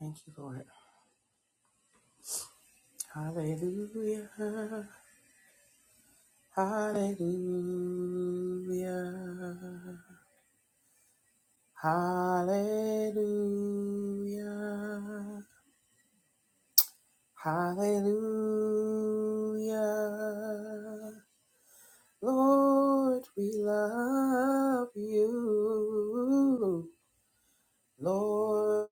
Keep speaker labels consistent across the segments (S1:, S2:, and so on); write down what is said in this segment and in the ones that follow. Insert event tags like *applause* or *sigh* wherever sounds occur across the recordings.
S1: Thank you, Lord. Hallelujah. Hallelujah. Hallelujah. Hallelujah. Lord, we love you. Lord,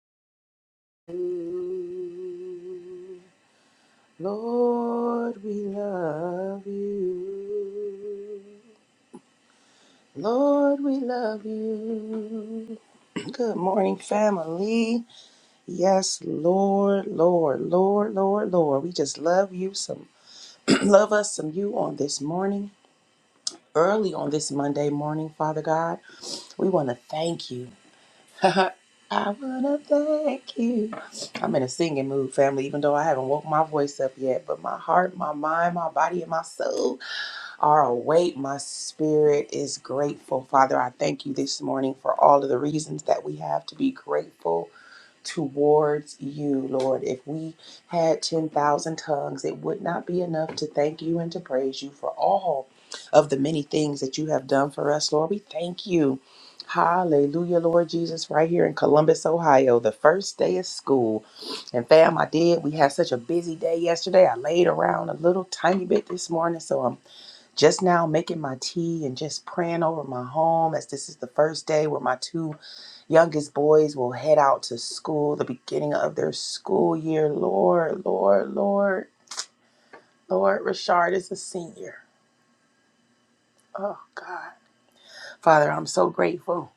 S1: Lord, we love you. Lord, we love you. Good morning, family. Yes, Lord, Lord, Lord, Lord, Lord. We just love you some, *clears throat* love us some you on this morning, early on this Monday morning, Father God. We want to thank you. *laughs* I want to thank you. I'm in a singing mood, family, even though I haven't woke my voice up yet, but my heart, my mind, my body, and my soul are awake. My spirit is grateful. Father, I thank you this morning for all of the reasons that we have to be grateful towards you, Lord. If we had 10,000 tongues, it would not be enough to thank you and to praise you for all of the many things that you have done for us, Lord. We thank you. Hallelujah, Lord Jesus, right here in Columbus, Ohio, the first day of school. And fam, I did. We had such a busy day yesterday. I laid around a little tiny bit this morning, so I'm just now making my tea and just praying over my home as this is the first day where my two youngest boys will head out to school, the beginning of their school year. Lord, Lord, Lord, Lord, Rashard is a senior. Oh, God. Father, I'm so grateful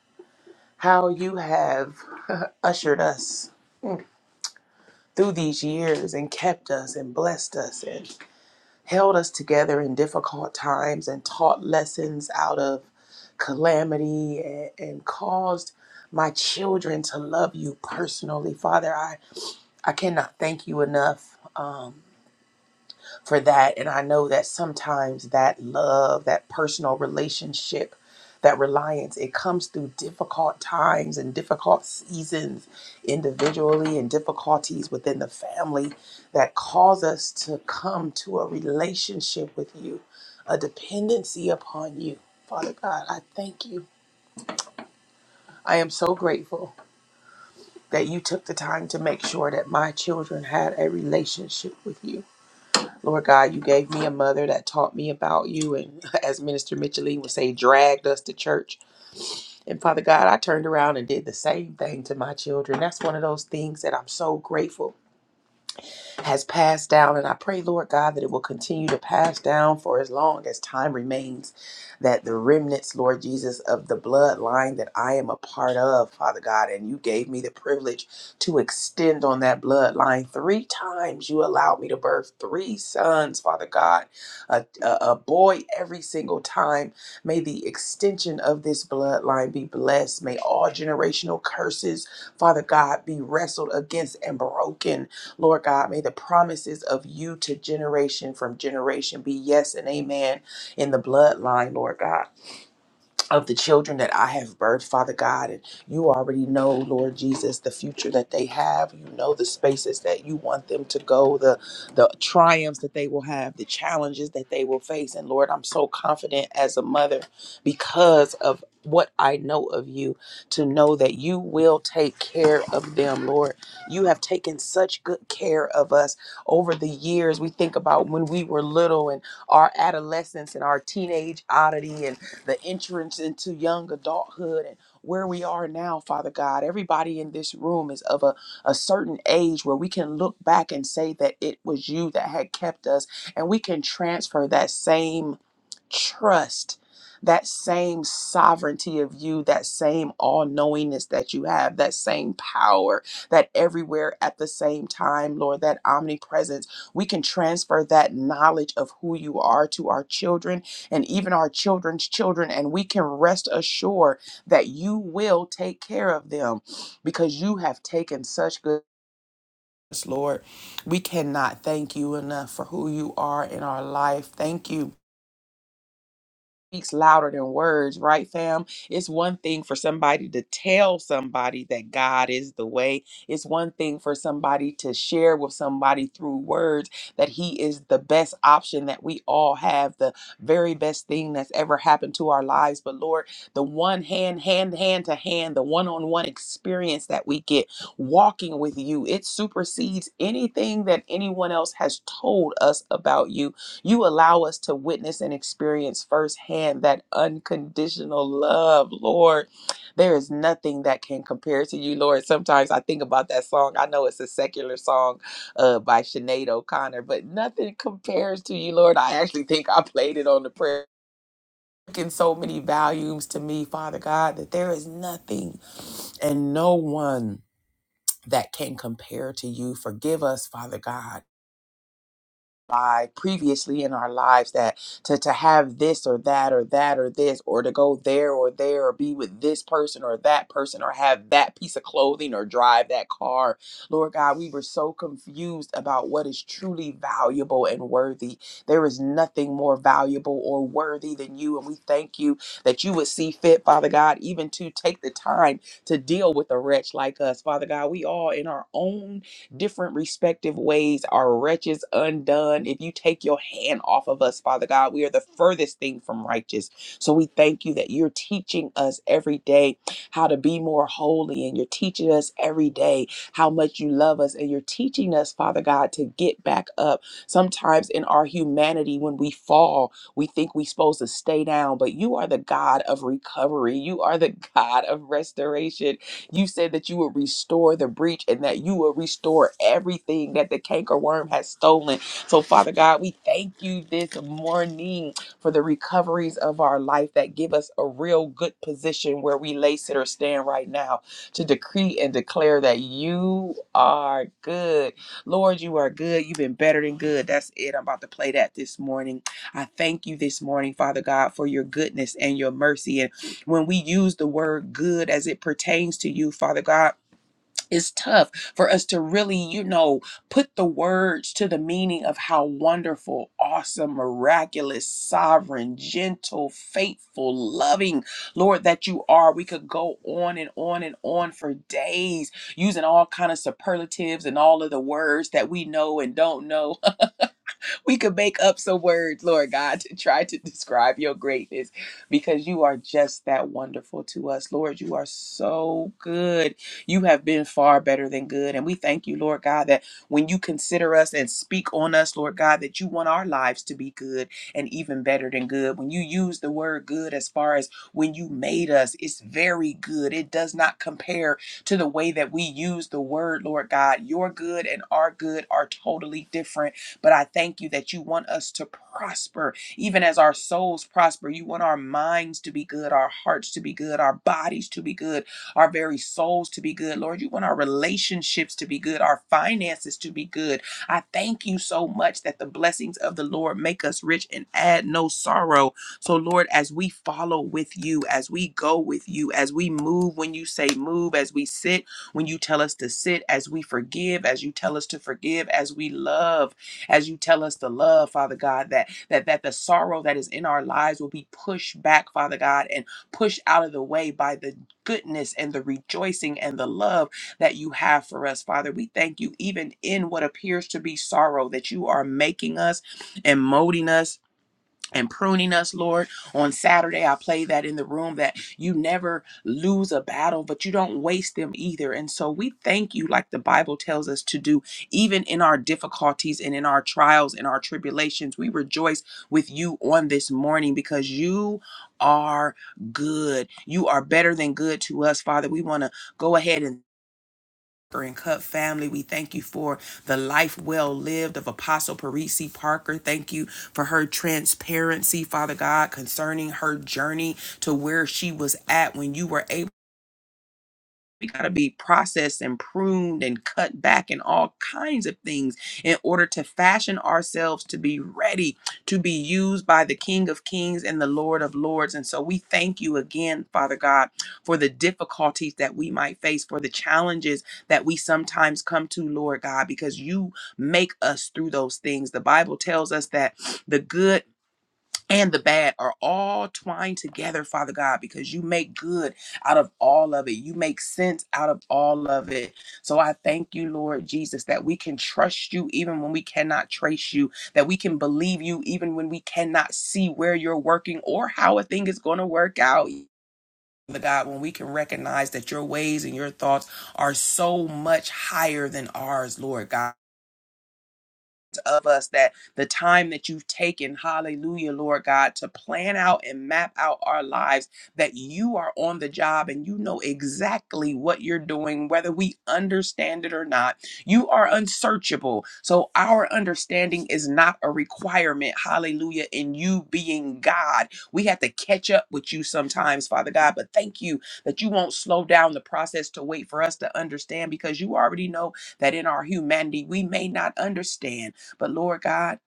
S1: how you have *laughs* ushered us through these years and kept us and blessed us. and. held us together in difficult times and taught lessons out of calamity and, and caused my children to love you personally. Father, I, I cannot thank you enough. Um, for that. And I know that sometimes that love, that personal relationship, that reliance, it comes through difficult times and difficult seasons individually and difficulties within the family that cause us to come to a relationship with you, a dependency upon you. Father God, I thank you. I am so grateful that you took the time to make sure that my children had a relationship with you Lord God, you gave me a mother that taught me about you, and *laughs* as Minister Micheline would say, dragged us to church. And Father God, I turned around and did the same thing to my children. That's one of those things that I'm so grateful has passed down. And I pray, Lord God, that it will continue to pass down for as long as time remains, that the remnants, Lord Jesus, of the bloodline that I am a part of, Father God, and you gave me the privilege to extend on that bloodline. Three times you allowed me to birth three sons, Father God, a, a, a boy every single time. May the extension of this bloodline be blessed. May all generational curses, Father God, be wrestled against and broken Lord God, may the promises of you to generation from generation be yes and amen in the bloodline, Lord God of the children that I have birthed, Father God. And you already know, Lord Jesus, the future that they have. You know the spaces that you want them to go, the the triumphs that they will have, the challenges that they will face. And Lord, I'm so confident as a mother because of what I know of you to know that you will take care of them, Lord. You have taken such good care of us over the years. We think about when we were little and our adolescence and our teenage oddity and the entrance into young adulthood and where we are now, Father God. Everybody in this room is of a, a certain age where we can look back and say that it was you that had kept us, and we can transfer that same trust that same sovereignty of you, that same all knowingness that you have, that same power, that everywhere at the same time, Lord, that omnipresence. We can transfer that knowledge of who you are to our children and even our children's children, and we can rest assured that you will take care of them because you have taken such good. Lord, we cannot thank you enough for who you are in our life. Thank you speaks louder than words, right, fam? It's one thing for somebody to tell somebody that God is the way. It's one thing for somebody to share with somebody through words that He is the best option that we all have, the very best thing that's ever happened to our lives. But Lord, the one hand, hand, hand to hand, the one on one experience that we get walking with you, it supersedes anything that anyone else has told us about you. You allow us to witness and experience firsthand that unconditional love, Lord. There is nothing that can compare to you, Lord. Sometimes I think about that song. I know it's a secular song uh, by Sinead O'Connor, but nothing compares to you, Lord. I actually think I played it on the prayer. In so many volumes to me, Father God, that there is nothing and no one that can compare to you. Forgive us, Father God by previously in our lives that to, to have this or that or that or this or to go there or there or be with this person or that person or have that piece of clothing or drive that car. Lord God, we were so confused about what is truly valuable and worthy. There is nothing more valuable or worthy than you. And we thank you that you would see fit, Father God, even to take the time to deal with a wretch like us. Father God, we all in our own different respective ways. Our wretches undone. If you take your hand off of us, Father God, we are the furthest thing from righteous. So we thank you that you're teaching us every day how to be more holy, and you're teaching us every day how much you love us, and you're teaching us, Father God, to get back up. Sometimes in our humanity, when we fall, we think we're supposed to stay down, but you are the God of recovery. You are the *laughs* God of restoration you said that you will restore the breach and that you will restore everything that the cankerworm has stolen. So, Father God, we thank you this morning for the recoveries of our life that give us a real good position where we lay, sit, or stand right now to decree and declare that you are good. Lord, you are good. You've been better than good. That's it. I'm about to play that this morning. I thank you this morning, Father God, for your goodness and your mercy when we use the word good as it pertains to you, Father God, it's tough for us to really, you know, put the words to the meaning of how wonderful, awesome, miraculous, sovereign, gentle, faithful, loving, Lord, that you are. We could go on and on and on for days using all kind of superlatives and all of the words that we know and don't know we could make up some words, Lord God, to try to describe your greatness because you are just that wonderful to us. Lord, you are so good. You have been far better than good. And we thank you, Lord God, that when you consider us and speak on us, Lord God, that you want our lives to be good and even better than good. When you use the word good as far as when you made us, it's very good. It does not compare to the way that we use the word, Lord God. Your good and our good are totally different. But I thank you that you want us to prosper, even as our souls prosper. You want our minds to be good, our hearts to be good, our bodies to be good, our very souls to be good. Lord, you want our relationships to be good, our finances to be good. I thank you so much that the blessings of the Lord make us rich and add no sorrow. So, Lord, as we follow with you, as we go with you, as we move when you say move, as we sit when you tell us to sit, as we forgive, as you tell us to forgive, as we love as you tell us to love, Father God, that that that the sorrow that is in our lives will be pushed back, Father God, and pushed out of the way by the goodness and the rejoicing and the love that you have for us, Father. We thank you even in what appears to be sorrow that you are making us and molding us and pruning us, Lord. On Saturday, I play that in the room that you never lose a battle, but you don't waste them either. And so we thank you, like the Bible tells us to do, even in our difficulties and in our trials and our tribulations. We rejoice with you on this morning because you are good. You are better than good to us, Father. We want to go ahead and and Cup family. We thank you for the life well lived of Apostle Parisi Parker. Thank you for her transparency, Father God, concerning her journey to where she was at when you were able we got to be processed and pruned and cut back and all kinds of things in order to fashion ourselves to be ready to be used by the King of Kings and the Lord of Lords. And so we thank you again, Father God, for the difficulties that we might face, for the challenges that we sometimes come to, Lord God, because you make us through those things. The Bible tells us that the good and the bad are all twined together, Father God, because you make good out of all of it. You make sense out of all of it. So I thank you, Lord Jesus, that we can trust you even when we cannot trace you, that we can believe you even when we cannot see where you're working or how a thing is going to work out. Father God, when we can recognize that your ways and your thoughts are so much higher than ours, Lord God of us that the time that you've taken, hallelujah, Lord God, to plan out and map out our lives, that you are on the job and you know exactly what you're doing, whether we understand it or not. You are unsearchable. So our understanding is not a requirement, hallelujah, in you being God. We have to catch up with you sometimes, Father God, but thank you that you won't slow down the process to wait for us to understand because you already know that in our humanity, we may not understand. But Lord God,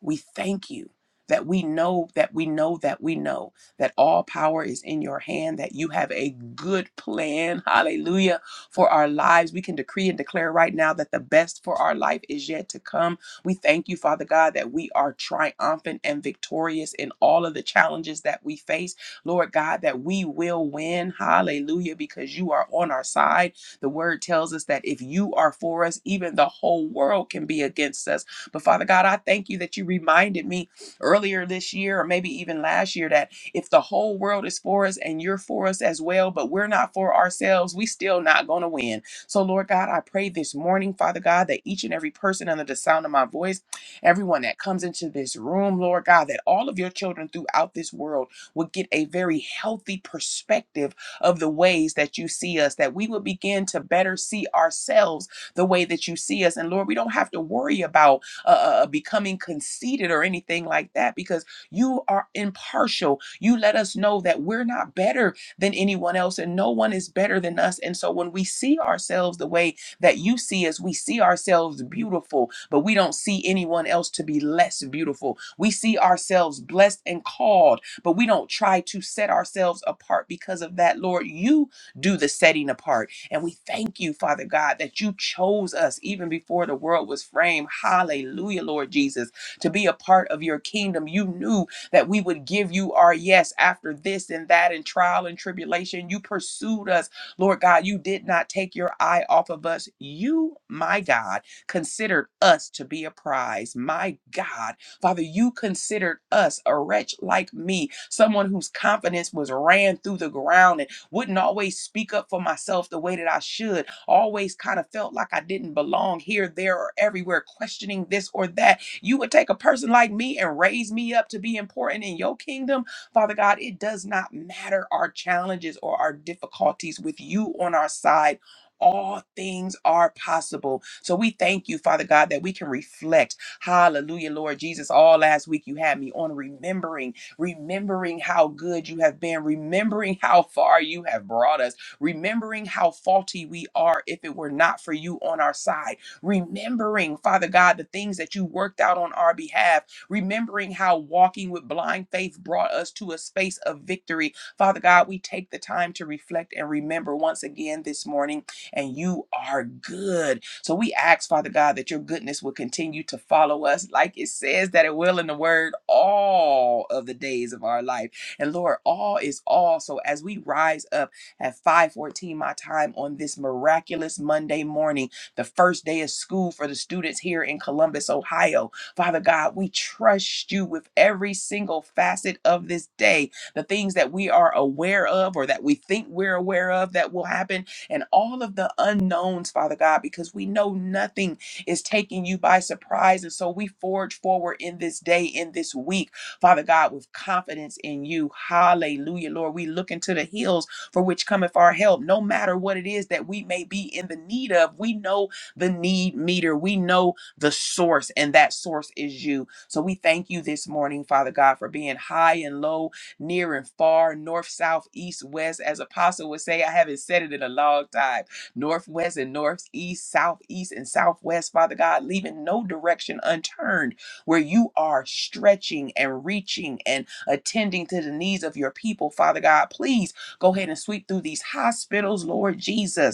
S1: we thank you that we know that we know that we know that all power is in your hand, that you have a good plan, *laughs* hallelujah, for our lives. We can decree and declare right now that the best for our life is yet to come. We thank you, Father God, that we are triumphant and victorious in all of the challenges that we face. Lord God, that we will win, hallelujah, because you are on our side. The word tells us that if you are for us, even the whole world can be against us. But Father God, I thank you that you reminded me earlier this year or maybe even last year that if the whole world is for us and you're for us as well, but we're not for ourselves, we still not going to win. So Lord God, I pray this morning, Father God, that each and every person under the sound of my voice, everyone that comes into this room, Lord God, that all of your children throughout this world would get a very healthy perspective of the ways that you see us, that we would begin to better see ourselves the way that you see us. And Lord, we don't have to worry about uh, uh, uh, becoming conceited or anything like that because you are impartial. You let us know that we're not better than anyone else and no one is better than us. And so when we see ourselves the way that you see us, we see ourselves beautiful, but we don't see anyone else to be less beautiful. We see ourselves blessed and called, but we don't try to set ourselves apart because of that. Lord, you do the setting apart. And we thank you, Father God, that you chose us even before the world was framed. Hallelujah, Lord Jesus, to be a part of your kingdom. You knew that we would give you our yes after this and that and trial and tribulation. You pursued us, Lord God. You did not take your eye off of us. You, my God, considered us to be a prize. My God, Father, you considered us a wretch like me, someone whose confidence was ran through the ground wouldn't always speak up for myself the way that I should, always kind of felt like I didn't belong here, there, or everywhere, questioning this or that. You would take a person like me and raise me up to be important in your kingdom. Father God, it does not matter our challenges or our difficulties with you on our side. All things are possible. So we thank you, Father God, that we can reflect. Hallelujah, Lord Jesus. All last week you had me on remembering remembering how good you have been, remembering how far you have brought us, remembering how faulty we are if it were not for you on our side, remembering, Father God, the things that you worked out on our behalf, remembering how walking with blind faith brought us to a space of victory. Father God, we take the time to reflect and remember once again this morning and you are good. So we ask, Father God, that your goodness will continue to follow us, like it says that it will in the word, all of the days of our life. And Lord, all is all. So as we rise up at 5:14 my time on this miraculous Monday morning, the first day of school for the students here in Columbus, Ohio. Father God, we trust you with every single facet of this day. The things that we are aware of or that we think we're aware of that will happen, and all of the unknowns, Father God, because we know nothing is taking you by surprise. And so we forge forward in this day, in this week, Father God, with confidence in you. Hallelujah, Lord. We look into the hills for which cometh our help, no matter what it is that we may be in the need of. We know the need meter, we know the source, and that source is you. So we thank you this morning, Father God, for being high and low near and far, north, south, east, west. As Apostle would say, I haven't said it in a long time. Northwest and northeast, southeast and southwest, Father God, leaving no direction unturned where you are stretching and reaching and attending to the needs of your people, Father God. Please go ahead and sweep through these hospitals, Lord Jesus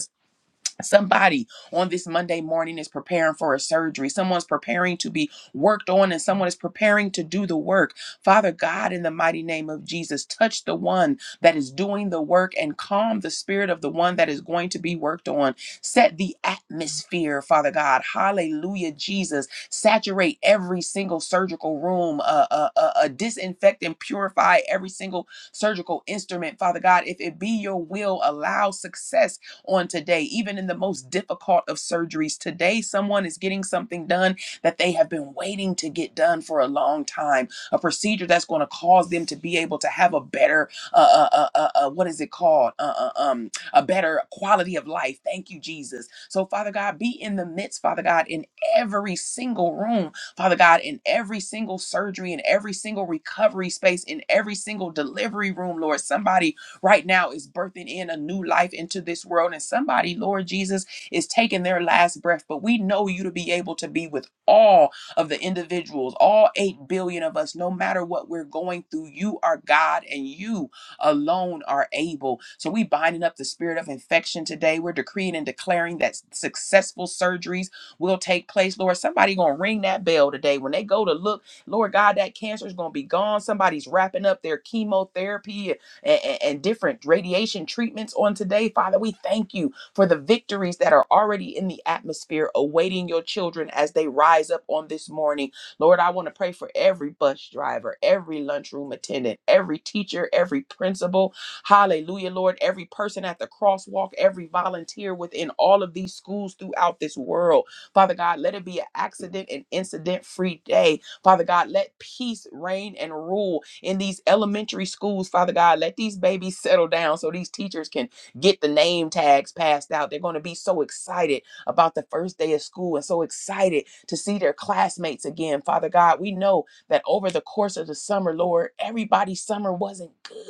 S1: Somebody on this Monday morning is preparing for a surgery. Someone's preparing to be worked on, and someone is preparing to do the work. Father God, in the mighty name of Jesus, touch the one that is doing the work and calm the spirit of the one that is going to be worked on. Set the atmosphere, Father God. Hallelujah, Jesus. Saturate every single surgical room, uh, uh, uh, uh, disinfect and purify every single surgical instrument, Father God. If it be your will, allow success on today, even in the most difficult of surgeries. Today, someone is getting something done that they have been waiting to get done for a long time, a procedure that's going to cause them to be able to have a better, uh, uh, uh, uh, uh, what is it called? Uh, uh, um, a better quality of life. Thank you, Jesus. So, Father God, be in the midst, Father God, in every single room, Father God, in every single surgery, in every single recovery space, in every single delivery room, Lord. Somebody right now is birthing in a new life into this world. And somebody, Lord Jesus, is taking their last breath. But we know you to be able to be with all of the individuals, all 8 billion of us, no matter what we're going through. You are God and you alone are able. So we binding up the spirit of infection today. We're decreeing and declaring that s- successful surgeries will take place. Lord, somebody gonna ring that bell today. When they go to look, Lord God, that cancer is gonna be gone. Somebody's wrapping up their chemotherapy and, and, and different radiation treatments on today. Father, we thank you for the victories that are already in the atmosphere awaiting your children as they rise up on this morning. Lord, I want to pray for every bus driver, every lunchroom attendant, every teacher, every principal. Hallelujah, Lord. Every person at the crosswalk, every volunteer within all of these schools throughout this world. Father God, let it be an accident and incident free day Father God, let peace reign and rule in these elementary schools, Father God. Let these babies settle down so these teachers can get the name tags passed out. They're going to be so excited about the first day of school and so excited to see their classmates again. Father God, we know that over the course of the summer, Lord, everybody's summer wasn't good.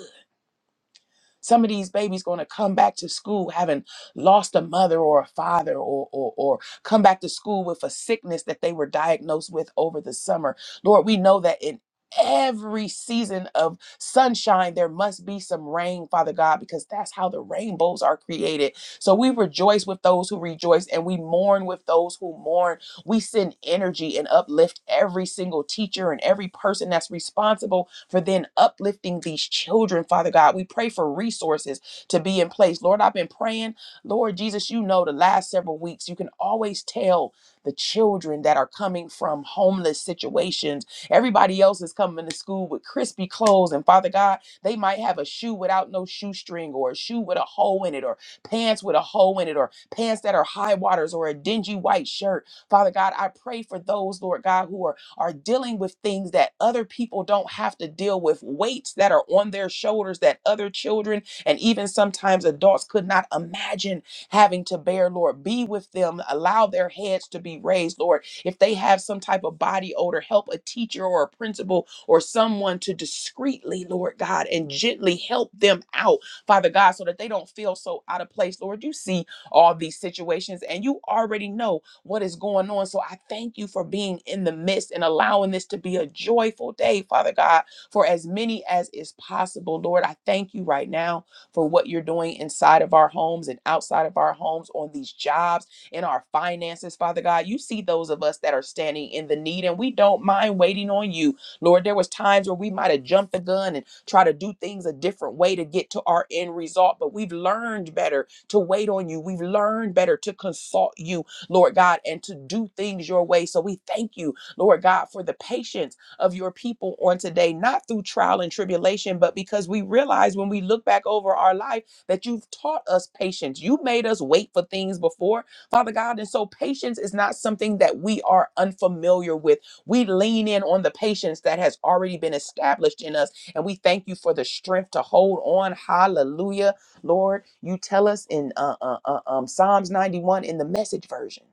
S1: Some of these babies going to come back to school having lost a mother or a father, or, or or come back to school with a sickness that they were diagnosed with over the summer. Lord, we know that in every season of sunshine there must be some rain father god because that's how the rainbows are created so we rejoice with those who rejoice and we mourn with those who mourn we send energy and uplift every single teacher and every person that's responsible for then uplifting these children, Father God. We pray for resources to be in place. Lord, I've been praying. Lord Jesus, you know the last several weeks, you can always tell the children that are coming from homeless situations. Everybody else is coming to school with crispy clothes. And Father God, they might have a shoe without no shoestring or a shoe with a hole in it or pants with a hole in it or pants that are high waters or a dingy white shirt. Father God, I pray for those, Lord God, who are, are dealing with things that other people don't have to deal with, weights that are on their shoulders that other children and even sometimes adults could not imagine having to bear, Lord. Be with them, allow their heads to be raised, Lord. If they have some type of body odor, help a teacher or a principal or someone to discreetly, Lord God, and gently help them out, Father God, so that they don't feel so out of place, Lord. You see all these situations and you already know what is going on. So I thank you for being in the midst and allowing this to be a joyful day, Father God, for as many as is possible. Lord, I thank you right now for what you're doing inside of our homes and outside of our homes on these jobs, in our finances, Father God. You see those of us that are standing in the need and we don't mind waiting on you. Lord, there was times where we might have jumped the gun and tried to do things a different way to get to our end result, but we've learned better to wait on you. We've learned better to consult you. Lord God, and to do things your way. So we thank you, Lord God, for the patience of your people on today, not through trial and tribulation, but because we realize when we look back over our life that you've taught us patience. You made us wait for things before, Father God. And so patience is not something that we are unfamiliar with. We lean in on the patience that has already been established in us. And we thank you for the strength to hold on. Hallelujah Lord, you tell us in uh, uh, uh, um, Psalms 91 in the message version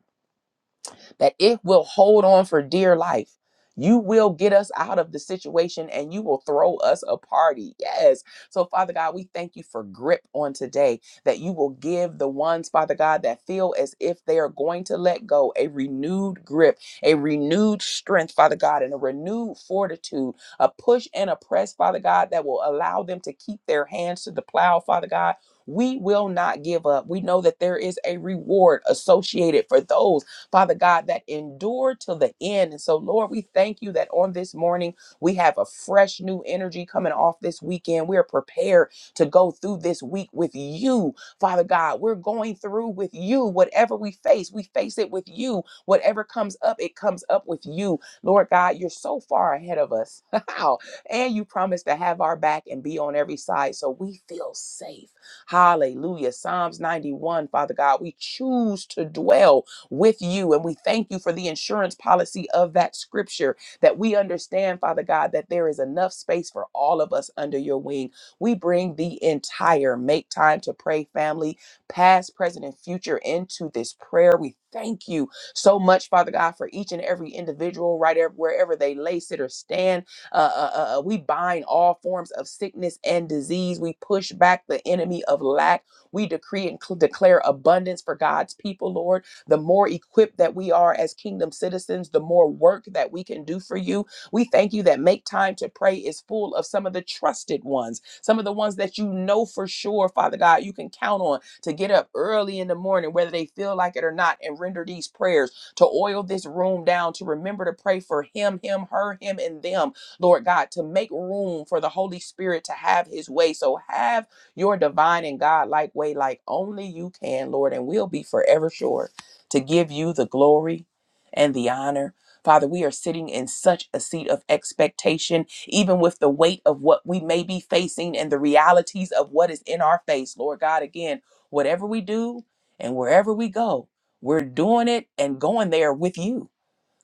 S1: that it will hold on for dear life. You will get us out of the situation and you will throw us a party. Yes. So, Father God, we thank you for grip on today that you will give the ones, Father God, that feel as if they are going to let go a renewed grip, a renewed strength, Father God, and a renewed fortitude, a push and a press, Father God, that will allow them to keep their hands to the plow, Father God. We will not give up. We know that there is a reward associated for those. Father God, that endure till the end. And so, Lord, we thank you that on this morning we have a fresh new energy coming off this weekend. We are prepared to go through this week with you, Father God. We're going through with you. Whatever we face, we face it with you. Whatever comes up, it comes up with you. Lord God, you're so far ahead of us. *laughs* How? and you promise to have our back and be on every side so we feel safe. Hallelujah. Psalms 91, Father God, we choose to dwell with you. And we thank you for the insurance policy of that scripture that we understand, Father God, that there is enough space for all of us under your wing. We bring the entire Make Time to Pray family, past, present, and future, into this prayer. We thank you so much, Father God, for each and every individual, right ev- wherever they lay, sit, or stand. Uh, uh, uh, uh, we bind all forms of sickness and disease. We push back the enemy of lack. We decree and cl- declare abundance for God's people, Lord the more equipped that we are as kingdom citizens, the more work that we can do for you. We thank you that Make Time to Pray is full of some of the trusted ones, some of the ones that you know for sure, Father God, you can count on to get up early in the morning, whether they feel like it or not, and render these prayers, to oil this room down, to remember to pray for him, him, her, him, and them, Lord God, to make room for the Holy Spirit to have his way. So have your divine and God like way, like only you can, Lord, and we'll be forever sure to give you the glory and the honor. Father, we are sitting in such a seat of expectation, even with the weight of what we may be facing and the realities of what is in our face. Lord God, again, whatever we do and wherever we go, we're doing it and going there with you.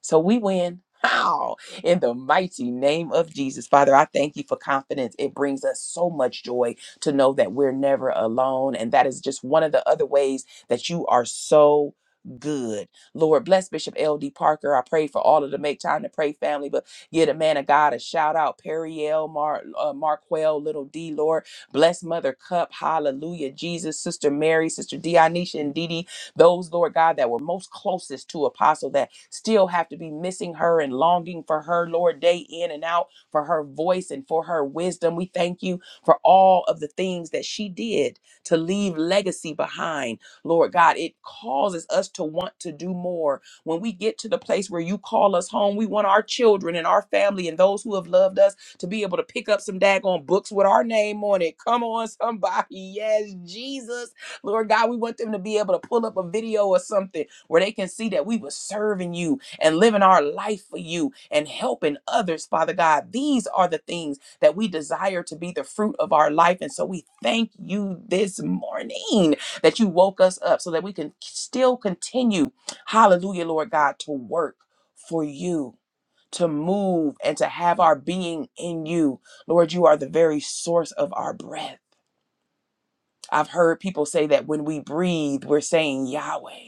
S1: So we win. How? In the mighty name of Jesus. Father, I thank you for confidence. It brings us so much joy to know that we're never alone. And that is just one of the other ways that you are so good. Lord, bless Bishop L.D. Parker. I pray for all of the Make Time to Pray family, but give the man of God a shout out. Perry L. Mar- uh, Marquell, Little D. Lord, bless Mother Cup. Hallelujah. Jesus, Sister Mary, Sister Dionysia, and Dee Dee. Those, Lord God, that were most closest to Apostle that still have to be missing her and longing for her, Lord, day in and out, for her voice and for her wisdom. We thank you for all of the things that she did to leave legacy behind, Lord God. It causes us to want to do more. When we get to the place where you call us home, we want our children and our family and those who have loved us to be able to pick up some daggone books with our name on it. Come on, somebody. *laughs* Yes, Jesus. Lord God, we want them to be able to pull up a video or something where they can see that we were serving you and living our life for you and helping others, Father God. These are the things that we desire to be the fruit of our life. And so we thank you this morning that you woke us up so that we can still continue, hallelujah, Lord God, to work for you. To move and to have our being in you. Lord, you are the very source of our breath. I've heard people say that when we breathe, we're saying Yahweh.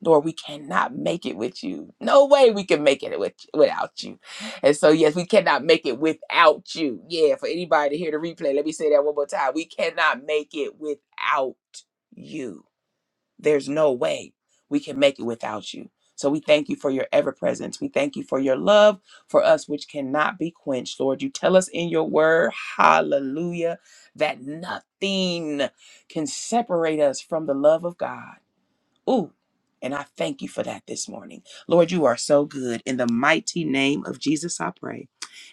S1: Lord, we cannot make it with you. No way we can make it with, without you. And so, yes, we cannot make it without you. Yeah, for anybody to hear the replay, let me say that one more time. We cannot make it without you. There's no way we can make it without you. So we thank you for your ever presence. We thank you for your love for us, which cannot be quenched. Lord, you tell us in your word, hallelujah, that nothing can separate us from the love of God. Ooh. And I thank you for that this morning. Lord, you are so good. In the mighty name of Jesus, I pray.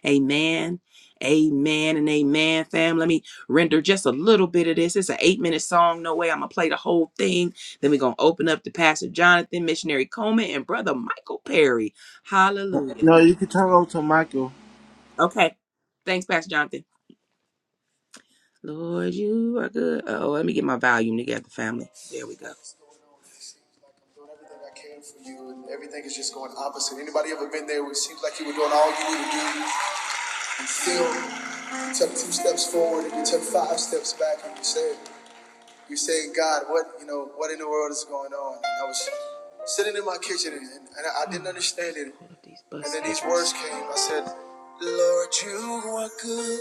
S1: Amen. Amen and amen, fam. Let me render just a little bit of this. It's an eight minute song. No way. I'm going to play the whole thing. Then we're going to open up to Pastor Jonathan, Missionary Coleman, and Brother Michael Perry. Hallelujah.
S2: No, you can turn it over to Michael.
S1: Okay. Thanks, Pastor Jonathan. Lord, you are good. Oh, let me get my volume together, family. There we go. Doing everything I can for you, and everything is just going opposite. Anybody ever been there where it seems like you were doing all you knew to do, and still you took two steps forward and you took five steps back, and you said, "You're saying, God, what you know? What in the world is going on?" And I was sitting in my kitchen, and, and I, I Oh, didn't understand it. Lord, these bus And then these drivers. words drivers. came. I said, "Lord, you are good.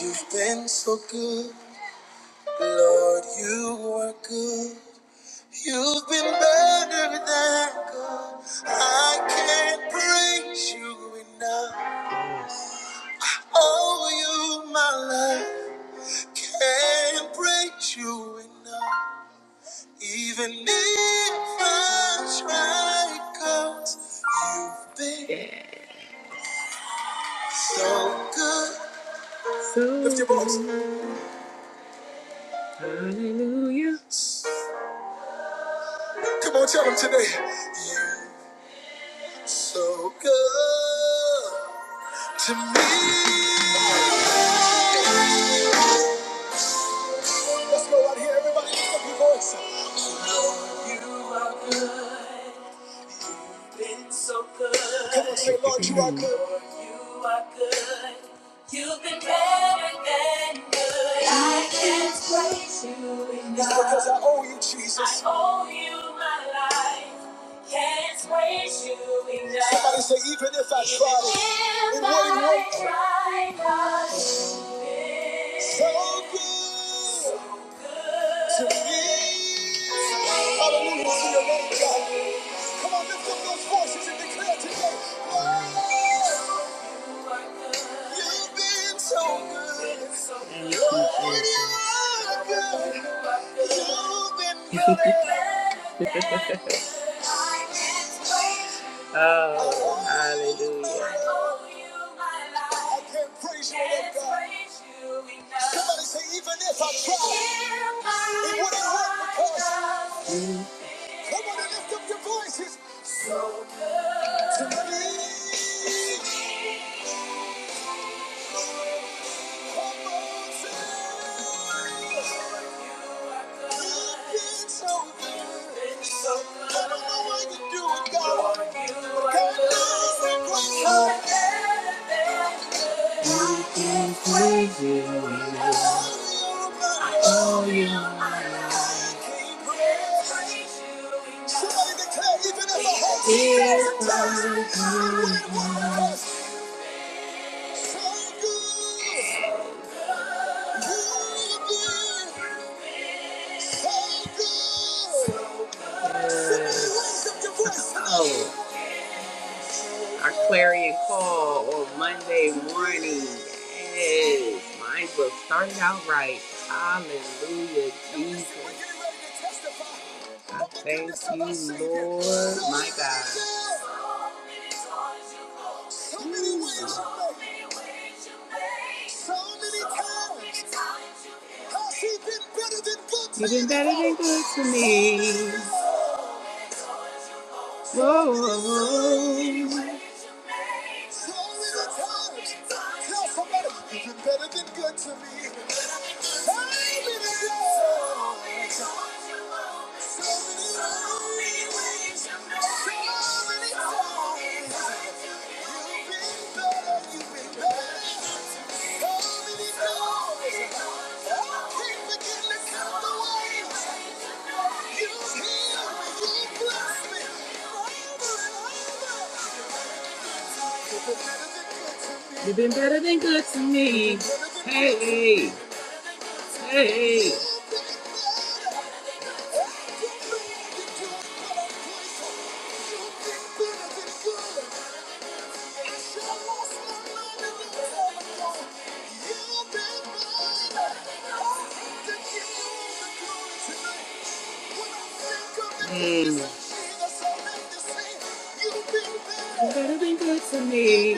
S1: You've been so good. Lord, you are good. You've been better than good. I can't praise you enough. Oh, you, my life, can't praise you enough. Even if I try, you you've been Yeah. so good. So Lift your voice. good. Hallelujah. Come on, tell them today. You're so good. to me. Let's go right here, everybody. Lift up your voice. Come on, say, Lord, you are good. You are good. You've been better than good. I can't praise you enough. It's because I owe you, Jesus. I owe you my life. Can't praise you enough. Somebody say, even if I tried, it wouldn't work. If I tried not So good to me. Hallelujah to your name, God. Come on, lift up those voices and declare today. Lord, you've been so good. Thank you, Lord, you Jesus. are good. You've been good. *laughs* oh, hallelujah. I can't praise you enough, God. Somebody say, even if I tried, it wouldn't work because Mm. Come on and lift up your voices. So good to me. Come on, sing. You've been so good. So good. I don't know why you do it, God. But God knows that we I can praise you. I owe you. I owe you. I you. If I could have Oh, our clarion call, right? Hallelujah, Jesus. I thank you, Lord, my God. You've been better than good to me. Whoa, whoa, whoa. You've been better than good to me. You've been better than good to me. Hey. Hey. Mm. You better be good to me.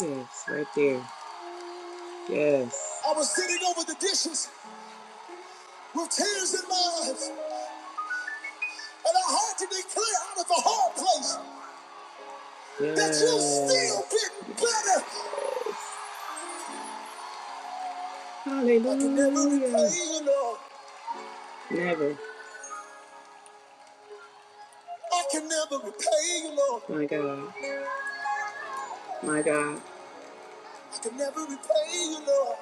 S1: Yes, right there. Yes. I was sitting over the dishes with tears in my eyes, and I heard you declare out of the hard place yes. that you're still Yes. getting better. I can never repay Hallelujah. you, Lord. I can never repay you, Lord. I can never repay you, Lord,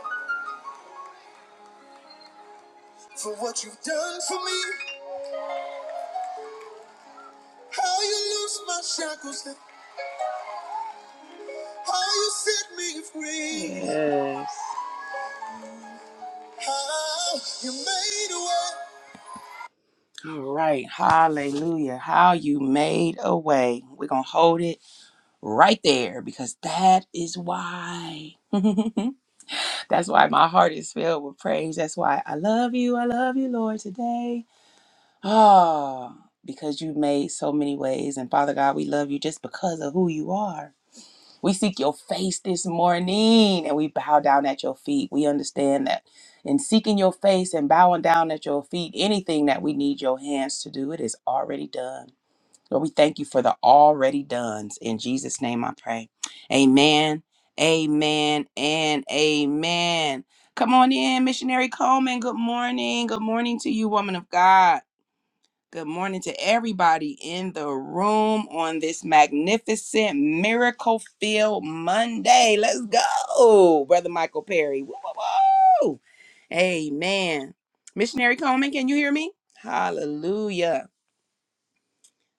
S1: for what you've done for me. How you loose my shackles, how you set me free, Yes. how you made a way. All right. Hallelujah. How you made a way. We're going to hold it. right there because that is why. *laughs* That's why my heart is filled with praise. That's why I love you. I love you, Lord, today. Ah, because you made so many ways. And Father God, we love you just because of who you are. We seek your face this morning and we bow down at your feet. We understand that in seeking your face and bowing down at your feet, anything that we need your hands to do, it is already done. Lord, we thank you for the already done's. In Jesus' name I pray. Amen. Amen and amen. Come on in, missionary Coleman. Good morning. Good morning to you, woman of God. Good morning to everybody in the room on this magnificent miracle filled Monday. Let's go, Brother Michael Perry. Woo, woo, woo. Amen. Missionary Coleman, can you hear me? Hallelujah.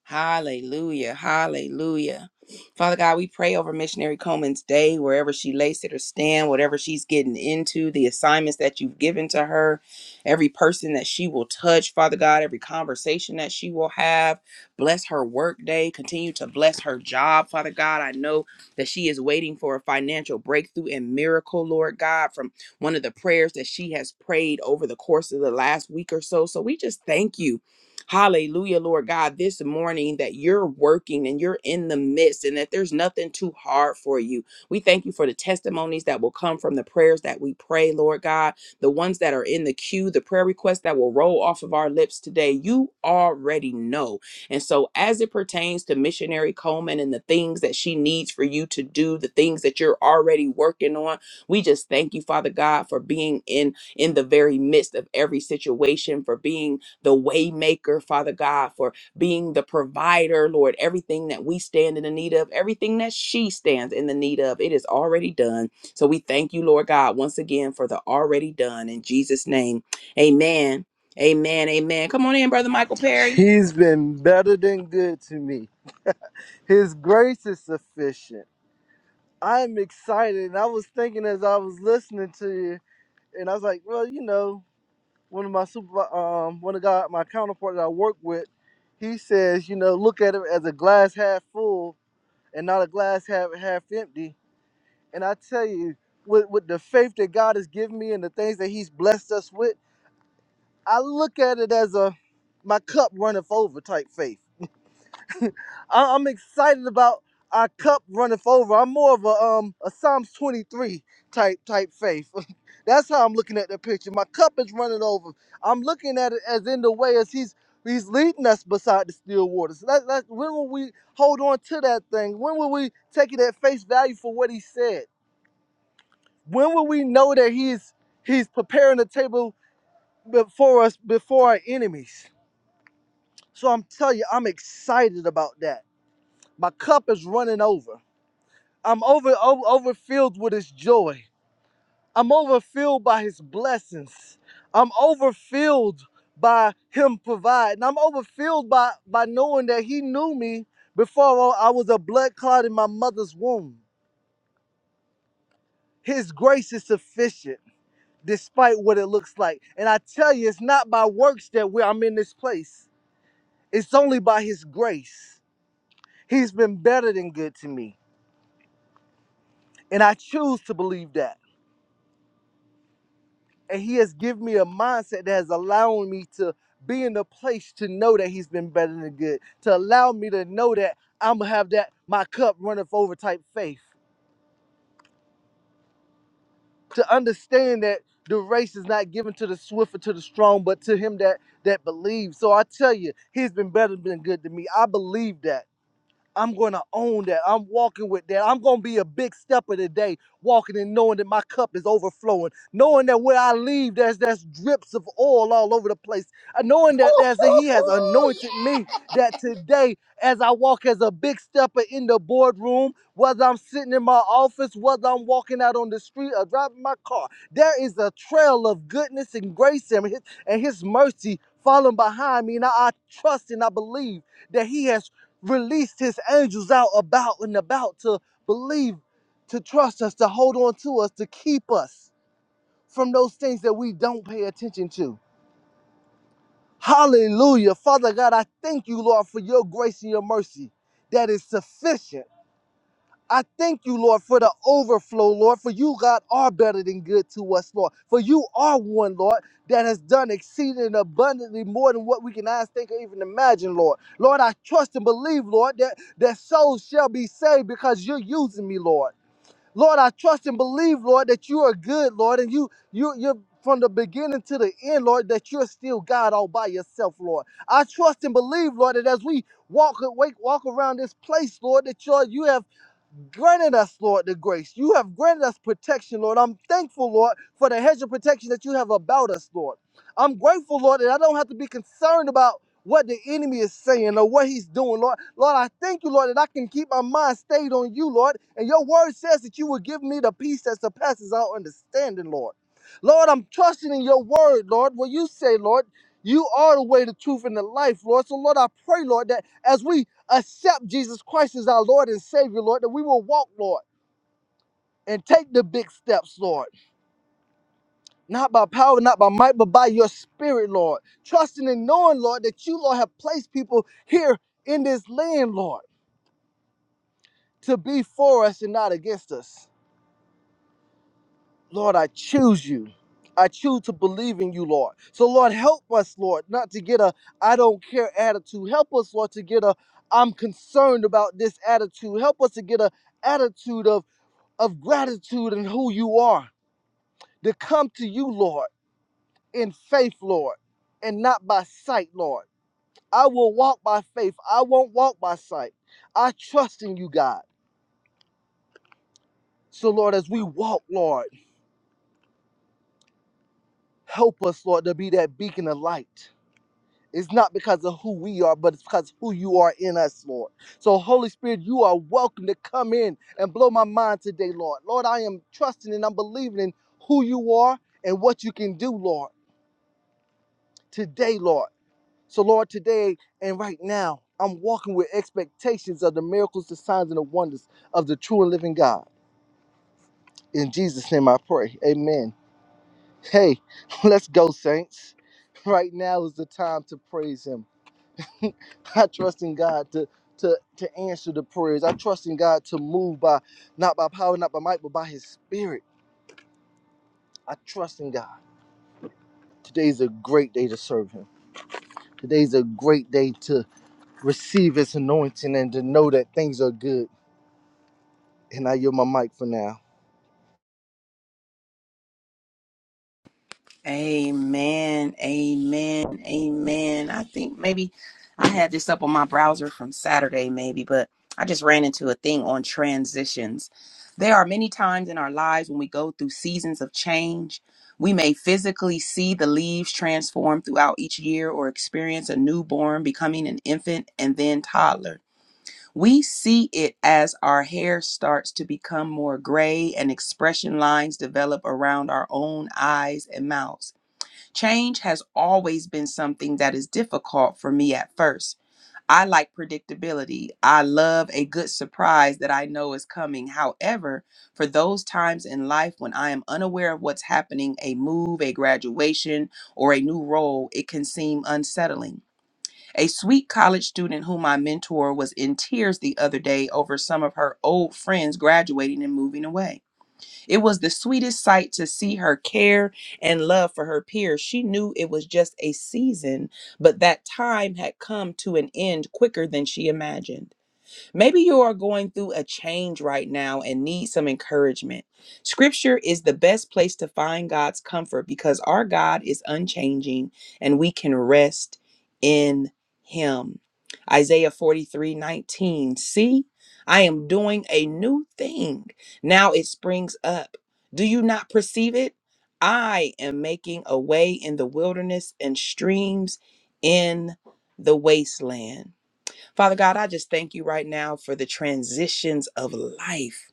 S1: Hallelujah. Hallelujah. Father God, we pray over Missionary Coleman's day, wherever she lays it or stand, whatever she's getting into, the assignments that you've given to her, every person that she will touch, Father God, every conversation that she will have. Bless her work day. Continue to bless her job, Father God. I know that she is waiting for a financial breakthrough and miracle, Lord God, from one of the prayers that she has prayed over the course of the last week or so. So we just thank you Hallelujah, Lord God, this morning that you're working and you're in the midst and that there's nothing too hard for you. We thank you for the testimonies that will come from the prayers that we pray, Lord God, the ones that are in the queue, the prayer requests that will roll off of our lips today. You already know. And so, as it pertains to missionary Coleman and the things that she needs for you to do, the things that you're already working on, we just thank you, Father God, for being in in the very midst of every situation, for being the waymaker, Father God, for being the provider, Lord, everything that we stand in the need of, everything that she stands in the need of, it is already done. So we thank you, Lord God, once again for the already done in Jesus' name. Amen. Amen. Amen. Come on in, Brother Michael Perry.
S3: He's been better than good to me. His grace is sufficient. I'm excited. And I was thinking as I was listening to you, and I was like, well, you know, one of my super, um, one of God, my counterpart that I work with, he says, you know, look at it as a glass half full and not a glass half half empty. And I tell you, with with the faith that God has given me and the things that He's blessed us with, I look at it as a my cup runneth over type faith I- I'm excited about our cup runneth over. I'm more of a um a Psalms 23 type type faith. *laughs* That's how I'm looking at the picture. My cup is running over. I'm looking at it as in the way as he's he's leading us beside the still waters. That, that, when will we hold on to that thing? When will we take it at face value for what he said? When will we know that he's he's preparing the table before us before our enemies? So I'm telling you, I'm excited about that. My cup is running over. I'm over, over overfilled with his joy. I'm overfilled by his blessings. I'm overfilled by him providing. I'm overfilled by by knowing that he knew me before I was a blood clot in my mother's womb. His grace is sufficient despite what it looks like. And I tell you, it's not by works that we, I'm in this place. It's only by his grace. He's been better than good to me. And I choose to believe that. and he has given me a mindset that has allowed me to be in a place to know that he's been better than good to allow me to know that i'm gonna have that my cup runneth over type faith to understand that the race is not given to the swift or to the strong but to him that that believes so i tell you he's been better than good to me i believe that I'm going to own that. I'm walking with that. I'm going to be a big stepper today, walking and knowing that my cup is overflowing, knowing that where I leave, there's, there's drips of oil all over the place, Uh, knowing that there's, that He has anointed me. That today, as I walk as a big stepper in the boardroom, whether I'm sitting in my office, whether I'm walking out on the street or driving my car, there is a trail of goodness and grace and His, and his mercy following behind me. And I I trust and I believe that He has released his angels out about and about to believe, to trust us, to hold on to us, to keep us from those things that we don't pay attention to. Hallelujah. Father God, I thank you, Lord, for your grace and your mercy that is sufficient I thank you, Lord, for the overflow, Lord, for you, God, are better than good to us, Lord. For you are one, Lord, that has done exceeding and abundantly more than what we can ask, think, or even imagine, Lord. Lord, I trust and believe, Lord, that, that souls shall be saved because you're using me, Lord. Lord, I trust and believe, Lord, that you are good, Lord, and you you you're from the beginning to the end, Lord, that you're still God all by yourself, Lord. I trust and believe, Lord, that as we walk wake, walk around this place, Lord, that you you have granted us, Lord, the grace. You have granted us protection, Lord. I'm thankful, Lord, for the hedge of protection that you have about us, Lord. I'm grateful, Lord, that I don't have to be concerned about what the enemy is saying or what he's doing, Lord. Lord, I thank you, Lord, that I can keep my mind stayed on you, Lord. And your word says that you will give me the peace that surpasses all understanding, Lord. Lord, I'm trusting in your word, Lord. What you say, Lord, you are the way, the truth, and the life, Lord. So, Lord, I pray, Lord, that as we accept Jesus Christ as our Lord and Savior, Lord, that we will walk, Lord, and take the big steps, Lord. Not by power, not by might, but by your spirit, Lord. Trusting and knowing, Lord, that you, Lord, have placed people here in this land, Lord. to be for us and not against us. Lord, I choose you. I choose to believe in you, Lord. So, Lord, help us, Lord, not to get a I don't care attitude. Help us, Lord, to get a I'm concerned about this attitude. Help us to get a attitude of, of gratitude and who you are. To come to you, Lord, in faith, Lord, and not by sight, Lord. I will walk by faith. I won't walk by sight. I trust in you, God. So, Lord, as we walk, Lord. Help us, Lord, to be that beacon of light. It's not because of who we are, but it's because who you are in us, Lord. So, Holy Spirit, you are welcome to come in and blow my mind today, Lord. Lord, I am trusting and I'm believing in who you are and what you can do, Lord, today, Lord. So, Lord, today and right now, I'm walking with expectations of the miracles, the signs, and the wonders of the true and living God. In Jesus' name I pray. Amen. Hey, *laughs* let's go, saints. Right now is the time to praise Him *laughs* I trust in God to to to answer the prayers. I trust in God to move by not by power, not by might, but by His Spirit. I trust in God. Today's a great day to serve Him. Today's a great day to receive His anointing and to know that things are good. And I yield my mic for now.
S1: Amen. Amen. Amen. I think maybe I had this up on my browser from Saturday, maybe, but I just ran into a thing on transitions. There are many times in our lives when we go through seasons of change. We may physically see the leaves transform throughout each year or experience a newborn becoming an infant and then toddler. We see it as our hair starts to become more gray and expression lines develop around our own eyes and mouths. Change has always been something that is difficult for me at first. I like predictability. I love a good surprise that I know is coming. However, for those times in life when I am unaware of what's happening, a move, a graduation, or a new role, it can seem unsettling. A sweet college student whom I mentor was in tears the other day over some of her old friends graduating and moving away. It was the sweetest sight to see her care and love for her peers. She knew it was just a season, but that time had come to an end quicker than she imagined. Maybe you are going through a change right now and need some encouragement. Scripture is the best place to find God's comfort because our God is unchanging and we can rest in Him. Isaiah 43 19. See, I am doing a new thing. Now it springs up. Do you not perceive it? I am making a way in the wilderness and streams in the wasteland. Father God, I just thank you right now for the transitions of life.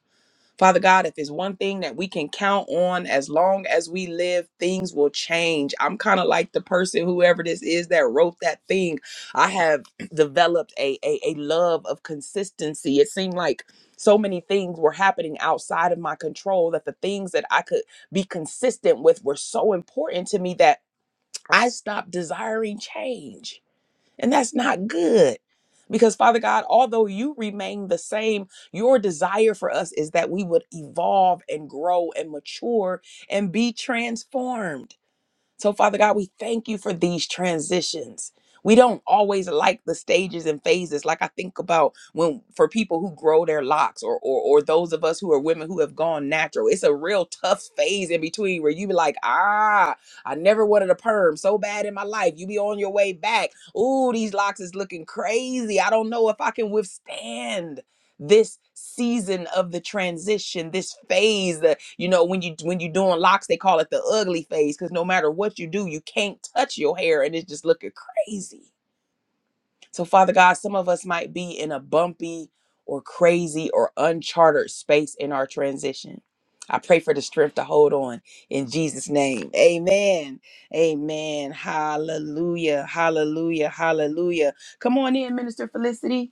S1: Father God, if there's one thing that we can count on as long as we live, things will change. I'm kind of like the person, whoever this is, that wrote that thing. I have *clears throat* developed a, a, a love of consistency. It seemed like so many things were happening outside of my control that the things that I could be consistent with were so important to me that I stopped desiring change. And that's not good. Because, Father God, although you remain the same, your desire for us is that we would evolve and grow and mature and be transformed. So, Father God, we thank you for these transitions. We don't always like the stages and phases. Like I think about when for people who grow their locks or or, or those of us who are women who have gone natural. It's a real tough phase in between where you be like, ah, I never wanted a perm so bad in my life. You be on your way back. Ooh, these locks is looking crazy. I don't know if I can withstand this season of the transition this phase that you know when you when you're doing locks they call it the ugly phase because no matter what you do you can't touch your hair and it's just looking crazy so father god some of us might be in a bumpy or crazy or uncharted space in our transition i pray for the strength to hold on in jesus name amen amen hallelujah hallelujah hallelujah come on in minister felicity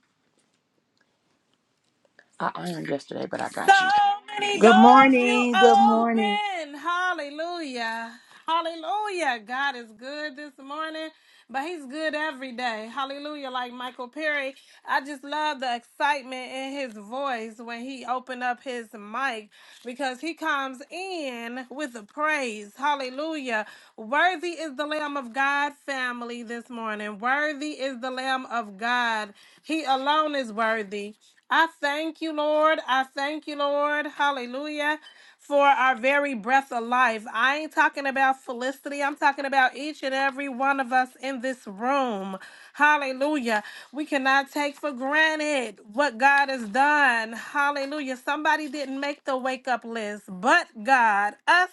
S1: i ironed yesterday but i
S4: So
S1: got you
S4: many
S1: Good
S4: doors you
S1: morning. Good morning.
S4: open. Hallelujah. Hallelujah. God is good this morning, but he's good every day. Hallelujah. Like Michael Perry, I just love the excitement in his voice when he opened up his mic because he comes in with the praise. Hallelujah. Worthy is the Lamb of God, family, this morning. Worthy is the Lamb of God. He alone is worthy. I thank you, Lord. I thank you, Lord. Hallelujah for our very breath of life. I ain't talking about Felicity. I'm talking about each and every one of us in this room. Hallelujah. We cannot take for granted what God has done. Hallelujah. Somebody didn't make the wake up list, but God, us.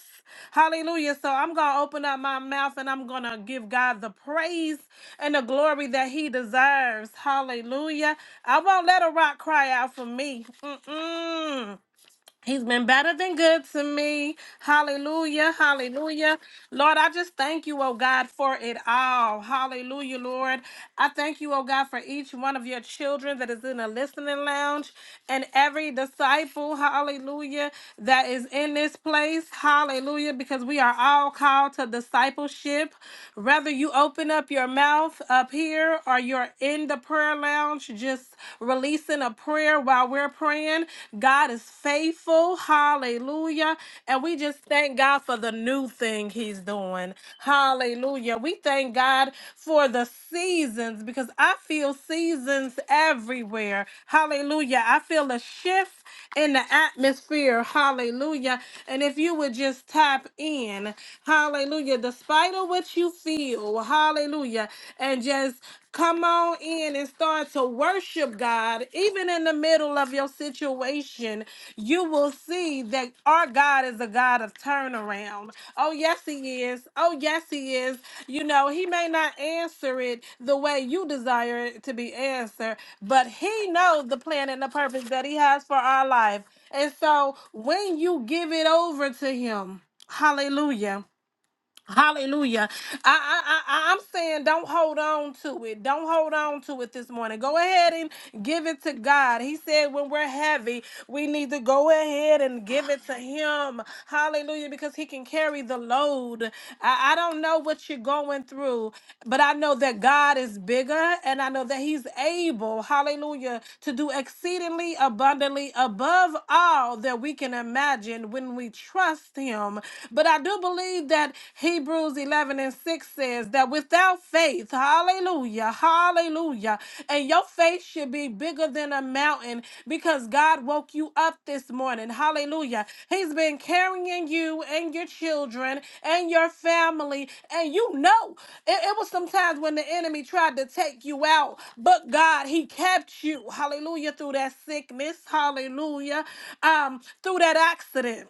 S4: Hallelujah. So I'm going to open up my mouth and I'm going to give God the praise and the glory that he deserves. Hallelujah. I won't let a rock cry out for me. Mm-mm. He's been better than good to me. Hallelujah. Hallelujah. Lord, I just thank you, oh God, for it all. Hallelujah, Lord. I thank you, oh God, for each one of your children that is in the listening lounge and every disciple, hallelujah, that is in this place. Hallelujah, because we are all called to discipleship. Whether you open up your mouth up here or you're in the prayer lounge, just just releasing a prayer while we're praying. God is faithful. Hallelujah. And we just thank God for the new thing He's doing. Hallelujah. We thank God for the seasons because I feel seasons everywhere. Hallelujah. I feel a shift in the atmosphere. Hallelujah. And if you would just tap in, hallelujah, despite of what you feel, hallelujah, and just come on in and start to worship God, even in the middle of your situation, you will see that our God is a God of turnaround. Oh, yes, He is. Oh, yes, He is. You know, He may not answer it the way you desire it to be answered, but He knows the plan and the purpose that He has for our life. And so when you give it over to Him, hallelujah. Hallelujah. I, I, I, I'm saying don't hold on to it. Don't hold on to it this morning. Go ahead and give it to God. He said when we're heavy, we need to go ahead and give it to Him. Hallelujah. Because He can carry the load. I, I don't know what you're going through, but I know that God is bigger and I know that He's able, hallelujah, to do exceedingly abundantly above all that we can imagine when we trust Him but I do believe that Hebrews 11 and 6 says that without faith, hallelujah, hallelujah, and your faith should be bigger than a mountain because God woke you up this morning. Hallelujah. He's been carrying you and your children and your family. And you know, it, it was sometimes when the enemy tried to take you out, but God, He kept you. Hallelujah. Through that sickness. Hallelujah. Um, through that accident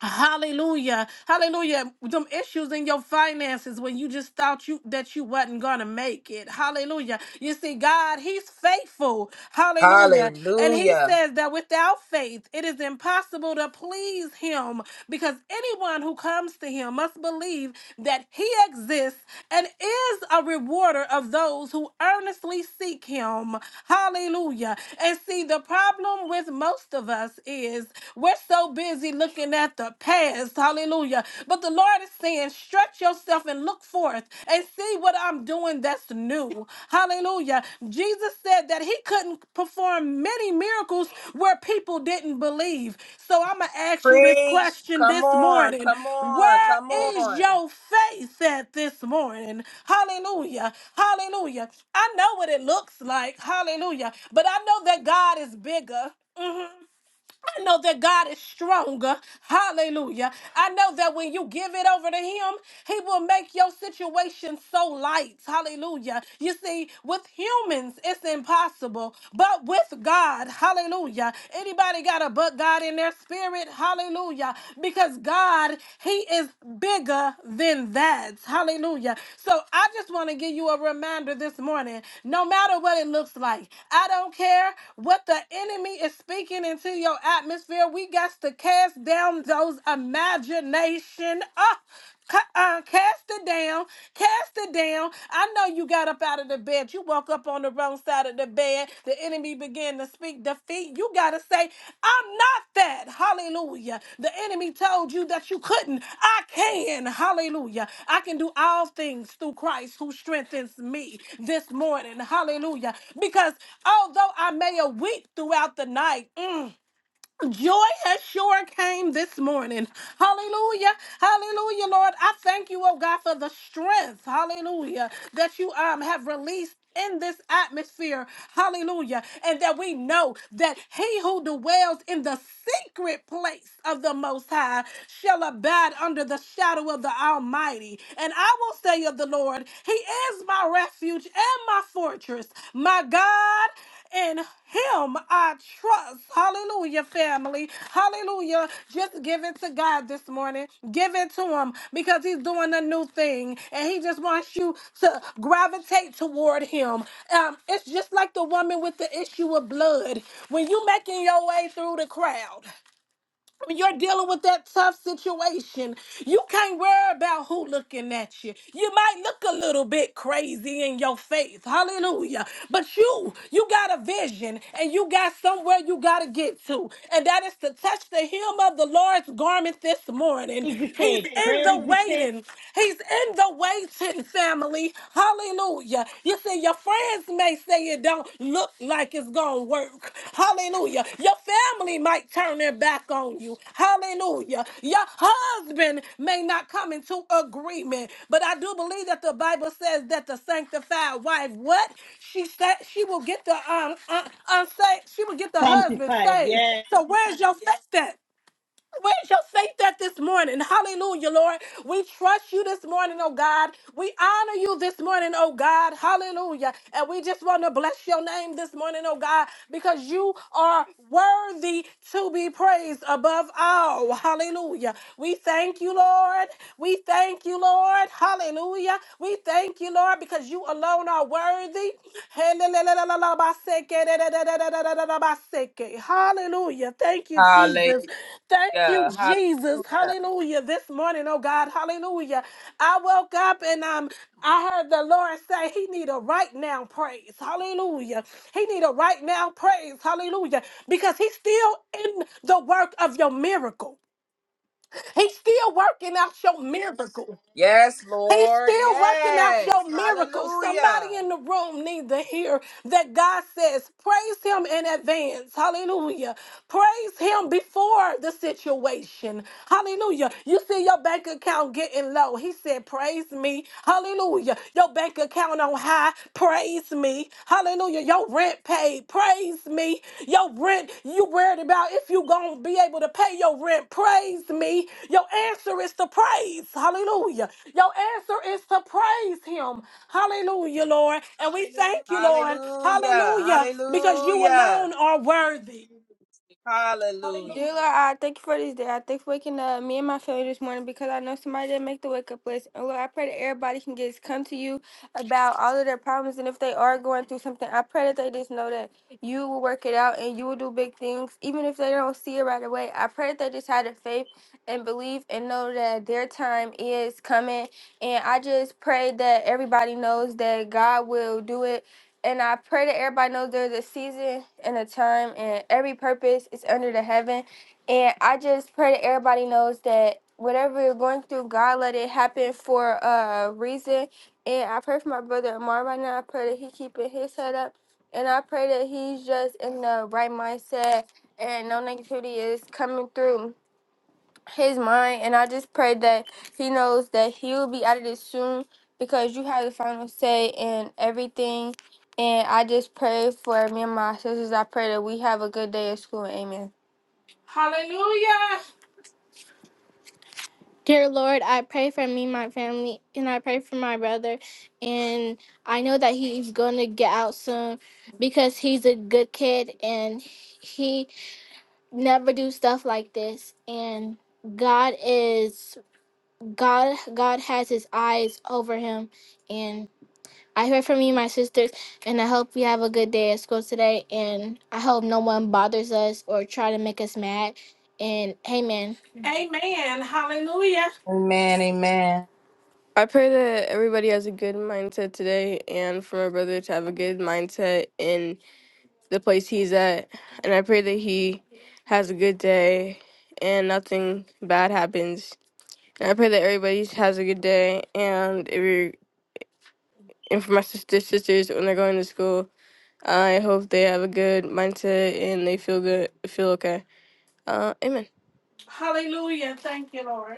S4: Hallelujah. Hallelujah. Them issues in your finances when you just thought you that you wasn't gonna make it. Hallelujah. You see, God, He's faithful. Hallelujah. And He
S1: Hallelujah.
S4: says that without faith, it is impossible to please Him because anyone who comes to Him must believe that He exists and is a rewarder of those who earnestly seek Him. Hallelujah. And see, the problem with most of us is we're so busy looking at the past. Hallelujah. But the Lord is saying, stretch yourself and look forth and see what I'm doing that's new. Hallelujah. Jesus said that he couldn't perform many miracles where people didn't believe. So I'm going to ask you this
S1: Preach.
S4: question
S1: Come
S4: this
S1: on.
S4: morning
S1: Come on.
S4: Where
S1: Come
S4: is
S1: on.
S4: your faith at this morning? Hallelujah. Hallelujah. I know what it looks like. Hallelujah. But I know that God is bigger. Mm-hmm. I know that God is stronger. Hallelujah. I know that when you give it over to Him, He will make your situation so light. Hallelujah. You see, with humans, it's impossible, but with God, hallelujah. Anybody got a but God in their spirit? Hallelujah. Because God, He is bigger than that. Hallelujah. So I just want to give you a reminder this morning no matter what it looks like, I don't care what the enemy is speaking into your your atmosphere. We got to cast down those imagination. Ah, ca- uh, cast it down, cast it down. I know you got up out of the bed. You woke up on the wrong side of the bed. The enemy began to speak defeat. You got to say, I'm not that. Hallelujah. The enemy told you that you couldn't. I can. Hallelujah. I can do all things through Christ who strengthens me this morning. Hallelujah. Because although I may have weep throughout the night, mm, Joy has sure came this morning. Hallelujah. Hallelujah, Lord. I thank you, oh God, for the strength. Hallelujah. That you um have released in this atmosphere. Hallelujah. And that we know that he who dwells in the secret place of the most high shall abide under the shadow of the Almighty. And I will say of the Lord, He is my refuge and my fortress, my God. In him I trust. Hallelujah, family. Hallelujah. Just give it to God this morning. Give it to him because he's doing a new thing and he just wants you to gravitate toward him. Um, it's just like the woman with the issue of blood. When you making your way through the crowd, when you're dealing with that tough situation, you can't worry about who looking at you. You might look a little bit crazy in your faith, hallelujah. But you, you got a vision and you got somewhere you got to get to. And that is to touch the hem of the Lord's garment this morning.
S5: Crazy
S4: He's
S5: faith,
S4: in the
S5: crazy faith.
S4: waiting. He's in the waiting, family. Hallelujah. Hallelujah. You see, your friends may say it don't look like it's going to work. Hallelujah. Your family might turn their back on you. Hallelujah. Your husband may not come into agreement. But I do believe that the Bible says that the sanctified wife, what? She said she will get the um un- unsaved, she will get the husband
S5: 25,
S4: saved.
S5: yes,
S4: So where's your faith at? We shall say that this morning. Hallelujah, Lord. We trust you this morning, oh God. We honor you this morning, oh God. Hallelujah. And we just want to bless your name this morning, oh God, because you are worthy to be praised above all. Hallelujah. We thank you, Lord. We thank you, Lord. Hallelujah. We thank you, Lord, because you alone are worthy worthy. Hallelujah. Thank you,
S1: Hallelujah.
S4: Jesus. Thank you, Jesus.
S1: Hallelujah.
S4: Hallelujah. This morning, oh God, hallelujah. I woke up and um I heard the Lord say he need a right now praise. Hallelujah. He need a right now praise. Hallelujah. Because he's still in the work of your miracle. He's still working out your miracle.
S1: Yes,
S4: He's
S1: Lord.
S4: still working out
S1: Yes.
S4: your miracles.
S1: Hallelujah.
S4: Somebody in the room needs to hear that God says, Praise Him in advance. Hallelujah. Praise Him before the situation. Hallelujah. You see your bank account getting low. He said, Praise me. Hallelujah. Your bank account on high. Praise me. Hallelujah. Your rent paid. Praise me. Your rent, you worried about if you going to be able to pay your rent. Praise me. Your answer is to praise. Hallelujah. Your answer is to praise him. Hallelujah, Lord. And we thank you, Lord.
S1: Hallelujah.
S4: Hallelujah. Because you
S1: Hallelujah.
S4: alone are worthy.
S1: Hallelujah.
S4: Dear Lord, I thank you for this day. I thank you for waking up me and my family this morning because I know somebody didn't make the wake up list. And Lord, I pray that everybody can just come to you about all of their problems. And if they are going through something, I pray that they just know that you will work it out and you will do big things. Even if they don't see it right away, I pray that they just have the faith and believe and know that their time is coming. And I just pray that everybody knows that God will do it and I pray that everybody knows there's a season and a time, and every purpose is under the heaven. And I just pray that everybody knows that whatever you're going through, God let it happen for a reason. And I pray for my brother Amar right now. I pray that he keeping his head up, and I pray that he's just in the right mindset and no negativity is coming through his mind and I just pray that he knows that he will be out of this soon because you have the final say in everything and I just pray for me and my sisters. I pray that we have a good day at school. Amen. Hallelujah. Dear Lord, I pray for me, my family, and I pray for my brother. And I know that he's going to get out soon because he's a good kid and he never do stuff like this. And God is God God has his eyes over him and I heard from you my sisters and I hope you have a good day at school today and I hope no one bothers us or try to make us mad and amen. Amen. Hallelujah.
S1: Amen. Amen.
S4: He Has a good mindset today, and for my brother to have a good mindset in the place he's at. And I pray that he has a good day and nothing bad happens. And I pray that everybody has a good day and if. you're and for my sisters, sisters when they're going to school. I hope they have a good mindset and they feel good, feel okay. Uh, amen. Hallelujah! Thank you, Lord.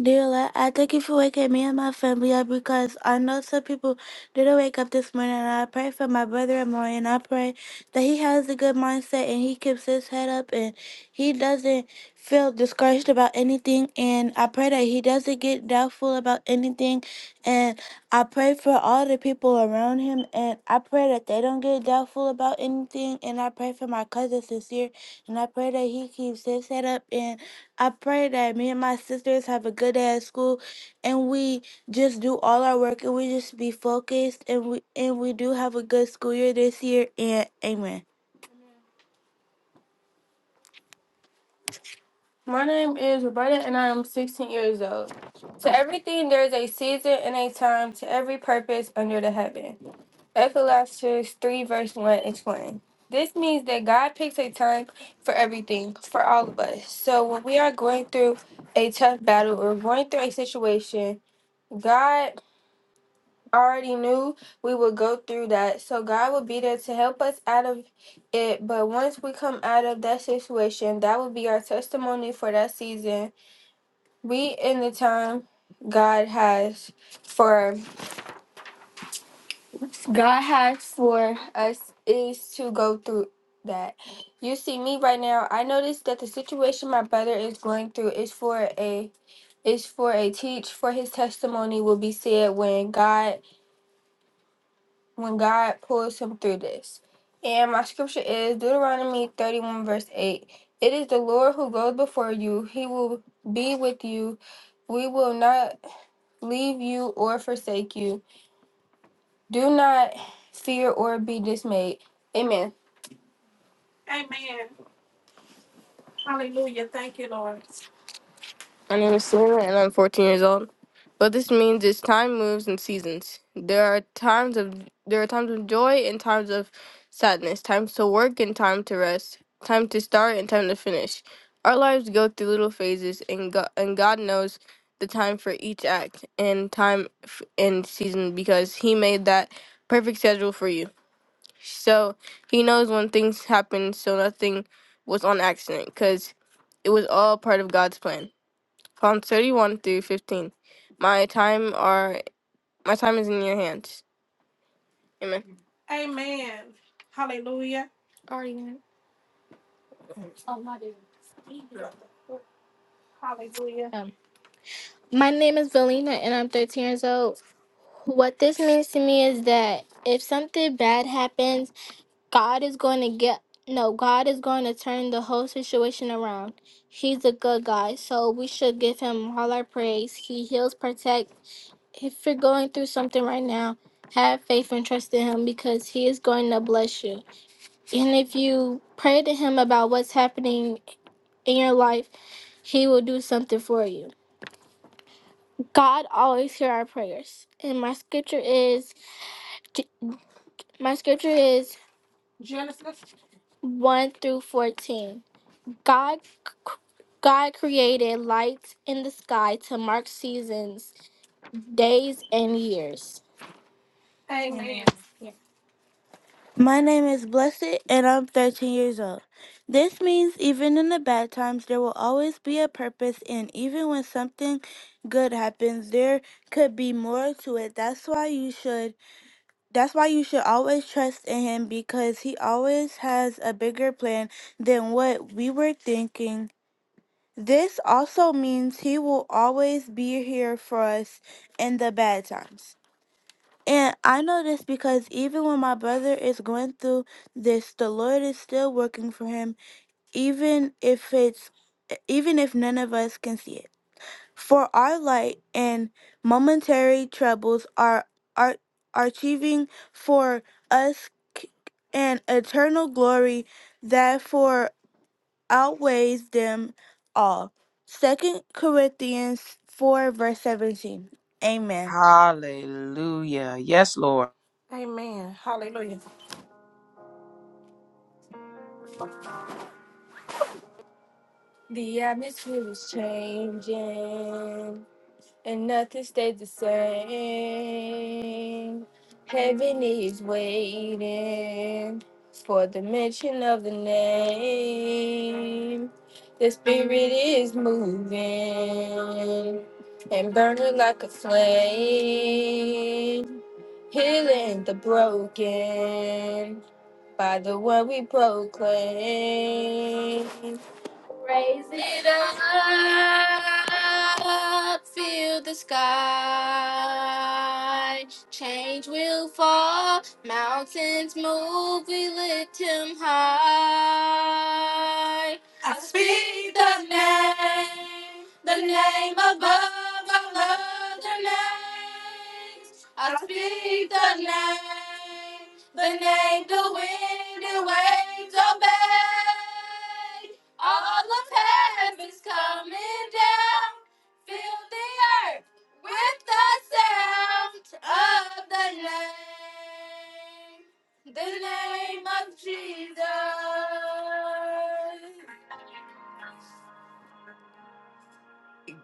S4: Dear Lord, I thank you for waking me and my family up because I know some people didn't wake up this morning. And I pray for my brother and more, and I pray that he has a good mindset and he keeps his head up and he doesn't feel discouraged about anything. And I pray that he doesn't get doubtful about anything. And I pray for all the people around him. And I pray that they don't get doubtful about anything. And I pray for my cousin sincere. And I pray that he keeps his head up. and. I pray that me and my sisters have a good day at school and we just do all our work and we just be focused and we and we do have a good school year this year and amen. My name is Roberta and I am 16 years old. To everything there is a season and a time to every purpose under the heaven. Ecclesiastes 3 verse 1 explains. This means that God picks a time for everything, for all of us. So when we are going through a tough battle or going through a situation, God already knew we would go through that. So God would be there to help us out of it. But once we come out of that situation, that would be our testimony for that season. We in the time God has for God has for us is to go through that. You see me right now, I noticed that the situation my brother is going through is for a is for a teach for his testimony will be said when God when God pulls him through this. And my scripture is Deuteronomy 31, verse 8. It is the Lord who goes before you, he will be with you. We will not leave you or forsake you. Do not fear or be dismayed. Amen. My name is Selena and I'm 14 years old. What this means is time moves in seasons. There are times of there are times of joy and times of sadness, times to work and time to rest, time to start and time to finish. Our lives go through little phases and God, and God knows the time for each act and time f- and season because he made that perfect schedule for you. So, he knows when things happen so nothing was on accident cuz it was all part of God's plan. Psalm 31 through 15. My time are my time is in your hands. Amen. Amen. Hallelujah. My sins get on. He now telling him about what's happening in your life. He will do something for you. God always hear our prayers. And my scripture is my scripture is one through fourteen. God c- God created lights in the sky to mark seasons, days, and years. My name is Blessed, and I'm 13 years old. This means even in the bad times, there will always be a purpose, and even when something good happens, there could be more to it. That's why you should. That's why you should always trust in him because he always has a bigger plan than what we were thinking. This also means he will always be here for us in the bad times. And I know this because even when my brother is going through this, the Lord is still working for him, even if it's even if none of us can see it. For our light and momentary troubles are are, are achieving for us c- an eternal glory that for outweighs them all. Second Corinthians four verse seventeen. Amen.
S1: Hallelujah. Yes, Lord.
S4: Amen. Hallelujah. The atmosphere is changing, and nothing stays the same. Heaven is waiting for the mention of the name. The spirit is moving and burning like a flame, healing the broken by the word we proclaim. It up sky, mountains moving high,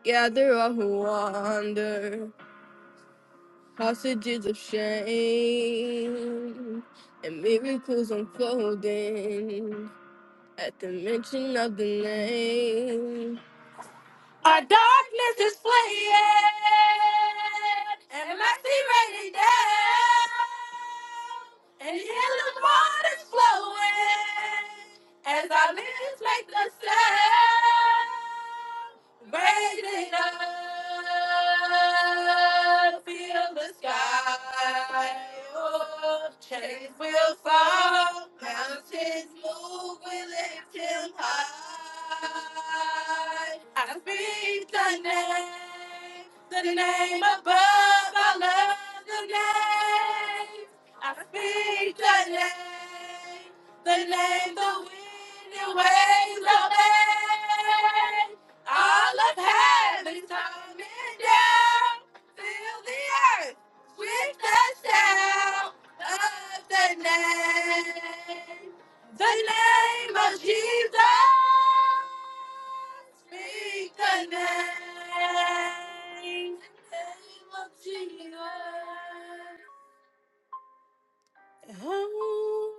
S4: gather all who wander, hostages of shame, and miracles unfolding at the mention of the name. And healing water's flowing as our lips make the sound. Raise it up, feel the sky. Oh, chains will fall, mountains move, we lift him high. I speak the name, the name above our love. name of Jesus. Oh.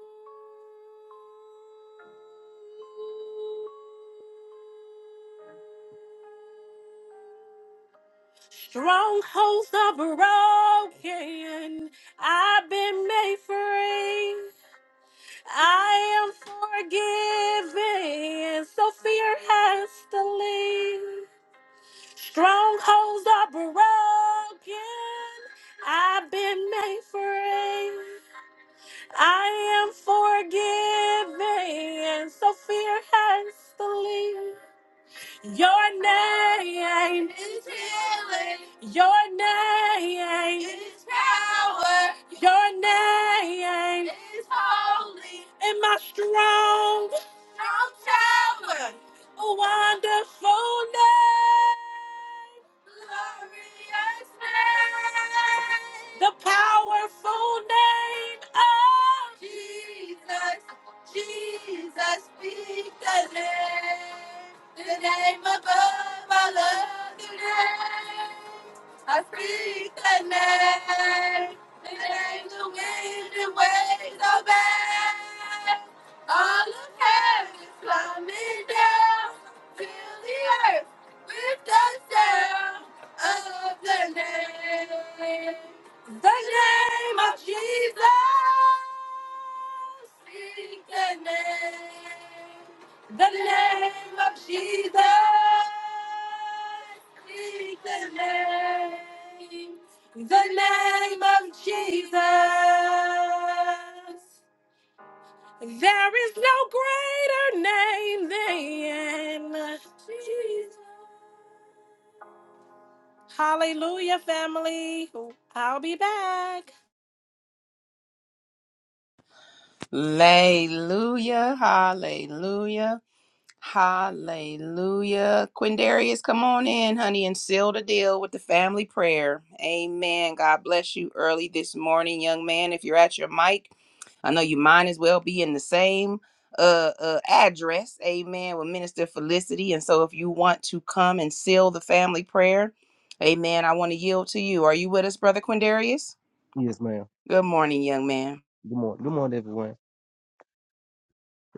S4: Strongholds are broken. I've been made free. I am forgiven. So fear has to leave. Strongholds are broken. I've been made free. I am forgiving, and so fear has to leave. Your name is healing. Your name is power. Your name is holy. And my strong, strong tower. Wonderful name. Glorious name. The powerful name of Jesus The name, the name of Jesus. Speak the name. The name of Jesus. There is no greater name than Jesus. Hallelujah, family. I'll be back.
S1: Hallelujah. Hallelujah. Hallelujah. Quindarius, come on in, honey, and seal the deal with the family prayer. Amen. God bless you early this morning, young man. If you're at your mic, I know you might as well be in the same uh, uh address, amen, with Minister Felicity. And so if you want to come and seal the family prayer, amen, I want to yield to you. Are you with us, Brother Quindarius?
S6: Yes, ma'am.
S1: Good morning, young man.
S6: Good morning. Good morning, everyone.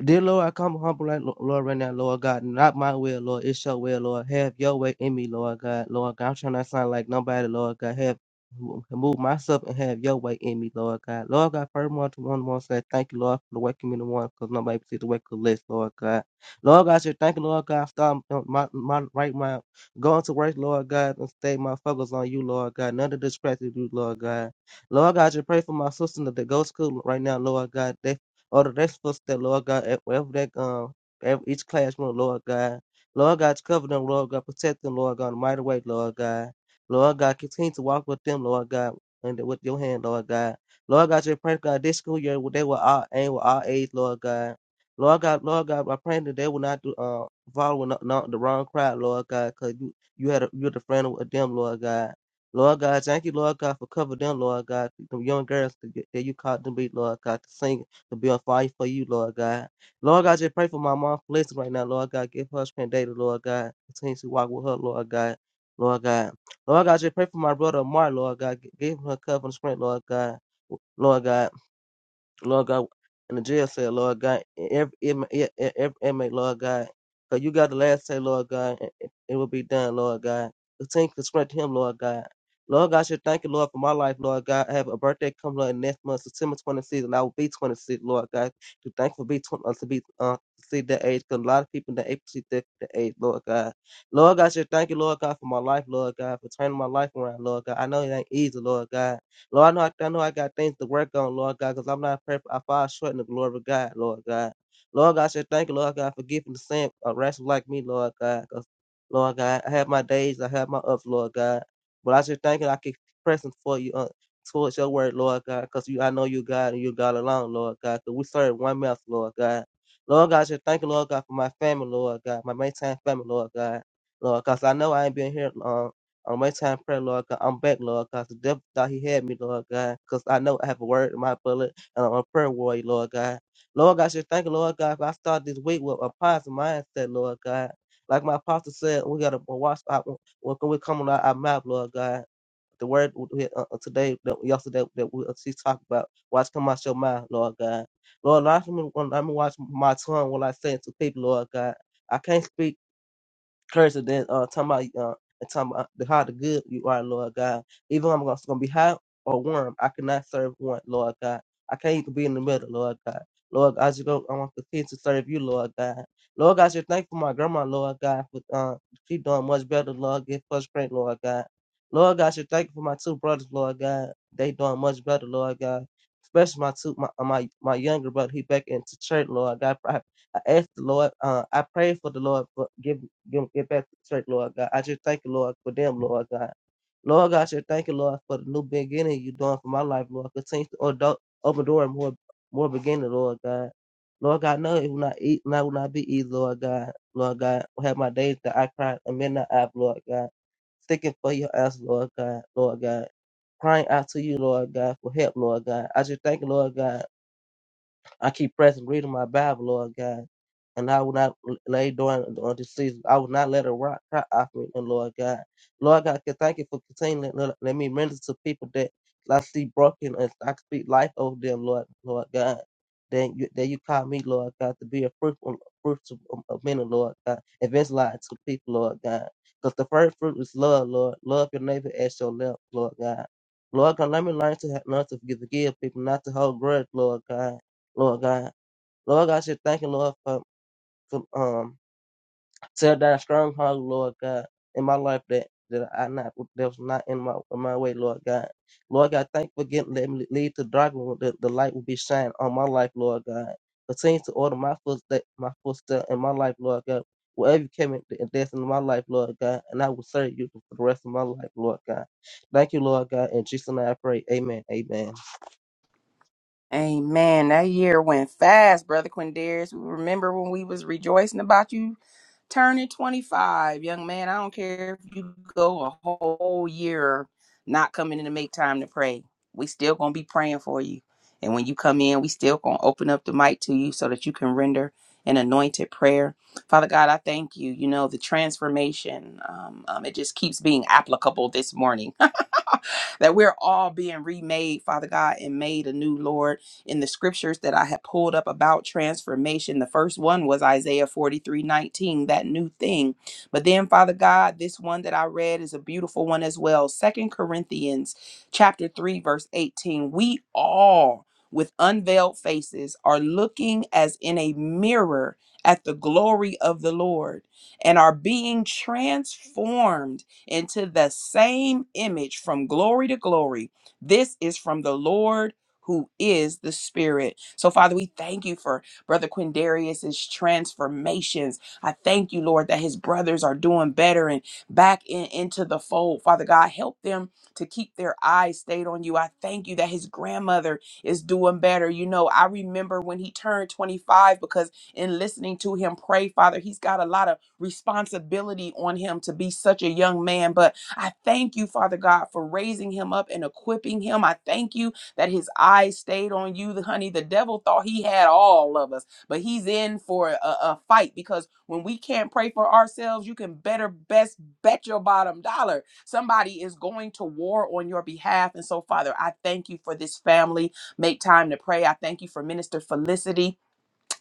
S6: Dear Lord, I come humble, right, Lo- Lord, right now, Lord God. Not my will, Lord. It's your will, Lord. Have your way in me, Lord God. Lord God, I'm trying not to sound like nobody, Lord God. Have mo- move myself and have your way in me, Lord God. Lord God, furthermore, to one more say thank you, Lord, for the waking me in the morning, because nobody see the wake up list, Lord God. Lord God, I say thank you, Lord God. Stop my, my right mind. Going to work, Lord God, and stay my focus on you, Lord God. None of the distractions, Lord God. Lord God, I just pray for my sister that go to school right now, Lord God. They Order their footsteps, Lord God, at wherever they um at each classroom, Lord God. Lord God, cover them, Lord God, protect them, Lord God, in a mighty way, Lord God. Lord God, continue to walk with them, Lord God, and with your hand, Lord God. Lord God, just pray, God, this school year they were all aim with all age, Lord God. Lord God, Lord God, I pray that they will not do uh follow not, not the wrong crowd, Lord God, because you you had a, you're the friend of them, Lord God. Lord God, thank you, Lord God, for covering them, Lord God, the young girls that you that you called them be, Lord God, to sing to be a fire for you, Lord God. Lord God, just pray for my mom blessing right now, Lord God. Give her strength daily, Lord God. Continue to walk with her, Lord God. Lord God. Lord God, just pray for my brother Mark, Lord God. Give him her covenant strength, Lord God. Lord God. Lord God, in the jail cell, Lord God, and every inmate, e- e- every inmate, Lord God, because you got the last say, Lord God, and it it will be done, Lord God. Continue to strength him, Lord God. Lord God, I should thank you, Lord, for my life, Lord God. I have a birthday coming up next month, September 26th, and I will be 26, Lord God. To thank for be 20, uh, to be uh, to see that age, because a lot of people in the age see that that age, Lord God. Lord God, I should thank you, Lord God, for my life, Lord God, for turning my life around, Lord God. I know it ain't easy, Lord God. Lord, I know, I I know I got things to work on, Lord God, because I'm not perfect. I fall short in the glory of God, Lord God. Lord God, I said thank you, Lord God, for giving the sin a rascal like me, Lord God. 'cause, Lord God, I have my days, I have my ups, Lord God. But I just thank you, I keep pressing for you, uh, towards your word, Lord God, because you, I know you God and you God alone, Lord God, because we serve one mouth, Lord God. Lord God, I just thank you, Lord God, for my family, Lord God, my maintained family, Lord God. Lord, because I know I ain't been here long on my time prayer, Lord God. I'm back, Lord God. The devil thought he had me, Lord God, because I know I have a word in my bullet and I'm a prayer warrior, Lord God. Lord God, I should thank you, Lord God, if I start this week with a positive mindset, Lord God. Like my apostle said, we got to watch out when we come on our, mouth, Lord God. The word we, uh, uh, today, that yesterday, that we, uh, she talked about, watch come out your mouth, Lord God. Lord, allow me, allow me to watch my tongue when I say it to people, Lord God. I can't speak cursing that uh talking about uh and talking about the, how the good you are, Lord God. Even I'm gonna, gonna be hot or warm, I cannot serve one, Lord God. I can't even be in the middle, Lord God. Lord God, I just go I want to continue to serve you, Lord God. Lord God, I just thank you for my grandma, Lord God, for uh she doing much better, Lord, get first grade, Lord God. Lord God, I should thank you for my two brothers, Lord God. They doing much better, Lord God. Especially my two my my, my younger brother, he back into church, Lord God. I ask the Lord, uh, I pray for the Lord, for give, give, get back to the church, Lord God. I just thank you, Lord, for them, Lord God. Lord God, I just thank you, Lord, for the new beginning you're doing for my life, Lord. Continue to o- do- open door and more, more beginning, Lord God. Lord God, no, it will not eat, no, it will not be easy, Lord God. Lord God, I have my days that I cried and midnight I've, Lord God. Sticking for your ass, Lord God, Lord God. Crying out to you, Lord God, for help, Lord God. I just thank you, Lord God. I keep pressing, reading my Bible, Lord God. And I will not lay down on this season. I will not let a rock cry off me, and Lord God. Lord God, I thank you for continuing to let me minister to people that I see broken and I speak life over them, Lord, Lord God. Then you, that you call me, Lord God, to be a fruitful, fruitful um, of many, Lord God. Evangelize to people, Lord God. Because the first fruit is love, Lord. Love your neighbor as your love, Lord God. Lord God, let me learn to have, learn to forgive, forgive people, not to hold grudge, Lord God. Lord God. Lord God, I should thank you, Lord, for, for um tear down stronghold, Lord God, in my life that that I not that was not in my in my way, Lord God. Lord God, thank you for getting let me lead to darkness. The, the light will be shining on my life, Lord God. Continue to order my footstep, my footstep in my life, Lord God. Wherever you came in, in death in my life, Lord God, and I will serve you for the rest of my life, Lord God. Thank you, Lord God. In Jesus' name I pray. Amen. Amen.
S1: Amen. That year went fast, Brother Quindarius. We remember when we was rejoicing about you turning 25. Young man, I don't care if you go a whole year not coming in to make time to pray. We still gonna be praying for you. And when you come in, we still gonna open up the mic to you so that you can render an anointed prayer. Father God, I thank you. You know, the transformation, um, um, it just keeps being applicable this morning *laughs* that we're all being remade, Father God, and made anew, Lord, in the scriptures that I had pulled up about transformation. The first one was Isaiah 43 19, that new thing. But then, Father God, this one that I read is a beautiful one as well. Second Corinthians chapter 3, verse 18. We all with unveiled faces are looking as in a mirror at the glory of the Lord and are being transformed into the same image from glory to glory. This is from the Lord who is the Spirit. So, Father, we thank you for Brother Quindarius's transformations. I thank you, Lord, that his brothers are doing better and back in, into the fold. Father God, help them to keep their eyes stayed on you. I thank you that his grandmother is doing better. You know, I remember when he turned 25 because in listening to him pray, Father, he's got a lot of responsibility on him to be such a young man. But I thank you, Father God, for raising him up and equipping him. I thank you that his eyes stayed on you, the honey. The devil thought he had all of us, but he's in for a, a fight because when we can't pray for ourselves, you can better best bet your bottom dollar. Somebody is going to war on your behalf. And so, Father, I thank you for this family. Make time to pray. I thank you for Minister Felicity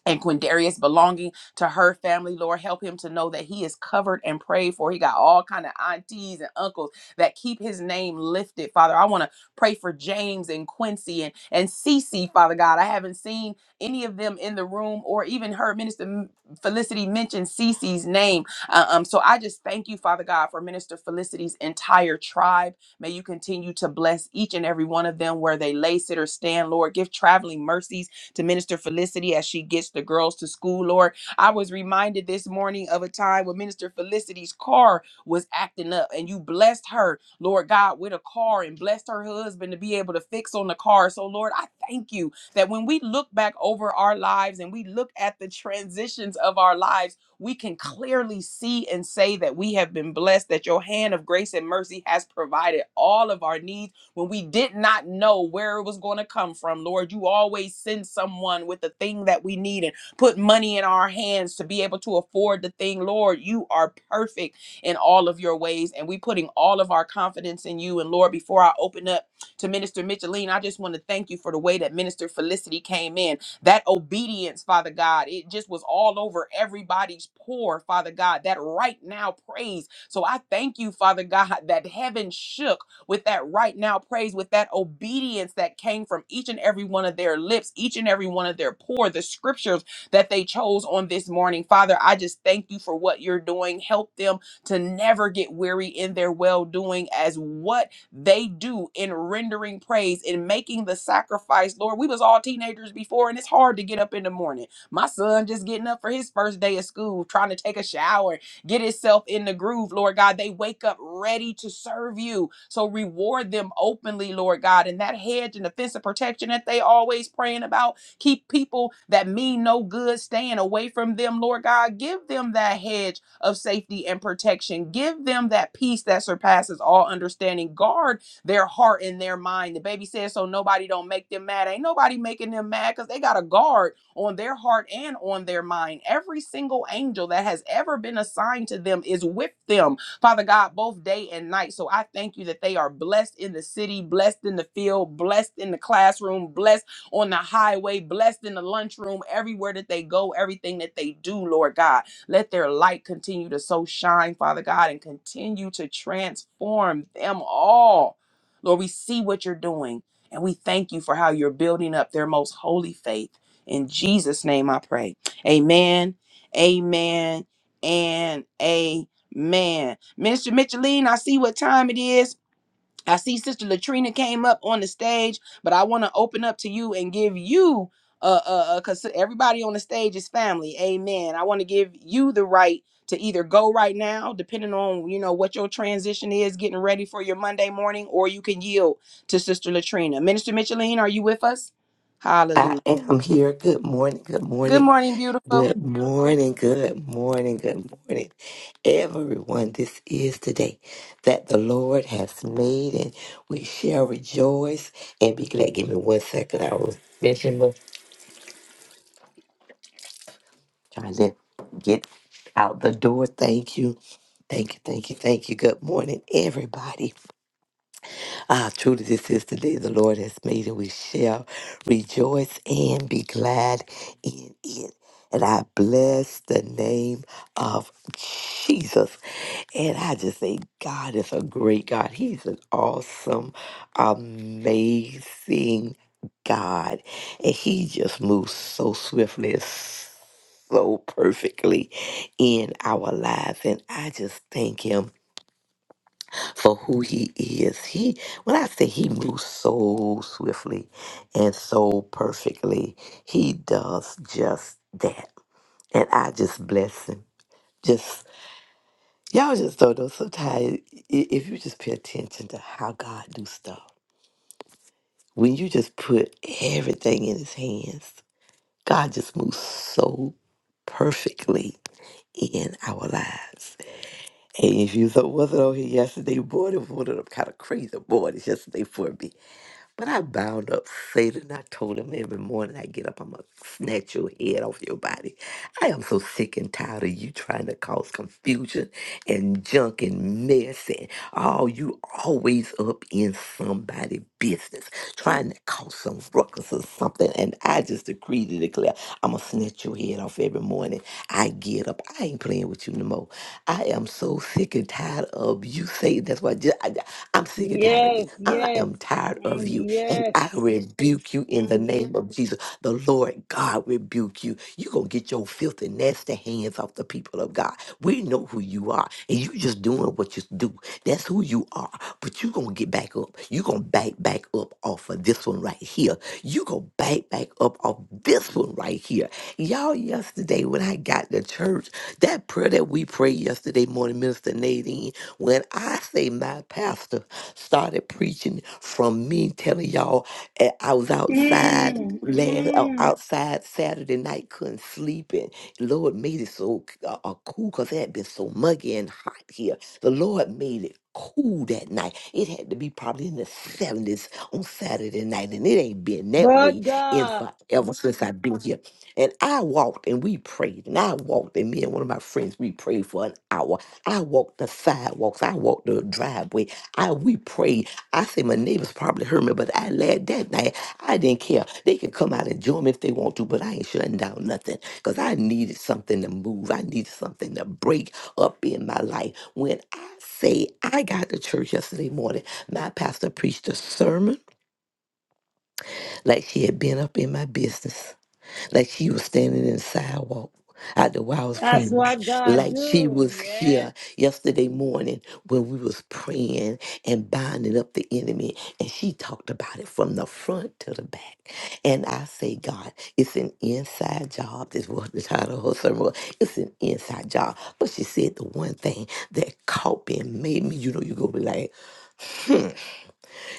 S1: and Quindarius belonging to her family. Lord, help him to know that he is covered and prayed for. He got all kind of aunties and uncles that keep his name lifted. Father, I want to pray for James and Quincy and and Cece, Father God. I haven't seen any of them in the room or even heard Minister M- Felicity mention Cece's name. Uh, um, so I just thank you, Father God, for Minister Felicity's entire tribe. May you continue to bless each and every one of them where they lay, sit, or stand. Lord, give traveling mercies to Minister Felicity as she gets the girls to school, Lord. I was reminded this morning of a time when Minister Felicity's car was acting up and you blessed her, Lord God, with a car and blessed her husband to be able to fix on the car. So, Lord, I thank you that when we look back over our lives and we look at the transitions of our lives, we can clearly see and say that we have been blessed, that your hand of grace and mercy has provided all of our needs when we did not know where it was going to come from. Lord, you always send someone with the thing that we need and put money in our hands to be able to afford the thing. Lord, you are perfect in all of your ways, and we putting all of our confidence in you. And Lord, before I open up to Minister Micheline, I just want to thank you for the way that Minister Felicity came in. That obedience, Father God, it just was all over everybody's poor, Father God. That right now praise. So I thank you, Father God, that heaven shook with that right now praise, with that obedience that came from each and every one of their lips, each and every one of their pour, the scriptures that they chose on this morning. Father, I just thank you for what you're doing. Help them to never get weary in their well doing as what they do in rendering praise, in making the sacrifice. Lord, we was all teenagers before, and it's hard to get up in the morning. My son just getting up for his first day of school, trying to take a shower get itself in the groove, Lord God. They wake up ready to serve you. So reward them openly, Lord God. And that hedge and the fence of protection that they always praying about, keep people that mean no good staying away from them, Lord God. Give them that hedge of safety and protection. Give them that peace that surpasses all understanding. Guard their heart and their mind. The baby says so nobody don't make them mad. Ain't nobody making them mad because they got a guard on their heart and on their mind. Every single angel that has ever been assigned to them is with them, Father God, both day and night. So I thank you that they are blessed in the city, blessed in the field, blessed in the classroom, blessed on the highway, blessed in the lunchroom, everywhere that they go, everything that they do, Lord God. Let their light continue to so shine, Father God, and continue to transform them all. Lord, we see what you're doing, and we thank you for how you're building up their most holy faith. In Jesus' name I pray. Amen. Amen. And amen. Minister Micheline, I see what time it is. I see Sister Latrina came up on the stage, but I want to open up to you and give you uh uh because everybody on the stage is family. Amen. I want to give you the right to either go right now, depending on you know what your transition is, getting ready for your Monday morning, or you can yield to Sister Latrina. Minister Micheline, are you with us?
S7: I am here. Good morning. Good
S1: Good
S7: morning.
S1: morning, beautiful.
S7: Good morning. Good morning. Good morning. Everyone, this is the day that the Lord has made, and we shall rejoice and be glad. Give me one second. I was finishing up, trying to get out the door. Thank you. Thank you. Thank you. Thank you. Good morning, everybody. Ah, truly, this is the day the Lord has made, and we shall rejoice and be glad in it. And I bless the name of Jesus. And I just say, God is a great God. He's an awesome, amazing God. And He just moves so swiftly. and so perfectly in our lives. And I just thank him for who he is. He when I say he moves so swiftly and so perfectly, he does just that. And I just bless him. Just y'all just don't know sometimes i- if you just pay attention to how God do stuff. When you just put everything in his hands, God just moves so perfectly in our lives. And if you so- wasn't on here yesterday, boy, it was one of them kind of crazy mornings yesterday for me But I bound up Satan. I told him every morning I get up, I'm going to snatch your head off your body. I am so sick and tired of you trying to cause confusion and junk and mess. And oh, you always up in somebody's business, trying to cause some some ruckus or something, and I just decree to declare, I'm gonna snatch your head off every morning. I get up. I ain't playing with you no more. I am so sick and tired of you, Satan. That's why I just, I, I'm sick and tired of you.
S5: yes,
S7: I
S5: yes,
S7: am tired of
S5: mm,
S7: you, and
S5: yes.
S7: I rebuke you in the name of Jesus. The Lord God rebuke you. you gonna get your filthy, nasty hands off the people of God. We know who you are, and you just doing what you do. That's who you are. But you're going to get back up. You're going to back back up off of this one right here. You're going to back back up off this one right here. Y'all, yesterday when I got to church, that prayer that we prayed yesterday morning, Minister Nadine, when I say my pastor started preaching from me telling y'all eh, I was outside
S5: Mm,
S7: last out-
S5: mm.
S7: outside Saturday night, couldn't sleep, and Lord made it so uh, uh, cool because it had been so muggy and hot here the Lord made it cool that night. It had to be probably in the 70s on Saturday night, and it ain't been that
S5: But
S7: way in
S5: God,
S7: forever since I've been here. And I walked and we prayed, and I walked, and me and one of my friends, we prayed for an hour. I walked the sidewalks, I walked the driveway, I we prayed. I say my neighbors probably heard me, but I laid that night. I didn't care. They could come out and join me if they want to, but I ain't shutting down nothing because I needed something to move. I needed something to break up in my life. When I say I got to church yesterday morning, my pastor preached a sermon like she had been up in my business like she was standing in the sidewalk out there while I was
S5: that's
S7: praying,
S5: what God
S7: like she
S5: do,
S7: was
S5: yeah.
S7: here yesterday morning when we was praying and binding up the enemy. And she talked about it from the front to the back. And I say, God, it's an inside job. This was the title of her sermon. was. It's an inside job. But she said the one thing that caught me and made me, you know, you go be like,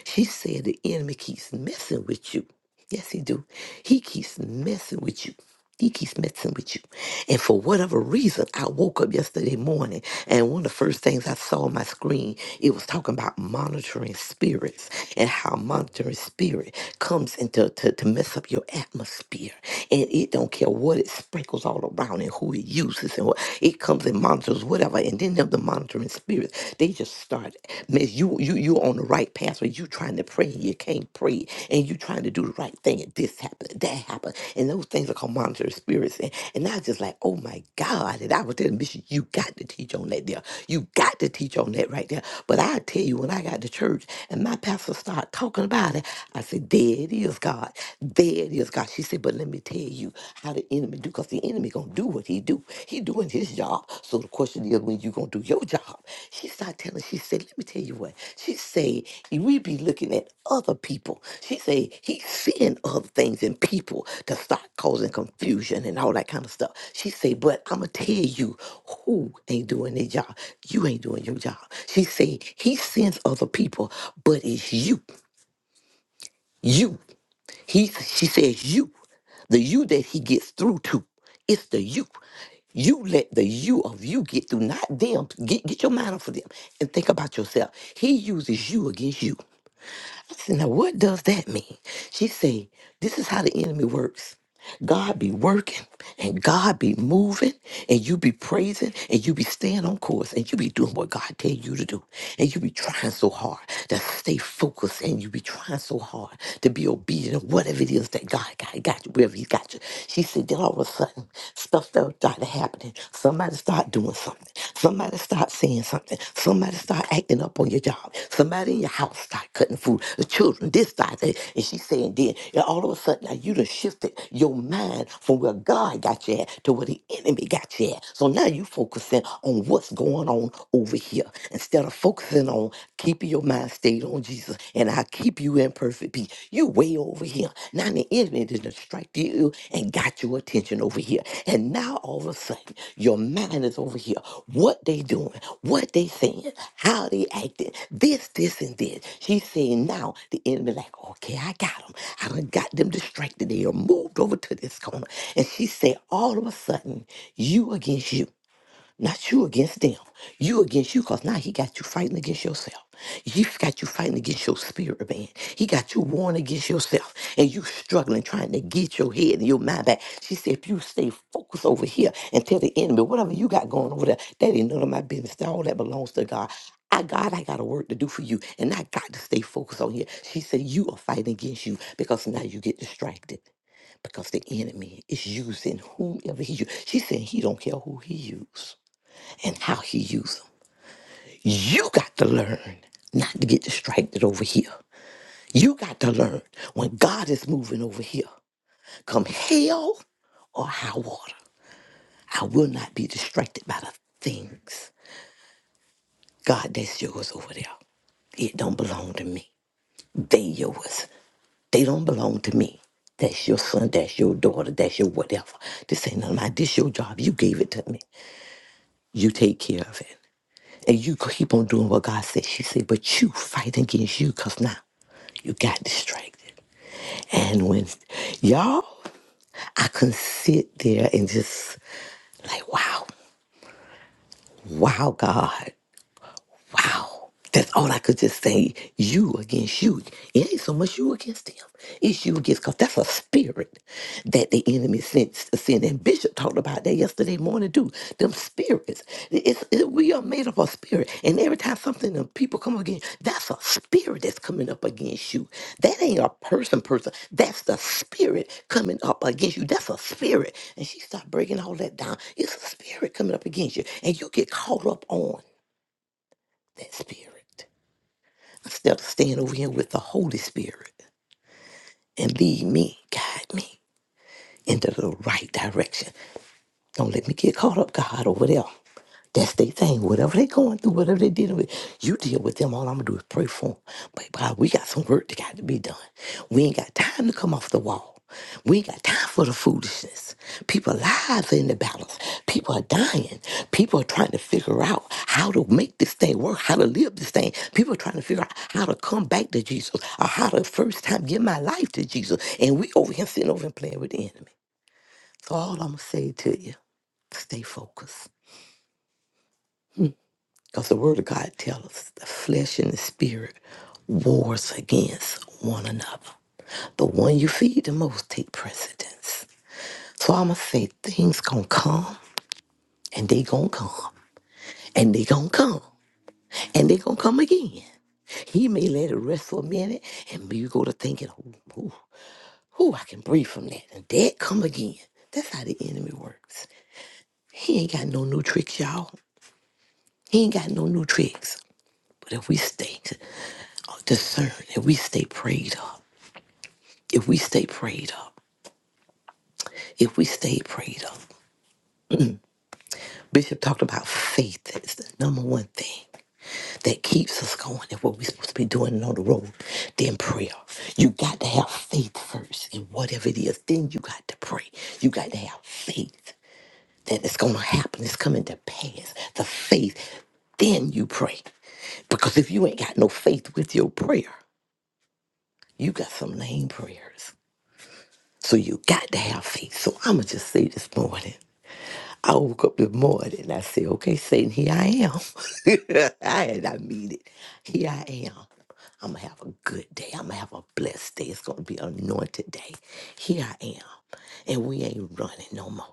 S7: she said the enemy keeps messing with you. Yes, he do. He keeps messing with you. He keeps messing with you. And for whatever reason, I woke up yesterday morning and one of the first things I saw on my screen, it was talking about monitoring spirits and how monitoring spirit comes into to, to mess up your atmosphere. And it don't care what it sprinkles all around and who it uses and what it comes and monitors whatever. And then them the monitoring spirits, they just start man, you you you you're on the right path, but you trying to pray and you can't pray, and you trying to do the right thing, and this happened, that happened, and those things are called monitor spirits. And, and I was just like, oh my God. And I was telling Bishop, you got to teach on that there. You got to teach on that right there. But I tell you, when I got to church and my pastor started talking about it, I said, there it is, God. There it is, God. She said, but let me tell you how the enemy do, because the enemy gonna do do what he do. He doing his job. So the question is, when you gonna do your job? She started telling. She said, "Let me tell you what." She say, "We be looking at other people." She say, "He's seeing other things in people to start causing confusion and all that kind of stuff." She say, "But I'ma tell you who ain't doing their job. You ain't doing your job." She say, "He sends other people, but it's you." You. He she says you, the you that he gets through to, it's the you. You let the you of you get through, not them. Get, get your mind off of them and think about yourself. He uses you against you. I said, now what does that mean? She said, this is how the enemy works. God be working and God be moving and you be praising and you be staying on course and you be doing what God tell you to do and you be trying so hard to stay focused and you be trying so hard to be obedient of whatever it is that God got, got you, wherever he got you. She said, then all of a sudden stuff started happening. Somebody start doing something. Somebody start saying something something. Somebody start acting up on your job. Somebody in your house start cutting food. The children, this side, that. And she's saying then, and all of a sudden, now you done shifted your mind from where God got you at to where the enemy got you at. So now you focusing on what's going on over here instead of focusing on keeping your mind stayed on Jesus and I keep you in perfect peace. You way over over here. Now the enemy didn't strike you and got your attention over here. And now all of a sudden, your mind is over here. What they doing, what they saying, how they acting, this, this, and this. She's saying now the enemy like, okay, I got them. I done got them distracted. They are moved over to this corner. And she said, all of a sudden, you against you. Not you against them. You against you, because now he got you fighting against yourself. He got you fighting against your spirit, man. He got you warring against yourself. And you struggling, trying to get your head and your mind back. She said, if you stay focused over here and tell the enemy, whatever you got going over there, that ain't none of my business. That All that belongs to God. I God, I got a work to do for you. And I got to stay focused on here. She said, you are fighting against you because now you get distracted because the enemy is using whomever he use. She said he don't care who he uses and how he uses them. You got to learn not to get distracted over here. You got to learn when God is moving over here, come hell or high water, I will not be distracted by the things. God, that's yours over there. It don't belong to me. They yours. They don't belong to me. That's your son, that's your daughter, that's your whatever. This ain't none of my, this your job. You gave it to me. You take care of it. And you keep on doing what God said. She said, but you fight against you because now you got distracted. And when y'all, I couldn't sit there and just like, wow, wow, God. Wow. That's all I could just say. You against you. It ain't so much you against them. It's you against because that's a spirit that the enemy sends to sin. And Bishop talked about that yesterday morning too. Them spirits. It's, it- we are made up of spirit. And every time something and people come against, that's a spirit that's coming up against you. That ain't a person person. That's the spirit coming up against you. That's a spirit. And she started breaking all that down. It's a spirit coming up against you. And you get caught up on that spirit. Instead of staying over here with the Holy Spirit and lead me, guide me into the right direction. Don't let me get caught up, God, over there. That's their thing. Whatever they going through, whatever they dealing with, you deal with them. All I'm gonna do is pray for them. But God, we got some work that got to be done. We ain't got time to come off the wall. We ain't got time for the foolishness. People lives are in the balance. People are dying. People are trying to figure out how to make this thing work, how to live this thing. People are trying to figure out how to come back to Jesus or how to first time give my life to Jesus. And we over here sitting over and playing with the enemy. So all I'm gonna say to you, stay focused. Because the Word of God tells us the flesh and the spirit wars against one another. The one you feed the most take precedence. So I'ma say things gonna come and they gonna come and they gonna come and they gonna come again. He may let it rest for a minute and you go to thinking, ooh, ooh, ooh, I can breathe from that. And that come again. That's how the enemy works. He ain't got no new tricks, y'all. He ain't got no new tricks. But if we stay discerned, if we stay prayed up, if we stay prayed up, if we stay prayed up. Bishop talked about faith is the number one thing that keeps us going and what we're supposed to be doing and on the road, then prayer. You got to have faith first in whatever it is. Then you got to pray. You got to have faith that it's going to happen. It's coming to pass. The faith. Then you pray. Because if you ain't got no faith with your prayer, you got some lame prayers. So you got to have faith. So I'm going to just say this morning. I woke up this morning and I said, okay, Satan, here I am. *laughs* I had I mean it. Here I am. I'm going to have a good day. I'm going to have a blessed day. It's going to be an anointed day. Here I am. And we ain't running no more.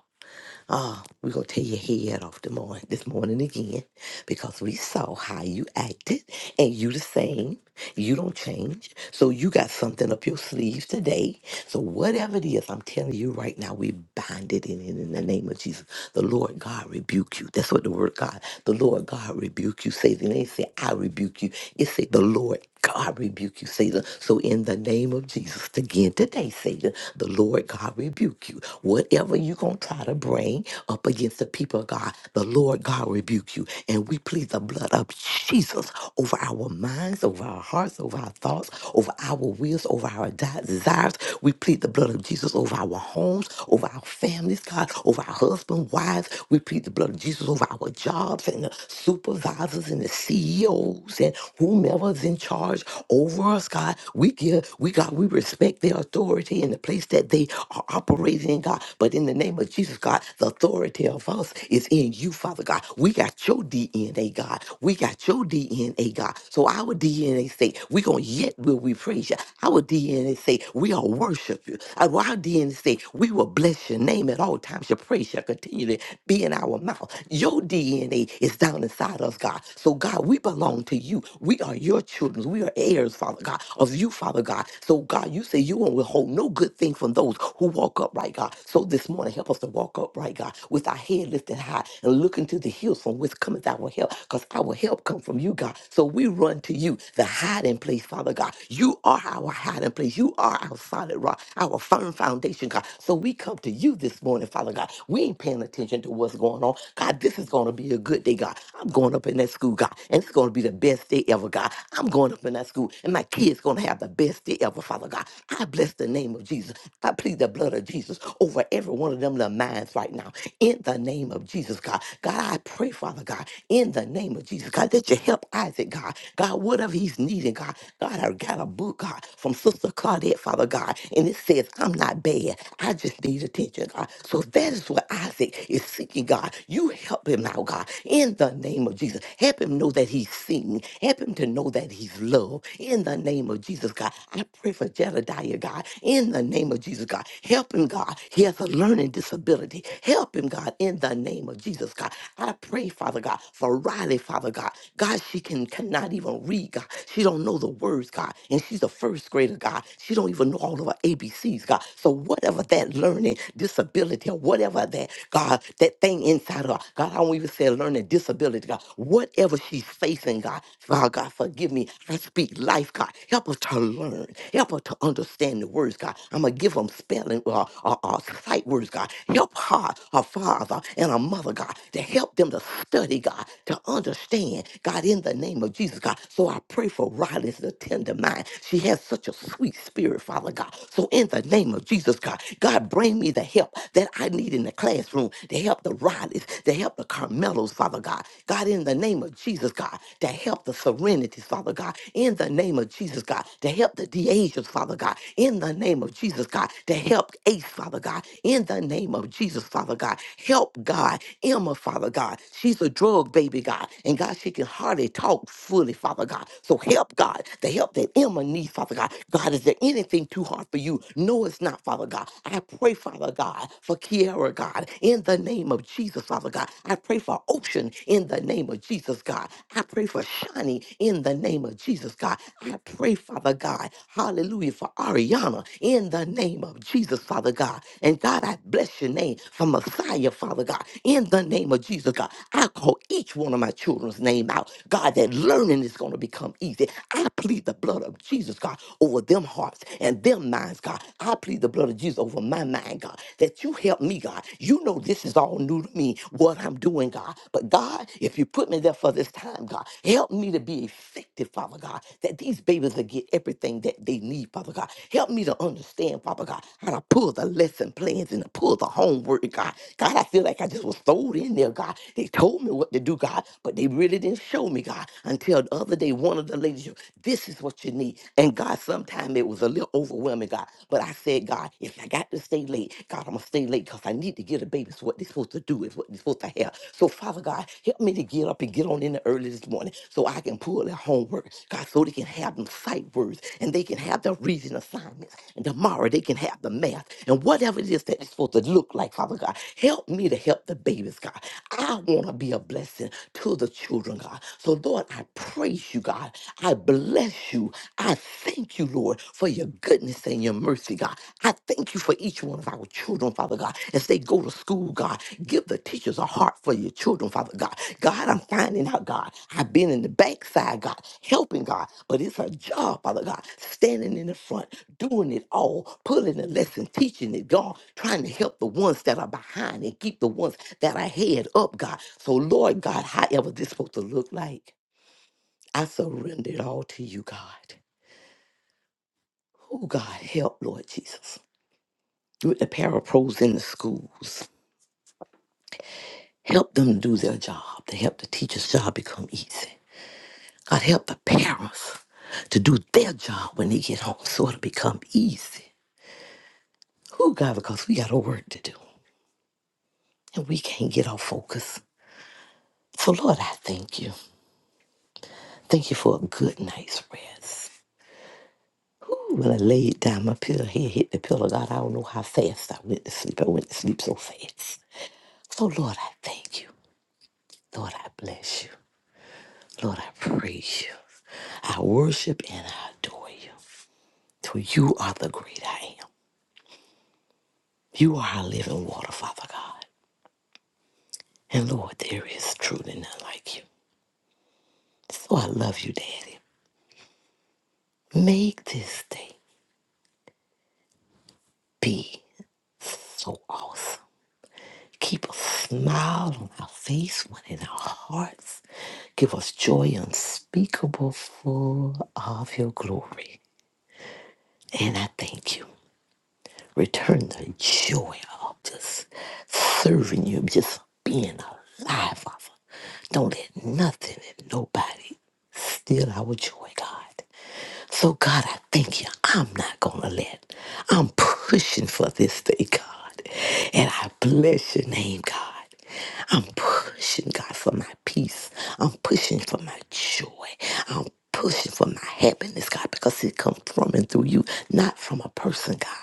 S7: Ah, we're gonna tear your head off the morning this morning again because we saw how you acted and you the same. You don't change. So you got something up your sleeve today. So whatever it is, I'm telling you right now, we bind it in, in, in the name of Jesus. The Lord God rebuke you. That's what the word God, the Lord God rebuke you says. And they say, I rebuke you. It say the Lord God rebuke you, Satan. So in the name of Jesus, again today, Satan, the Lord God rebuke you. Whatever you gonna try to bring up against the people of God, the Lord God rebuke you. And we plead the blood of Jesus over our minds, over our hearts, over our thoughts, over our wills, over our di- desires. We plead the blood of Jesus over our homes, over our families, God, over our husband, wives. We plead the blood of Jesus over our jobs and the supervisors and the CEOs and whomever's in charge over us, God. We give, we God, we respect their authority in the place that they are operating in, God. But in the name of Jesus, God, the authority of us is in you, Father God. We got your DNA, God. We got your DNA, God. So our DNA say, we gonna yet will we praise you. Our DNA say, we are worship you. Our our DNA say, we will bless your name at all times. Your praise shall continually be in our mouth. Your DNA is down inside us, God. So, God, we belong to you. We are your children. We are heirs, Father God, of you, Father God. So, God, you say you won't withhold no good thing from those who walk upright, God. So, this morning, help us to walk upright, God, with our head lifted high and look into the hills from which cometh our help, because our help come from you, God. So, we run to you, the hiding place, Father God. You are our hiding place. You are our solid rock, our firm foundation, God. So, we come to you this morning, Father God. We ain't paying attention to what's going on. God, this is going to be a good day, God. I'm going up in that school, God, and it's going to be the best day ever, God. I'm going up in that school, and my kids going to have the best day ever, Father God. I bless the name of Jesus. I plead the blood of Jesus over every one of them little minds right now. In the name of Jesus, God. God, I pray, Father God, in the name of Jesus, God, that you help Isaac, God. God, whatever he's needing, God. God, I got a book, God, from Sister Claudette, Father God, and it says, I'm not bad. I just need attention, God. So that is what Isaac is seeking, God. You help him now, God, in the name of Jesus. Help him know that he's seen. Help him to know that he's loved. In the name of Jesus, God. I pray for Jedediah, God. In the name of Jesus, God. Help him, God. He has a learning disability. Help him, God, in the name of Jesus, God. I pray, Father God, for Riley, Father God. God, she can cannot even read, God. She don't know the words, God. And she's a first grader, God. She don't even know all of her ABCs, God. So whatever that learning disability or whatever that, God, that thing inside of her, God, I don't even say learning disability, God. Whatever she's facing, God, God, God, forgive me. I speak life, God. Help her to learn. Help her to understand the words, God. I'm going to give them spelling or uh, uh, uh, sight words, God. Help her, her father and her mother, God, to help them to study, God, to understand, God, in the name of Jesus, God. So I pray for Riley kindness and a tender mind. She has such a sweet spirit, Father God. So in the name of Jesus, God, God, bring me the help that I need in the classroom to help the Rileys, to help the Carmelos, Father God. God, in the name of Jesus, God, to help the Serenities, Father God. In the name of Jesus, God, to help the DeAsians, Father God. In the name of Jesus, God, to help Ace, Father God. In the name of Jesus, Father God, help God, Emma, Father God. She's a drug baby, God, and God, she can hardly hardly talk fully, Father God. So help God, the help that Emma needs, Father God. God, is there anything too hard for you? No, it's not, Father God. I pray, Father God, for Kiara, God, in the name of Jesus, Father God. I pray for Ocean in the name of Jesus, God. I pray for Shani in the name of Jesus, God. I pray, Father God, hallelujah, for Ariana in the name of Jesus, Father God. And God, I bless your name for Messiah, Father God, in the name of Jesus, God. God, I call each one of my children's name out. God, that learning is going to become easy. I plead the blood of Jesus, God, over them hearts and them minds, God. I plead the blood of Jesus over my mind, God, that you help me, God. You know this is all new to me, what I'm doing, God. But God, if you put me there for this time, God, help me to be effective, Father God, that these babies will get everything that they need, Father God. Help me to understand, Father God, how to pull the lesson plans and to pull the homework, God. God, I feel like I just was thrown in there, God. They told me what to do, God, but they really didn't show me, God, until the other day, one of the ladies, this is what you need. And God, sometimes it was a little overwhelming, God, but I said, God, if I got to stay late, God, I'm going to stay late because I need to get a baby. It's what they're supposed to do, is what they're supposed to have. So, Father God, help me to get up and get on in the early this morning so I can pull their homework, God, so they can have them sight words and they can have their reading assignments. And tomorrow they can have the math and whatever it is that it's supposed to look like, Father God, help me to help the babies, God. I want to be a blessing to the children, God. So, Lord, I praise you, God. I bless you. I thank you, Lord, for your goodness and your mercy, God. I thank you for each one of our children, Father God, as they go to school, God. Give the teachers a heart for your children, Father God. God, I'm finding out, God. I've been in the backside, God, helping, God, but it's a job, Father God, standing in the front, doing it all, pulling the lesson, teaching it, God, trying to help the ones that are behind and keep the ones that are head up, God. So, Lord God, however this supposed to look like, I surrender it all to you, God. Oh, God, help, Lord Jesus. With the parapros in the schools, help them do their job, to help the teacher's job become easy. God, help the parents to do their job when they get home so it'll become easy. Oh, God, because we got a work to do and we can't get off focus. So, Lord, I thank you. Thank you for a good night's rest. Ooh, when I laid down my pillow, head hit the pillow. God, I don't know how fast I went to sleep. I went to sleep so fast. So, Lord, I thank you. Lord, I bless you. Lord, I praise you. I worship and I adore you. For you are the great I am. You are our living water, Father God. And Lord, there is truly none like you. So I love you, Daddy. Make this day be so awesome. Keep a smile on our face, one in our hearts. Give us joy unspeakable, full of your glory. And I thank you. Return the joy of just serving you, just being alive, Father. Don't let nothing and nobody steal our joy, God. So, God, I thank you. I'm not going to let. I'm pushing for this day, God. And I bless your name, God. I'm pushing, God, for my peace. I'm pushing for my joy. I'm pushing for my happiness, God, because it comes from and through you, not from a person, God.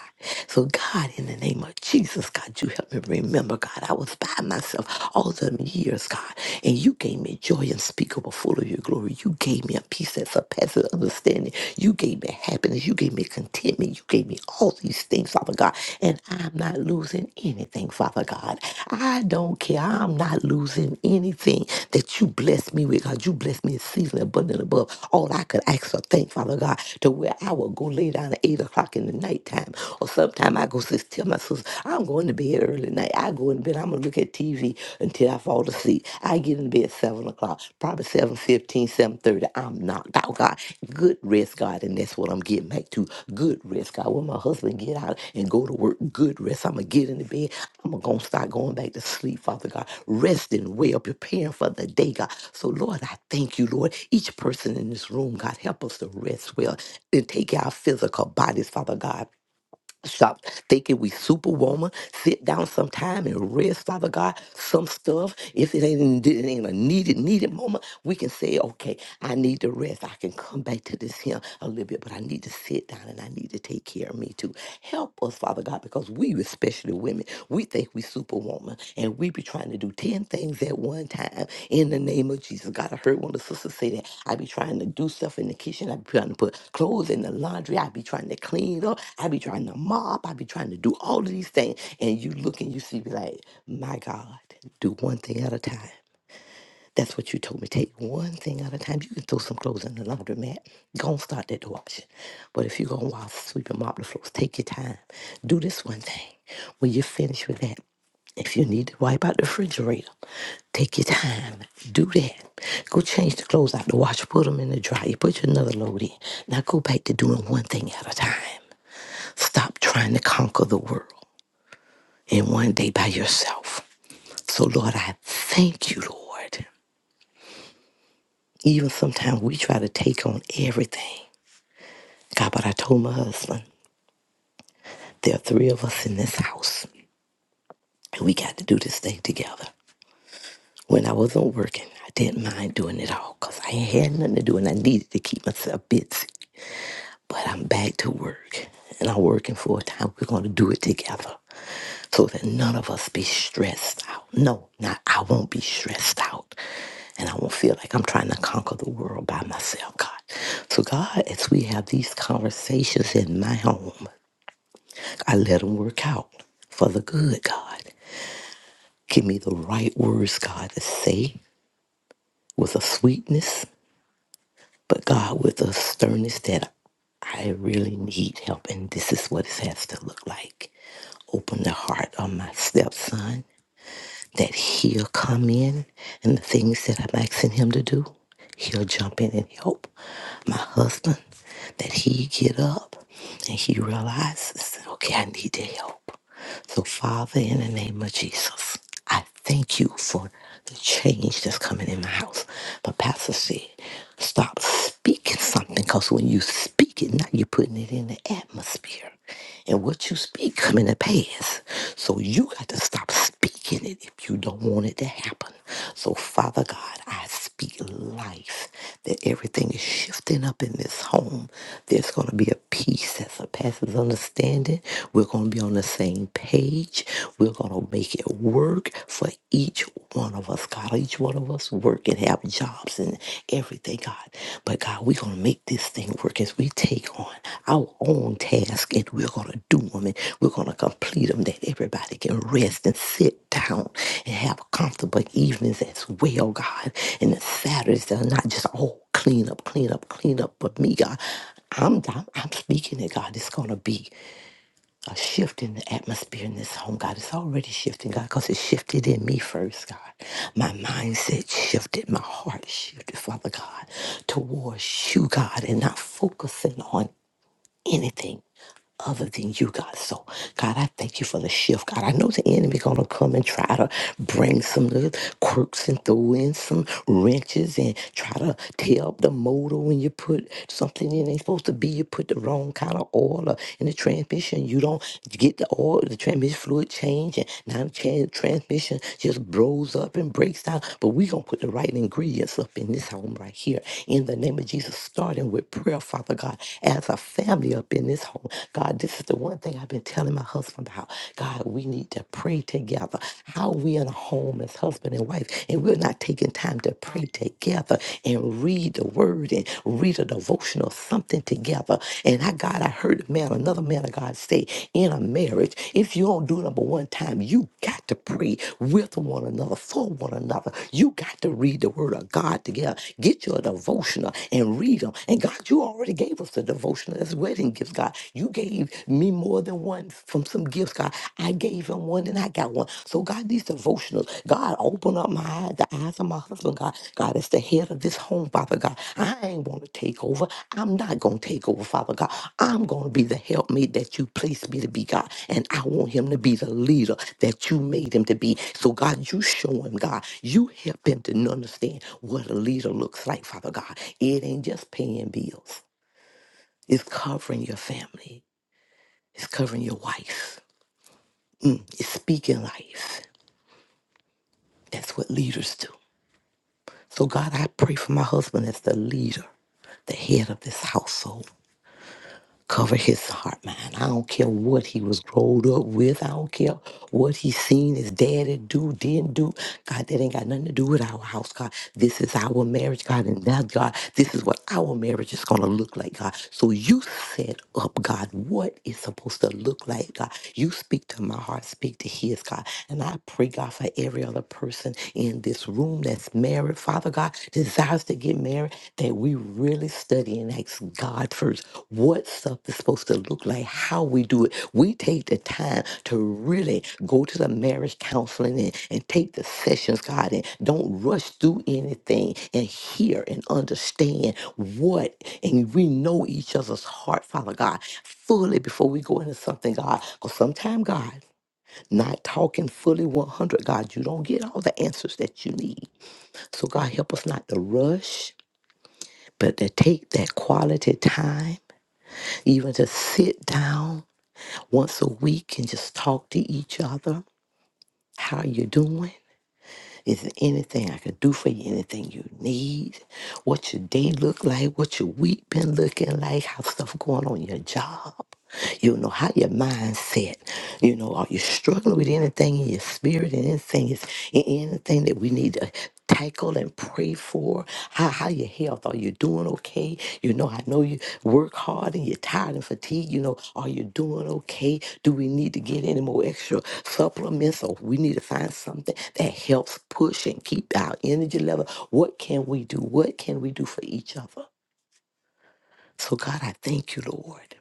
S7: So, God, in the name of Jesus, God, you help me remember, God, I was by myself all them years, God, and you gave me joy unspeakable, full of your glory. You gave me a peace that surpasses understanding. You gave me happiness. You gave me contentment. You gave me all these things, Father God. And I'm not losing anything, Father God. I don't care. I'm not losing anything that you blessed me with, God. You blessed me in season abundant above all I could ask or think, Father God, to where I will go lay down at 8 o'clock in the nighttime. Or sometime I go sis, tell my sister, I'm going to bed early night. I go in bed. I'm going to look at TV until I fall asleep. I get in bed seven o'clock, probably seven fifteen, seven thirty. I'm knocked out, God. Good rest, God, and that's what I'm getting back to. Good rest, God. When my husband get out and go to work, good rest. I'm gonna get in the bed. I'm gonna start going back to sleep, Father God. Resting well, preparing for the day, God. So Lord, I thank you, Lord. Each person in this room, God, help us to rest well and take care of our physical bodies, Father God. Stop thinking we superwoman. Sit down sometime and rest, Father God. Some stuff, if it ain't, it ain't a needed, needed moment, we can say, okay, I need to rest. I can come back to this here a little bit, but I need to sit down and I need to take care of me too. Help us, Father God, because we, especially women, we think we superwoman and we be trying to do 10 things at one time in the name of Jesus. God, I heard one of the sisters say that I be trying to do stuff in the kitchen. I be trying to put clothes in the laundry. I be trying to clean up. I be trying to mop. I be trying to do all of these things. And you look and you see, be like, my God, do one thing at a time. That's what you told me. Take one thing at a time. You can throw some clothes in the laundromat. Go and start that washing. But if you go and wash, sweep, and mop the floors, take your time. Do this one thing. When you're finished with that, if you need to wipe out the refrigerator, take your time. Do that. Go change the clothes out the washer. Put them in the dryer. Put your another load in. Now go back to doing one thing at a time. Stop trying to conquer the world in one day by yourself. So, Lord, I thank you, Lord. Even sometimes we try to take on everything. God, but I told my husband, there are three of us in this house, and we got to do this thing together. When I wasn't working, I didn't mind doing it all because I ain't had nothing to do and I needed to keep myself busy. But I'm back to work and I'm working full time. We're going to do it together. so that none of us be stressed out. No, not I won't be stressed out. And I won't feel like I'm trying to conquer the world by myself, God. So, God, as we have these conversations in my home, I let them work out for the good, God. Give me the right words, God, to say with a sweetness, but God, with a sternness that I really need help, and this is what it has to look like. Open the heart of my stepson that he'll come in and the things that I'm asking him to do, he'll jump in and help my husband, that he get up and he realizes, okay, I need to help. So Father, in the name of Jesus, I thank you for the change that's coming in my house. But Pastor said, stop speaking something because when you speak it, now you're putting it in the atmosphere. And what you speak coming to pass. So you got to stop speaking it if you don't want it to happen. So Father God, I speak life, that everything is shifting up in this home. There's going to be a peace that surpasses understanding. We're going to be on the same page. We're going to make it work for each one of us, God. Each one of us work and have jobs and everything, God. But God, we're going to make this this thing work as we take on our own task and we're going to do them and we're going to complete them that everybody can rest and sit down and have comfortable evenings as well, God. And the Saturdays are not just all clean up, clean up, clean up, but me, God. I'm, I'm, I'm speaking that God, it's going to be a shift in the atmosphere in this home, God. It's already shifting, God, because it shifted in me first, God. My mindset shifted, my heart shifted, Father God, towards you, God, and not focusing on anything other than you, God. So, God, I thank you for the shift. God, I know the enemy gonna come and try to bring some little quirks and throw in some wrenches and try to tear up the motor when you put something in ain't supposed to be. You put the wrong kind of oil or in the transmission. You don't get the oil, the transmission fluid change, and now the tran- transmission just blows up and breaks down. But we gonna put the right ingredients up in this home right here. In the name of Jesus, starting with prayer, Father God, as a family up up in this home. God, this is the one thing I've been telling my husband about. God, we need to pray together. How we in a home as husband and wife, and we're not taking time to pray together and read the word and read a devotional, something together. And I, God, I heard a man, another man of God say, in a marriage, if you don't do number one time, you got to pray with one another, for one another. You got to read the word of God together. Get your devotional and read them. And God, you already gave us the devotional devotional as wedding gifts, God. You gave me more than one from some gifts, God. I gave him one and I got one. So, God, these devotionals, God, open up my eyes, the eyes of my husband, God. God, as the head of this home, Father God, I ain't want to take over. I'm not going to take over, Father God. I'm going to be the helpmate that you placed me to be, God. And I want him to be the leader that you made him to be. So, God, you show him, God. You help him to understand what a leader looks like, Father God. It ain't just paying bills. It's covering your family. It's covering your wife. Mm, it's speaking life. That's what leaders do. So, God, I pray for my husband as the leader, the head of this household. cover his heart, man. I don't care what he was grown up with. I don't care what he seen his daddy do, didn't do. God, that ain't got nothing to do with our house, God. This is our marriage, God, and that, God, this is what our marriage is going to look like, God. So you set up, God, what it's supposed to look like, God. You speak to my heart, speak to his, God. And I pray, God, for every other person in this room that's married, Father. Father God desires to get married, that we really study and ask God first what stuff is supposed to look like, how we do it. We take the time to really go to the marriage counseling and, and take the sessions, God, and don't rush through anything and hear and understand what, and we know each other's heart, Father God, fully before we go into something, God. Because sometimes, God, not talking fully 100, God, you don't get all the answers that you need. So God help us not to rush, but to take that quality time, even to sit down once a week and just talk to each other. How you doing? Is there anything I could do for you? Anything you need? What your day look like? What your week been looking like? How stuff going on your job? You know how your mindset. You know, are you struggling with anything in your spirit? And anything is anything that we need to tackle and pray for how how your health are you doing okay you know i know you work hard and you're tired and fatigued you know are you doing okay do we need to get any more extra supplements or we need to find something that helps push and keep our energy level what can we do what can we do for each other so god i thank you lord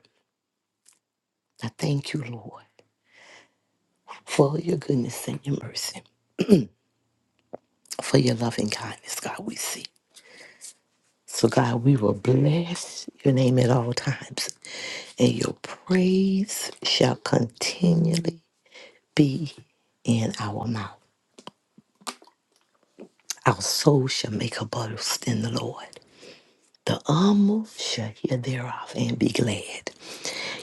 S7: i thank you lord for your goodness and your mercy for your loving kindness god we see so, God, we will bless your name at all times. and your praise shall continually be in our mouth. Our soul shall make a boast in the Lord. The humble shall hear thereof and be glad.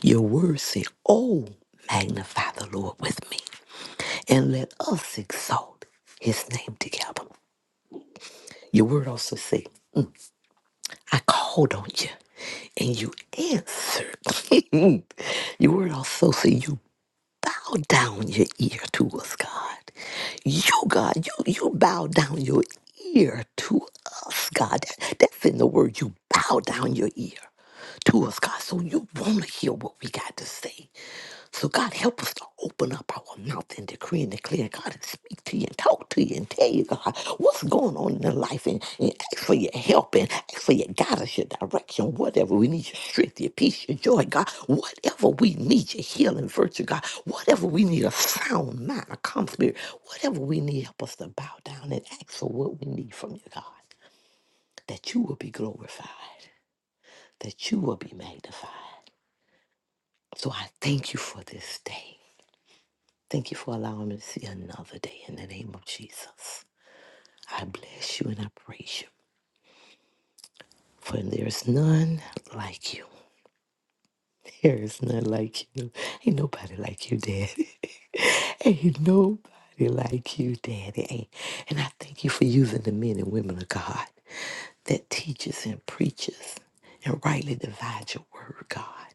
S7: Your word say, Oh, magnify the Lord with me, and let us exalt his name together. Your word also say, I called on you, and you answered. *laughs* Your word also say, You bow down your ear to us, God. You, God, you, you bow down your ear to us, God. That- that's in the word. You bow down your ear to us, God. So you want to hear what we got to say. So God help us to open up our mouth and decree and declare, God, and speak to you and talk to you and tell you, God, what's going on in your life and, and ask for your help and ask for your guidance, your direction, whatever we need, your strength, your peace, your joy, God, whatever we need, your healing virtue, God, whatever we need, a sound mind, a calm spirit, whatever we need, help us to bow down and ask for what we need from you, God, that you will be glorified, that you will be magnified. So I thank you for this day. Thank you for allowing me to see another day in the name of Jesus. I bless you and I praise you. For there's none like you. *laughs* There is none like you. Ain't nobody like you, Daddy. *laughs* Ain't nobody like you, Daddy. Ain't. And I thank you for using the men and women of God that teaches and preaches and rightly divides your word, God.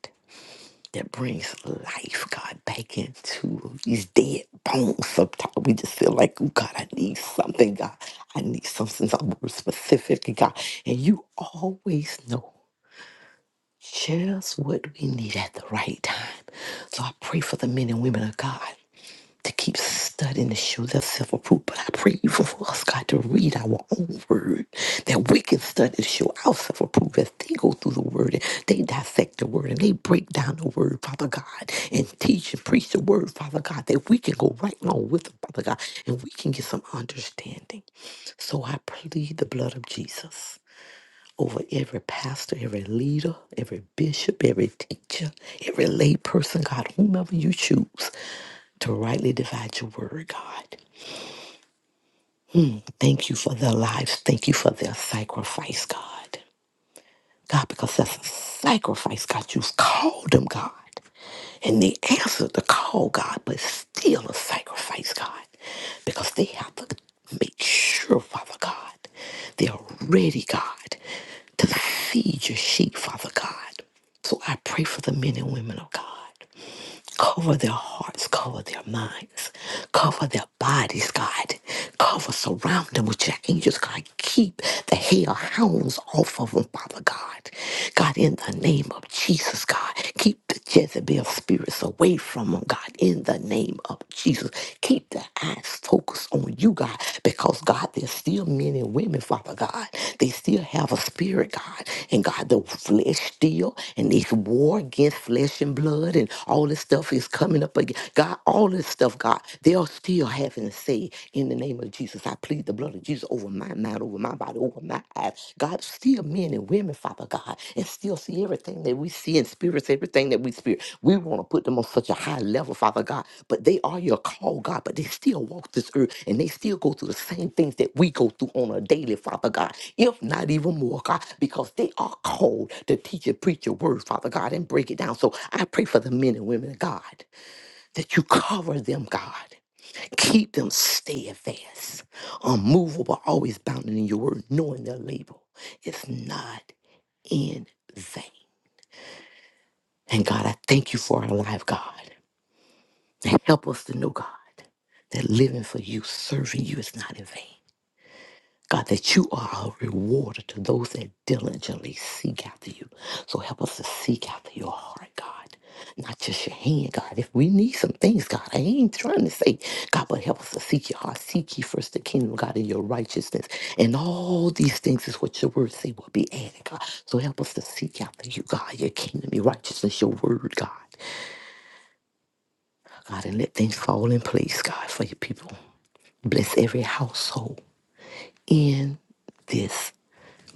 S7: that brings life, God, back into these dead bones. Sometimes we just feel like, oh, God, I need something, God. I need something, something more specific, God. And you always know just what we need at the right time. So I pray for the men and women of God to keep studying to show thyself approved. But I pray you for, for us, God, to read our own word, that we can study to show ourselves approved as they go through the word and they dissect the word and they break down the word, Father God, and teach and preach the word, Father God, that we can go right along with them, Father God, and we can get some understanding. So I plead the blood of Jesus over every pastor, every leader, every bishop, every teacher, every lay person, God, whomever you choose to rightly divide your word, God. Thank you for their lives. Thank you for their sacrifice, God. God, because that's a sacrifice, God. You've called them, God. And they answered the call, God, but still a sacrifice, God, because they have to make sure, Father God, they are ready, God, to feed your sheep, Father God. So I pray for the men and women of God Cover their hearts, cover their minds, cover their bodies, God. Cover, surround them with your angels, God. Keep the hellhounds off of them, Father God. God, in the name of Jesus, God. Keep the Jezebel spirits away from them, God. In the name of Jesus. Keep their eyes focused on you, God. Because God, there's still men and women, Father God. They still have a spirit, God. And God, the flesh still, and this war against flesh and blood and all this stuff is coming up again. God, all this stuff, God, they are still having to say in the name of Jesus. I plead the blood of Jesus over my mind, over my body, over my eyes. God, still men and women, Father of God and still see everything that we see and spirits, everything that we spirit. We want to put them on such a high level, Father God, but they are your call, God, but they still walk this earth and they still go through the same things that we go through on a daily, Father God, if not even more, God, because they are called to teach and preach your word, Father God, and break it down. So I pray for the men and women of God that you cover them, God. Keep them steadfast, unmovable, always bounded in your word, knowing their label. It's not in vain. And God, I thank you for our life, God. And help us to know, God, that living for you, serving you is not in vain. God, that you are a rewarder to those that diligently seek after you. So help us to seek after your heart, God, not just your hand, God. If we need some things, God, I ain't trying to say, God, but help us to seek your heart. Seek ye first the kingdom, God, and your righteousness. And all these things is what your word say will be added, God. So help us to seek after you, God, your kingdom, your righteousness, your word, God. God, and let things fall in place, God, for your people. Bless every household in this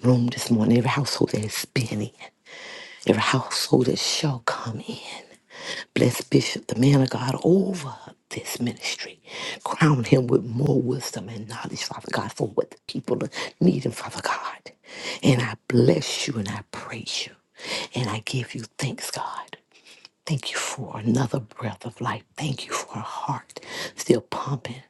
S7: room this morning, every household that has been in, every household that shall come in. Bless Bishop, the man of God, over this ministry. Crown him with more wisdom and knowledge, Father God, for what the people are needing, Father God. And I bless you and I praise you. And I give you thanks, God. Thank you for another breath of life. Thank you for a heart still pumping.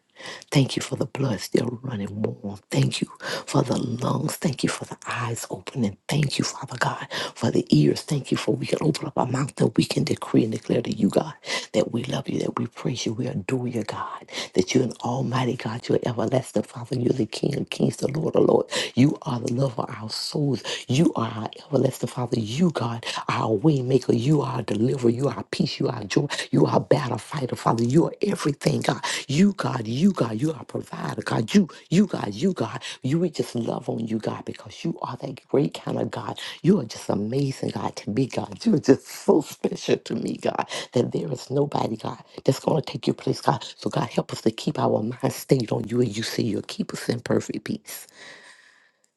S7: Thank you for the blood still running warm. Thank you for the lungs. Thank you for the eyes opening. Thank you, Father God, for the ears. Thank you for we can open up our mouth that we can decree and declare to you, God, that we love you, that we praise you, we adore you, God, that you're an almighty God, you're everlasting Father, you're the King of kings, the Lord of lords. You are the love of our souls. You are our Bless the Father, you, God, are our way maker. You are our deliverer. You are our peace. You are our joy. You are our battle fighter, Father. You are everything, God. You, God, you, God, you are our provider, God. You, you, God, you, God. You, we just love on you, God, because you are that great kind of God. You are just amazing, God, to me, God. You are just so *laughs* special to me, God, that there is nobody, God, that's going to take your place, God. So, God, help us to keep our mind stayed on you and you say you'll keep us in perfect peace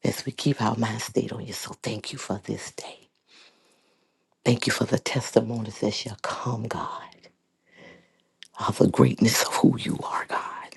S7: as we keep our mind stayed on you. So, thank you for this day. Thank you for the testimonies that shall come, God, of the greatness of who you are, God.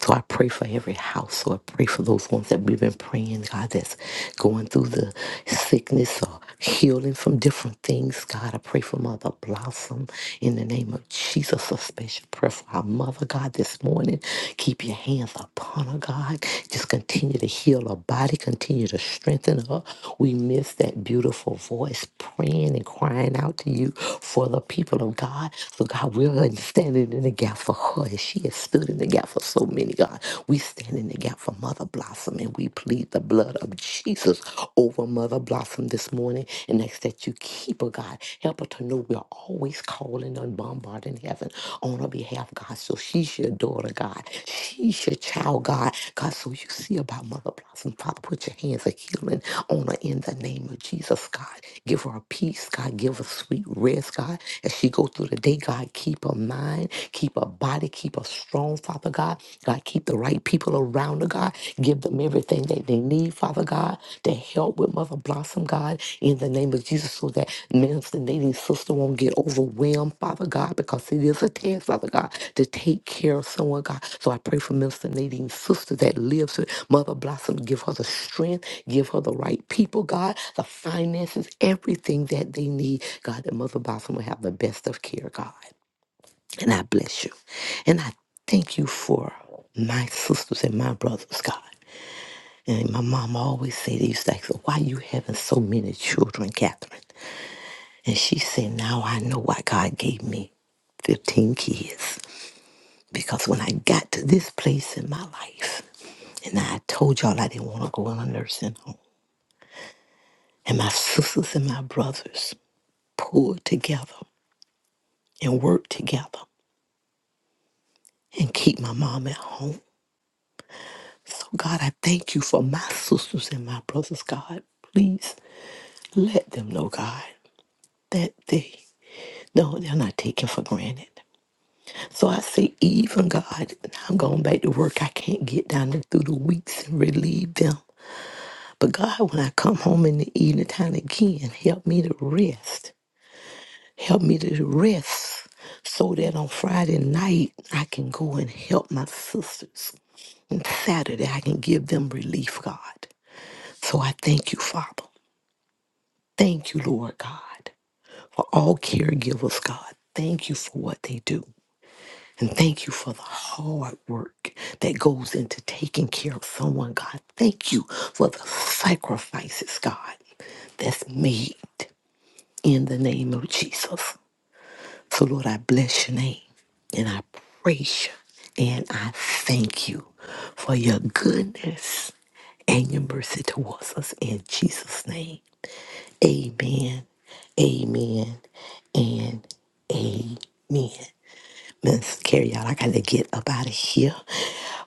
S7: So I pray for every household. I pray for those ones that we've been praying, God, that's going through the sickness or healing from different things. God, I pray for Mother Blossom in the name of Jesus. A special prayer for our mother, God, this morning. Keep your hands upon her, God. Just continue to heal her body, continue to strengthen her. We miss that beautiful voice praying and crying out to you for the people of God. So, God, we're standing in the gap for her as she is has stood in the gap for so many, God. We stand in the gap for Mother Blossom and we plead the blood of Jesus over Mother Blossom this morning and ask that you keep her, God. Help her to know we're always calling and bombarding heaven on her behalf, God. So she's your daughter, God. She's your child, God. God, so you see about Mother Blossom. Father, put your hands of healing on her in the name of Jesus, God. Give her a peace, God. Give her sweet rest, God. As she go through the day, God, keep her mind, Keep a body, keep her strong, Father God. God, keep the right people around her, God. Give them everything that they need, Father God, to help with Mother Blossom, God, in the name of Jesus, so that Minister Nadine's sister won't get overwhelmed, Father God, because it is a task, Father God, to take care of someone, God. So I pray for Minister Nadine's sister that lives with Mother Blossom. Give her the strength, give her the right people, God, the finances, everything that they need, God, that Mother Blossom will have the best of care, God. And I bless you. And I thank you for my sisters and my brothers, God. And my mom always said, they used to ask her, why you having so many children, Catherine? And she said, now I know why God gave me 15 kids. Because when I got to this place in my life, and I told y'all I didn't want to go in a nursing home, and my sisters and my brothers pulled together and worked together and keep my mom at home. So, God, I thank you for my sisters and my brothers, God. Please let them know, God, that they, no, they're not taken for granted. So I say, even God, I'm going back to work. I can't get down there through the weeks and relieve them. But God, when I come home in the evening time again, help me to rest. Help me to rest so that on Friday night I can go and help my sisters. And Saturday I can give them relief, God. So I thank you, Father. Thank you, Lord God, for all caregivers, God. Thank you for what they do. And thank you for the hard work that goes into taking care of someone, God. Thank you for the sacrifices, God, that's made in the name of Jesus. So, Lord, I bless your name and I praise you and I thank you for your goodness and your mercy towards us in Jesus' name. Amen. Amen. And man, Miss Carrie, y'all, I gotta get up out of here.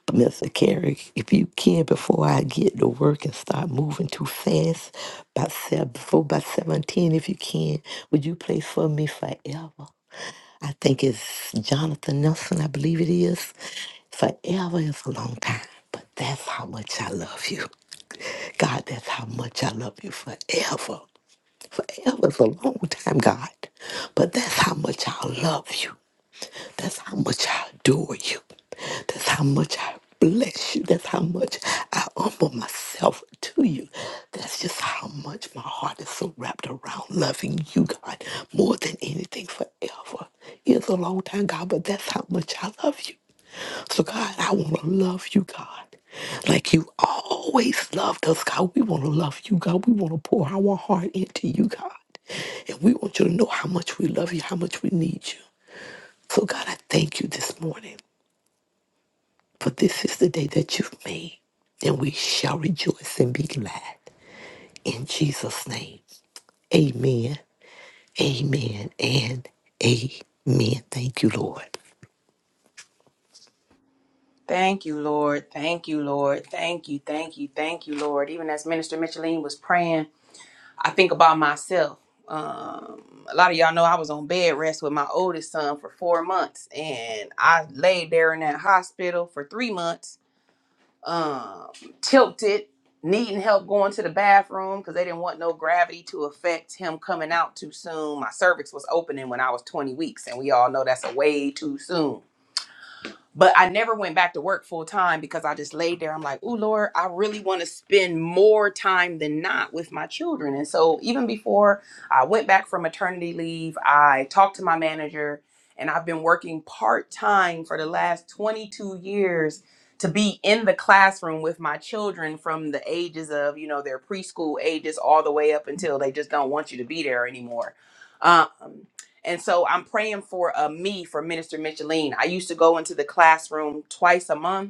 S7: But Mr. Carrie, if you can, before I get to work and start moving too fast, by seven, before by seventeen, if you can, would you play for me forever? I think it's Jonathan Nelson, I believe it is. Forever is a long time, but that's how much I love you. God, that's how much I love you forever. Forever is a long time, God. But that's how much I love you. That's how much I adore you. That's how much I bless you. That's how much I humble myself to you. That's just how much my heart is so wrapped around loving you, God, more than anything forever. It's a long time, God, but that's how much I love you. So, God, I want to love you, God. Like you always loved us, God. We want to love you, God. We want to pour our heart into you, God. And we want you to know how much we love you, how much we need you. So, God, I thank you this morning, for this is the day that you've made, and we shall rejoice and be glad. In Jesus' name, amen, amen, and amen. Thank you, Lord.
S1: Thank you, Lord. Thank you, Lord. Thank you, thank you, thank you, Lord. Even as Minister Micheline was praying, I think about myself. Um, a lot of y'all know I was on bed rest with my oldest son for four months, and I laid there in that hospital for three months, um, tilted, needing help going to the bathroom because they didn't want no gravity to affect him coming out too soon. My cervix was opening when I was 20 weeks, and we all know that's a way too soon But I never went back to work full time because I just laid there. I'm like, oh Lord, I really want to spend more time than not with my children. And so even before I went back from maternity leave, I talked to my manager and I've been working part time for the last 22 years to be in the classroom with my children from the ages of, you know, their preschool ages all the way up until they just don't want you to be there anymore. Um, and so I'm praying for uh, me, for Minister Micheline. I used to go into the classroom twice a month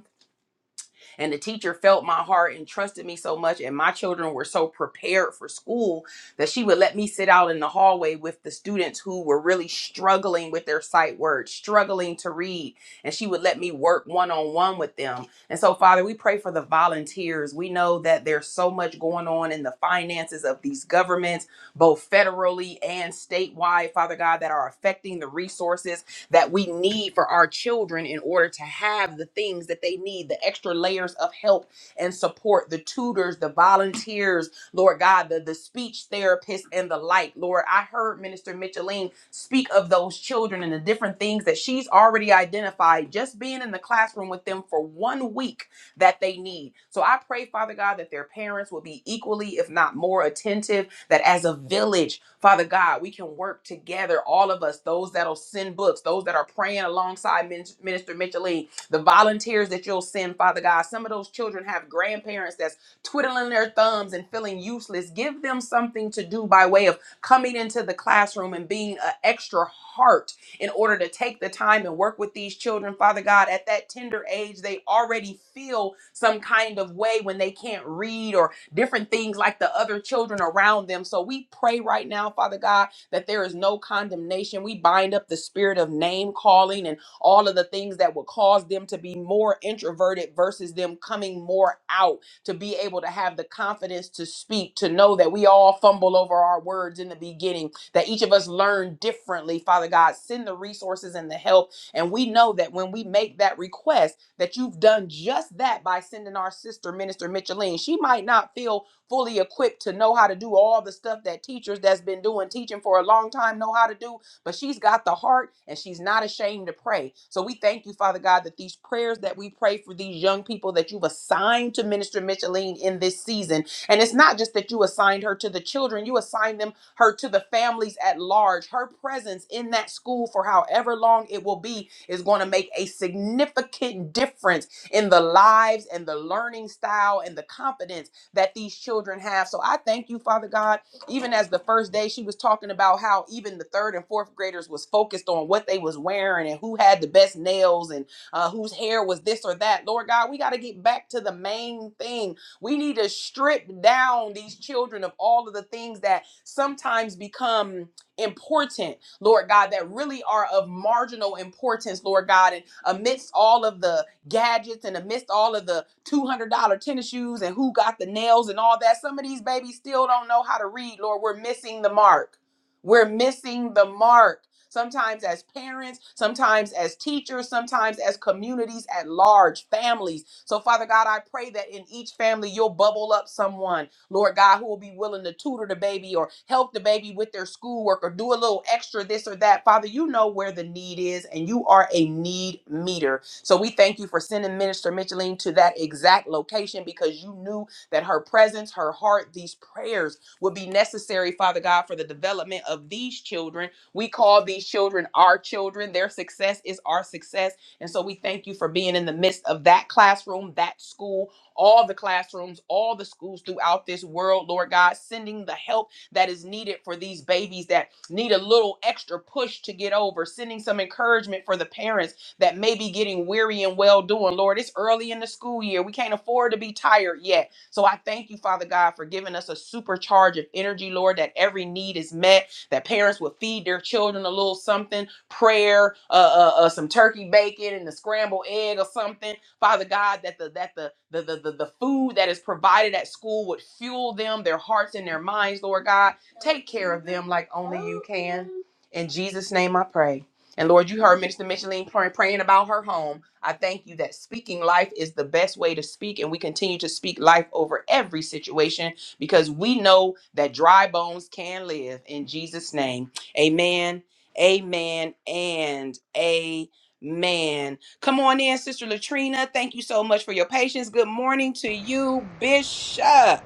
S1: and the teacher felt my heart and trusted me so much. And my children were so prepared for school that she would let me sit out in the hallway with the students who were really struggling with their sight words, struggling to read. And she would let me work one on one with them. And so, Father, we pray for the volunteers. We know that there's so much going on in the finances of these governments, both federally and statewide, Father God, that are affecting the resources that we need for our children in order to have the things that they need the extra layers of help and support, the tutors, the volunteers, Lord God, the, the speech therapists, and the like. Lord, I heard Minister Micheline speak of those children and the different things that she's already identified just being in the classroom with them for one week that they need. So I pray, Father God, that their parents will be equally, if not more, attentive that as a village, Father God, we can work together, all of us, those that'll send books, those that are praying alongside Min- Minister Micheline, the volunteers that you'll send, Father God. Some of those children have grandparents that's twiddling their thumbs and feeling useless. Give them something to do by way of coming into the classroom and being an extra heart in order to take the time and work with these children, Father God. At that tender age, they already feel some kind of way when they can't read or different things like the other children around them. So we pray right now, Father God, that there is no condemnation. We bind up the spirit of name calling and all of the things that would cause them to be more introverted versus them coming more out to be able to have the confidence to speak, to know that we all fumble over our words in the beginning, that each of us learn differently. Father God, send the resources and the help. And we know that when we make that request, that you've done just that by sending our sister, Minister Micheline. She might not feel fully equipped to know how to do all the stuff that teachers that's been doing teaching for a long time know how to do, but she's got the heart and she's not ashamed to pray. So we thank you, Father God, that these prayers that we pray for these young people that you've assigned to Minister Micheline in this season, and it's not just that you assigned her to the children, you assigned them her to the families at large. Her presence in that school for however long it will be is going to make a significant difference in the lives and the learning style and the confidence that these children have. So I thank you, Father God. Even as the first day she was talking about how even the third and fourth graders was focused on what they was wearing and who had the best nails and uh, whose hair was this or that. Lord God, we got to get back to the main thing we need to strip down these children of all of the things that sometimes become important, Lord God, that really are of marginal importance, Lord God. And amidst all of the gadgets and amidst all of the $200 tennis shoes and who got the nails and all that, some of these babies still don't know how to read, Lord. We're missing the mark. We're missing the mark. Sometimes as parents, sometimes as teachers, sometimes as communities at large, families. So, Father God, I pray that in each family you'll bubble up someone, Lord God, who will be willing to tutor the baby or help the baby with their schoolwork or do a little extra this or that. Father, you know where the need is and you are a need meter. So, we thank you for sending Minister Micheline to that exact location because you knew that her presence, her heart, these prayers would be necessary, Father God, for the development of these children. We call these children our children. Their success is our success and so we thank you for being in the midst of that classroom, that school, all the classrooms, all the schools throughout this world, Lord God, sending the help that is needed for these babies that need a little extra push to get over, sending some encouragement for the parents that may be getting weary and well doing. Lord, it's early in the school year. We can't afford to be tired yet. So I thank you, Father God, for giving us a supercharge of energy, Lord, that every need is met, that parents will feed their children a little something prayer, uh, uh, uh, some turkey bacon and a scrambled egg or something. Father God, that the that the the, the the the food that is provided at school would fuel them, their hearts and their minds, Lord God. Take care of them like only you can. In Jesus' name I pray. And Lord, you heard Minister Micheline pray- praying about her home. I thank you that speaking life is the best way to speak, and we continue to speak life over every situation because we know that dry bones can live in Jesus' name. Amen Amen and amen. Come on in, Sister Latrina. Thank you so much for your patience. Good morning to you, Bishop.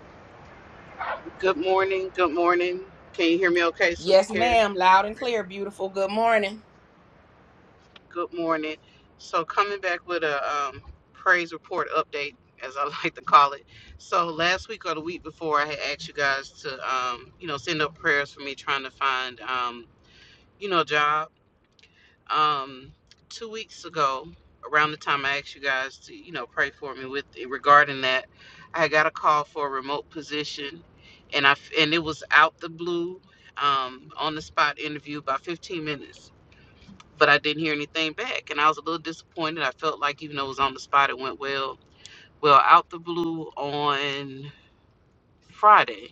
S8: Good morning. Good morning. Can you hear me okay, Sister
S1: Yes,
S8: Carrie?
S1: ma'am. Loud and clear, beautiful. Good morning.
S8: Good morning. So, coming back with a um, praise report update, as I *laughs* like to call it. So, last week or the week before, I had asked you guys to, um, you know, send up prayers for me trying to find, um, you know, a job. um two weeks ago around the time i asked you guys to you know pray for me with regarding that i got a call for a remote position and i f- and it was out the blue um on the spot interview about 15 minutes but i didn't hear anything back and i was a little disappointed i felt like even though it was on the spot it went well well out the blue on friday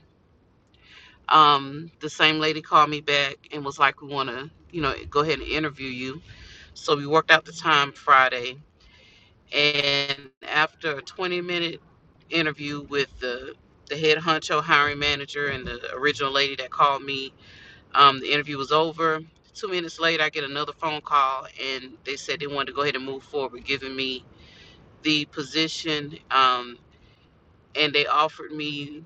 S8: um, the same lady called me back and was like, "We want to, you know, go ahead and interview you." So we worked out the time Friday, and after a 20-minute interview with the the head honcho hiring manager and the original lady that called me, um, the interview was over. Two minutes later, I get another phone call, and they said they wanted to go ahead and move forward, giving me the position, um, and they offered me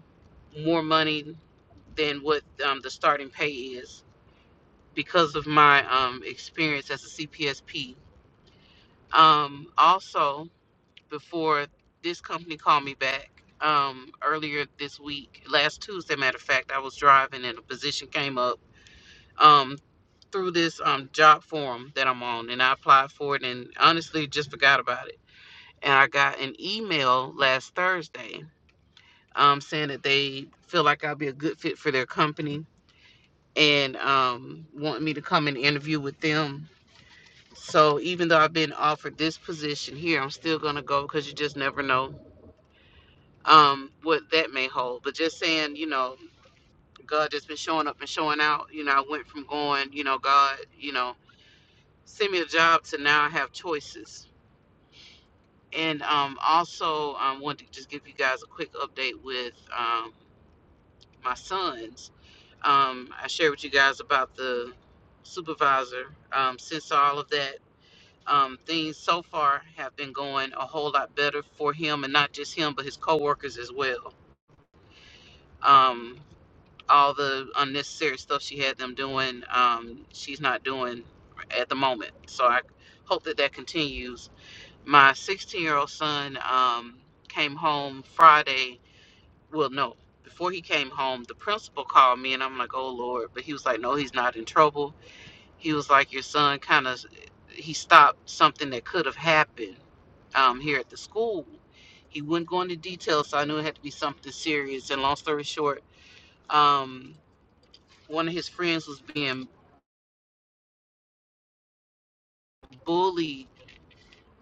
S8: more money than what um, the starting pay is because of my um, experience as a CPSP. Um, also, before this company called me back um, earlier this week, last Tuesday, matter of fact, I was driving and a position came up um, through this um, job forum that I'm on, and I applied for it and honestly just forgot about it. And I got an email last Thursday um, saying that they feel like I'll be a good fit for their company and um, want me to come and interview with them So even though I've been offered this position here, I'm still gonna go because you just never know um, what that may hold. But just saying, you know, God just been showing up and showing out. You know, I went from going, you know, God, you know, send me a job to now I have choices. And um, also, I um, wanted to just give you guys a quick update with um, my sons. Um, I shared with you guys about the supervisor. Um, since all of that. um, things so far have been going a whole lot better for him, and not just him, but his coworkers as well. Um, all the unnecessary stuff she had them doing, um, she's not doing at the moment. So I hope that that continues. My 16 year old son um, came home Friday. Well, no, before he came home, the principal called me, and I'm like, oh Lord. But he was like, no, he's not in trouble he was like your son kind of he stopped something that could have happened um, here at the school he wouldn't go into details so i knew it had to be something serious and long story short um, one of his friends was being bullied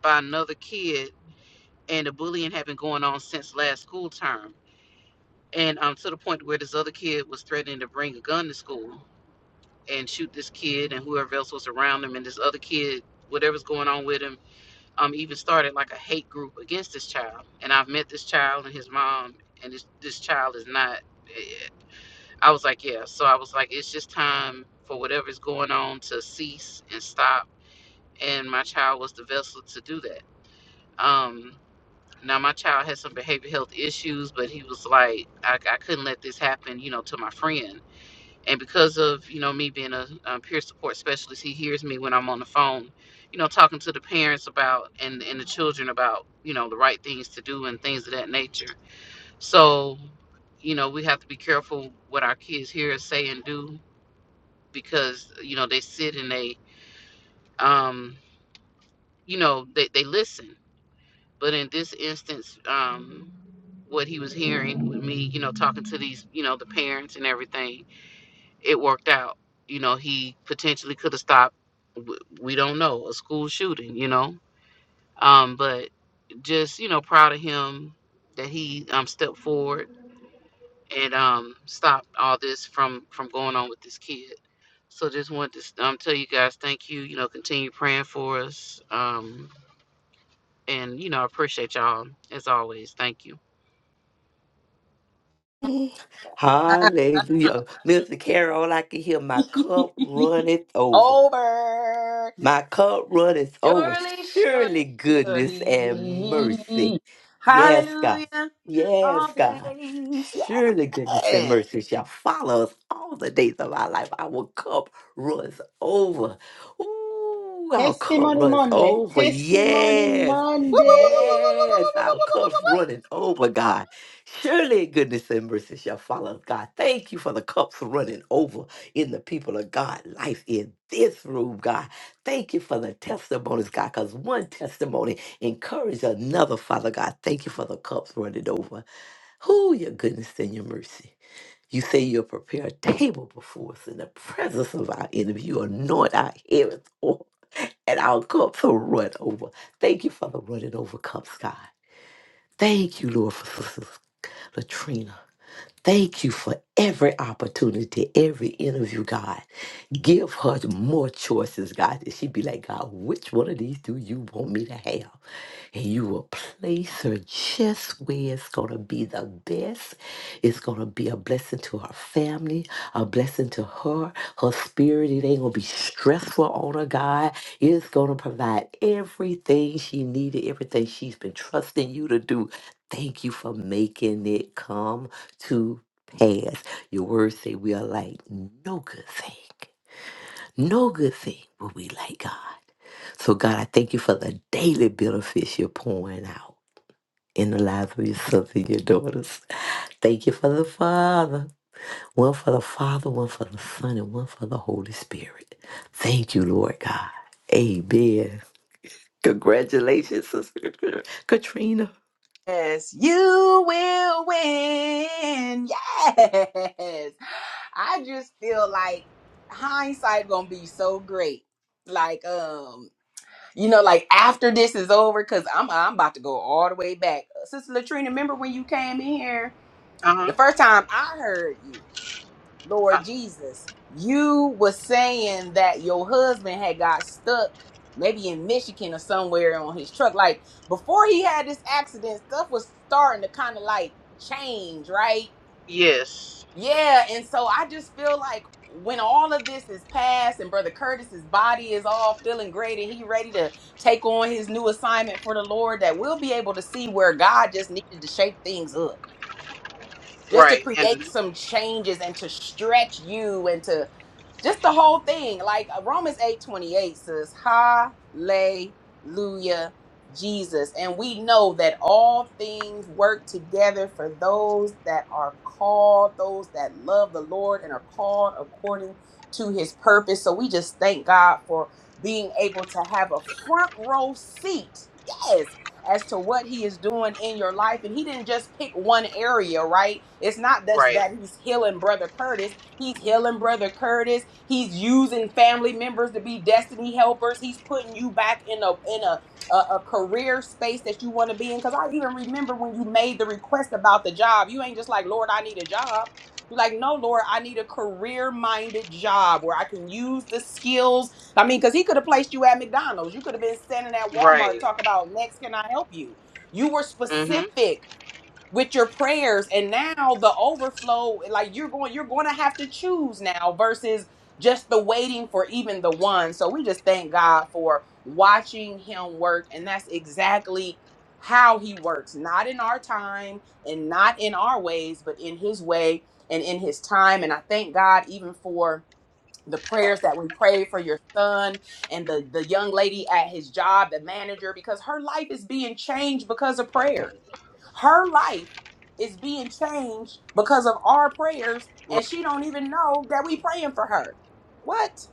S8: by another kid and the bullying had been going on since last school term and um, to the point where this other kid was threatening to bring a gun to school and shoot this kid and whoever else was around him and this other kid whatever's going on with him um, even started like a hate group against this child. And I've met this child and his mom, and this this child is not. I was like, yeah. So I was like, it's just time for whatever's going on to cease and stop. And my child was the vessel to do that. Um, now my child had some behavioral health issues, but he was like, I, I couldn't let this happen, you know, to my friend and because of you know me being a, um peer support specialist he hears me when i'm on the phone you know talking to the parents about and and the children about you know the right things to do and things of that nature so you know we have to be careful what our kids hear us say and do because you know they sit and they um you know they, they listen but in this instance um what he was hearing with me you know talking to these you know the parents and everything it worked out. You know, he potentially could have stopped. w- We don't know a school shooting. You know, um, but just you know, proud of him that he um, stepped forward and um, stopped all this from from going on with this kid. So just wanted to um, tell you guys thank you. You know, continue praying for us. Um, and you know, I appreciate y'all as always. Thank you.
S7: Hallelujah. Mr. Carol, I can hear my
S1: *laughs*
S7: cup runneth over.
S1: Over.
S7: My cup runneth over.
S1: Surely, surely,
S7: Surely goodness and mercy.
S1: surely.
S7: Yes, God.
S1: Hallelujah.
S7: Yes,
S1: All the
S7: God.
S1: days.
S7: Surely goodness and
S1: Yeah.
S7: mercy shall follow us all the days of our life. Our cup runs over. Ooh, our cup
S5: Testimony
S7: runs
S5: Monday,
S7: over.
S5: Testimony
S7: Yes.
S1: Woo, woo, woo, woo, woo, woo,
S5: Monday.
S1: woo.
S7: Yes, our cup's running over, God. Surely goodness and mercy shall follow us, God. Thank you for the cups running over in the people of God life in this room, God. Thank you for the testimonies, God, because one testimony encouraged another, Father God. Thank you for the cups running over. Who your goodness and your mercy. You say you'll prepare a table before us in the presence of our enemy. You anoint our head with oil, and our cups will run over. Thank you for the running over cups, God. Thank you, Lord, for Sister Latrina. Thank you for every opportunity, every interview, God. Give her more choices, God. That she'd be like, God, which one of these do you want me to have? And you will place her just where it's going to be the best. It's going to be a blessing to her family, a blessing to her, her spirit. It ain't going to be stressful on her, God. It's going to provide everything she needed, everything she's been trusting you to do. Thank you for making it come to pass. Your words say we are like no good thing. No good thing will we like God. So, God, I thank you for the daily benefits you're pouring out in the lives of your sons and your daughters. Thank you for the Father. One for the Father, one for the Son, and one for the Holy Spirit. Thank you, Lord God. Amen. Congratulations, Sister Katrina.
S1: Yes, you will win. Yes. I just feel like hindsight gonna be so great. Like, um, you know, like after this is over, cause I'm I'm about to go all the way back. Sister Latrina, remember when you came in here
S8: Uh-huh.
S1: the first time I heard you?
S8: Uh,
S1: Lord Jesus, you were saying that your husband had got stuck maybe in Michigan or somewhere on his truck. Like before he had this accident, stuff was starting to kind of like change, right?
S8: yes.
S1: Yeah. And so I just feel like when all of this is past and Brother Curtis's body is all feeling great and he ready to take on his new assignment for the Lord, that we'll be able to see where God just needed to shape things up just to
S8: Right.
S1: create
S8: And
S1: some changes and to stretch you and to just the whole thing. Like uh, Romans 8 28 says, Hallelujah, Jesus. And we know that all things work together for those that are called, those that love the Lord and are called according to his purpose. So we just thank God for being able to have a front row seat. Yes as to what he is doing in your life. And he didn't just pick one area, right? It's not just
S8: right.
S1: that he's healing Brother Curtis. He's healing Brother Curtis. He's using family members to be destiny helpers. He's putting you back in a in a a, a career space that you want to be in. Because I even remember when you made the request about the job. You ain't just like, Lord, I need a job. You're like, no, Lord, I need a career minded job where I can use the skills. I mean, because he could have placed you at McDonald's. You could have been standing at Walmart
S8: Right.
S1: talking about, next, can I help you? You were
S8: Mm-hmm.
S1: specific with your prayers and now the overflow like you're going you're going to have to choose now versus just the waiting for even the one so we just thank god for watching him work and that's exactly how he works not in our time and not in our ways but in his way and in his time and i thank god even for the prayers that we prayed for your son and the the young lady at his job the manager because her life is being changed because of prayer her life is being changed because of our prayers and she don't even know that we praying for her what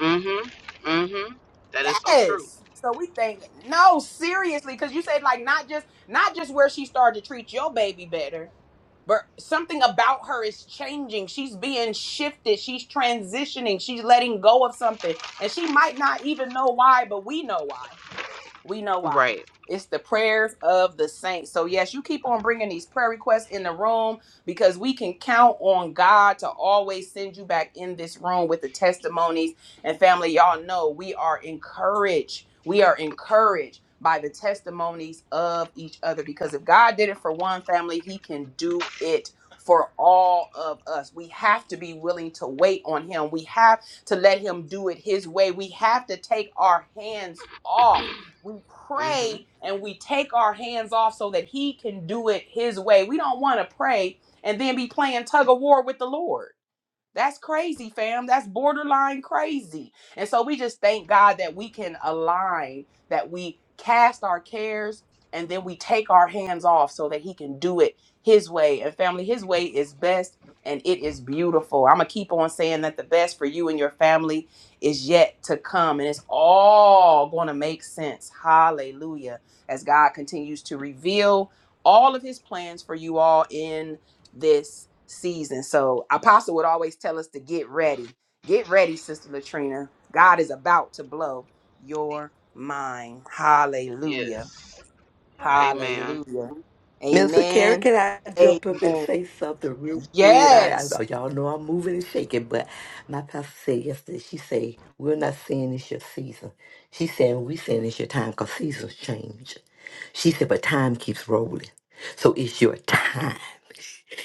S8: Mm-hmm. Mm-hmm. That is so true.
S1: yes so we think no seriously because you said like not just not just where she started to treat your baby better but something about her is changing she's being shifted she's transitioning she's letting go of something and she might not even know why but we know why we know why.
S8: Right.
S1: It's the prayers of the saints. So, yes, you keep on bringing these prayer requests in the room because we can count on God to always send you back in this room with the testimonies. And, family, y'all know we are encouraged. We are encouraged by the testimonies of each other because if God did it for one family, He can do it for all of us. We have to be willing to wait on Him, we have to let Him do it His way. We have to take our hands off we
S8: Mm-hmm.
S1: pray and we take our hands off so that he can do it his way. We don't want to pray and then be playing tug of war with the Lord. That's crazy, fam. That's borderline crazy. And so we just thank God that we can align, that we cast our cares and then we take our hands off so that He can do it His way. And family, His way is best and it is beautiful. I'm going to keep on saying that the best for you and your family is yet to come. And it's all going to make sense. Hallelujah. As God continues to reveal all of His plans for you all in this season. So Apostle would always tell us to get ready. Get ready, Sister Latrina. God is about to blow your mind. Hallelujah.
S8: Yes. Amen.
S1: Hallelujah.
S7: Mr. Karen,
S1: Amen.
S7: can I jump up and
S1: Amen.
S7: say something real quick? I, I
S1: Yes.
S7: oh, y'all know I'm moving and shaking, but my pastor said yesterday, she said, we're not saying it's your season. She said, we saying it's your time because seasons change. She said, but time keeps rolling. So it's your time.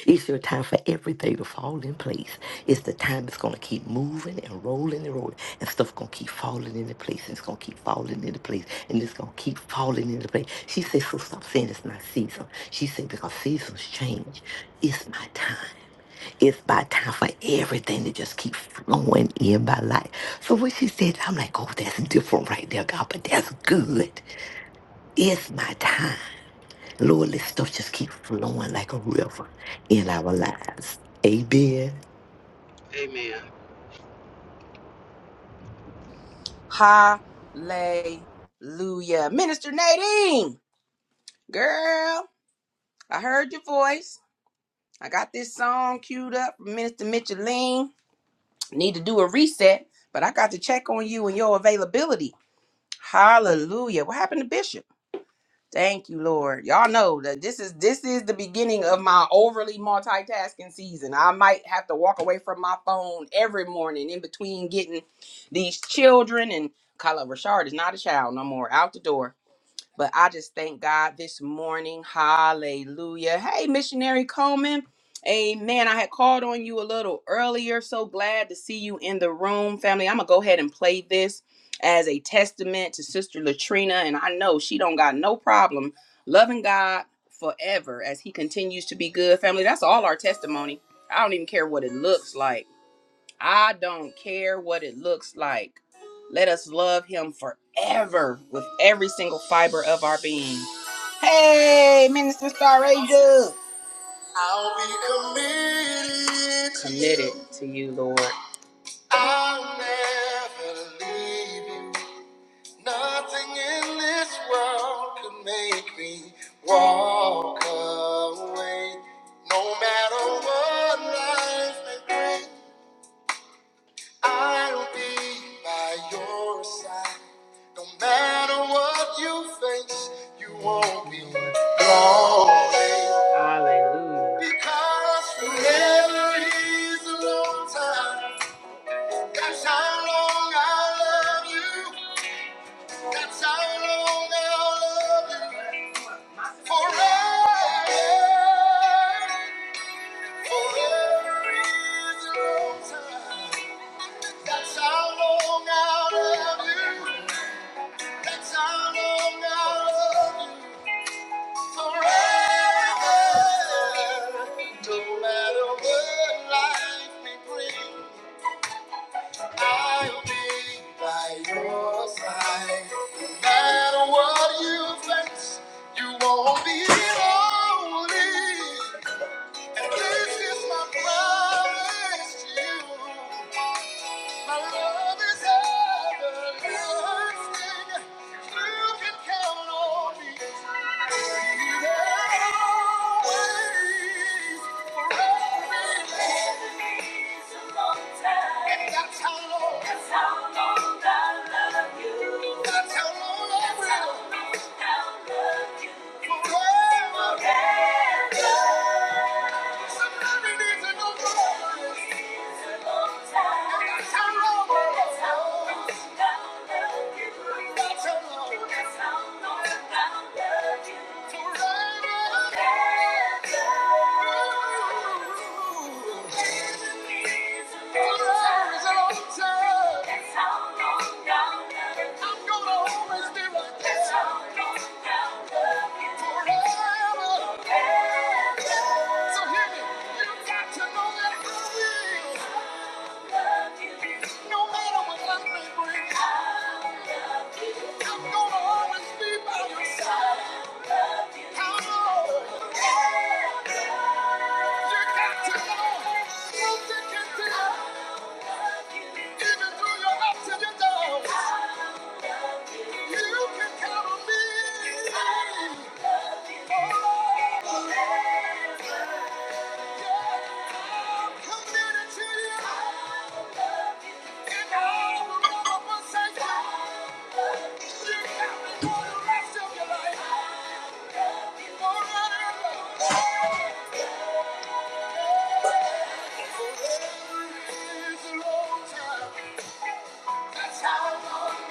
S7: It's your time for everything to fall in place. It's the time it's going to keep moving and rolling and rolling, and stuff going to keep falling into place, and it's going to keep falling into place, and it's going to keep falling into place. She said, so stop saying it's my season. She said, because seasons change. It's my time. It's my time for everything to just keep flowing in my life. So when she said, I'm like, oh, that's different right there, God, but that's good. It's my time. Lord, let stuff just keep flowing like a river in our lives. Amen.
S8: Amen.
S1: Hallelujah. Minister Nadine, girl, I heard your voice. I got this song queued up from Minister Micheline. Need to do a reset, but I got to check on you and your availability Hallelujah. What happened to Bishop? Thank you, Lord. Y'all know that this is this is the beginning of my overly multitasking season. I might have to walk away from my phone every morning in between getting these children and Kyla Rashard is not a child no more out the door but I just thank God this morning. Hallelujah. Hey, Missionary Coleman. Amen. I had called on you a little earlier. So glad to see you in the room, family. I'm going to go ahead and play this as a testament to Sister Latrina. And I know she don't got no problem loving God forever as he continues to be good, family. That's all our testimony. I don't even care what it looks like. I don't care what it looks like. Let us love him forever with every single fiber of our being. Hey, Minister Star Ranger. I'll be committed. Committed to you, Lord. I'll never leave you. Nothing in this world could make me walk away. No matter what life may bring. I'll be by your side. No matter what you face, you won't be lonely. Hallelujah. Because forever is a long time. That's how long I love you. That's how long I'll love you. Forever. Forever is a long time. That's how long I'll love you. That's all I know forever. No matter what life may bring, I'll be by your side. No matter what you face, you won't be lonely. And this is my promise to you. My love is everlasting. You can count on me. Always, forever. And that's how long. That's how long I love you. That's how long I will. That's how long I love you. Forever. No matter what life may bring, I'm gonna always be by your side. Come on. You got to know. You can do it. Even through your ups and your downs. You can count on me. Oh. Thank you. That's how long I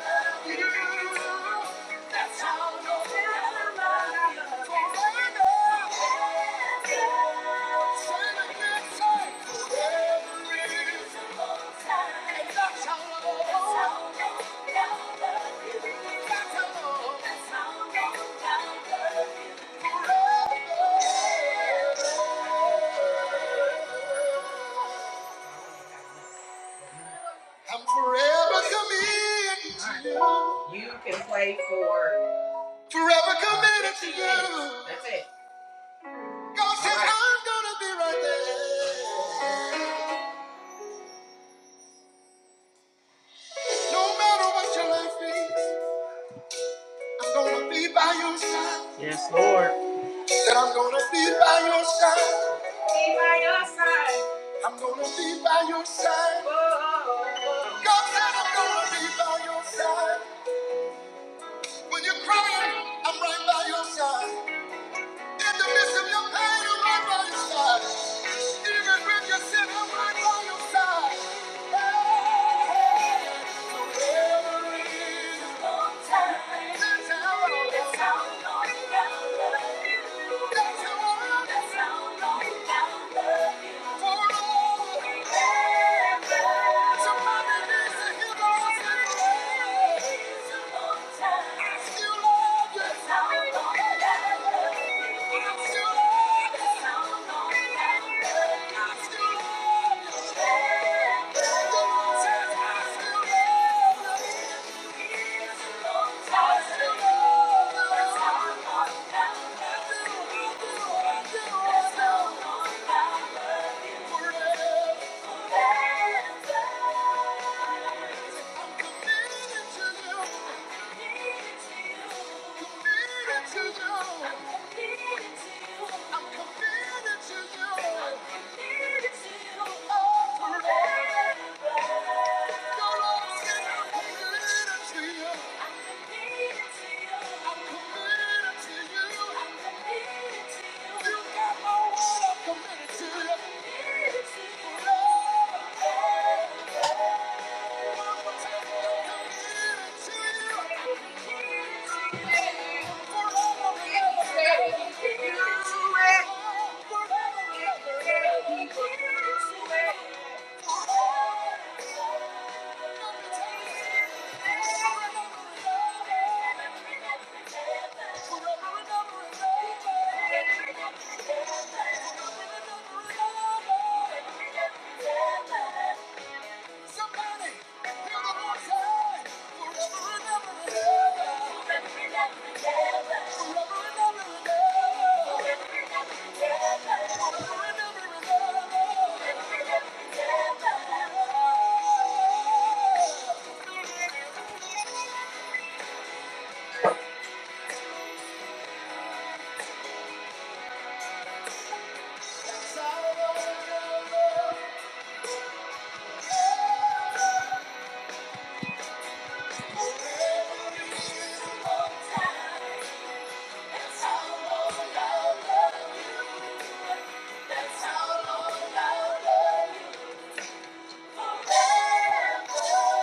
S1: love you. Forever. I'm forever committed to you. You can play for forever committed to you. That's it. God said, All right. I'm gonna be right there. No matter what your life is, I'm gonna be by your side. That I'm gonna be by your side. Gonna be by your side. God said, I'm gonna be by your side. When you're crying, I'm right by your side. In the midst of your pain, I'm right by your side. Forever. Somebody needs to hear those things. I still Thank you. Thank you. Committed to you. Thank you. Thank you. Somebody, hear the Lord say, forever and ever and ever. Forever and ever and ever. Forever and ever and ever. Forever and ever and ever. Forever and ever and ever. Forever and ever and ever. That's how long I'll love you forever.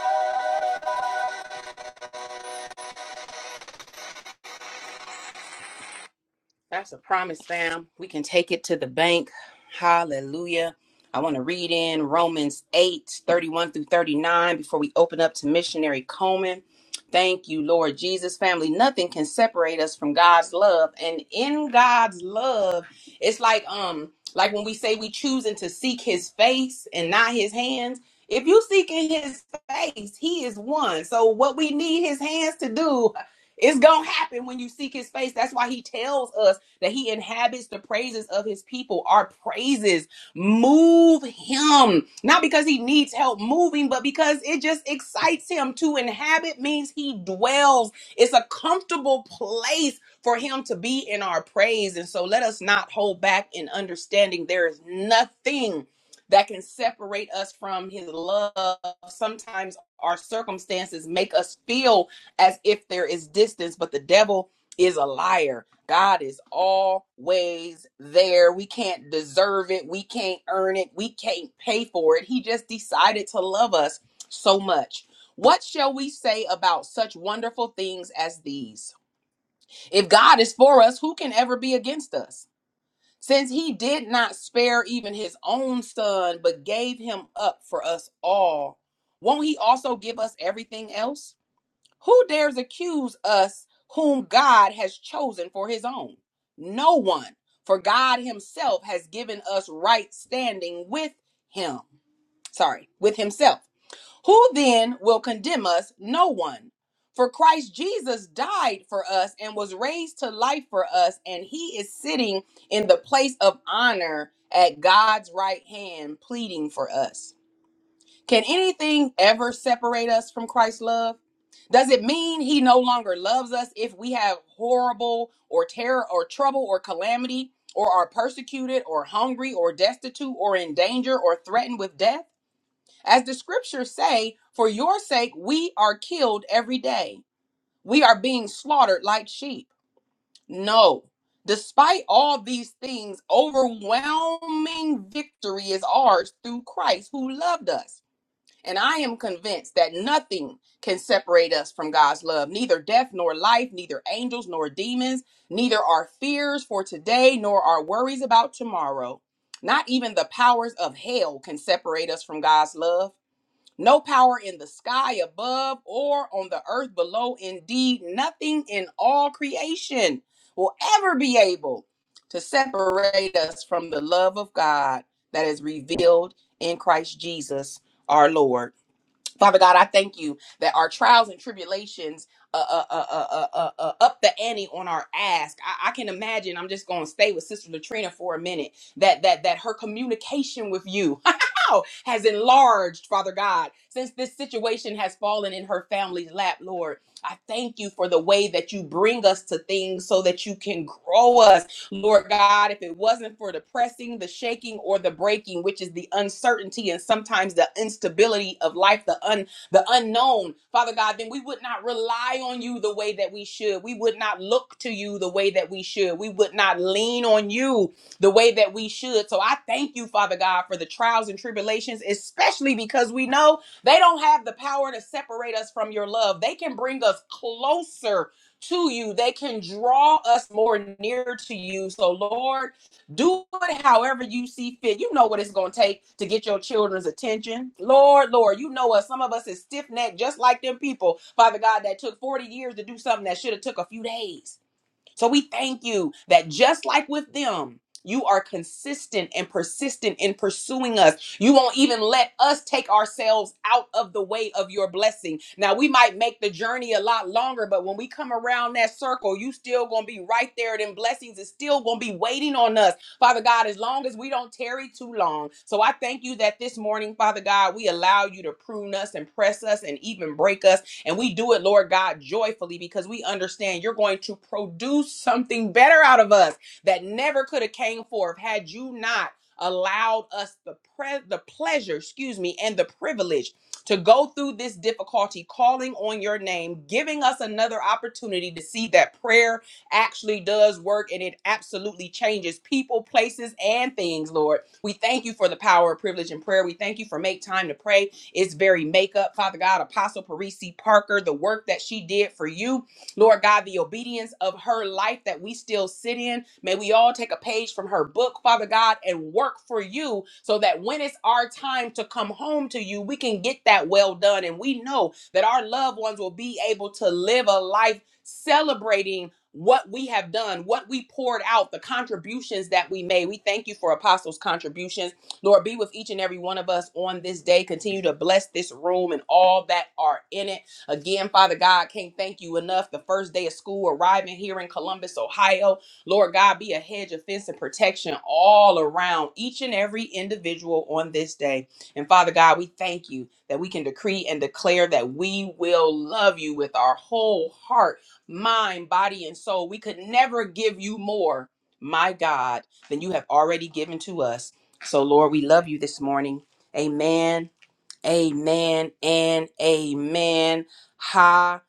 S1: That's a promise, fam. We can take it to the bank. Hallelujah. I want to read in Romans 8 31 through 39 before we open up to missionary Coleman. Thank you, Lord Jesus. Family, nothing can separate us from God's love. And in God's love, it's like um, like when we say we choosing to seek his face and not his hands. If you seeking his face, he is one. So what we need his hands to do, it's gonna happen when you seek his face. That's why he tells us that he inhabits the praises of his people. Our praises move him, not because he needs help moving, but because it just excites him. To inhabit means he dwells, it's a comfortable place for him to be in our praise. And so let us not hold back in understanding there is nothing that can separate us from his love. Sometimes our circumstances make us feel as if there is distance, but the devil is a liar. God is always there. We can't deserve it. We can't earn it. We can't pay for it. He just decided to love us so much. What shall we say about such wonderful things as these? If God is for us, who can ever be against us? Since he did not spare even his own son, but gave him up for us all, won't he also give us everything else? Who dares accuse us whom God has chosen for his own? No one, for God himself has given us right standing with him. Sorry, with himself. Who then will condemn us? No one. For Christ Jesus died for us and was raised to life for us, and he is sitting in the place of honor at God's right hand, pleading for us. Can anything ever separate us from Christ's love? Does it mean he no longer loves us if we have horrible or terror or trouble or calamity or are persecuted or hungry or destitute or in danger or threatened with death? As the scriptures say, for your sake we are killed every day. We are being slaughtered like sheep. No. Despite all these things, overwhelming victory is ours through Christ who loved us. And I am convinced that nothing can separate us from God's love, neither death nor life, neither angels nor demons, neither our fears for today nor our worries about tomorrow. Not even the powers of hell can separate us from God's love. No power in the sky above or on the earth below, indeed, nothing in all creation will ever be able to separate us from the love of God that is revealed in Christ Jesus, our Lord. Father God, I thank you that our trials and tribulations uh, uh, uh, uh, uh, uh, uh, up the ante on our ask. I, I can imagine. I'm just going to stay with Sister Latrina for a minute. That that that her communication with you *laughs* has enlarged, Father God, since this situation has fallen in her family's lap. Lord, I thank you for the way that you bring us to things so that you can grow us Lord God, if it wasn't for the pressing, the shaking, or the breaking, which is the uncertainty and sometimes the instability of life, the un the unknown, Father God, then we would not rely on you the way that we should. We would not look to you the way that we should. We would not lean on you the way that we should. So I thank you, Father God, for the trials and tribulations, especially because we know they don't have the power to separate us from your love. They can bring us closer to you. They can draw us more near to you. So, Lord, do it however you see fit. You know what it's going to take to get your children's attention. Lord, Lord, you know us. Some of us is stiff necked, just like them people, Father God, that took 40 years to do something that should have took a few days. So we thank you that just like with them, you are consistent and persistent in pursuing us. You won't even let us take ourselves out of the way of your blessing. Now, we might make the journey a lot longer, but when we come around that circle, you still going to be right there. Them blessings is still going to be waiting on us, Father God, as long as we don't tarry too long. So I thank you that this morning, Father God, we allow you to prune us and press us and even break us and we do it, Lord God, joyfully because we understand you're going to produce something better out of us that never could have came forth had you not allowed us the pre- the pleasure, excuse me, and the privilege to go through this difficulty calling on your name, giving us another opportunity to see that prayer actually does work and it absolutely changes people, places, and things, Lord. We thank you for the power of privilege and prayer. We thank you for make time to pray. It's very makeup, Father God, Apostle Parisi Parker, the work that she did for you, Lord God, the obedience of her life that we still sit in. May we all take a page from her book, Father God, and work for you so that when it's our time to come home to you, we can get that well done. And we know that our loved ones will be able to live a life celebrating what we have done, what we poured out, the contributions that we made. We thank you for apostles' contributions. Lord, be with each and every one of us on this day. Continue to bless this room and all that are in it. Again, Father God, can't thank you enough. The first day of school arriving here in Columbus, Ohio. Lord God, be a hedge of fence and protection all around each and every individual on this day. And Father God, we thank you that we can decree and declare that we will love you with our whole heart, mind, body, and soul. We could never give you more, my God, than you have already given to us. So, Lord, we love you this morning. Amen. Amen and amen. Hallelujah.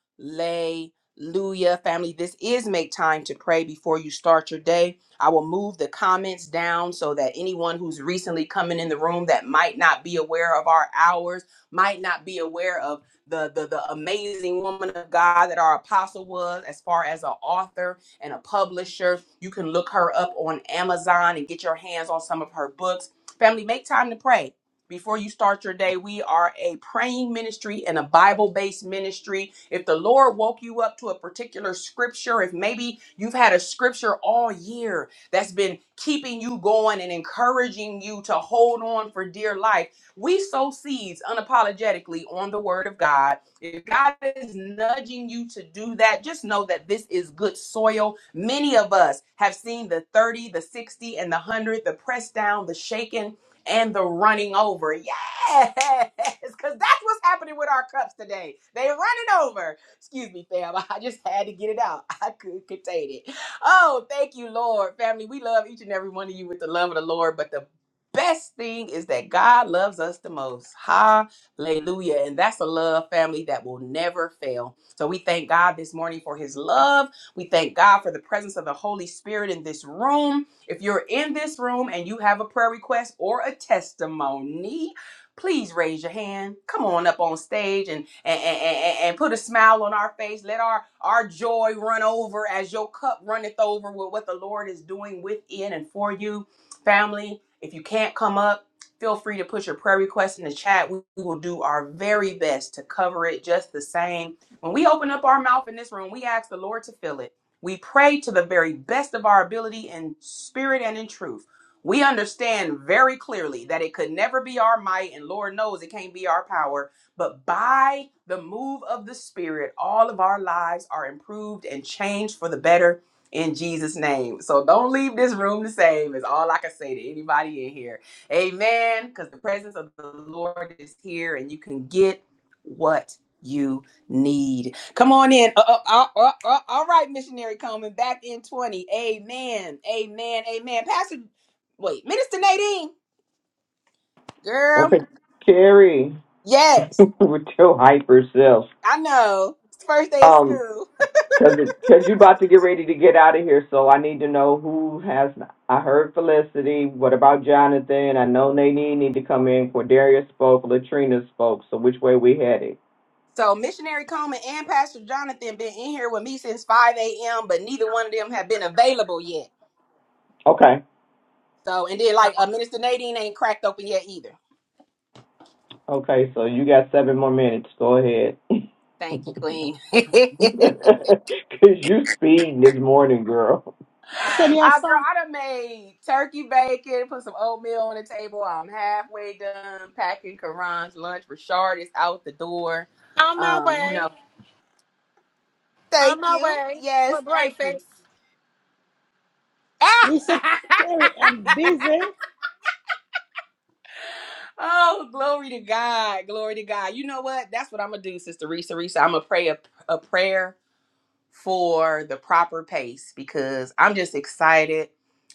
S1: Family, this is make time to pray before you start your day. I will move the comments down so that anyone who's recently coming in the room that might not be aware of our hours, might not be aware of the, the, the amazing woman of God that our apostle was, as far as an author and a publisher, you can look her up on Amazon and get your hands on some of her books. Family, make time to pray before you start your day, we are a praying ministry and a Bible based ministry. If the Lord woke you up to a particular scripture, if maybe you've had a scripture all year that's been keeping you going and encouraging you to hold on for dear life, we sow seeds unapologetically on the word of God. If God is nudging you to do that, just know that this is good soil. Many of us have seen the 30, the 60, and the 100, the pressed down, the shaken and the running over. Yes, because that's what's happening with our cups today. They running over. Excuse me, fam. *laughs* I just had to get it out. I couldn't contain it. Oh, thank you, Lord. Family, we love each and every one of you with the love of the Lord, but the best thing is that God loves us the most. Hallelujah. And that's a love family that will never fail. So we thank God this morning for his love. We thank God for the presence of the Holy Spirit in this room. If you're in this room and you have a prayer request or a testimony, please raise your hand. Come on up on stage and and, and, and- and put a smile on our face. Let our, our joy run over as your cup runneth over with what the Lord is doing within and for you. Family, if you can't come up, feel free to put your prayer request in the chat. We we will do our very best to cover it just the same. When we open up our mouth in this room, we ask the Lord to fill it. We pray to the very best of our ability in spirit and in truth. We understand very clearly that it could never be our might, and Lord knows it can't be our power, but by the move of the Spirit, all of our lives are improved and changed for the better in Jesus' name. So don't leave this room the same, is all I can say to anybody in here. Amen. Because the presence of the Lord is here, and you can get what you need. Come on in. Uh, uh, uh, uh, uh, all right, missionary Coleman, back in 20. Amen. Amen. Amen. Pastor, wait, Minister Nadine, girl.
S9: Okay, Terry, *laughs*
S1: Yes,
S9: with your hyper self.
S1: I know. It's the first day of
S9: Um,
S1: school.
S9: cause it, cause you about to get ready to get out of here, so I need to know who has. I heard Felicity. What about Jonathan? I know Nadine need to come in. Cordelia spoke. Latrina spoke. So which way we headed?
S1: So, missionary Coleman and Pastor Jonathan been in here with me since 5 a.m., but neither one of them have been available yet.
S9: Okay,
S1: So, and then like uh, Minister Nadine ain't cracked open yet either.
S9: okay. So you got seven more minutes. Go ahead.
S1: Thank
S9: *laughs*
S1: you, Queen.
S9: Cause
S1: *laughs*
S9: you speeding this morning, girl.
S5: Listen your
S1: I girl,
S5: song,
S1: I done made turkey bacon, put some oatmeal on the table. I'm halfway done packing Karan's lunch. Rashard is out the door. Um, you know. Thank you. Yes, thank you.
S5: Lisa Carey. I'm busy.
S1: *laughs* oh, glory to God. Glory to God. You know what? That's what I'm gonna do, Sister Risa Risa. I'm gonna pray a, a prayer for the proper pace because I'm just excited.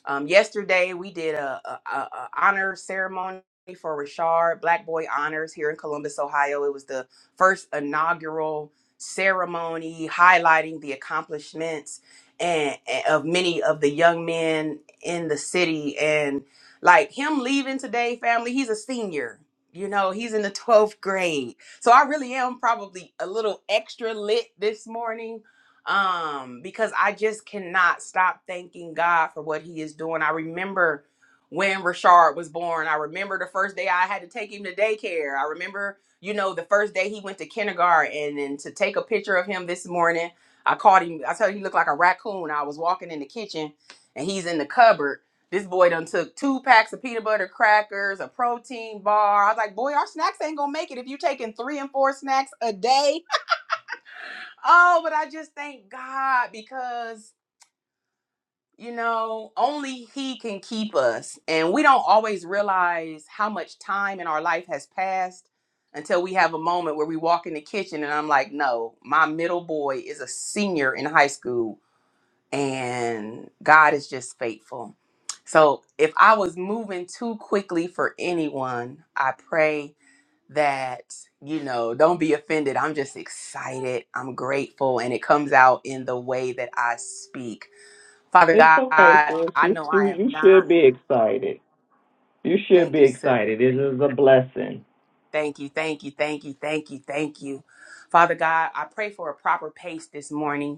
S1: Um, yesterday we did a, a, a a honor ceremony for Rashard Black Boy Honors here in Columbus, Ohio. It was the first inaugural ceremony highlighting the accomplishments and, and of many of the young men in the city. And like him leaving today, family, he's a senior. You know, he's in the *laughs* 12th grade. So I really am probably a little extra lit this morning um because I just cannot stop thanking God for what he is doing. I remember when Rashard was born. I remember the first day I had to take him to daycare. I remember, you know, the first day he went to kindergarten and, then to take a picture of him this morning. I caught him. I told you, he looked like a raccoon. I was walking in the kitchen and he's in the cupboard. This boy done took two packs of peanut butter crackers, a protein bar. I was like, boy, our snacks ain't gonna make it if you taking three and four snacks a day Oh, but I just thank God because, you know, only He can keep us. And we don't always realize how much time in our life has passed until we have a moment where we walk in the kitchen and I'm like, no, my middle boy is a senior in high school and God is just faithful. So if I was moving too quickly for anyone, I pray that you know don't be offended i'm just excited i'm grateful and it comes out in the way that i speak father
S9: It's
S1: god
S9: okay, sis.
S1: i
S9: You
S1: know
S9: you
S1: i am
S9: you
S1: not
S9: should be excited. You should
S1: thank
S9: be
S1: you sis
S9: excited. This is a blessing.
S1: thank you thank you thank you thank you thank you father god i pray for a proper pace this morning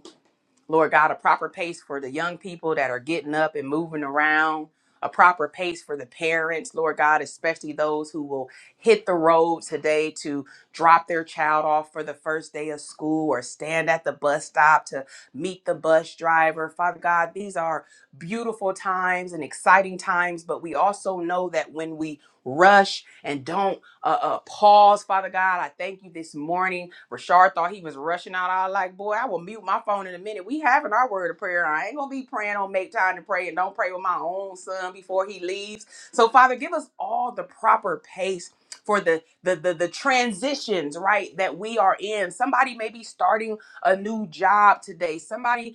S1: Lord God, a proper pace for the young people that are getting up and moving around, a proper pace for the parents, Lord God, especially those who will hit the road today to drop their child off for the first day of school or stand at the bus stop to meet the bus driver. Father God, these are beautiful times and exciting times, but we also know that when we rush and don't uh, uh, pause, Father God, I thank you this morning Rashard thought he was rushing out. I was like, boy, I will mute my phone in a minute. We having our word of prayer. I ain't gonna be praying on make time to pray and don't pray with my own son before he leaves. So Father, give us all the proper pace for the the the, the transitions, right, that we are in. Somebody may be starting a new job today. Somebody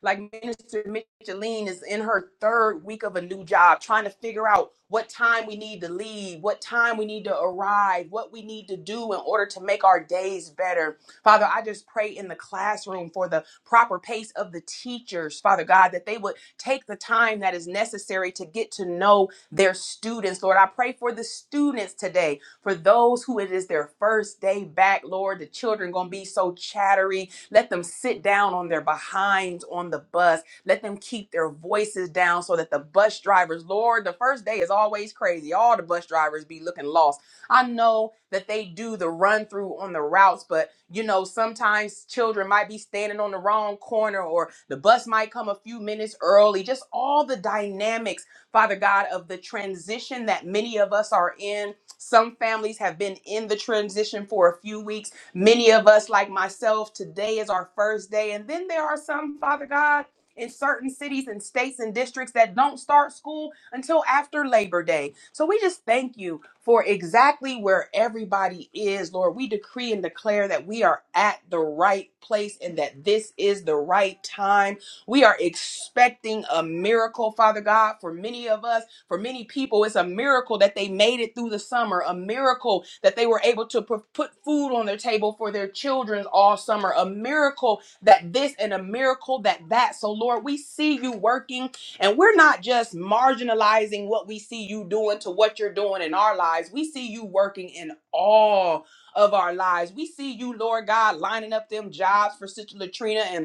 S1: like Minister Micheline is in her third week of a new job, trying to figure out what time we need to leave, what time we need to arrive, what we need to do in order to make our days better. Father, I just pray in the classroom for the proper pace of the teachers, Father God, that they would take the time that is necessary to get to know their students. Lord, I pray for the students today, for those who it is their first day back, Lord, the children going to be so chattery let them sit down on their behinds on the bus. Let them keep their voices down so that the bus drivers, Lord, the first day is always crazy. All the bus drivers be looking lost. I know that they do the run through on the routes, but you know, sometimes children might be standing on the wrong corner or the bus might come a few minutes early. Just all the dynamics, Father God, of the transition that many of us are in. Some families have been in the transition for a few weeks Many of us, like myself, today is our first day. And then there are some, Father God, in certain cities and states and districts that don't start school until after Labor Day. So we just thank you for exactly where everybody is, Lord. We decree and declare that we are at the right place and that this is the right time. We are expecting a miracle, Father God, for many of us. For many people, it's a miracle that they made it through the summer, a miracle that they were able to pu- put food on their table for their children all summer, a miracle that this and a miracle that that. So, Lord, we see you working and we're not just marginalizing what we see you doing to what you're doing in our lives. We see you working in all of our lives. We see you, Lord God, lining up them jobs for Sister Latrina and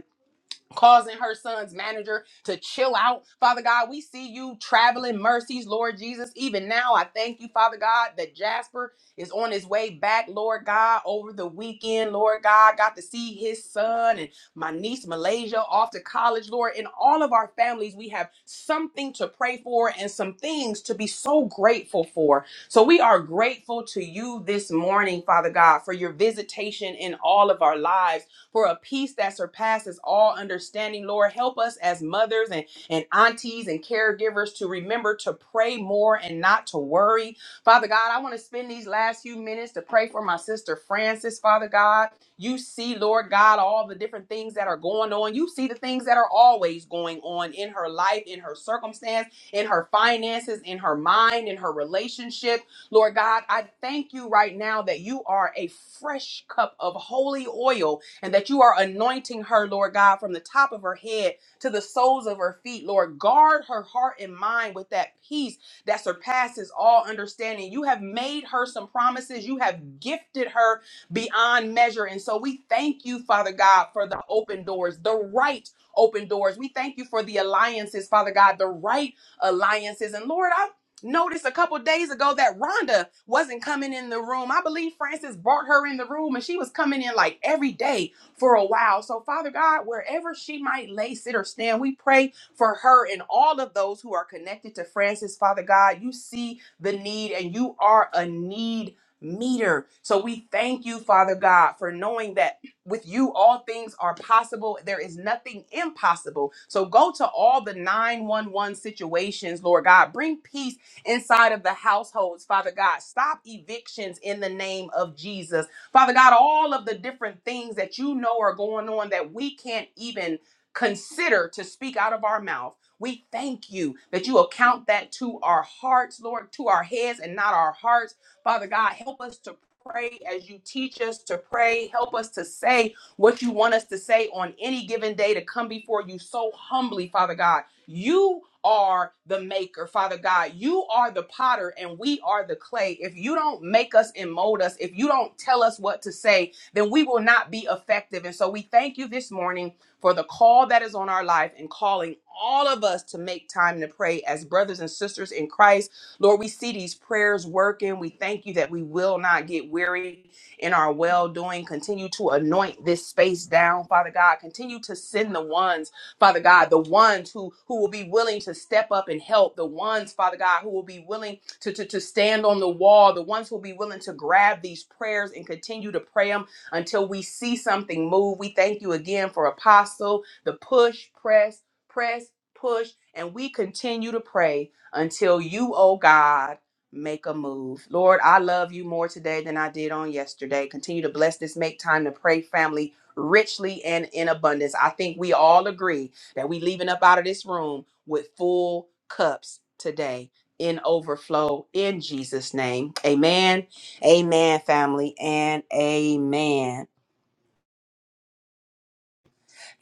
S1: causing her son's manager to chill out. Father God, we see you traveling mercies, Lord Jesus. Even now, I thank you, Father God, that Jasper is on his way back, Lord God, over the weekend, Lord God. Got to see his son and my niece Malaysia off to college, Lord. In all of our families, we have something to pray for and some things to be so grateful for. So we are grateful to you this morning, Father God, for your visitation in all of our lives for a peace that surpasses all understanding. Lord, help us as mothers and, and aunties and caregivers to remember to pray more and not to worry. Father God, I want to spend these last few minutes to pray for my sister Francis, Father God. You see, Lord God, all the different things that are going on. You see the things that are always going on in her life, in her circumstance, in her finances, in her mind, in her relationship. Lord God, I thank you right now that you are a fresh cup of holy oil and that you are anointing her, Lord God, from the top of her head to the soles of her feet, Lord. Guard her heart and mind with that peace that surpasses all understanding. You have made her some promises, you have gifted her beyond measure. And so we thank you, Father God, for the open doors, the right open doors. We thank you for the alliances, Father God, the right alliances. And Lord, I noticed a couple days ago that Rhonda wasn't coming in the room. I believe Francis brought her in the room and she was coming in like every day for a while. So, Father God, wherever she might lay, sit, or stand, we pray for her and all of those who are connected to Francis. Father God, you see the need and you are a need meter. So, we thank you, Father God, for knowing that with you all things are possible there is nothing impossible so go to all the 911 situations lord god bring peace inside of the households father god stop evictions in the name of jesus Father God, all of the different things that you know are going on that we can't even consider to speak out of our mouth. We thank you that you account that to our hearts, Lord, to our heads and not our hearts. Father God, help us to pray as you teach us to pray. Help us to say what you want us to say on any given day to come before you so humbly, Father God. You are the maker, Father God. You are the potter and we are the clay. If you don't make us and mold us, if you don't tell us what to say, then we will not be effective. And so we thank you this morning for the call that is on our life and calling all of us to make time to pray as brothers and sisters in Christ. Lord, we see these prayers working. We thank you that we will not get weary in our well doing. Continue to anoint this space down, Father God. Continue to send the ones Father God, the ones who, who will be willing to step up and help, the ones, Father God, who will be willing to, to, to stand on the wall, the ones who will be willing to grab these prayers and continue to pray them until we see something move. We thank you again for Apostle, the push, press, press, push, and we continue to pray until you, oh God, make a move. Lord, I love you more today than I did on yesterday. Continue to bless this Make Time to Pray family richly and in abundance. I think we all agree that we leaving up out of this room with full cups today in overflow in Jesus name. Amen. Amen family and amen.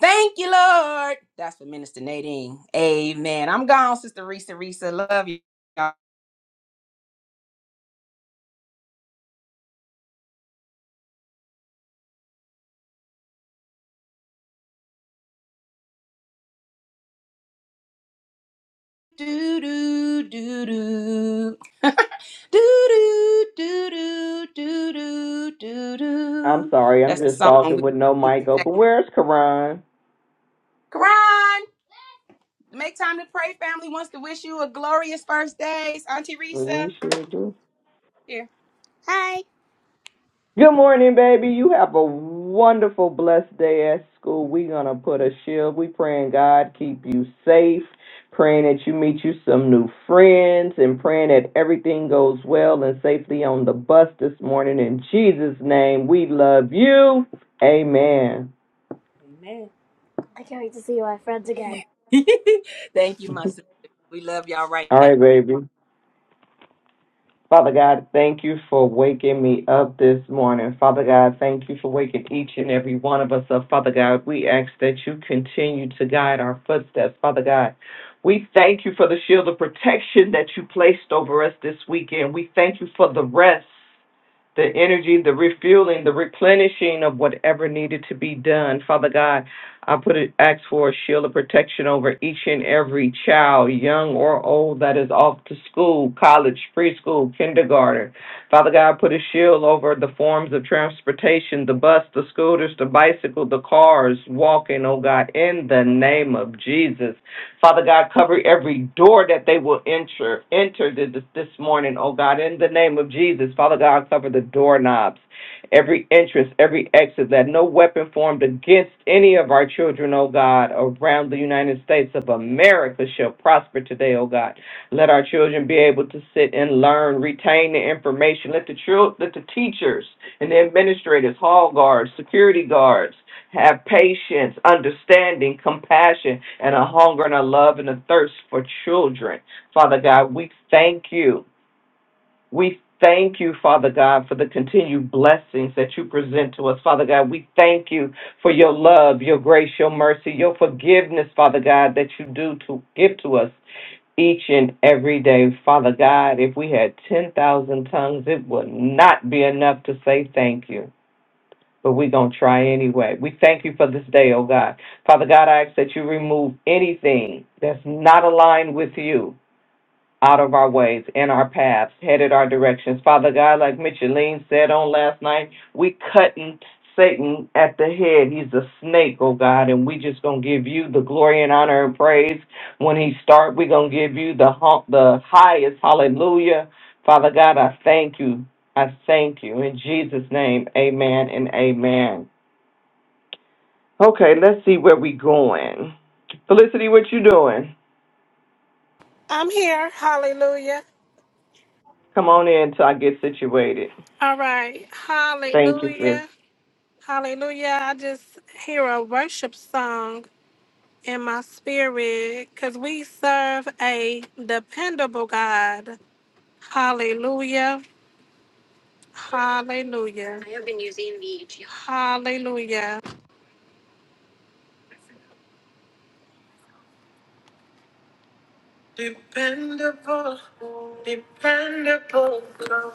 S1: Thank you Lord. That's for Minister Nadine. Amen. I'm gone Sister Risa Risa. Love you. Do all Do do do *laughs* do do do do do do do
S9: I'm
S1: do. *laughs*
S9: sorry, I'm
S1: That's the
S9: just
S1: song we
S9: talking with no mic
S1: singing. Thank
S9: open. Where's Karan?
S1: you. Make time to pray. Family wants to wish you a glorious first days. Auntie Risa,
S9: We should do.
S1: here. Hi.
S9: Good morning, baby. You have a wonderful, blessed day at school. We're gonna put a shield. We praying God keep you safe. Praying that you meet you some new friends and praying that everything goes well and safely on the bus this morning. In Jesus' name, we love you. Amen.
S1: Amen. I can't wait to see my friends again. *laughs* Thank you,
S9: *laughs*
S1: my sister. We love y'all right
S9: All
S1: back.
S9: right, baby. Father God, thank you for waking me up this morning. Father God, thank you for waking each and every one of us up. Father God, we ask that you continue to guide our footsteps. Father God, we thank you for the shield of protection that you placed over us this weekend. We thank you for the rest the energy, the refueling, the replenishing of whatever needed to be done. Father God, I put it, ask for a shield of protection over each and every child, young or old, that is off to school, college, preschool, kindergarten. Father God, put a shield over the forms of transportation, the bus, the scooters, the bicycle, the cars, walking, oh God, in the name of Jesus. Father God, cover every door that they will enter enter this, this morning, oh God, in the name of Jesus. Father God, cover the doorknobs, every entrance, every exit, that no weapon formed against any of our children, oh God, around the United States of America shall prosper today, oh God. Let our children be able to sit and learn, retain the information. Let the children, let the teachers and the administrators, hall guards, security guards, have patience, understanding, compassion, and a hunger and a love and a thirst for children. Father God, we thank you. We thank you, Father God, for the continued blessings that you present to us. Father God, we thank you for your love, your grace, your mercy, your forgiveness, Father God, that you do to give to us each and every day. Father God, if we had 10,000 tongues, it would not be enough to say thank you but we're going to try anyway. We thank you for this day, oh God. Father God, I ask that you remove anything that's not aligned with you out of our ways and our paths, headed our directions. Father God, like Micheline said on last night, we cutting Satan at the head. He's a snake, oh God, and we just gonna give you the glory and honor and praise. When he start, we gonna give you the hon- the highest hallelujah. Father God, I thank you. I thank you. In Jesus' name, amen and amen. Okay, let's see where we going. Felicity, what you doing?
S4: I'm here. Hallelujah.
S9: Come on in till I get situated.
S4: All right.
S9: Thank you, sis.
S4: Hallelujah. Hallelujah. I just hear a worship song in my spirit because we serve a dependable God. Hallelujah. Hallelujah. Hallelujah. Dependable, dependable God.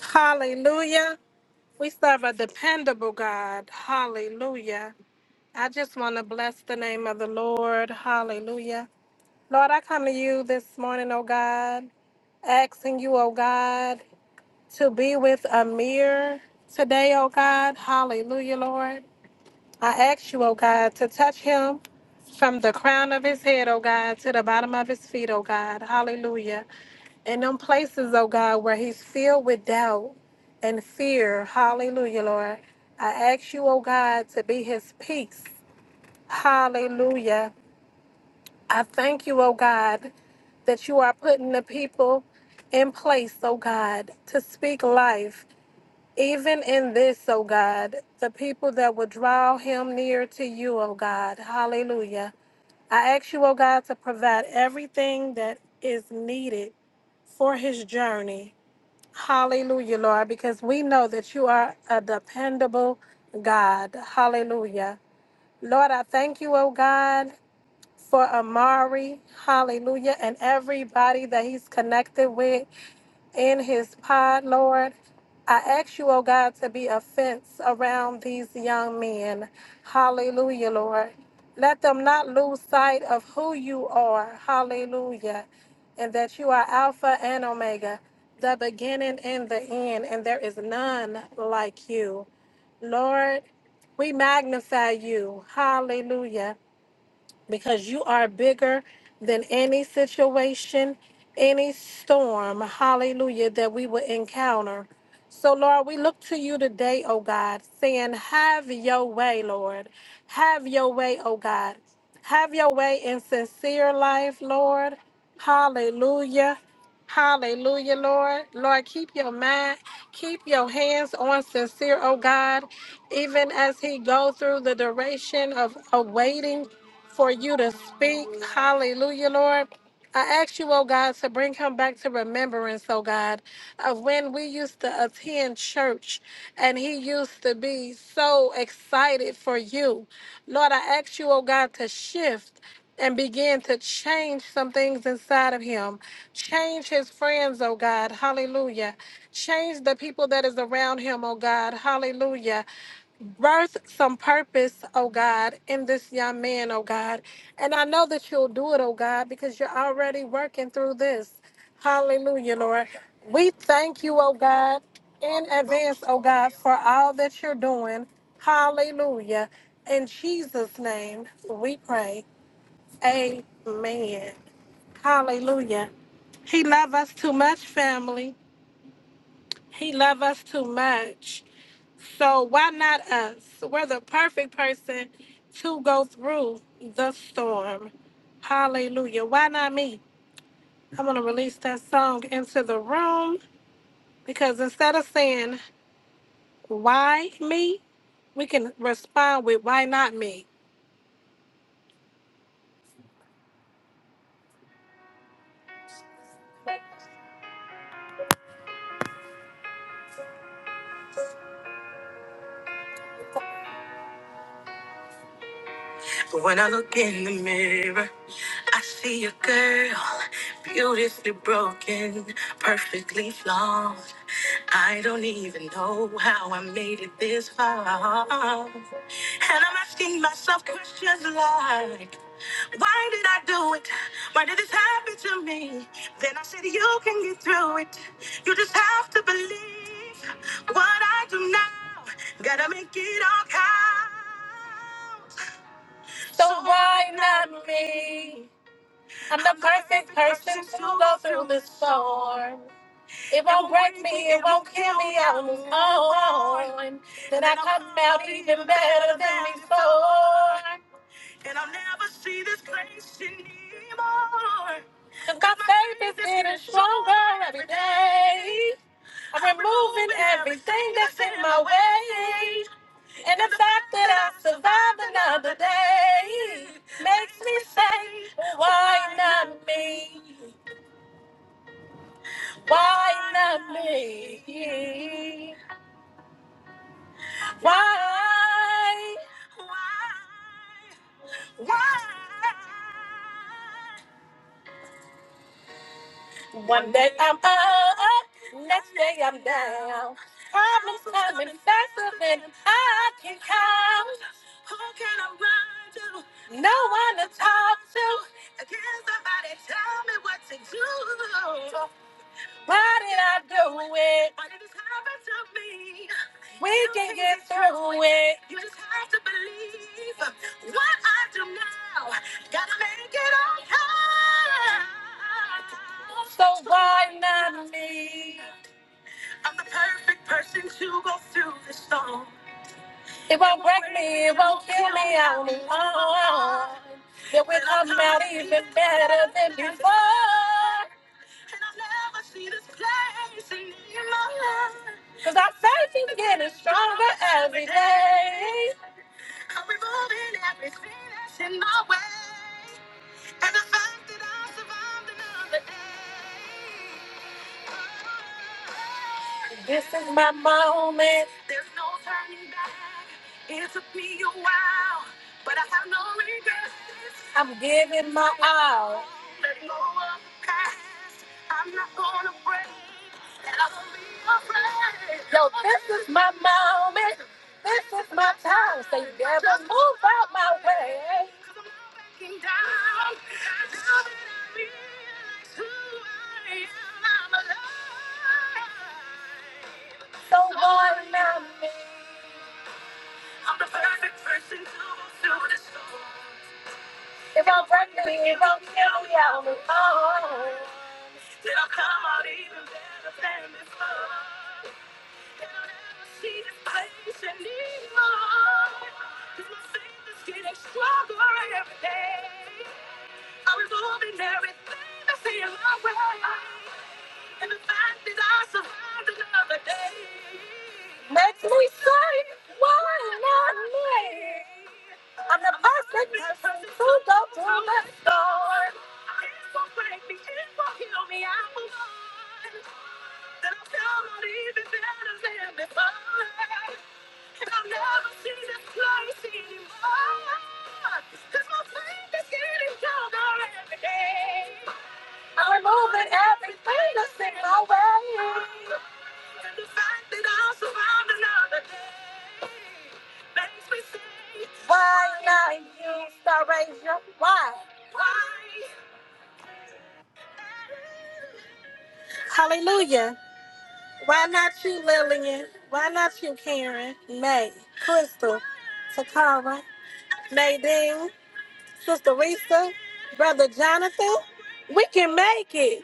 S4: Hallelujah. We serve a dependable God. Hallelujah. I just want to bless the name of the Lord. Hallelujah. Lord, I come to you this morning, oh God. asking you, oh God, to be with Amir today, oh God. Hallelujah, Lord. I ask you, oh God, to touch him from the crown of his head, oh God, to the bottom of his feet, oh God. Hallelujah. In them places, oh God, where he's filled with doubt and fear. Hallelujah, Lord. I ask you, oh God, to be his peace. Hallelujah. I thank you, oh God, that you are putting the people in place, oh God, to speak life. Even in this, O God, the people that will draw him near to you, O God. Hallelujah. I ask you, O God, to provide everything that is needed for his journey. Hallelujah, Lord, because we know that you are a dependable God. Hallelujah. Lord, I thank you, O God, for Amari. Hallelujah. And everybody that he's connected with in his pod, Lord. I ask you, oh God, to be a fence around these young men. Hallelujah, Lord. Let them not lose sight of who you are. Hallelujah. And that you are Alpha and Omega, the beginning and the end, and there is none like you. Lord, we magnify you. Hallelujah because you are bigger than any situation, any storm, hallelujah, that we will encounter. So, Lord, we look to you today, oh God, saying, Have your way, Lord. Have your way, oh God. Have your way in sincere life, Lord. Hallelujah. Hallelujah, Lord. Lord, keep your mind, keep your hands on sincere, oh God, even as he go through the duration of, of waiting for you to speak. Hallelujah, Lord. I ask you, oh God, to bring him back to remembrance, oh God, of when we used to attend church and he used to be so excited for you. Lord, I ask you, oh God, to shift and begin to change some things inside of him. Change his friends, oh God. Hallelujah. Change the people that is around him, oh God. Hallelujah birth some purpose, oh God, in this young man, oh God. And I know that you'll do it, oh God, because you're already working through this. Hallelujah, Lord. We thank you, oh God, in advance, oh God, for all that you're doing. Hallelujah. In Jesus' name, we pray. Amen. Hallelujah. He love us too much, family. He love us too much. So why not us? We're the perfect person to go through the storm. Hallelujah. Why not me? I'm going to release that song into the room because instead of saying, why me? We can respond with, why not me? Look in the mirror, see a girl, beautifully broken, perfectly flawed. I don't even know how I made it this far. And I'm so, why not me? I'm the purpose form. It won't break me, it won't kill me, I will move on. Why? Why? One day I'm up, next day I'm down. Problems coming faster than I can count. Who can I run to? No one to talk to. Can somebody tell me what to do? They won't break me. if we come better than God. Cause our faith is getting stronger every day. This is my moment. I'm giving my all. Yo, this is my moment. This is my time. So you better move out my way. So one now, missing my way. The fact that I'll survive another day makes me say, Why not you, Star Ranger? Why? Why? Hallelujah. Why not you, Lillian? Why not you, Karen? May, Crystal, Takara, Nadine, Sister Risa, Brother Jonathan? We can make it.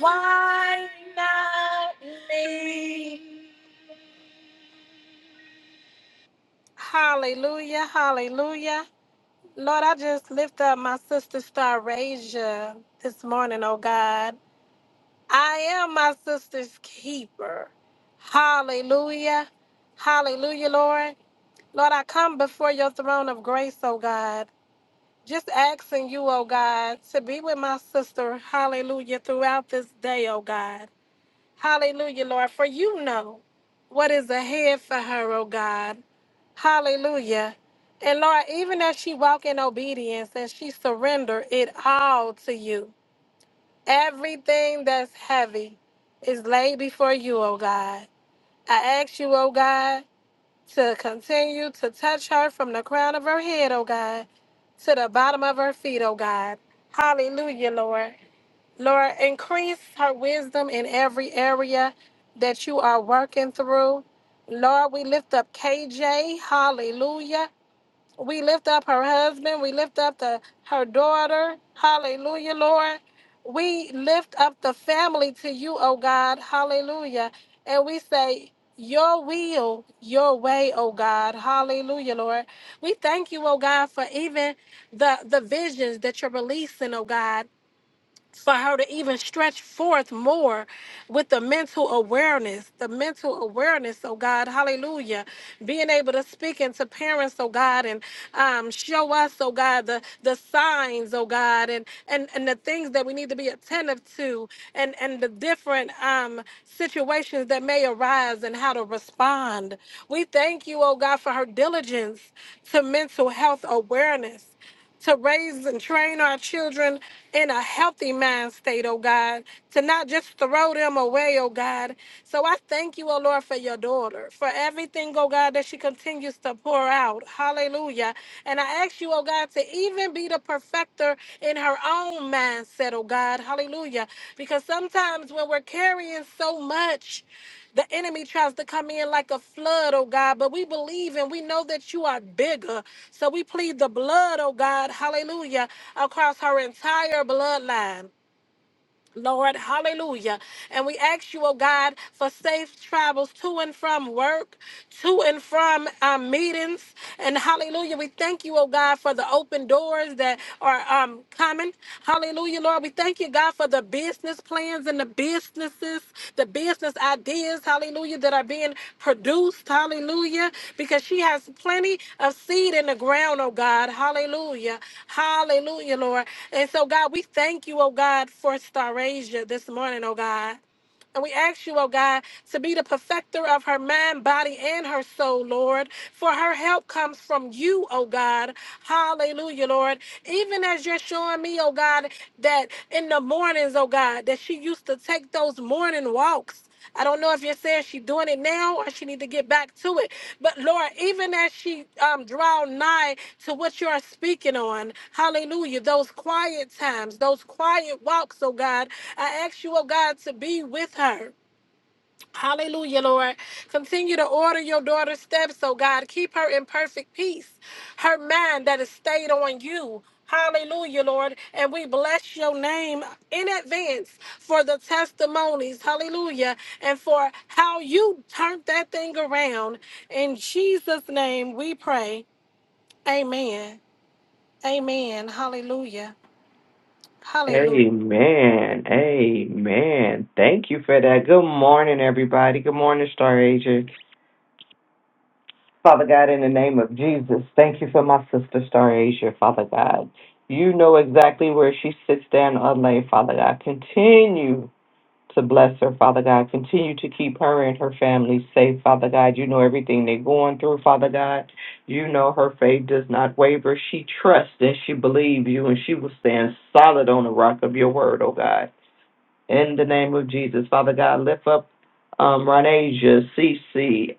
S4: Why not me? Hallelujah, hallelujah. Lord, I just lift up my sister Starasia this morning, oh God. I am my sister's keeper. Hallelujah. Hallelujah, Lord. Lord, I come before your throne of grace, oh God, just asking you, oh God, to be with my sister, hallelujah, throughout this day, oh God. Hallelujah, Lord, for you know what is ahead for her, oh God. Hallelujah. And Lord, even as she walk in obedience and she surrender it all to you, everything that's heavy is laid before you, oh God. I ask you, oh God, to continue to touch her from the crown of her head, oh God, to the bottom of her feet, oh God. Hallelujah, Lord. Lord, increase her wisdom in every area that you are working through. Lord, we lift up KJ. Hallelujah. We lift up her husband. We lift up the her daughter. Hallelujah, Lord. We lift up the family to you, oh God. Hallelujah. And we say, Your will, your way, oh God. Hallelujah, Lord. We thank you, oh God, for even the the visions that you're releasing, oh God for her to even stretch forth more with the mental awareness, the mental awareness, oh God, hallelujah. Being able to speak into parents, oh God, and um, show us, oh God, the, the signs, oh God, and, and, and the things that we need to be attentive to and, and the different um, situations that may arise and how to respond. We thank you, oh God, for her diligence to mental health awareness to raise and train our children in a healthy mind state, oh God, to not just throw them away, oh God. So I thank you, oh Lord, for your daughter, for everything, oh God, that she continues to pour out. Hallelujah. And I ask you, oh God, to even be the perfecter in her own mindset, oh God. Hallelujah. Because sometimes when we're carrying so much, the enemy tries to come in like a flood, oh God, but we believe and we know that you are bigger. So we plead the blood, oh God, hallelujah, across her entire bloodline. Lord, hallelujah. And we ask you, oh God, for safe travels to and from work, to and from um, meetings. And hallelujah, we thank you, oh God, for the open doors that are um, coming. Hallelujah, Lord. We thank you, God, for the business plans and the businesses, the business ideas, hallelujah, that are being produced. Hallelujah. Because she has plenty of seed in the ground, oh God. Hallelujah. Hallelujah, Lord. And so, God, we thank you, oh God, for Starasia this morning, oh God. And we ask you, oh God, to be the perfecter of her mind, body, and her soul, Lord. For her help comes from you, oh God. Hallelujah, Lord. Even as you're showing me, oh God, that in the mornings, oh God, that she used to take those morning walks. I don't know if you're saying she's doing it now or she need to get back to it, but Lord, even as she um, draw nigh to what you are speaking on, hallelujah, those quiet times, those quiet walks, oh God, I ask you, oh God, to be with her. Hallelujah, Lord. Continue to order your daughter's steps, oh God. Keep her in perfect peace. Her mind that is stayed on you. Hallelujah, Lord. And we bless your name in advance for the testimonies. Hallelujah. And for how you turned that thing around. In Jesus' name we pray. Amen. Amen. Hallelujah. Hallelujah.
S9: Amen. Amen. Thank you for that. Good morning, everybody. Good morning, Star Asia. Father God, in the name of Jesus, thank you for my sister, Star Asia, Father God. You know exactly where she sits down or lay, Father God. Continue to bless her, Father God. Continue to keep her and her family safe, Father God. You know everything they're going through, Father God. You know her faith does not waver. She trusts and she believes you, and she will stand solid on the rock of your word, oh God in the name of Jesus. Father God, lift up um, Ronasia, Cece,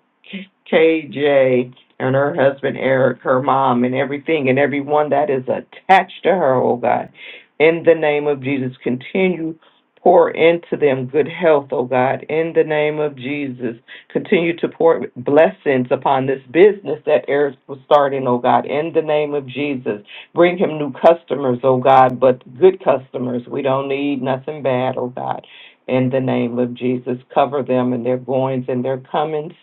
S9: KJ, and her husband Eric, her mom, and everything, and everyone that is attached to her, oh God. In the name of Jesus, continue pour into them good health, oh God. In the name of Jesus, continue to pour blessings upon this business that Eric was starting, oh God. In the name of Jesus. Bring him new customers, oh God, but good customers. We don't need nothing bad, oh God. In the name of Jesus, cover them and their goings and their comings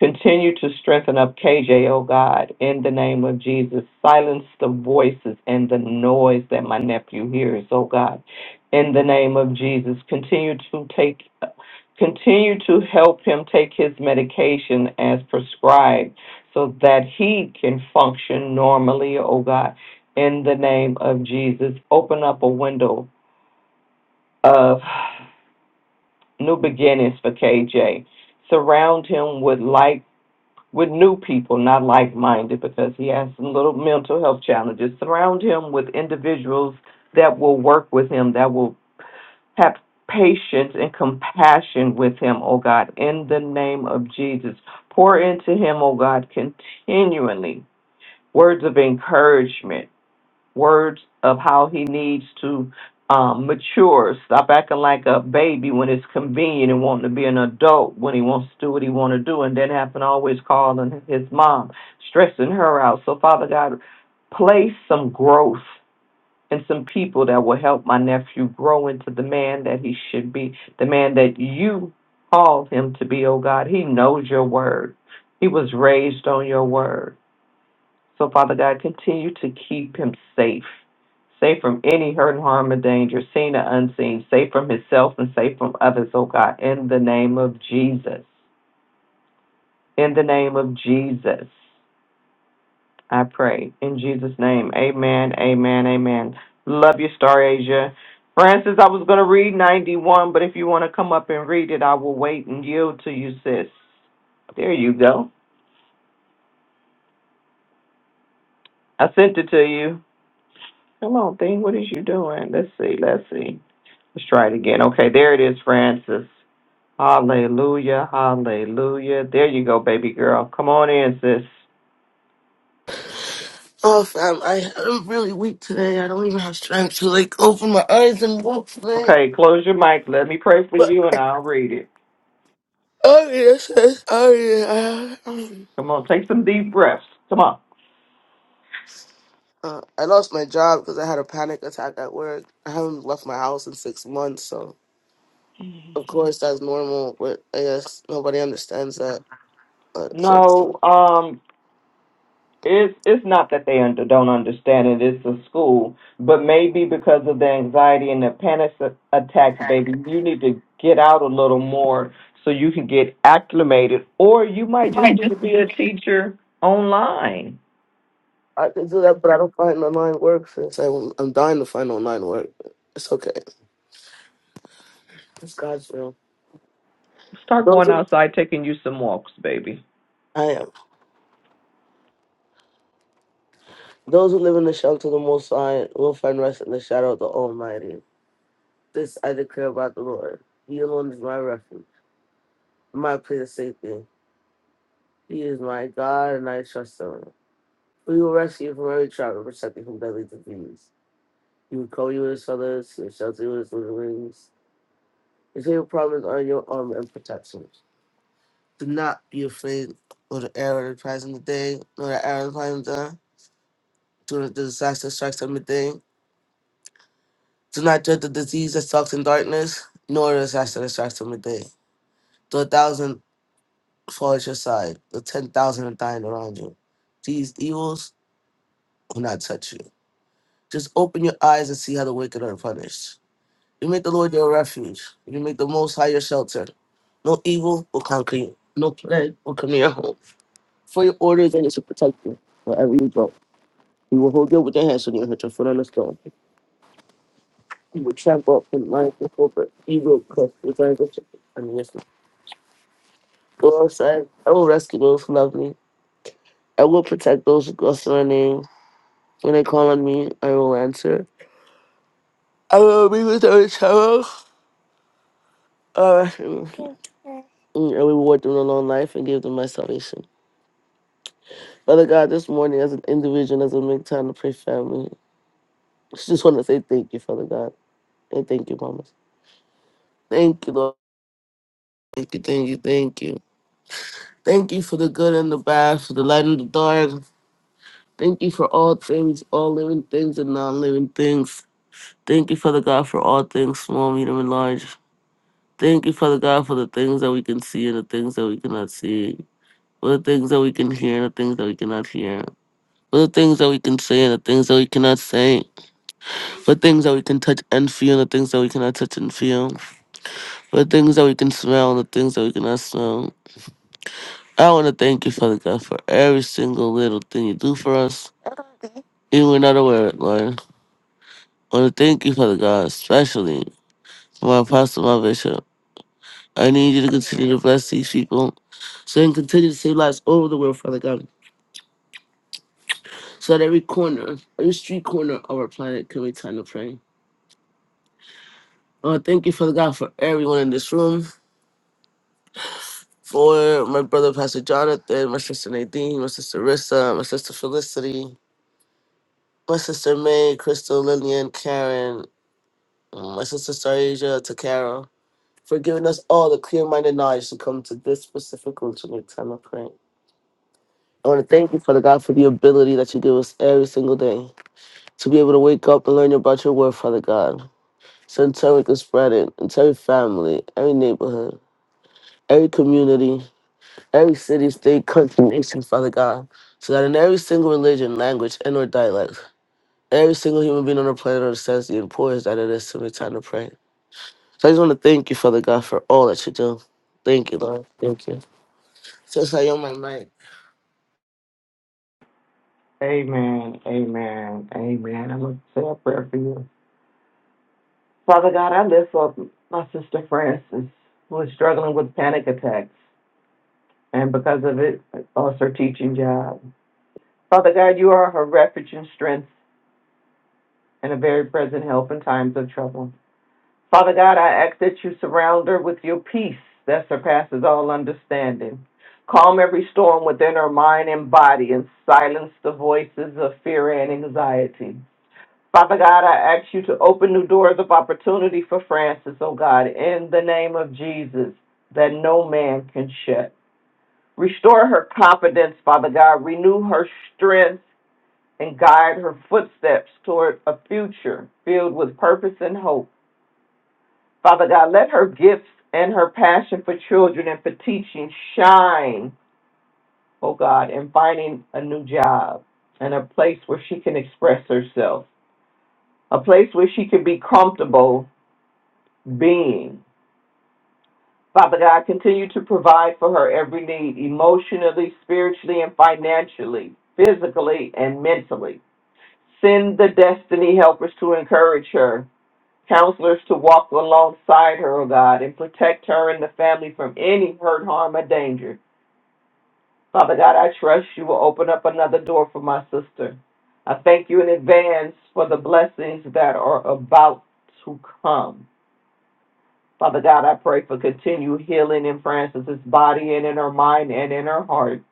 S9: Continue to strengthen up KJ, oh God, in the name of Jesus. Silence the voices and the noise that my nephew hears, oh God, in the name of Jesus. Continue to take, continue to help him take his medication as prescribed so that he can function normally, oh God, in the name of Jesus. Open up a window of new beginnings for KJ. Surround him with light with new people, not like minded, because he has some little mental health challenges. Surround him with individuals that will work with him, that will have patience and compassion with him, oh God, in the name of Jesus. Pour into him, oh God, continually words of encouragement words of how he needs to um, mature, stop acting like a baby when it's convenient and wanting to be an adult when he wants to do what he want to do, and then having to always calling his mom, stressing her out. So, Father God, place some growth and some people that will help my nephew grow into the man that he should be, the man that you called him to be, oh God. He knows your word. He was raised on your word. So, Father God, continue to keep him safe, safe from any hurt, harm, or danger, seen or unseen, safe from himself and safe from others, oh God, in the name of Jesus. In the name of Jesus, I pray. In Jesus' name, amen, amen, amen. Love you, Star Asia. Francis, I was going to read 91, but if you want to come up and read it, I will wait and yield to you, sis. There you go. I sent it to you. Come on, thing. What is you doing? Let's see. Let's see. Let's try it again. Okay, there it is, Francis. Hallelujah, hallelujah. There you go, baby girl. Come on in, sis.
S10: Oh, fam, I, I'm really weak today. I don't even have strength to like open my eyes and walk today.
S9: Okay, close your mic. Let me pray for
S10: But
S9: you and I'll read it.
S10: oh yes, yes, oh yeah. I,
S9: Come on, take some deep breaths. Come on.
S10: uh, I lost my job because I had a panic attack at work. I haven't left my house in six months, so of course that's normal. But I guess nobody understands that. But so
S9: No, um, it's it's not that they under, don't understand it. It's a school, but maybe because of the anxiety and the panic a- attacks, baby, you need to get out a little more so you can get acclimated, or you might just need to be a teacher online
S10: I can do that, but I don't find online work. Since I, I'm dying to find online work, it's okay. It's God's will.
S9: Start
S10: Those
S9: going
S10: are,
S9: outside, taking you some walks, baby.
S10: I am. Those who live in the shelter of the Most High will find rest in the shadow of the Almighty. This I declare about the Lord. He alone is my refuge, my place of safety. He is my God, and I trust in him. For He will rescue you from every trap and protect you from deadly disease. He will cover you with his feathers, he will shelter you with his little wings. His favorite promise are your armor and protection. Do not be afraid of the arrow that flies in the day, nor the arrow that flies in the Do not the disaster strikes at midday. Do not dread the disease that stalks in darkness, nor the disaster that strikes in the day. Though a thousand fall at your side, the ten thousand are dying around you. These evils will not touch you. Just open your eyes and see how the wicked are punished. You make the Lord your refuge. You make the Most High your shelter. No evil will conquer you. No plague will come near your home. For your orders and it shall protect you wherever you go. He will hold you with your hands when you hit your foot on the stone. He will trample up in lions and cobra. He will crush the dragons and the Lord said, I will rescue those who love me. I will protect those who trust my name. When they call on me, I will answer. I will be with their child. Uh, and reward them with a long life and give them my salvation. Father God, this morning as an individual, as a make time to pray family, I just want to say thank you, Father God. And thank you, Mama. Thank you, Lord. Thank you, thank you, thank you. Thank you for the good and the bad, for the light and the dark. Thank you for all things, all living things and non living things. Thank you, Father God, for all things, small, medium, and large. Thank you, Father God, for the things that we can see and the things that we cannot see, for the things that we can hear and the things that we cannot hear, for the things that we can say and the things that we cannot say, for things that we can touch and feel and the things that we cannot touch and feel, for the things that we can smell and the things that we cannot smell. I want to thank you, Father God, for every single little thing you do for us, even we're not aware of it, Lord. I want to thank you, Father God, especially for my apostle, my bishop. I need you to continue to bless these people so they can continue to save lives all over the world, Father God. So that every corner, every street corner of our planet can be time to pray. Uh, thank you, Father God, for everyone in this room, for my brother, Pastor Jonathan, my sister Nadine, my sister Rissa, my sister Felicity, my sister May, Crystal, Lillian, Karen, uh, my sister Sarasia, Takara, for giving us all the clear minded knowledge to come to this specific room to make time of pray. I want to thank you, Father God, for the ability that you give us every single day to be able to wake up and learn about your word, Father God. So in turn, we can spread it into every family, every neighborhood, every community, every city, state, country, nation, Father God. So that in every single religion, language, and or dialect, every single human being on the planet understands the importance that it is to make time to pray. So I just want to thank you, Father God, for all that you do. Thank you, Lord. Thank you. Since I own my mic.
S9: Amen. Amen. Amen. I'm going to say a prayer for you. Father God, I lift up my sister Frances, who is struggling with panic attacks, and because of it, lost her teaching job. Father God, you are her refuge and strength and a very present help in times of trouble. Father God, I ask that you surround her with your peace that surpasses all understanding. Calm every storm within her mind and body and silence the voices of fear and anxiety. Father God, I ask you to open new doors of opportunity for Francis, oh God, in the name of Jesus, that no man can shut. Restore her confidence, Father God. Renew her strength and guide her footsteps toward a future filled with purpose and hope. Father God, let her gifts and her passion for children and for teaching shine, oh God, in finding a new job and a place where she can express herself, a place where she can be comfortable being. Father God, continue to provide for her every need, emotionally, spiritually, and financially, physically, and mentally. Send the destiny helpers to encourage her Counselors to walk alongside her, O God, and protect her and the family from any hurt, harm, or danger. Father God, I trust you will open up another door for my sister. I thank you in advance for the blessings that are about to come. Father God, I pray for continued healing in Francis's body and in her mind and in her heart,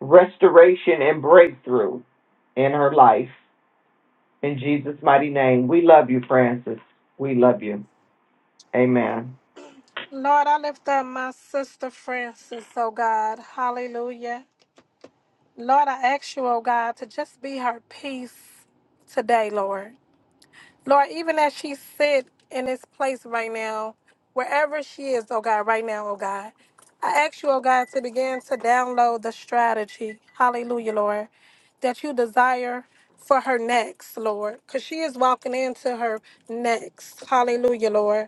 S9: restoration and breakthrough in her life. In Jesus' mighty name, we love you, Francis. We love you. Amen.
S4: Lord, I lift up my sister Francis, oh God. Hallelujah. Lord, I ask you, oh God, to just be her peace today, Lord. Lord, even as she sit in this place right now, wherever she is, oh God, right now, oh God, I ask you, oh God, to begin to download the strategy, hallelujah, Lord, that you desire for her next, Lord, because she is walking into her next, hallelujah, Lord.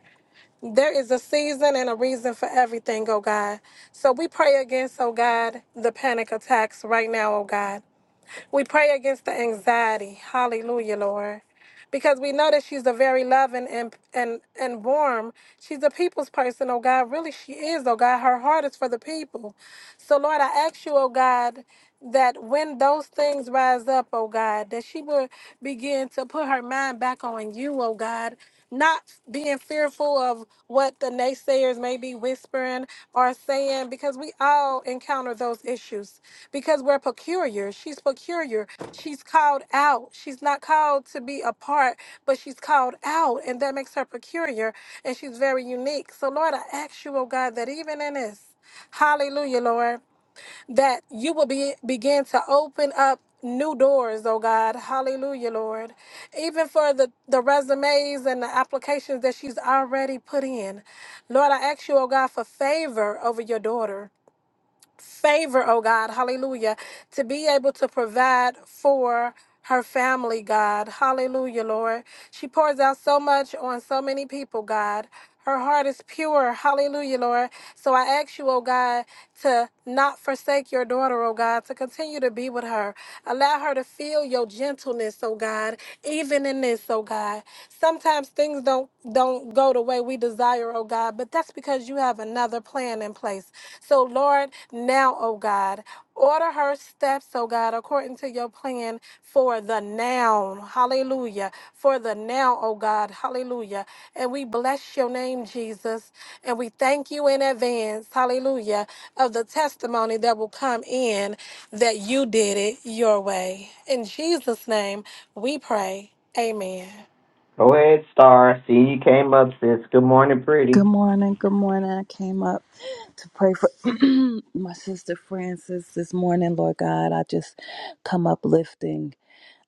S4: There is a season and a reason for everything, oh God. So we pray against, oh God, the panic attacks right now, oh God. We pray against the anxiety. Hallelujah, Lord. Because we know that she's a very loving and, and and warm. She's a people's person, oh God. Really, she is, oh God. Her heart is for the people. So, Lord, I ask you, oh God, that when those things rise up, oh God, that she will begin to put her mind back on you, oh God. Not being fearful of what the naysayers may be whispering or saying, because we all encounter those issues because we're peculiar. She's peculiar. She's called out. She's not called to be apart, but she's called out, and that makes her peculiar, and she's very unique. So, Lord, I ask you, oh God, that even in this, hallelujah, Lord, that you will be, begin to open up new doors, oh God. Hallelujah, Lord. Even for the, the resumes and the applications that she's already put in. Lord, I ask you, oh God, for favor over your daughter favor, oh God, hallelujah, to be able to provide for her family, God, hallelujah, Lord. She pours out so much on so many people, God. Her heart is pure, hallelujah, Lord. So I ask you, oh God, to not forsake your daughter, oh God, to continue to be with her. Allow her to feel your gentleness, oh God, even in this, oh God. Sometimes things don't don't go the way we desire, oh God, but that's because you have another plan in place. So, Lord, now, oh God, order her steps, oh God, according to your plan for the now. Hallelujah. For the now, oh God. Hallelujah. And we bless your name, Jesus. And we thank you in advance, hallelujah, of the testimony that will come in that you did it your way. In Jesus' name, we pray. Amen.
S9: Go ahead, Star. See, you came up, sis. Good morning,
S11: Good
S9: pretty.
S11: morning. Good morning. I came up to pray for *clears throat* my sister Frances this morning, Lord God. I just come uplifting.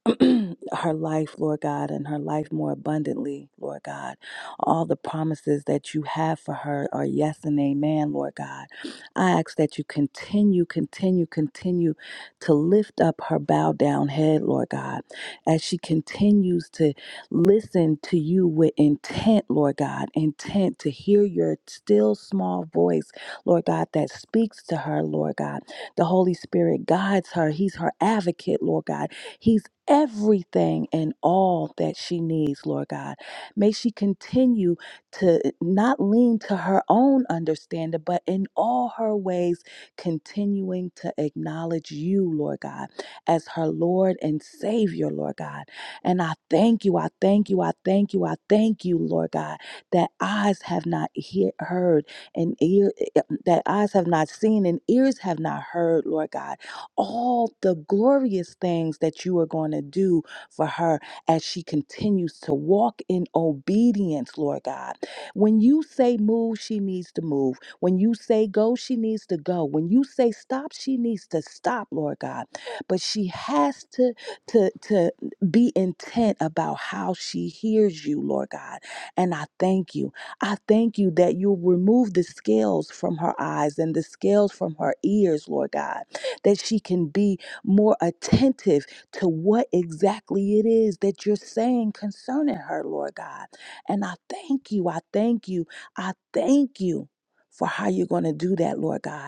S11: *clears throat* her life, Lord God, and her life more abundantly, Lord God. All the promises that you have for her are yes and amen, Lord God. I ask that you continue, continue, continue to lift up her bowed down head, Lord God, as she continues to listen to you with intent, Lord God, intent to hear your still small voice, Lord God, that speaks to her, Lord God. The Holy Spirit guides her. He's her advocate, Lord God. He's everything and all that she needs, Lord God. May she continue to not lean to her own understanding, but in all her ways, continuing to acknowledge you, Lord God, as her Lord and Savior, Lord God. And I thank you, I thank you, I thank you, I thank you, Lord God, that eyes have not hear, heard and ear, eh, eh, that eyes have not seen and ears have not heard, Lord God all the glorious things that you are going to do for her as she continues to walk in obedience, Lord God. When you say move, she needs to move. When you say go, she needs to go. When you say stop, she needs to stop, Lord God. But she has to to to be intent about how she hears you, Lord God. And I thank you. I thank you that you'll remove the scales from her eyes and the scales from her ears, Lord God that she can be more attentive to what exactly it is that you're saying concerning her, Lord God. And I thank you. I thank you. I thank you for how you're going to do that, Lord God.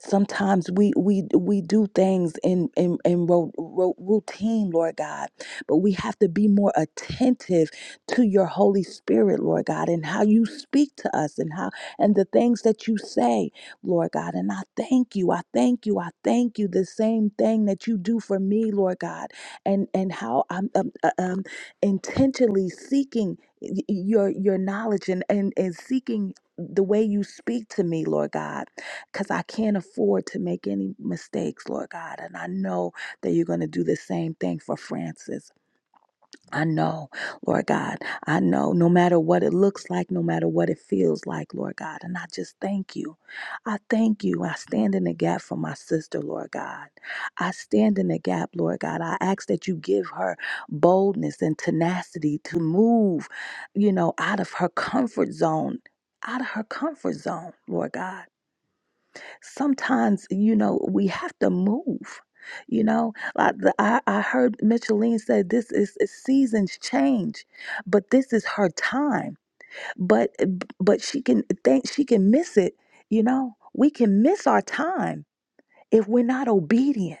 S11: Sometimes we we we do things in in, in ro- ro- routine, Lord God, but we have to be more attentive to your Holy Spirit, Lord God, and how you speak to us and how and the things that you say, Lord God. And I thank you, I thank you, I thank you. The same thing that you do for me, Lord God, and and how I'm um, uh, um, intentionally seeking y- y- your your knowledge and and, and seeking the way you speak to me lord god because I can't afford to make any mistakes, Lord God. And I know that you're going to do the same thing for Francis. I know, Lord God. I know no matter what it looks like, no matter what it feels like, Lord God. And I just thank you. I thank you. I stand in the gap for my sister, Lord God. I stand in the gap, Lord God. I ask that you give her boldness and tenacity to move, you know, out of her comfort zone, out of her comfort zone, Lord God sometimes you know we have to move you know like the, I, I heard micheline said this is is seasons change but this is her time but but she can think she can miss it you know we can miss our time if we're not obedient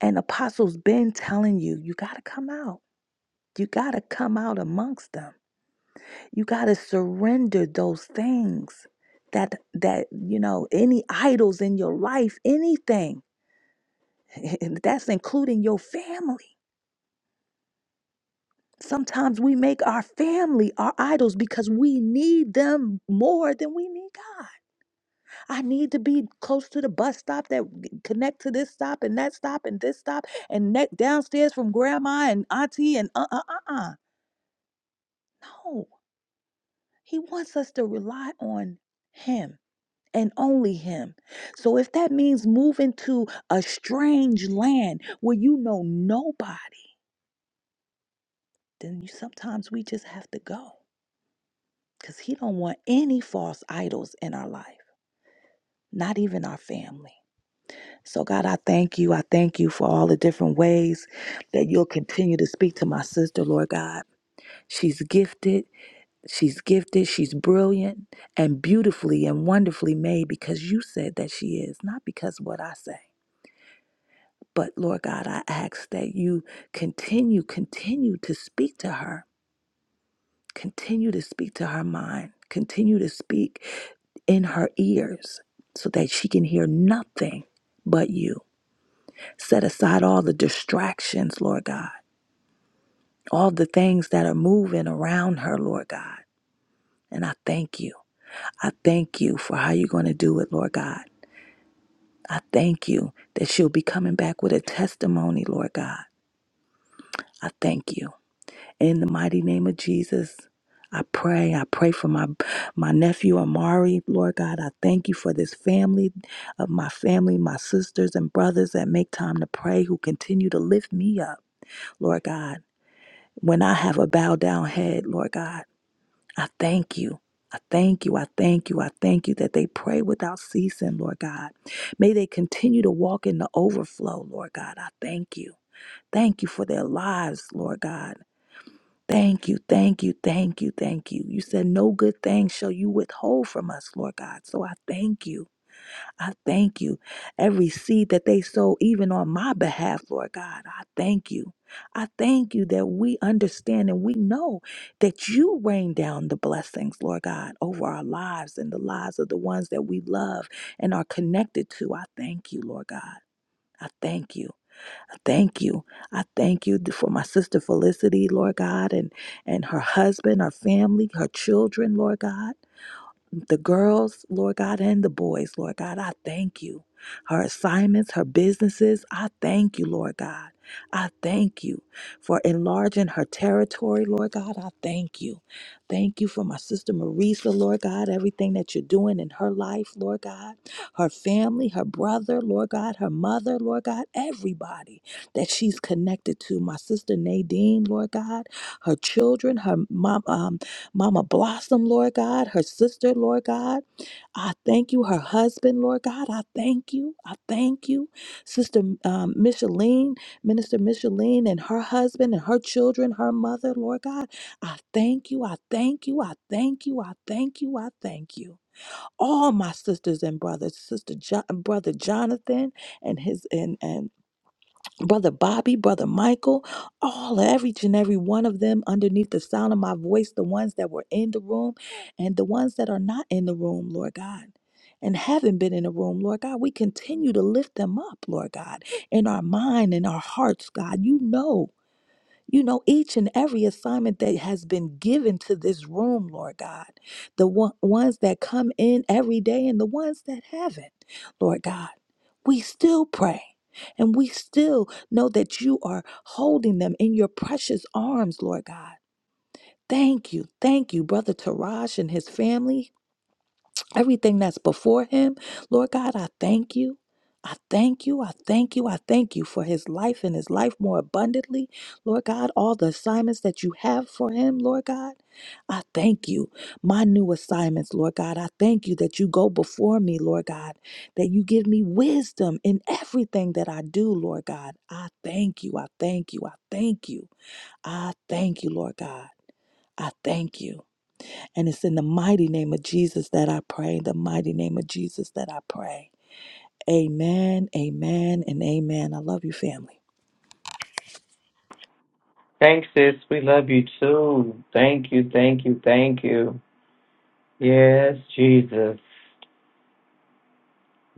S11: and apostles been telling you you got to come out you got to come out amongst them you got to surrender those things that that you know any idols in your life anything And that's including your family. Sometimes we make our family our idols because we need them more than we need God. I need to be close to the bus stop that connect to this stop and that stop and this stop and neck downstairs from grandma and auntie and uh uh uh uh. No, he wants us to rely on him and only him. So if that means moving to a strange land where you know nobody, then you, sometimes we just have to go. because he don't want any false idols in our life not even our family so god i thank you i thank you for all the different ways that you'll continue to speak to my sister lord god she's gifted she's gifted she's brilliant and beautifully and wonderfully made because you said that she is not because of what i say but lord god i ask that you continue continue to speak to her continue to speak to her mind continue to speak in her ears so that she can hear nothing but you. Set aside all the distractions, Lord God, all the things that are moving around her, Lord God. And I thank you. I thank you for how you're going to do it, Lord God. I thank you that she'll be coming back with a testimony, Lord God. I thank you. In the mighty name of Jesus, I pray. I pray for my my nephew Amari. Lord God, I thank you for this family of my family, my sisters and brothers that make time to pray, who continue to lift me up. Lord God, when I have a bowed down head, Lord God, I thank you. I thank you. I thank you. I thank you that they pray without ceasing, Lord God. May they continue to walk in the overflow, Lord God. I thank you. Thank you for their lives, Lord God. Thank you, thank you, thank you, thank you. You said, No good thing shall you withhold from us, Lord God. So I thank you. I thank you. Every seed that they sow, even on my behalf, Lord God, I thank you. I thank you that we understand and we know that you rain down the blessings, Lord God, over our lives and the lives of the ones that we love and are connected to. I thank you, Lord God. I thank you. I thank you. I thank you for my sister Felicity, Lord God, and, and her husband, her family, her children, Lord God the girls, Lord God, and the boys, Lord God, I thank you. Her assignments, her businesses, I thank you, Lord God. I thank you for enlarging her territory, Lord God. I thank you. Thank you for my sister Marisa, Lord God, everything that you're doing in her life, Lord God, her family, her brother, Lord God, her mother, Lord God, everybody that she's connected to. My sister Nadine, Lord God, her children, her mom, uh, Mama Blossom, Lord God, her sister, Lord God. I thank you, her husband, Lord God. I thank you. I thank you. Sister um, Micheline, Minister Micheline, and her husband and her children, her mother, Lord God. I thank you. I thank you. I thank you. I thank you. I thank you. All my sisters and brothers, sister jo- brother Jonathan and his and and Brother Bobby, Brother Michael, all every each and every one of them underneath the sound of my voice, the ones that were in the room and the ones that are not in the room, Lord God, and haven't been in the room, Lord God, we continue to lift them up, Lord God, in our mind, in our hearts, God. You know you know, each and every assignment that has been given to this room, Lord God, the one, ones that come in every day and the ones that haven't, Lord God, we still pray. And we still know that you are holding them in your precious arms, Lord God. Thank you. Thank you, Brother Taraj and his family everything that's before him. Lord God, I thank you. I thank you. I thank you. I thank you for his life and his life more abundantly. Lord God, all the assignments that you have for him, Lord God, I thank you. My new assignments, Lord God, I thank you that you go before me, Lord God, that you give me wisdom in everything that I do, Lord God. I thank you. I thank you. I thank you. I thank you, Lord God. I thank you. And it's in the mighty name of Jesus that I pray. In the mighty name of Jesus that I pray. Amen, amen, and amen. I love you, family.
S9: Thanks, sis. We love you too. Thank you, thank you, thank you. Yes, Jesus.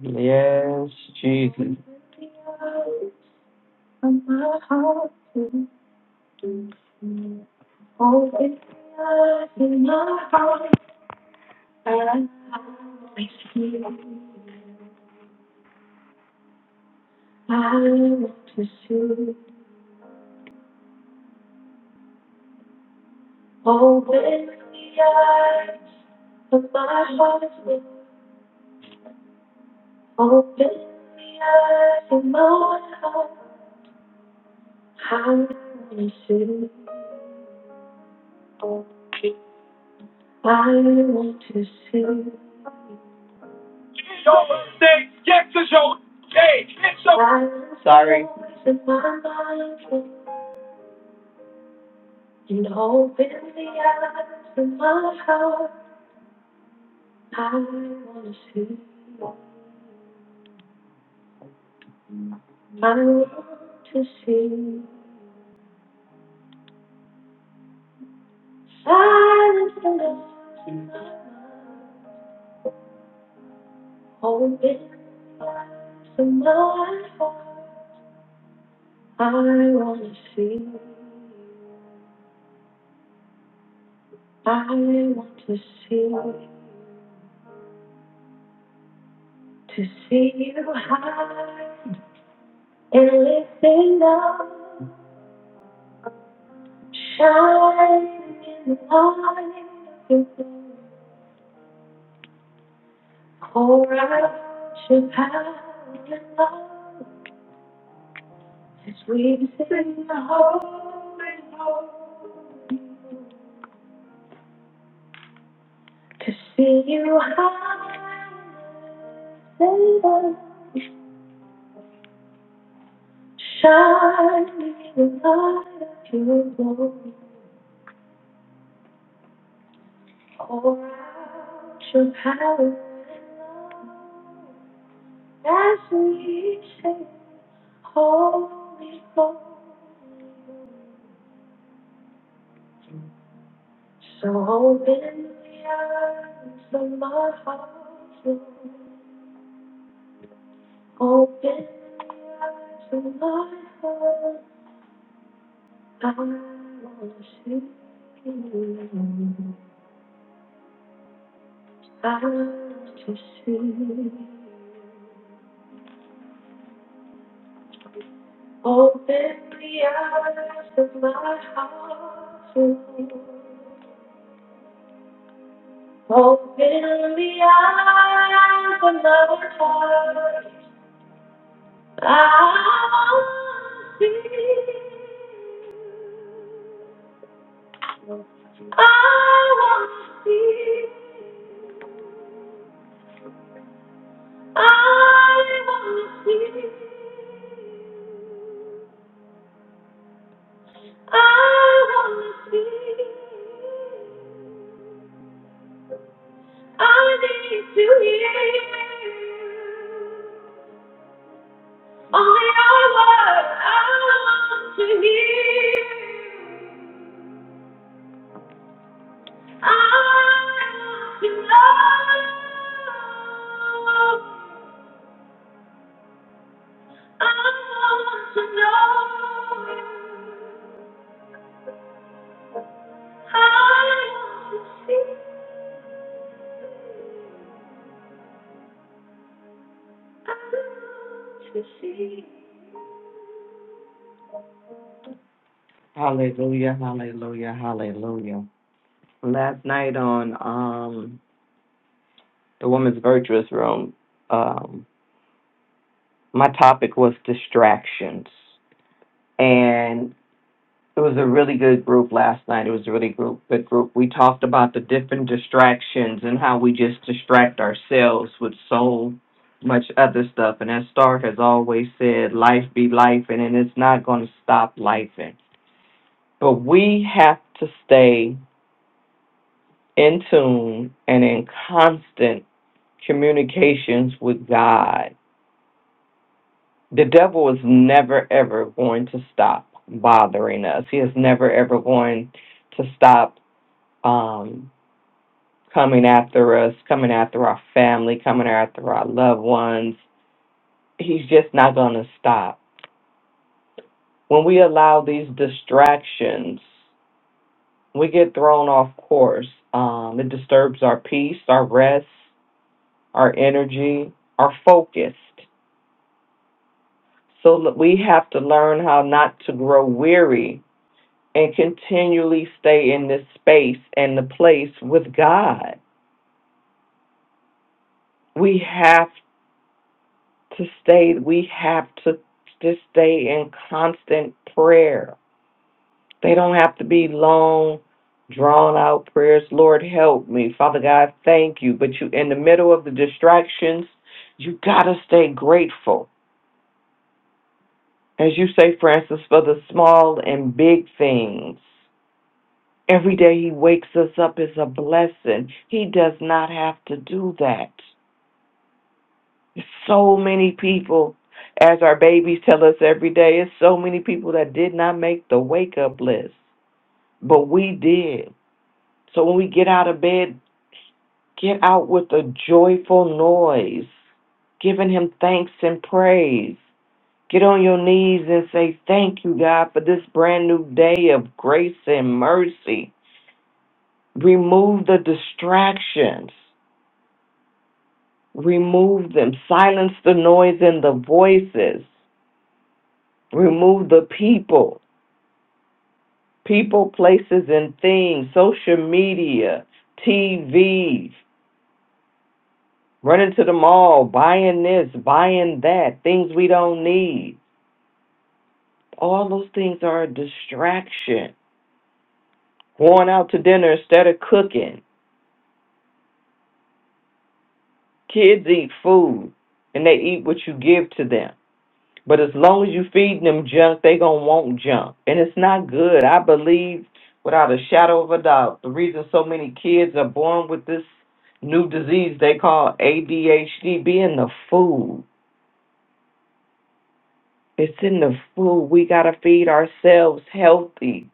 S9: Yes, Jesus. Open the eyes of my heart. I want to see. I want to see. Sorry. and open the eyes of my heart. I want to see. I want to see. Silence the love. Open the eyes of my heart. I want to see. I want to see, to see you high and lifted up, shining in the light of your glory. Pour out your power and love as we sing the holy hope. To see you high and lifted up, shining in the light of your glory. Pour out your power. and love. As we sing, holy, holy, so open the eyes of my heart, Lord. open the eyes of my heart. I want to see you. I want to see you. Open the eyes of my heart, Lord. Open the eyes of my heart. I wanna see, I want, to wanna wanna to see, see, see. I I I need to hear all your words. I want to hear. Hallelujah, hallelujah, hallelujah. Last night on um the Woman's Virtuous Room, um, my topic was distractions. and. It was a really good group last night. It was a really group, good group. We talked about the different distractions and how we just distract ourselves with so much other stuff. And as Stark has always said, life be life, and it's not going to stop life. But we have to stay in tune and in constant communications with God. The devil is never, ever going to stop bothering us, he is never, ever going to stop. Um, coming after us, coming after our family, coming after our loved ones. He's just not going to stop. When we allow these distractions, we get thrown off course. Um, it disturbs our peace, our rest, our energy, our focus. So l- we have to learn how not to grow weary and continually stay in this space and the place with God. We have to stay, we have to just stay in constant prayer. They don't have to be long, drawn out prayers. Lord, help me. Father God, thank you. But you, in the middle of the distractions, you got to stay grateful. As you say, Francis, for the small and big things. Every day he wakes us up is a blessing. He does not have to do that. So many people, as our babies tell us every day, it's so many people that did not make the wake up list, but we did. So when we get out of bed, get out with a joyful noise, giving Him thanks and praise. Get on your knees and say, Thank you, God, for this brand new day of grace and mercy. Remove the distractions, remove them, silence the noise and the voices. Remove the people, people, places, and things, social media, TV, running to the mall, buying this, buying that, things we don't need. All those things are a distraction. Going out to dinner instead of cooking. Kids eat food and they eat what you give to them. But as long as you feeding them junk, they gonna want junk, and it's not good. I believe, without a shadow of a doubt, the reason so many kids are born with this new disease they call ADHD be in the food. It's in the food. We gotta feed ourselves healthy,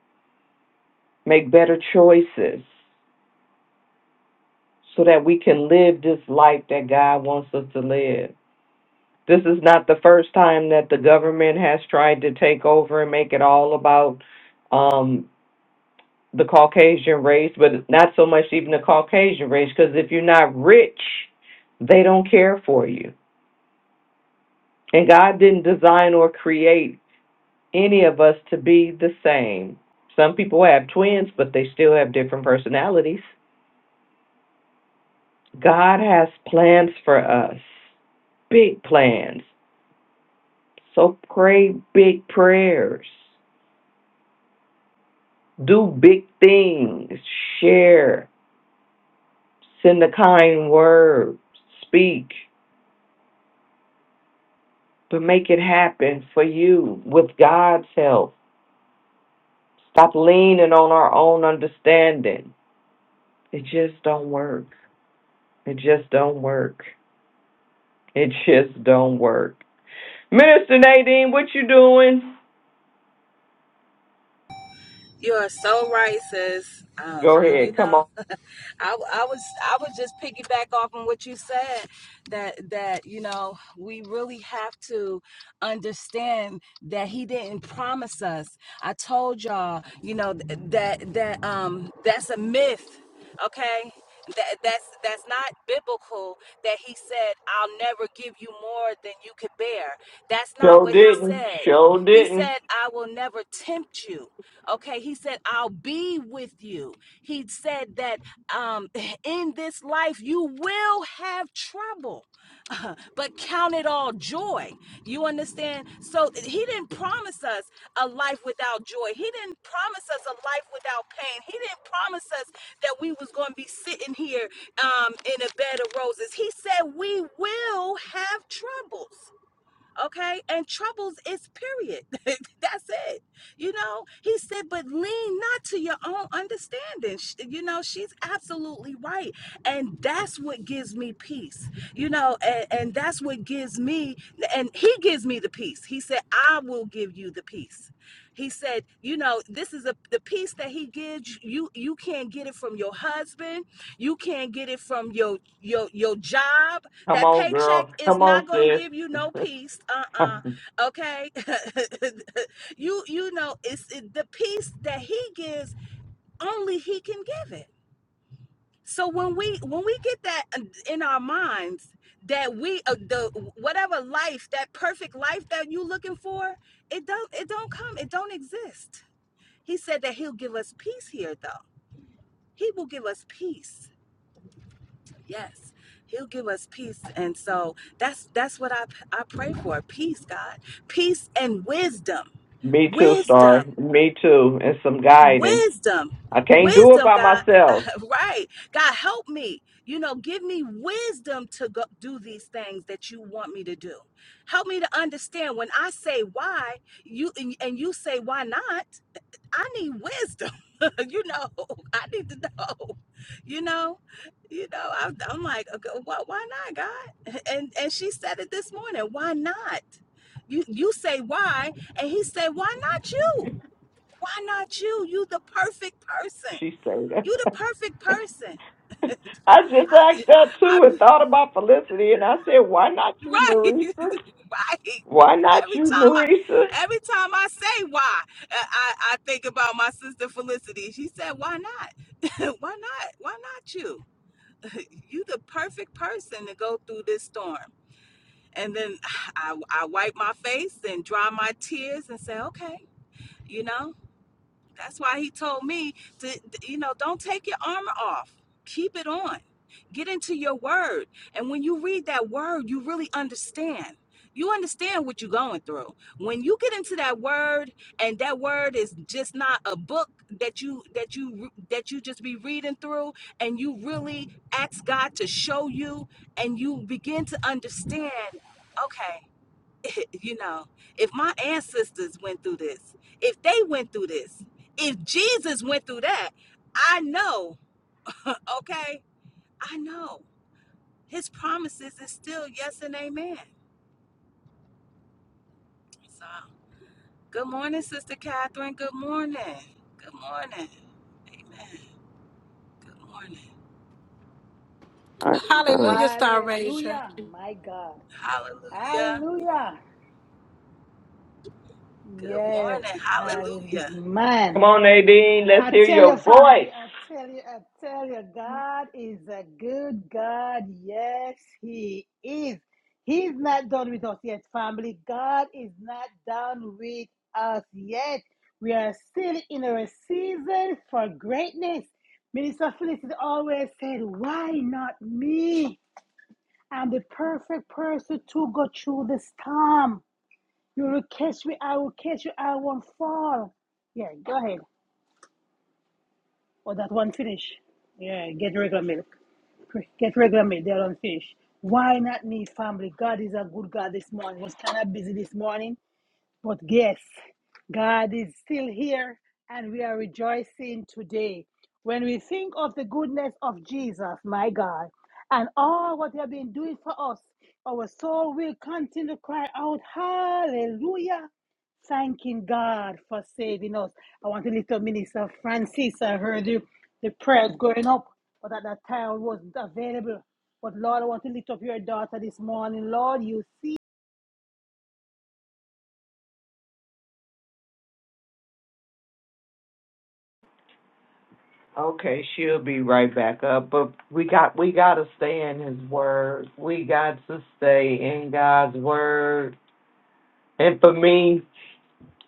S9: make better choices, so that we can live this life that God wants us to live. This is not the first time that the government has tried to take over and make it all about. um, the Caucasian race, but not so much even the Caucasian race, because if you're not rich, they don't care for you. And God didn't design or create any of us to be the same. Some people have twins, but they still have different personalities. God has plans for us, big plans. So pray big prayers, do big things, share, send a kind word, speak. But make it happen for you with God's help. Stop leaning on our own understanding. It just don't work. It just don't work. It just don't work. Minister Nadine, what you doing?
S11: You are so right, sis. Um,
S9: Go
S11: you
S9: ahead. Come
S11: know,
S9: on.
S11: *laughs* I, I was I was just piggyback off on what you said that that you know we really have to understand that he didn't promise us. I told y'all, you know, th- that that um that's a myth. Okay, that that's that's not biblical that he said i'll never give you more than you could bear that's not
S9: Show
S11: what he
S9: didn't.
S11: said
S9: Show
S11: he
S9: didn't.
S11: said i will never tempt you okay he said i'll be with you he said that um in this life you will have trouble *laughs* but count it all joy. You understand? So he didn't promise us a life without joy. He didn't promise us a life without pain. He didn't promise us that we was going to be sitting here um, in a bed of roses. He said we will have troubles okay and troubles is period *laughs* that's it you know he said but lean not to your own understanding Sh- you know she's absolutely right and that's what gives me peace you know and, and that's what gives me and he gives me the peace he said i will give you the peace he said you know this is a, the peace that he gives you you can't get it from your husband you can't get it from your your your job
S9: Come
S11: that
S9: on,
S11: paycheck
S9: girl.
S11: is
S9: Come
S11: not
S9: on,
S11: gonna give you no
S9: sis.
S11: peace. Uh-uh.
S9: *laughs*
S11: Okay. *laughs* you you know, it's it, the peace that he gives, only he can give it. So when we when we get that uh, in our minds that we uh, the whatever life, that perfect life that you looking for, it don't it don't come, it don't exist. He said that he'll give us peace here though. He will give us peace Yes, He'll give us peace, and so that's that's what I I pray for. Peace, God, peace and wisdom,
S9: Me too,
S11: wisdom,
S9: Star. Me too. And some guidance.
S11: wisdom,
S9: I can't do it
S11: wisdom.
S9: by
S11: God, *laughs*
S9: myself.
S11: right? God, help me. You know, give me wisdom to go do these things that you want me to do. Help me to understand when I say why you and and you say why not. I need wisdom. *laughs* you know, I need to know. You know, you know. I, I'm like, okay, why, why not, God? *laughs* And and she said it this morning. Why not? You you say why, and he said, why not you? Why not you? You the perfect person.
S9: She said.
S11: You the perfect
S9: *laughs*
S11: person. *laughs*
S9: I just
S11: I be,
S9: asked that
S11: I
S9: too
S11: be,
S9: and thought about Felicity, and I said, why not you,
S11: Right, *laughs*
S9: Marisa?
S11: right.
S9: Why not
S11: Every
S9: you,
S11: time I,
S9: Marisa?
S11: every time I say why, I, I I think about my sister Felicity. She said, "Why not? *laughs* why not? Why not you? *laughs* you the perfect person to go through this storm." And then *sighs* I, I wipe my face and dry my tears and say, "Okay, you know." That's why he told me to, you know, don't take your armor off. Keep it on. Get into your word. And when you read that word, you really understand. You understand what you're going through. When you get into that word and that word is just not a book that you that you that you just be reading through and you really ask God to show you and you begin to understand, okay, *laughs* you know, if my ancestors went through this, if they went through this, if Jesus went through that, I know, okay? I know. His promises is still yes and amen. So, good morning, Sister Catherine. Good morning. Good morning. Amen. Good morning.
S12: Hallelujah,
S4: Hallelujah, Star Ranger.
S5: Hallelujah, my God.
S11: Hallelujah.
S5: Hallelujah.
S11: Good
S5: Yes,
S11: morning.
S5: hallelujah.
S11: Hallelujah.
S5: Man,
S9: Come on, Nadine, let's
S5: I
S9: hear
S5: tell
S9: your
S5: your
S9: voice.
S5: family, I tell you, I tell you, God is a good God. Yes, He is. He's not done with us yet, family. God is not done with us yet. We are still in our season for greatness. Minister Felicity always said, Why not me? I'm the perfect person to go through the storm. You will catch me, I will catch you, I won't fall. Yeah, go ahead or that one finish. Yeah, get regular milk. Get regular milk. they don't unfinished. Why not me, family? God is a good God this morning. Was kind of busy this morning, but yes, God is still here and we are rejoicing today. When we think of the goodness of Jesus, my God, and all what He has been doing for us, our soul will continue to cry out, Hallelujah, thanking God for saving us. I want to lift up Minister Francis. I heard the, the prayers going up, but at that time I wasn't available. But Lord, I want to lift up your daughter this morning. Lord, you see
S9: Okay, she'll be right back up, but we got we got to stay in His Word. We got to stay in God's Word. And for me,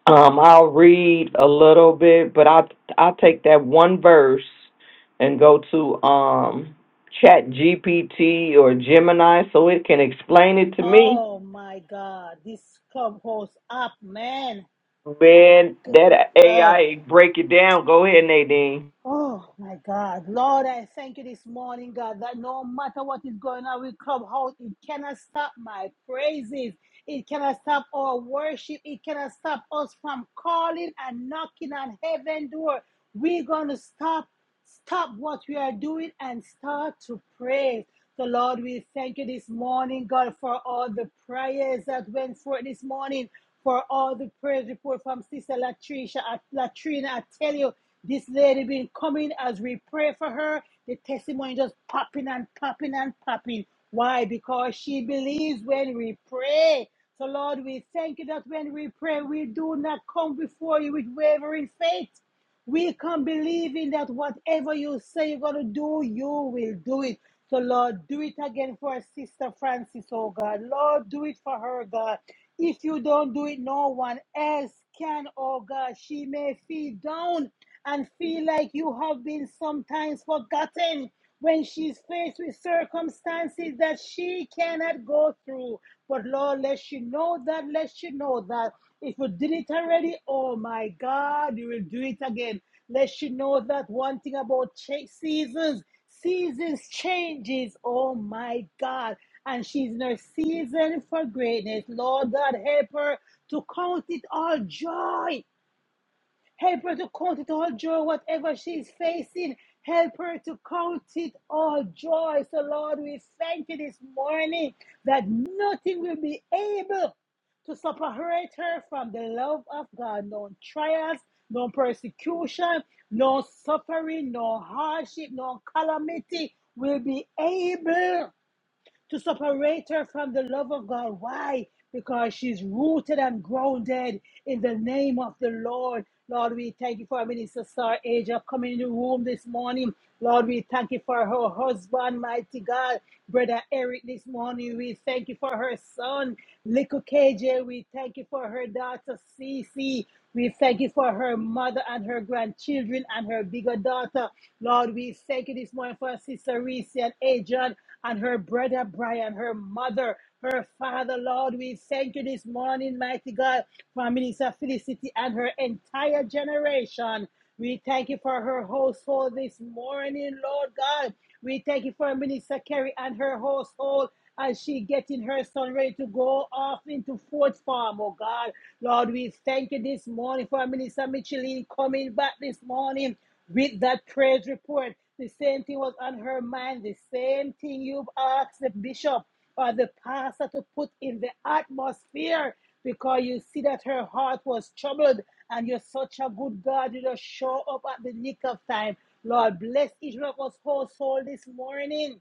S9: Um, I'll read a little bit, but I'll I'll take that one verse and go to um Chat GPT or Gemini so it can explain it to me.
S5: Oh my God, this clubhouse up, man. My
S9: Man,
S5: God.
S9: that
S5: Oh,
S9: AI break it down. Go ahead, Nadine.
S5: oh my God. Lord, I thank you this morning, God, that no matter what is going on with clubhouse, it cannot stop my praises. It cannot stop our worship. It cannot stop us from calling and knocking on heaven door. We're going to stop stop what we are doing and start to pray. So, Lord, we thank you this morning, God, for all the prayers that went forth this morning, for all the prayers report from Sister Latricia, uh, Latrina. I tell you, this lady been coming as we pray for her. The testimony just popping and popping and popping. Why? Because she believes when we pray. So, Lord, we thank you that when we pray, we do not come before you with wavering faith. We can believe in that whatever you say you're going to do, you will do it. So, Lord, do it again for our sister Francis, oh God. Lord, do it for her, God. If you don't do it, no one else can, oh God. She may feel down and feel like you have been sometimes forgotten when she's faced with circumstances that she cannot go through. But Lord, let she know that, let she know that. If you did it already, oh my God, you will do it again. Let she know that one thing about cha- seasons, seasons changes. Oh my God. And she's in her season for greatness. Lord God, help her to count it all joy Help her to count it all joy, whatever she is facing. Help her to count it all joy. So, Lord, we thank you this morning that nothing will be able to separate her from the love of God. No trials, no persecution, no suffering, no hardship, no calamity will be able to separate her from the love of God. Why? Because she's rooted and grounded in the name of the Lord. Lord, we thank you for our minister Star Asia coming in the room this morning. Lord, we thank you for her husband, mighty God, brother Eric this morning. We thank you for her son, little KJ. We thank you for her daughter, Cece. We thank you for her mother and her grandchildren and her bigger daughter. Lord, we thank you this morning for our sister Reese and Adrian and her brother Brian, her mother, her father, Lord. We thank you this morning, mighty God, for Minister Felicity and her entire generation. We thank you for her household this morning, Lord God. We thank you for Minister Kerry and her household as she getting her son ready to go off into Fort Farm, oh God. Lord, we thank you this morning for Minister Micheline coming back this morning with that praise report. The same thing was on her mind. The same thing you've asked the bishop or the pastor to put in the atmosphere because you see that her heart was troubled and you're such a good God. You just show up at the nick of time. Lord, bless each one of us household this morning.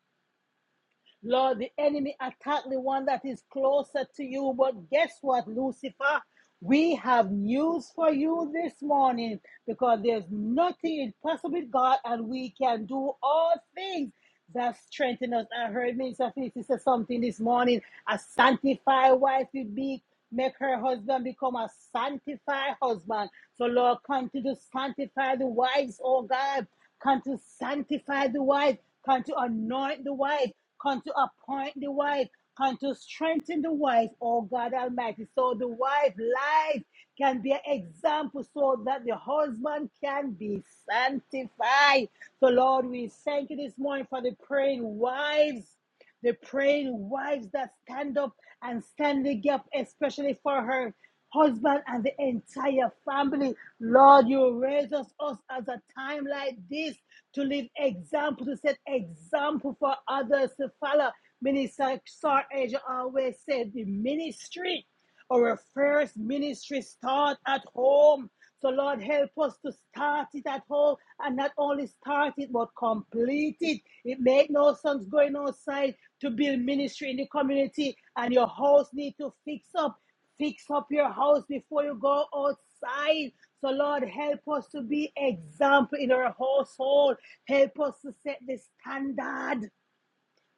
S5: Lord, the enemy attacked the one that is closer to you. But guess what, Lucifer? We have news for you this morning because there's nothing impossible with God and we can do all things that strengthen us. I heard Minister Felicity say something this morning. A sanctified wife will be make her husband become a sanctified husband. So Lord, continue to sanctify the wives, oh God. Come to sanctify the wife. Come to anoint the wife. Come to appoint the wise. Come to strengthen the wise, oh God Almighty. So the wise life can be an example so that the husband can be sanctified. So, Lord, we thank you this morning for the praying wives the praying wives that stand up and stand the gap, especially for her husband and the entire family. Lord, you raise us, us as a time like this to live example, to set example for others to follow. Minister Sar Asia always said the ministry our first ministry start at home. So Lord, help us to start it at home and not only start it but complete it. It make no sense going outside to build ministry in the community and your house need to fix up. Fix up your house before you go outside. So Lord, help us to be example in our household. Help us to set the standard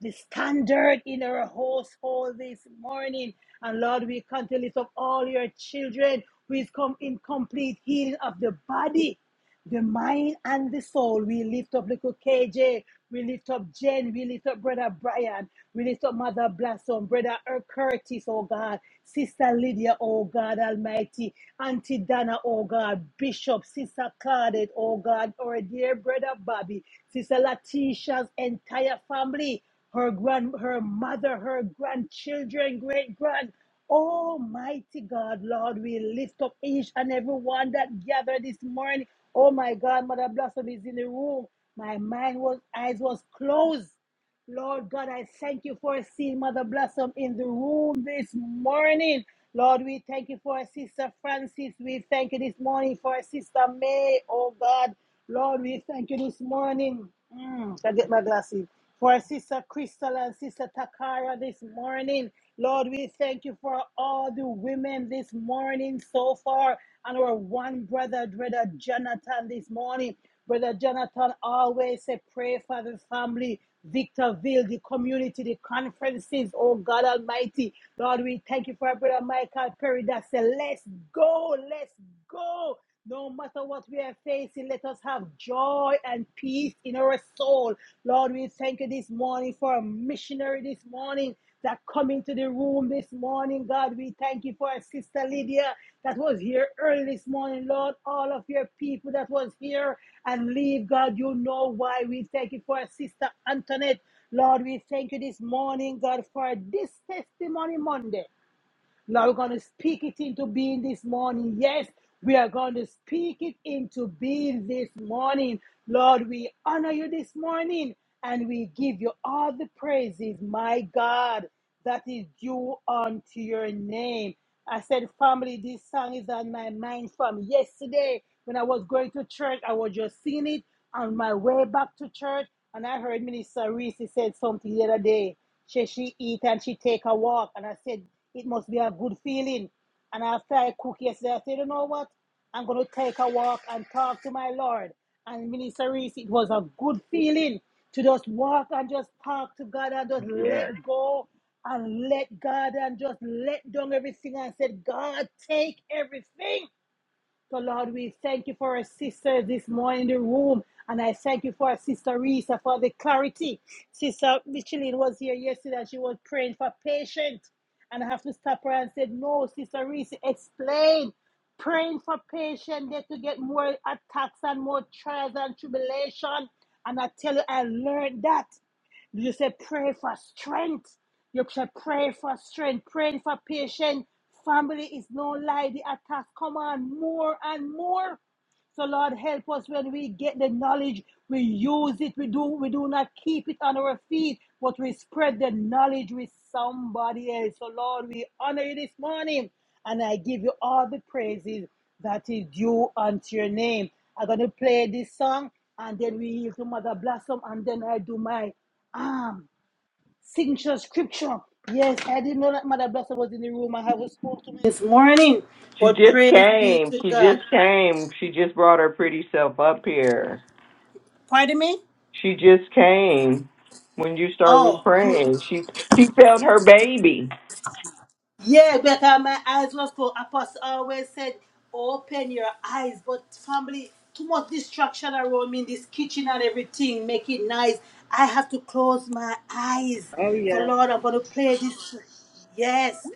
S5: the standard in our household this morning. And Lord, we come to lift up all your children who is come in complete healing of the body, the mind, and the soul. We lift up little KJ. We lift up Jen. We lift up Brother Brian. We lift up Mother Blossom, Brother Er- Curtis, oh God. Sister Lydia, oh God Almighty. Auntie Dana, oh God. Bishop, Sister Claudette, oh God. Our dear Brother Bobby. Sister Latisha's entire family her grand, her mother, her grandchildren, great grand. Almighty God, Lord, we lift up each and every one that gathered this morning. Oh my God, Mother Blossom is in the room. My mind was eyes was closed. Lord God, I thank you for seeing Mother Blossom in the room this morning. Lord, we thank you for Sister Francis. We thank you this morning for Sister May, oh God. Lord, we thank you this morning. Mm, I get my glasses. For our Sister Crystal and Sister Takara this morning. Lord, we thank you for all the women this morning so far. And our one brother, brother Jonathan, this morning. Brother Jonathan always say, pray for the family, Victorville, the community, the conferences. Oh God Almighty. Lord, we thank you for our brother Michael Perry that said, let's go, let's go. No matter what we are facing, let us have joy and peace in our soul. Lord, we thank you this morning for a missionary this morning that come into the room this morning. God, we thank you for our sister Lydia that was here early this morning. Lord, all of your people that was here and leave, God, you know why. We thank you for our sister Antoinette. Lord, we thank you this morning, God, for this testimony Monday. Lord, we're going to speak it into being this morning. Yes, we are going to speak it into being this morning. Lord, we honor you this morning and we give you all the praises, my God, that is due unto your name. I said, family, this song is on my mind from yesterday when I was going to church. I was just singing it on my way back to church, and I heard Minister Reese said something the other day. She she eat and she take a walk. And I said, it must be a good feeling. And after I cook yesterday, I said, you know what? I'm gonna take a walk and talk to my Lord. And Minister Reese, it was a good feeling to just walk and just talk to God and just
S9: Yes.
S5: let go and let God and just let down everything and said, God, take everything. So, Lord, we thank you for our sister this morning in the room. And I thank you for our sister Risa for the clarity. Sister Micheline was here yesterday and she was praying for patience. And I have to stop her and said, No, Sister Risa, explain. Praying for patience, that to get more attacks and more trials and tribulation. And I tell you, I learned that. You say pray for strength. You say pray for strength, praying for patience. Family is no lie. The attacks come on more and more. So Lord, help us when we get the knowledge, we use it. We do we do not keep it on our feet, but we spread the knowledge with somebody else. So Lord, we honor you this morning, and I give you all the praises that is due unto your name. I'm gonna play this song, and then we yield to Mother Blossom, and then I do my signature scripture. Yes, I didn't know that Mother Blossom was in the room. I haven't spoken to me this morning,
S9: She
S5: but
S9: just
S5: praise be
S9: came.
S5: to
S9: She
S5: God.
S9: just came. She just brought her pretty self up here.
S5: Pardon me?
S9: She just came when you started
S5: Oh, good.
S9: praying. She she felt her baby.
S5: Yeah, because my eyes was closed. Apostle always said, open your eyes. But family, too much distraction around me in this kitchen and everything. Make it nice. I have to close my eyes. So Lord, I'm going to play this. Yes.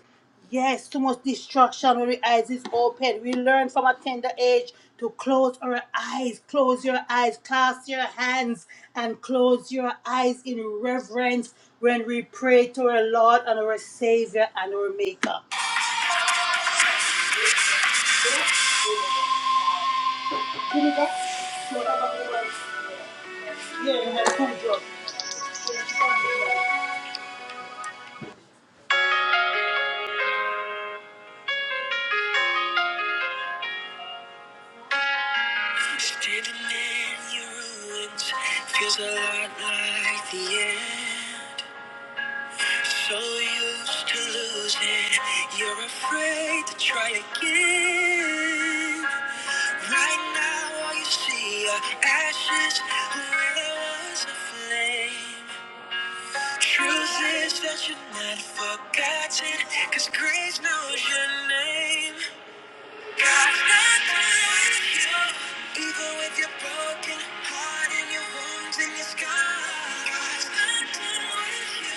S5: Yes, too much distraction when the eyes is open. We learn from a tender age to close our eyes, close your eyes, clasp your hands, and close your eyes in reverence when we pray to our Lord and our Savior and our Maker. Standing in your ruins feels a lot like the end. So used to losing, you're afraid to try again. Right now, all you see are ashes where there was a flame. Truth is that you're not forgotten, cause grace knows your name. God's not through with you. Even with your broken heart and your wounds and your scars. God's not through with you.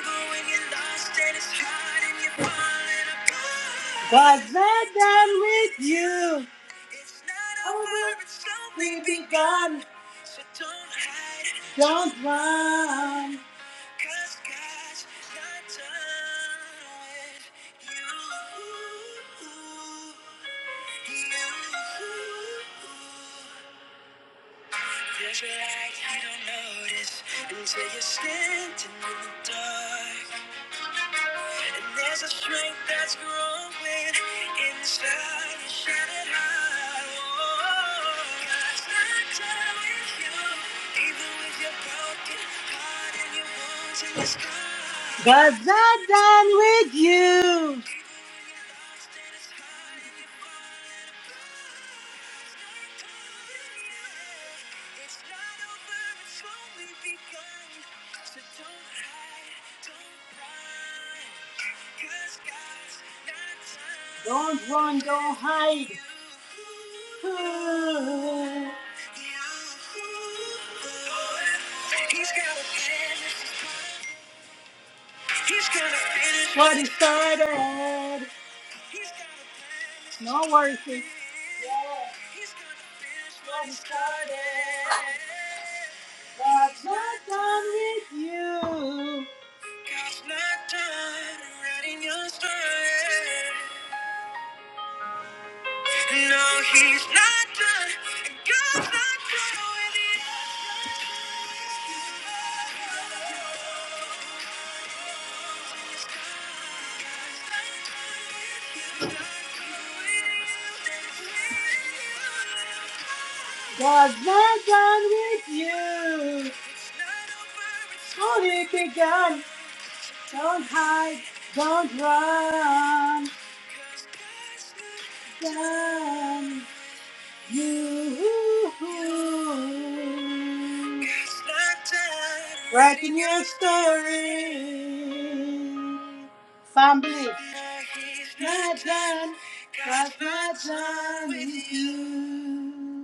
S5: Even when you're lost and it's hard and you're falling apart. God's not done with you. It's not over. It's only begun. So don't hide. Don't run. Cause God's not done with you. You. There's a light you don't notice until you're standing in the dark. And there's a strength that's growing inside your shattered heart. Oh, God's not done with you, even with your broken heart and your wounds and your scars. God's not done with you. It's not over it's only begun, so don't hide, don't run, 'cause God's not done. Don't run, don't hide. You, you. He's gonna finish. He's gonna finish what he started. No worries, sis. Yeah. He's gonna finish what he started. God's not done with you. God's not done writing your story. No, he's not done. God's not done with you. God's not done with you. Only begun. Don't hide. Don't run. Done you. Writing your story. Family. My done. God's not done with you.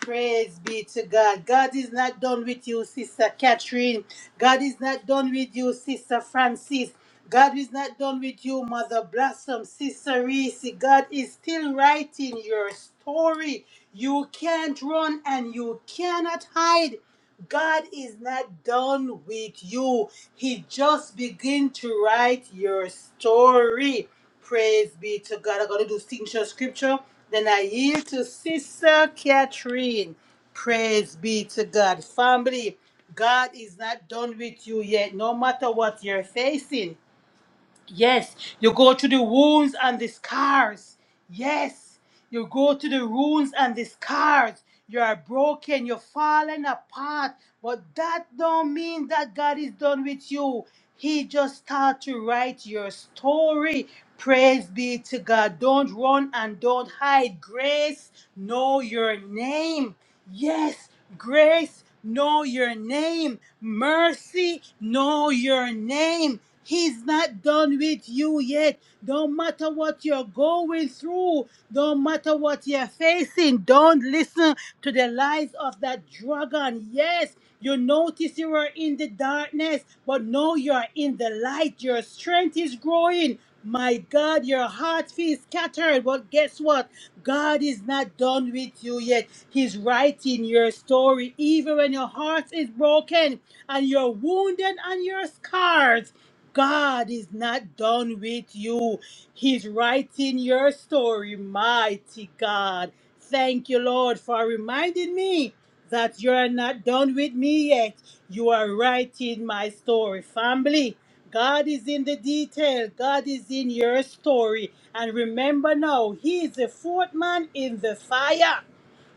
S5: Praise be to God. God is not done with you, Sister Catherine. God is not done with you, Sister Francis. God is not done with you, Mother Blossom, Sister Reese. God is still writing your story. You can't run and you cannot hide. God is not done with you. He just began to write your story. Praise be to God. I'm going to do signature scripture. Then I yield to Sister Catherine. Praise be to God. Family, God is not done with you yet. No matter what you're facing, Yes, you go to the wounds and the scars. Yes, you go to the wounds and the scars. You are broken, you're falling apart. But that don't mean that God is done with you. He just start to write your story. Praise be to God. Don't run and don't hide. Grace, know your name. Yes, grace, know your name. Mercy, know your name. He's not done with you yet. Don't matter what you're going through, don't matter what you're facing, don't listen to the lies of that dragon. Yes, you notice you were in the darkness, but now you're in the light. Your strength is growing. My God, your heart feels scattered, but guess what? God is not done with you yet. He's writing your story. Even when your heart is broken and you're wounded and you're scarred, God is not done with you. He's writing your story, mighty God. Thank you, Lord, for reminding me that you're not done with me yet. You are writing my story, family. God is in the detail. God is in your story. And remember now, He is the fourth man in the fire.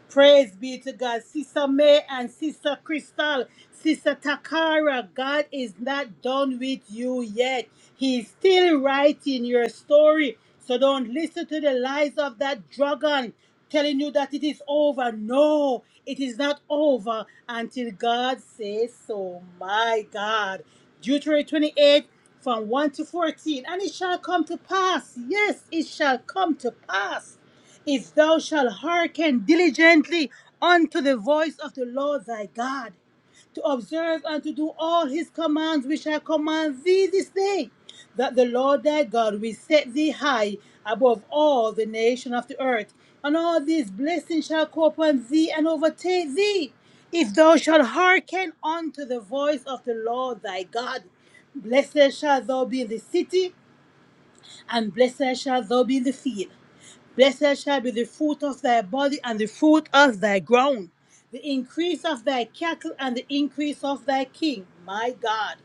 S5: Praise be to God. Sister May and Sister Crystal, Sister Takara, God is not done with you yet. He's still writing your story. So don't listen to the lies of that dragon telling you that it is over. No, it is not over until God says so. My God. Deuteronomy 28 from 1 to 14. And it shall come to pass. Yes, it shall come to pass if thou shalt hearken diligently unto the voice of the Lord thy God, to observe and to do all his commands which I command thee this day, that the Lord thy God will set thee high above all the nation of the earth, and all these blessings shall come upon thee and overtake thee. If thou shalt hearken unto the voice of the Lord thy God, blessed shall thou be in the city, and blessed shall thou be in the field. Blessed shall be the fruit of thy body and the fruit of thy ground, the increase of thy cattle and the increase of thy king, my God.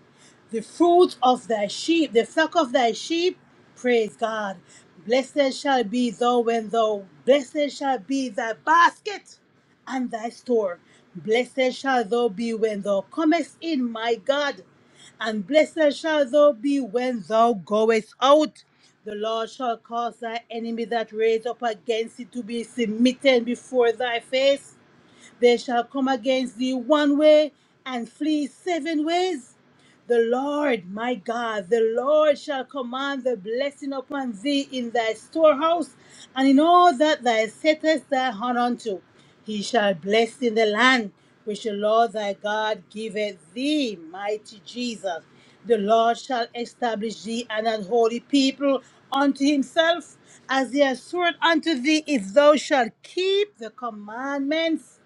S5: The fruit of thy sheep, the flock of thy sheep, praise God. Blessed shall be thou when thou, blessed shall be thy basket and thy store. Blessed shall thou be when thou comest in, my God, and blessed shall thou be when thou goest out. The Lord shall cause thy enemy that raise up against thee to be submitted before thy face. They shall come against thee one way and flee seven ways. The Lord, my God, the Lord shall command the blessing upon thee in thy storehouse and in all that thou settest thy hand unto. He shall bless in the land which the Lord thy God giveth thee, mighty Jesus. The Lord shall establish thee an unholy people unto himself, as he has sworn unto thee, if thou shalt keep the commandments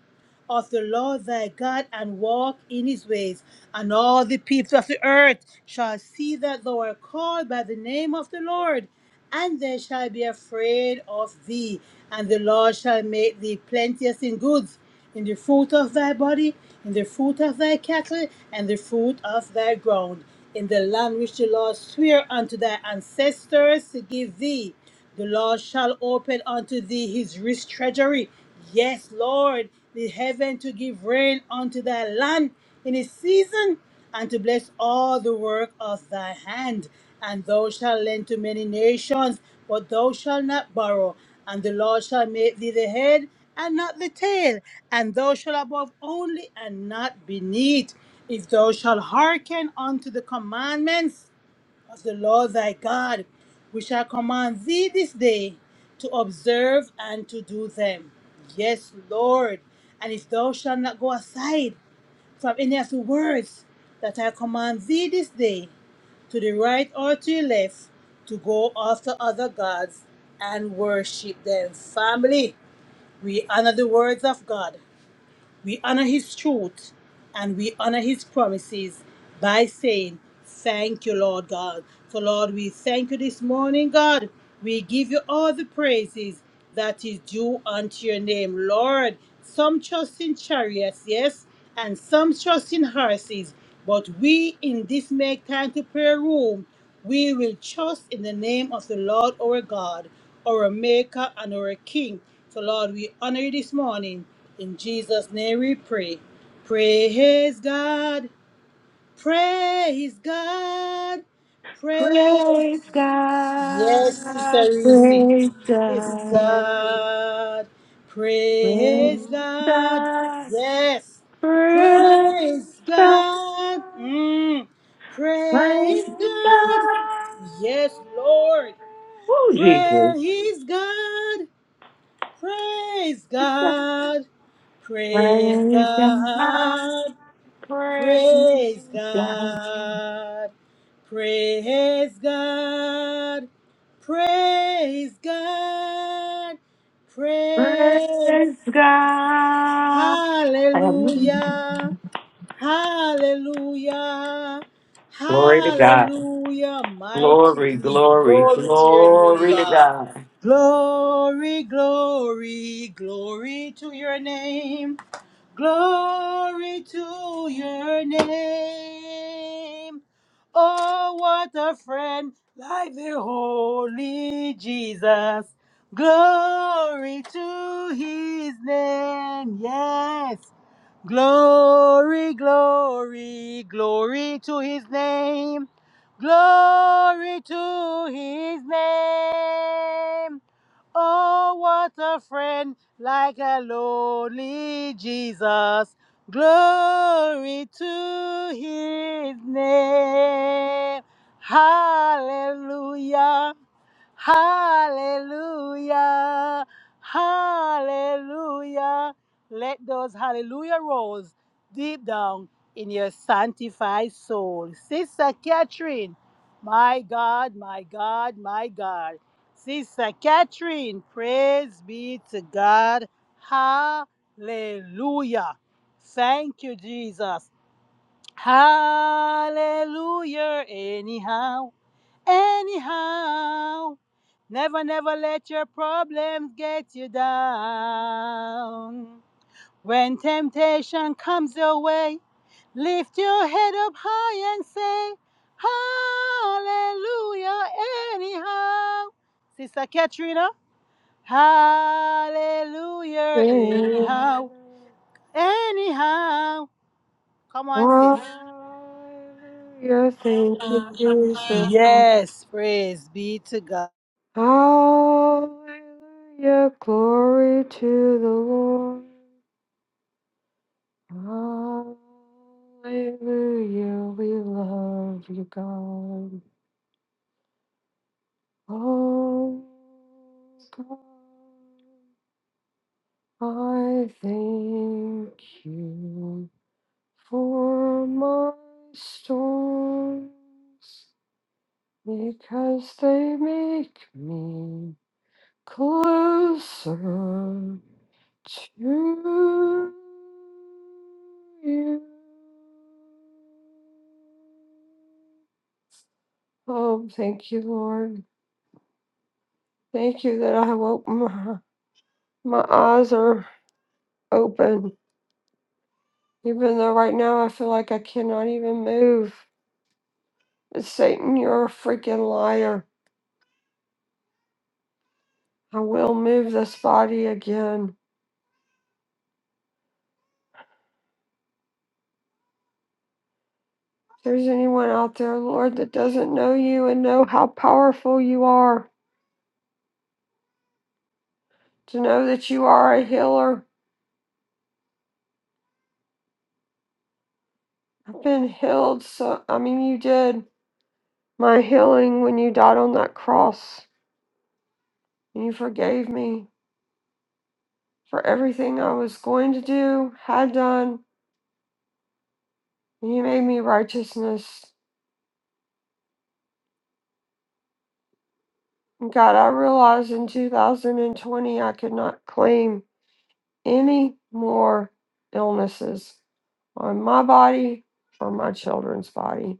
S5: of the Lord thy God and walk in his ways, and all the people of the earth shall see that thou art called by the name of the Lord, and they shall be afraid of thee. And the Lord shall make thee plenteous in goods, in the fruit of thy body, in the fruit of thy cattle, and the fruit of thy ground, in the land which the Lord sware unto thy ancestors to give thee. The Lord shall open unto thee his rich treasury. Yes, Lord, the heaven to give rain unto thy land in its season, and to bless all the work of thy hand. And thou shalt lend to many nations, but thou shalt not borrow. And the Lord shall make thee the head and not the tail, and thou shalt above only and not beneath. If thou shalt hearken unto the commandments, of the Lord thy God, which I command thee this day to observe and to do them. Yes, Lord. And if thou shalt not go aside from any of the words that I command thee this day, to the right or to the left, to go after other gods and worship them. Family, we honor the words of God. We honor his truth and we honor his promises by saying, Thank you, Lord God. So, Lord, we thank you this morning, God. We give you all the praises that is due unto your name, Lord. Some trust in chariots, yes, and some trust in horses. But we in this make time to prayer room, we will trust in the name of the Lord our God our Maker and our King. So, Lord, we honor you this morning. In Jesus' name we pray. Praise God. Praise God.
S9: Praise
S5: Praise.
S9: God,
S5: Yes, Sister Reese.
S9: praise
S5: Praise
S9: God,
S5: God.
S9: praise
S5: Praise God.
S9: God,
S5: Yes.
S9: praise
S5: Praise
S9: God,
S5: God. Mm. Praise
S9: praise
S5: God.
S9: God.
S5: Yes, Lord.
S9: Oh, Jesus.
S5: Praise God. Praise
S9: Praise God,
S5: God. Praise God.
S9: praise
S5: Praise
S9: God,
S5: God. Praise God. Praise God. Praise.
S9: praise God. Hallelujah.
S5: Hallelujah. Hallelujah.
S9: Glory to God.
S5: Hallelujah. Mighty
S9: Glory,
S5: King.
S9: glory,
S5: Glory to your name,
S9: glory to
S5: God.
S9: God.
S5: Glory, glory, glory to your name. Glory to your name. Oh, what a friend, like the Holy Jesus. Glory to his name. Yes. Glory, glory, glory to his name. Glory to his name. Oh, what a friend, like a lonely Jesus. Glory to his name. Hallelujah. Hallelujah. Hallelujah. Let those hallelujah rolls deep down in your sanctified soul. Sister Catherine, my God, my God, my God. Sister Catherine, praise be to God. Hallelujah. Thank you, Jesus. Hallelujah, anyhow anyhow. Never, never let your problems get you down. When temptation comes your way, lift your head up high and say, Hallelujah, anyhow. Sister Katrina, Hallelujah, anyhow, anyhow. Come on, sis.
S12: thank you, Jesus.
S5: Yes, praise be to God.
S12: Hallelujah, glory to the Lord. Hallelujah, we love you, God. Oh, God, I thank you for my storms. Because they make me closer to you. Oh, thank you, Lord. Thank you that I have opened my, my eyes are open. Even though right now I feel like I cannot even move. But Satan, you're a freaking liar. I will move this body again. there's anyone out there, Lord, that doesn't know you and know how powerful you are, to know that you are a healer. I've been healed, so I mean, you did my healing when you died on that cross, and you forgave me for everything I was going to do, had done, and you made me righteousness. And God, I realized in 2020 I could not claim any more illnesses on my body or my children's body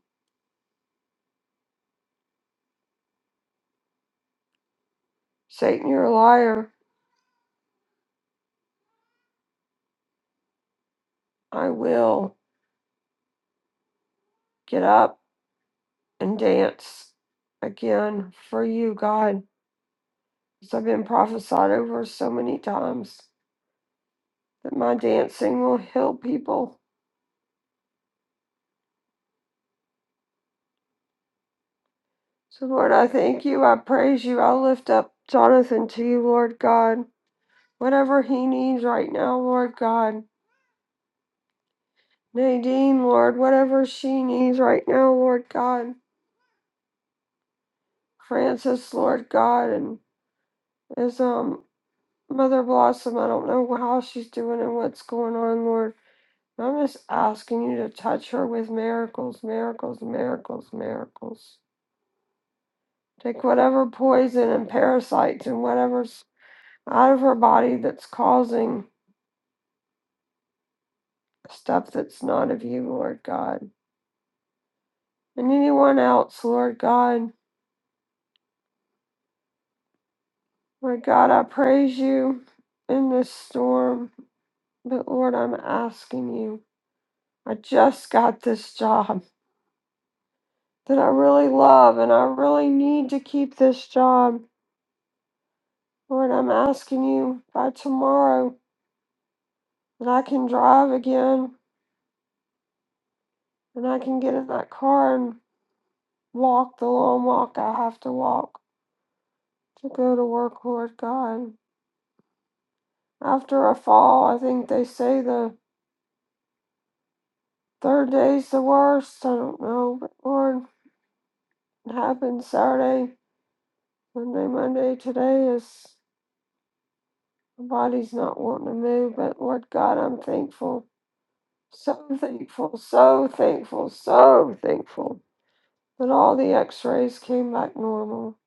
S12: Satan, you're a liar. I will get up and dance again for you, God. As I've been prophesied over so many times that my dancing will heal people. So, Lord, I thank you. I praise you. I lift up Jonathan to you, Lord God. Whatever he needs right now, Lord God. Nadine, Lord, whatever she needs right now, Lord God. Francis, Lord God, and is um Mother Blossom, I don't know how she's doing and what's going on, Lord. I'm just asking you to touch her with miracles, miracles, miracles, miracles. Take whatever poison and parasites and whatever's out of her body that's causing stuff that's not of you, Lord God. And anyone else, Lord God. Lord God, I praise you in this storm. But Lord, I'm asking you. I just got this job. that I really love and I really need to keep this job. Lord, I'm asking you by tomorrow that I can drive again and I can get in that car and walk the long walk I have to walk to go to work, Lord God. After a fall, I think they say the third day's the worst. I don't know, but Lord, it happened Saturday, Monday, Monday. Today is my body's not wanting to move, but Lord God, I'm thankful So thankful, so thankful, so thankful that all the x rays came back normal.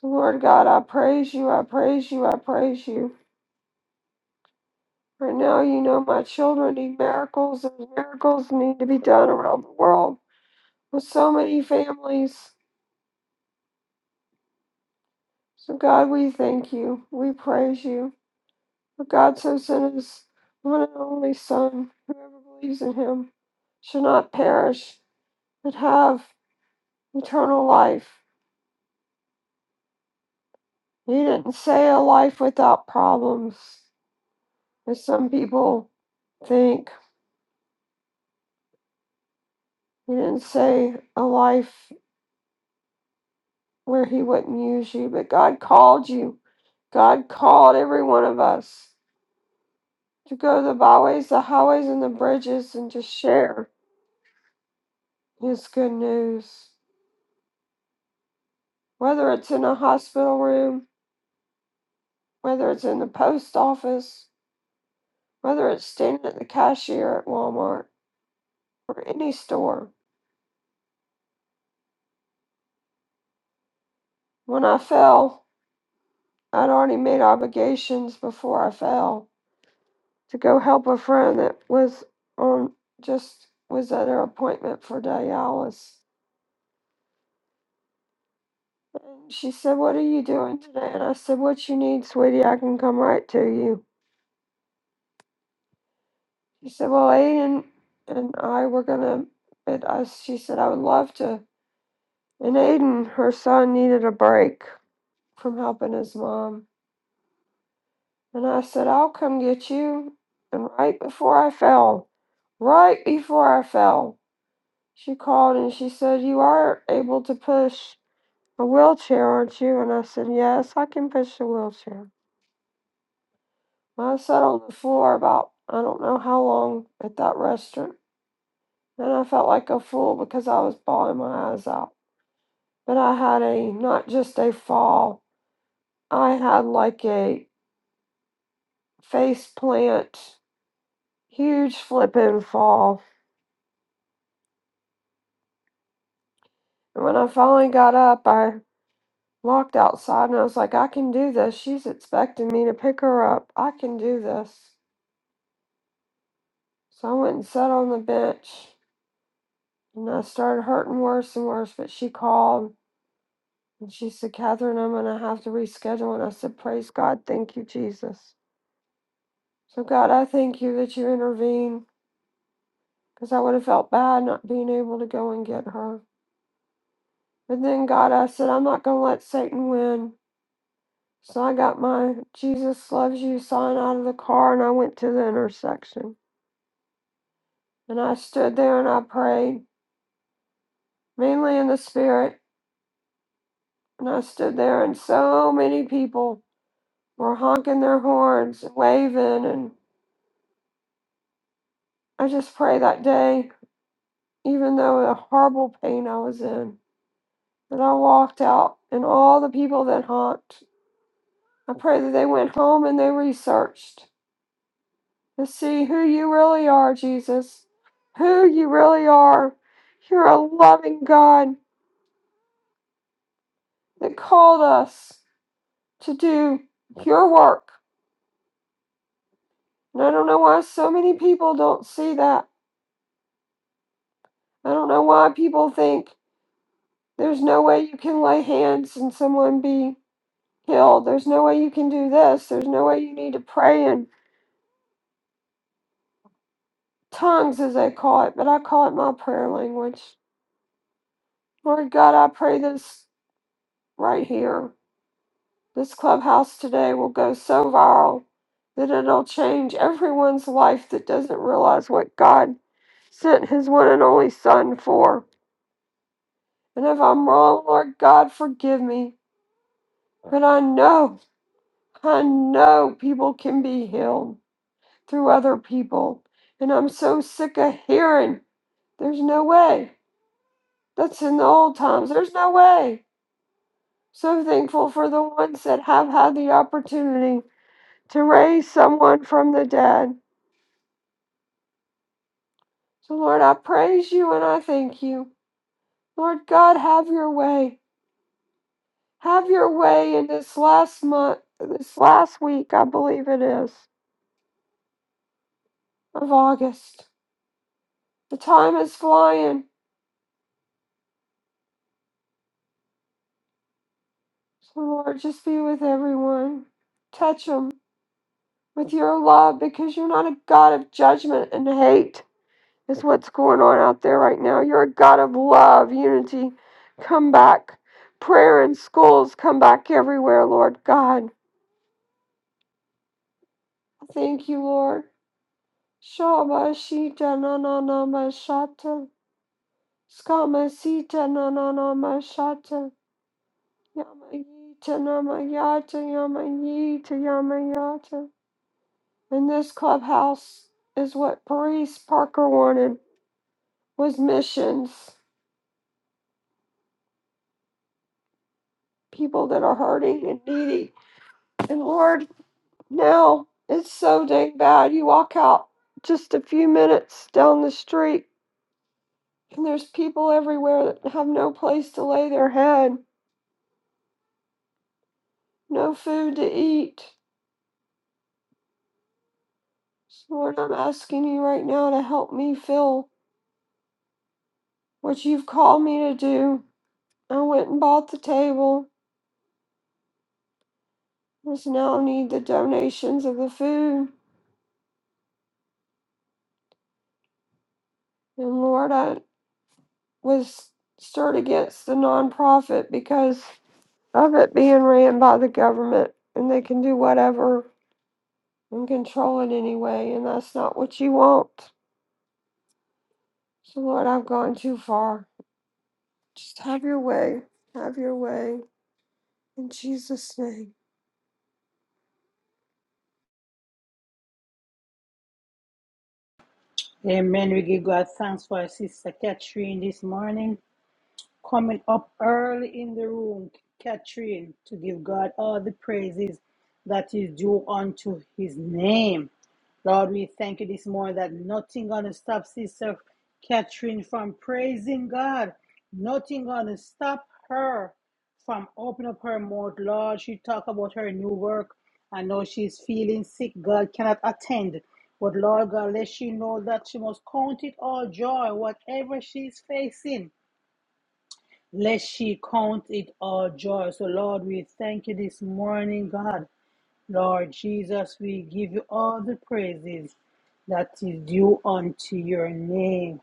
S12: So, Lord God, I praise you, I praise you, I praise you. Right now, you know my children need miracles, and miracles need to be done around the world with so many families. So, God, we thank you, we praise you. For God so sent his one and only Son, whoever believes in him shall not perish, but have eternal life. He didn't say a life without problems, as some people think. He didn't say a life where he wouldn't use you, but God called you. God called every one of us to go to the byways, the highways, and the bridges and just share his good news. Whether it's in a hospital room, whether it's in the post office, whether it's standing at the cashier at Walmart or any store. When I fell, I'd already made obligations before I fell to go help a friend that was on just was at her appointment for dialysis. And she said, What are you doing today? And I said, What you need, sweetie, I can come right to you. She said, Well, Aiden and I were gonna but I she said I would love to and Aiden, her son, needed a break from helping his mom. And I said, I'll come get you and right before I fell, right before I fell. she called and she said, You are able to push a wheelchair, aren't you? And I said, Yes, I can push a wheelchair. I sat on the floor about, I don't know how long at that restaurant. And I felt like a fool because I was bawling my eyes out. But I had a, not just a fall, I had like a face plant, huge flipping fall. And when I finally got up, I. locked outside and I was like, I can do this. She's expecting me to pick her up. I can do this. So I went and sat on the bench and I started hurting worse and worse. But she called and she said, Catherine, I'm going to have to reschedule. And I said, Praise God. Thank you, Jesus. So, God, I thank you that you intervened because I would have felt bad not being able to go and get her. But then, God, I said, I'm not going to let Satan win. So I got my Jesus loves you sign out of the car and I went to the intersection. And I stood there and I prayed, mainly in the spirit. And I stood there, and so many people were honking their horns, waving. And I just prayed that day, even though the horrible pain I was in, that I walked out, and all the people that honked, I pray that they went home and they researched to see who you really are, Jesus, who you really are. You're a loving God that called us to do your work And I don't know why so many people don't see that. I don't know why people think there's no way you can lay hands and someone be healed. There's no way you can do this. There's no way you need to pray in tongues, as they call it, but I call it my prayer language. Lord God, I pray this right here. This clubhouse today will go so viral that it'll change everyone's life that doesn't realize what God sent his one and only Son for. And if I'm wrong, Lord God, forgive me. But I know, I know people can be healed through other people. And I'm so sick of hearing there's no way. That's in the old times. There's no way. So thankful for the ones that have had the opportunity to raise someone from the dead. So, Lord, I praise you and I thank you. Lord God, have your way. Have your way in this last month, this last week, I believe it is, of August. The time is flying. So, Lord, just be with everyone. Touch them with your love because you're not a God of judgment and hate, is what's going on out there right now. You're a God of love, unity. Come back. Prayer in schools, come back everywhere, Lord God. Thank you, Lord. Shabashita na na na mashata. Skamasita na na na mashata. Yamayita na mayata, yamayita, yamayata. And this clubhouse is what Paris Parker wanted was missions, people that are hurting and needy. And Lord, now it's so dang bad. You walk out just a few minutes down the street and there's people everywhere that have no place to lay their head, no food to eat. So Lord, I'm asking you right now to help me fill what you've called me to do. I went and bought the table. I Just now need the donations of the food. And Lord, I was stirred against the nonprofit because of it being ran by the government and they can do whatever and control it anyway. And that's not what you want. So, Lord, I've gone too far. Just have your way. Have your way. In Jesus' name.
S5: Amen. We give God thanks for our sister Catherine this morning coming up early in the room, Catherine, to give God all the praises that is due unto his name. Lord, we thank you this morning that nothing gonna stop Sister Catherine from praising God. Nothing gonna stop her from opening up her mouth. Lord, she talk about her new work. I know she's feeling sick. God cannot attend. But Lord God, let she know that she must count it all joy, whatever she's facing. Let she count it all joy. So, Lord, we thank you this morning, God. Lord Jesus, we give you all the praises that is due unto your name.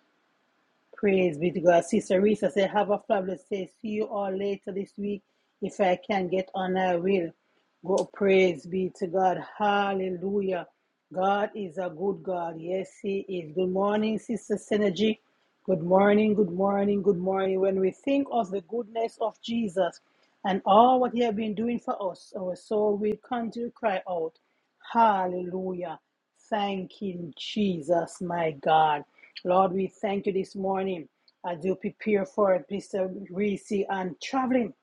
S5: Praise be to God. Sister Risa said, Have a fabulous day. See you all later this week. If I can get on, I will. God, praise be to God. Hallelujah. God is a good God. Yes, He is. Good morning, Sister Synergy. Good morning, good morning, good morning. When we think of the goodness of Jesus and all what He has been doing for us, our soul will continue to cry out, Hallelujah. Thank Him, Jesus, my God. Lord, we thank you this morning as you prepare for Mr. Reese and traveling.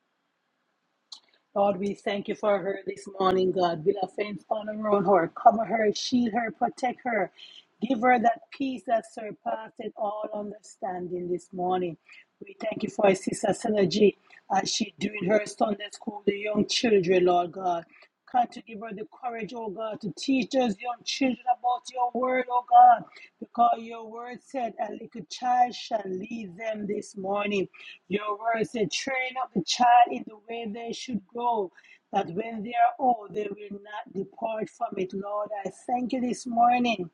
S5: God, we thank you for her this morning, God. Build a fence all around her, cover her, shield her, protect her. Give her that peace that surpasses all understanding this morning. We thank you for our sister Synergy as she doing her Sunday school, the young children, Lord God. God, to give her the courage, oh God, to teach us young children about your word, oh God, because your word said a little child shall lead them this morning. Your word said, train up the child in the way they should go, that when they are old, they will not depart from it. Lord, I thank you this morning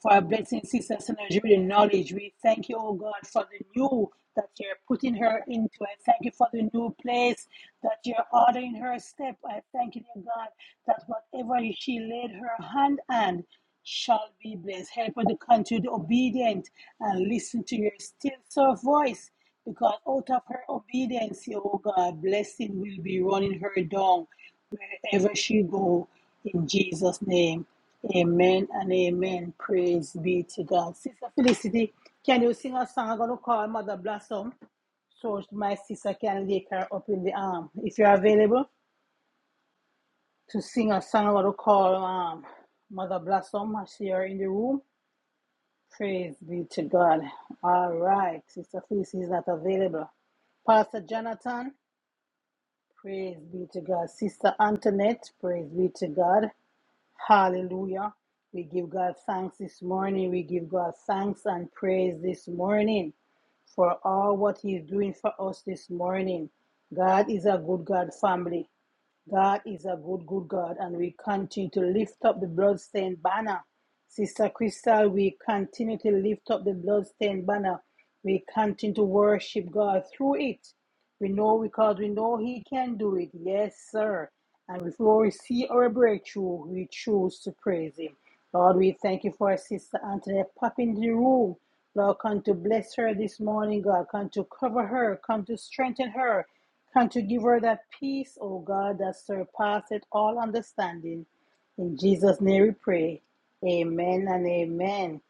S5: for our blessing, sister synergy with the knowledge. We thank you, oh God, for the new that you're putting her into. I thank you for the new place that you're ordering her step. I thank you, dear God, that whatever she laid her hand on shall be blessed. Help her to continue to be obedient and listen to your still soft voice because out of her obedience, oh God, blessing will be running her down wherever she go in Jesus name. Amen and amen. Praise be to God. Sister Felicity, can you sing a song? I'm gonna call Mother Blossom so my sister can take her up in the arm. If you're available to sing a song, I'm gonna call um, Mother Blossom. I see her in the room. Praise be to God. All right, Sister Felicity is not available. Pastor Jonathan, praise be to God. Sister Antoinette, praise be to God. Hallelujah. We give God thanks this morning. We give God thanks and praise this morning for all what He's doing for us this morning. God is a good God family. God is a good, good God, and we continue to lift up the bloodstained banner. Sister Crystal, we continue to lift up the bloodstained banner. We continue to worship God through it. We know because we know He can do it. Yes, sir. And before we see our breakthrough, we choose to praise Him. Lord, we thank you for our sister Antoinette pop in the room. Lord, come to bless her this morning, God. Come to cover her. Come to strengthen her. Come to give her that peace, oh God, that surpasseth all understanding. In Jesus' name we pray. Amen and amen.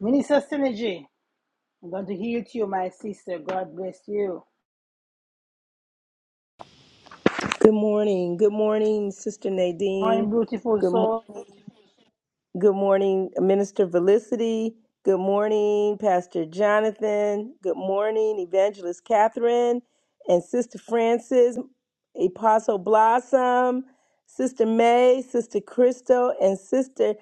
S5: Minister Synergy, I'm going to heal to you, my sister. God bless you.
S13: Good morning. Good morning, Sister
S5: I'm
S13: Nadine.
S5: beautiful
S13: Good morning,
S5: soul.
S13: Good morning, Minister Felicity. Good morning, Pastor Jonathan. Good morning, Evangelist Catherine and Sister Francis, Apostle Blossom, Sister May, Sister Crystal, and Sister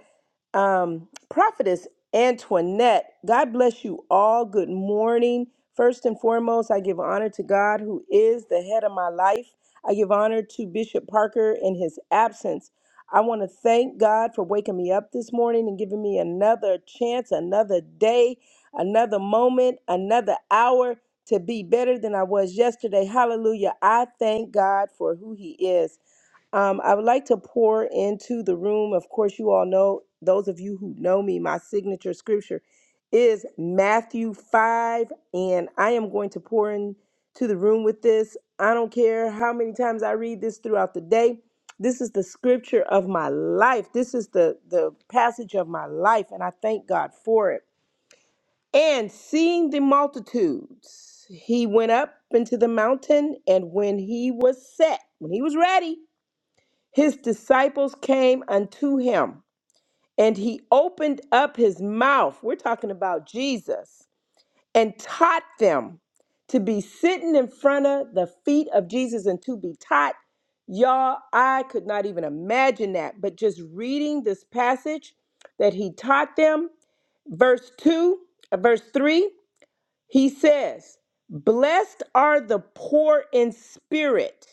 S13: um, Prophetess Antoinette. God bless you all. Good morning. First and foremost, I give honor to God, who is the head of my life. I give honor to Bishop Parker in his absence. I want to thank God for waking me up this morning and giving me another chance, another day, another moment, another hour to be better than I was yesterday. Hallelujah. I thank God for who He is. Um, I would like to pour into the room. Of course, you all know, those of you who know me, my signature scripture is Matthew 5, and I am going to pour into the room with this. I don't care how many times I read this throughout the day. This is the scripture of my life. This is the, the passage of my life, and I thank God for it. And seeing the multitudes, he went up into the mountain, and when he was set, when he was ready, his disciples came unto him, and he opened up his mouth. We're talking about Jesus and taught them to be sitting in front of the feet of Jesus and to be taught. Y'all, I could not even imagine that. But just reading this passage that he taught them, verse 2, uh, verse 3, he says, Blessed are the poor in spirit,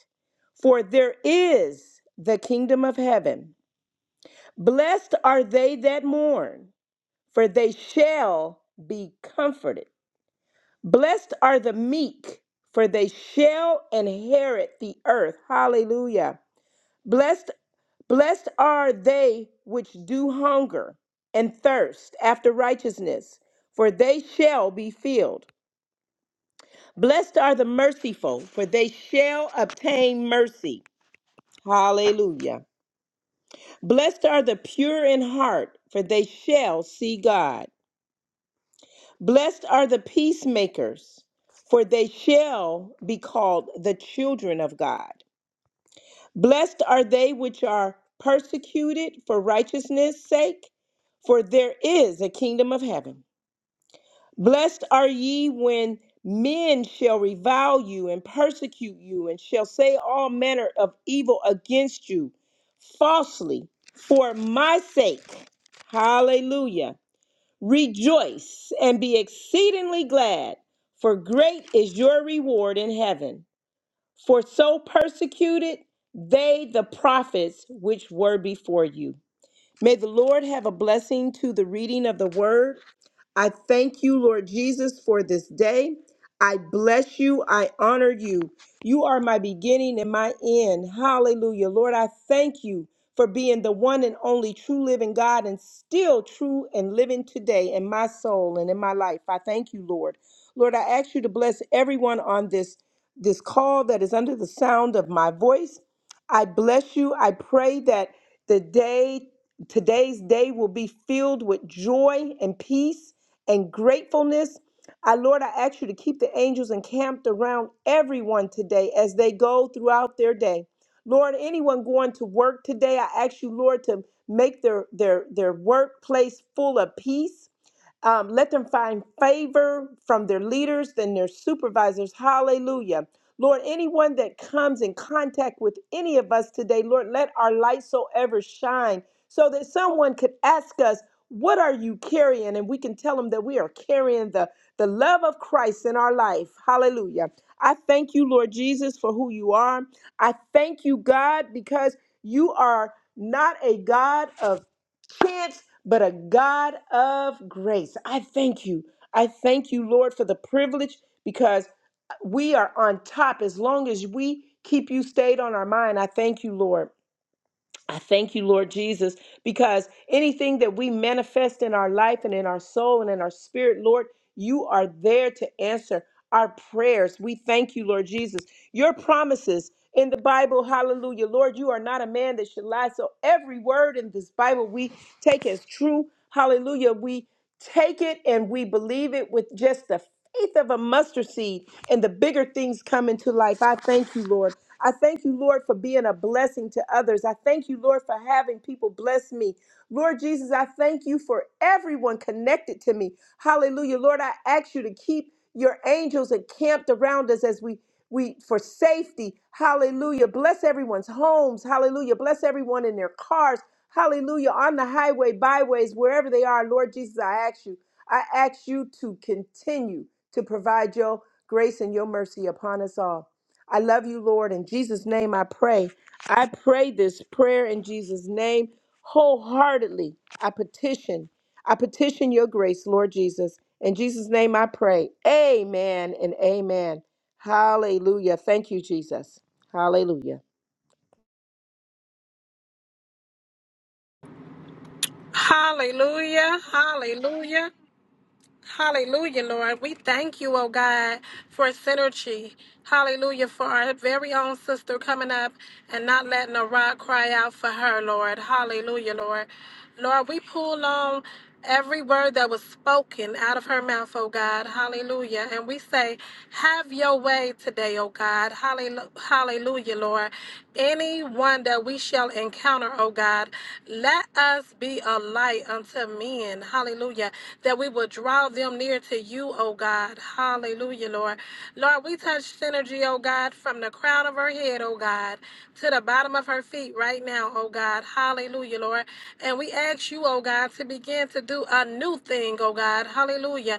S13: for there is the kingdom of heaven. Blessed are they that mourn, for they shall be comforted. Blessed are the meek, for they shall inherit the earth. Hallelujah. Blessed blessed are they which do hunger and thirst after righteousness, for they shall be filled. Blessed are the merciful, for they shall obtain mercy. Hallelujah. Blessed are the pure in heart, for they shall see God. Blessed are the peacemakers, for they shall be called the children of God. Blessed are they which are persecuted for righteousness' sake, for there is a kingdom of heaven. Blessed are ye when men shall revile you and persecute you, and shall say all manner of evil against you falsely for my sake. Hallelujah. Rejoice and be exceedingly glad, for great is your reward in heaven. For so persecuted they the prophets which were before you. May the Lord have a blessing to the reading of the word I thank you, Lord Jesus, for this day. I bless you. I honor you. You are my beginning and my end. Hallelujah. Lord, I thank you for being the one and only true living God and still true and living today in my soul and in my life. I thank you, Lord. Lord, I ask you to bless everyone on this this call that is under the sound of my voice. I bless you. I pray that the day today's day will be filled with joy and peace and gratefulness. I, Lord, I ask you to keep the angels encamped around everyone today as they go throughout their day. Lord, anyone going to work today, I ask you, Lord, to make their their their workplace full of peace um, let them find favor from their leaders and their supervisors. Hallelujah. Lord, anyone that comes in contact with any of us today, Lord, let our light so ever shine so that someone could ask us, What are you carrying? And we can tell them that we are carrying the, the love of Christ in our life. Hallelujah. I thank you, Lord Jesus, for who you are. I thank you, God, because you are not a God of chance, but a God of grace. I thank you. I thank you, Lord, for the privilege because we are on top as long as we keep you stayed on our mind. I thank you, Lord. I thank you, Lord Jesus, because anything that we manifest in our life and in our soul and in our spirit, Lord, you are there to answer our prayers. We thank you, Lord Jesus. Your promises in the Bible, hallelujah. Lord, you are not a man that should lie. So every word in this Bible we take as true, hallelujah. We take it and we believe it with just the faith of a mustard seed, and the bigger things come into life. I thank you, Lord. I thank you, Lord, for being a blessing to others. I thank you, Lord, for having people bless me. Lord Jesus, I thank you for everyone connected to me. Hallelujah. Lord, I ask you to keep your angels encamped around us as we we for safety. Hallelujah. Bless everyone's homes. Hallelujah. Bless everyone in their cars. Hallelujah. On the highway, byways, wherever they are, Lord Jesus, I ask you. I ask you to continue to provide your grace and your mercy upon us all. I love you, Lord. In Jesus' name I pray. I pray this prayer in Jesus' name wholeheartedly. I petition. I petition your grace, Lord Jesus. In Jesus' name I pray. Amen and amen. Hallelujah. Thank you, Jesus. Hallelujah.
S4: Hallelujah. Hallelujah. Hallelujah, Lord. We thank you, oh God, for synergy. Hallelujah, for our very own sister coming up and not letting a rock cry out for her, Lord. Hallelujah, Lord. Lord, we pull on every word that was spoken out of her mouth, oh God. Hallelujah. And we say, have your way today, oh God. Hallelu- Hallelujah, Lord. Anyone that we shall encounter, oh God, let us be a light unto men. Hallelujah that we will draw them near to you, oh God. Hallelujah, Lord. Lord, we touch Synergy, oh God, from the crown of her head, oh God, to the bottom of her feet right now, oh God. Hallelujah, Lord. And we ask you, oh God, to begin to do a new thing, oh God. Hallelujah.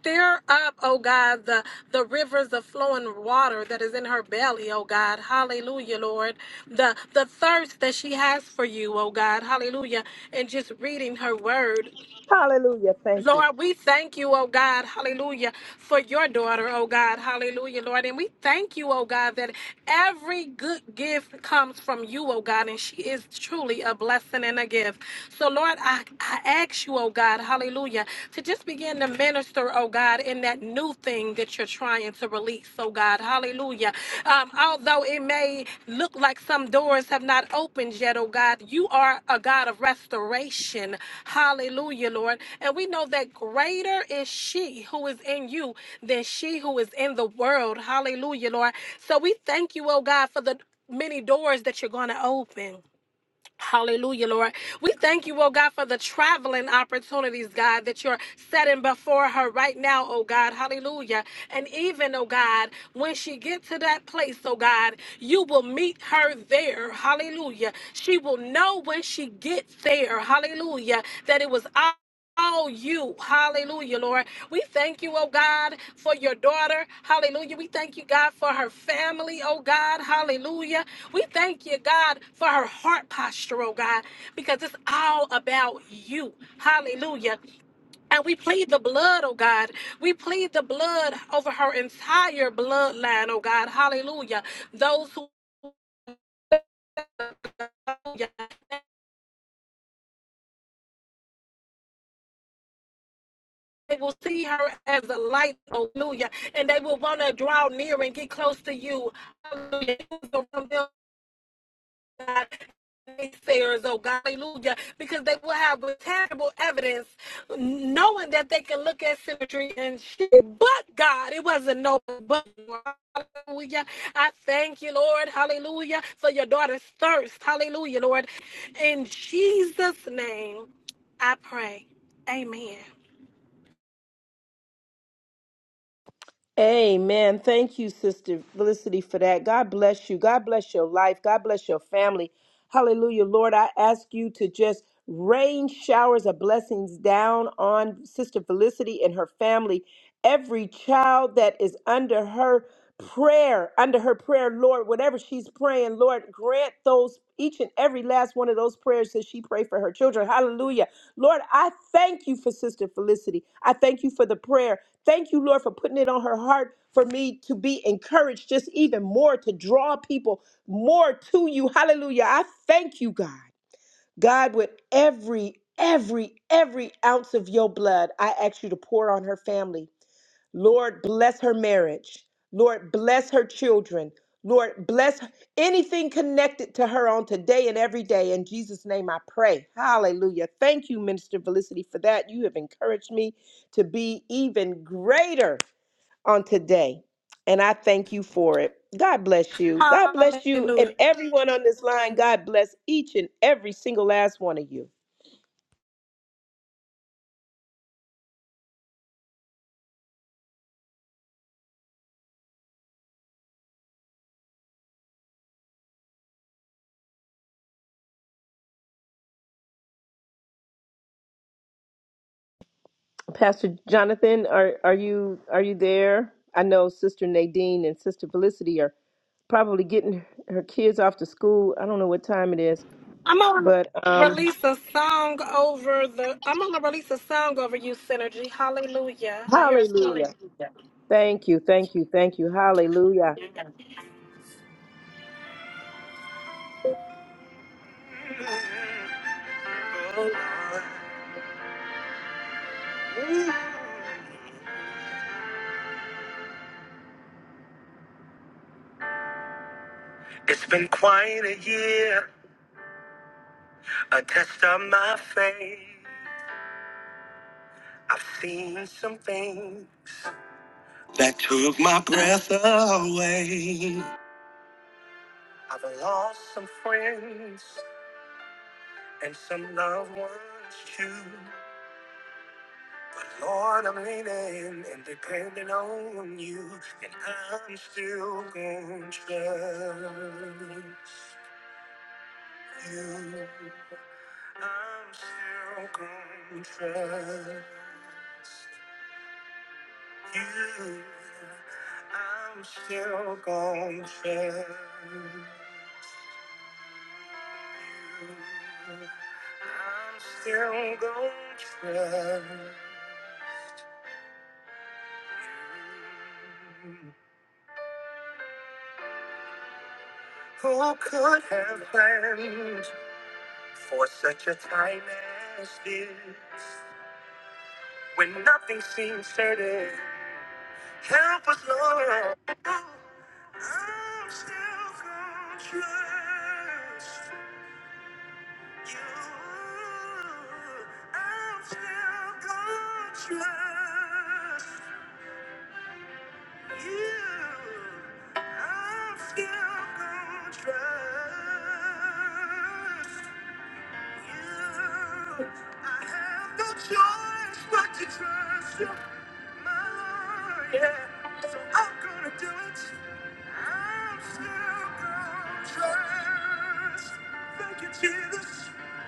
S4: Stir up, oh God, the, the rivers of flowing water that is in her belly, oh God. Hallelujah, Lord. The the thirst that she has for you, oh God. Hallelujah. And just reading her word
S13: Hallelujah. Thank you.
S4: Lord, we thank you, oh God, hallelujah, for your daughter, oh God, hallelujah, Lord. And we thank you, oh God, that every good gift comes from you, oh God, and she is truly a blessing and a gift. So, Lord, I, I ask you, oh God, hallelujah, to just begin to minister minister, oh God, in that new thing that you're trying to release, oh God. Hallelujah. Um, although it may look like some doors have not opened yet, oh God, you are a God of restoration. Hallelujah, Lord. And we know that greater is she who is in you than she who is in the world. Hallelujah, Lord. So we thank you, oh God, for the many doors that you're going to open. Hallelujah, Lord. We thank you, oh God, for the traveling opportunities, God, that you're setting before her right now, oh God. Hallelujah. And even, oh God, when she gets to that place, oh God, you will meet her there. Hallelujah. She will know when she gets there. Hallelujah. That it was all all you. Hallelujah, Lord. We thank you, oh God, for your daughter. Hallelujah. We thank you, God, for her family, oh God. Hallelujah. We thank you, God, for her heart posture, oh God, because it's all about you. Hallelujah. And we plead the blood, oh God. We plead the blood over her entire bloodline, oh God. Hallelujah. Those who Hallelujah. They will see her as a light, hallelujah, and they will want to draw near and get close to you. Hallelujah. God, naysayers, oh God, hallelujah, because they will have tangible evidence knowing that they can look at symmetry and shit. But God, it wasn't no but. Hallelujah. I thank you, Lord. Hallelujah. For your daughter's thirst. Hallelujah, Lord. In Jesus' name, I pray. Amen.
S13: Amen. Thank you, Sister Felicity, for that. God bless you. God bless your life. God bless your family. Hallelujah. Lord, I ask you to just rain showers of blessings down on Sister Felicity and her family. Every child that is under her prayer, under her prayer, Lord, whatever she's praying, Lord, grant those each and every last one of those prayers that she prayed for her children. Hallelujah. Lord, I thank you for Sister Felicity. I thank you for the prayer. Thank you, Lord, for putting it on her heart for me to be encouraged just even more to draw people more to you. Hallelujah. I thank you, God. God, with every, every, every ounce of your blood, I ask you to pour on her family. Lord, bless her marriage. Lord, bless her children. Lord, bless anything connected to her on today and every day. In Jesus' name I pray. Hallelujah. Thank you, Minister Felicity, for that. You have encouraged me to be even greater on today. And I thank you for it. God bless you. God bless you
S4: Hallelujah.
S13: and everyone on this line. God bless each and every single last one of you. Pastor Jonathan, are are you are you there? I know Sister Nadine and Sister Felicity are probably getting her kids off to school. I don't know what time it is,
S4: I'm gonna
S13: but um,
S4: release a song over the I'm gonna release a song over you, Synergy. Hallelujah. I hear a song.
S13: hallelujah! Thank you, thank you, thank you, hallelujah,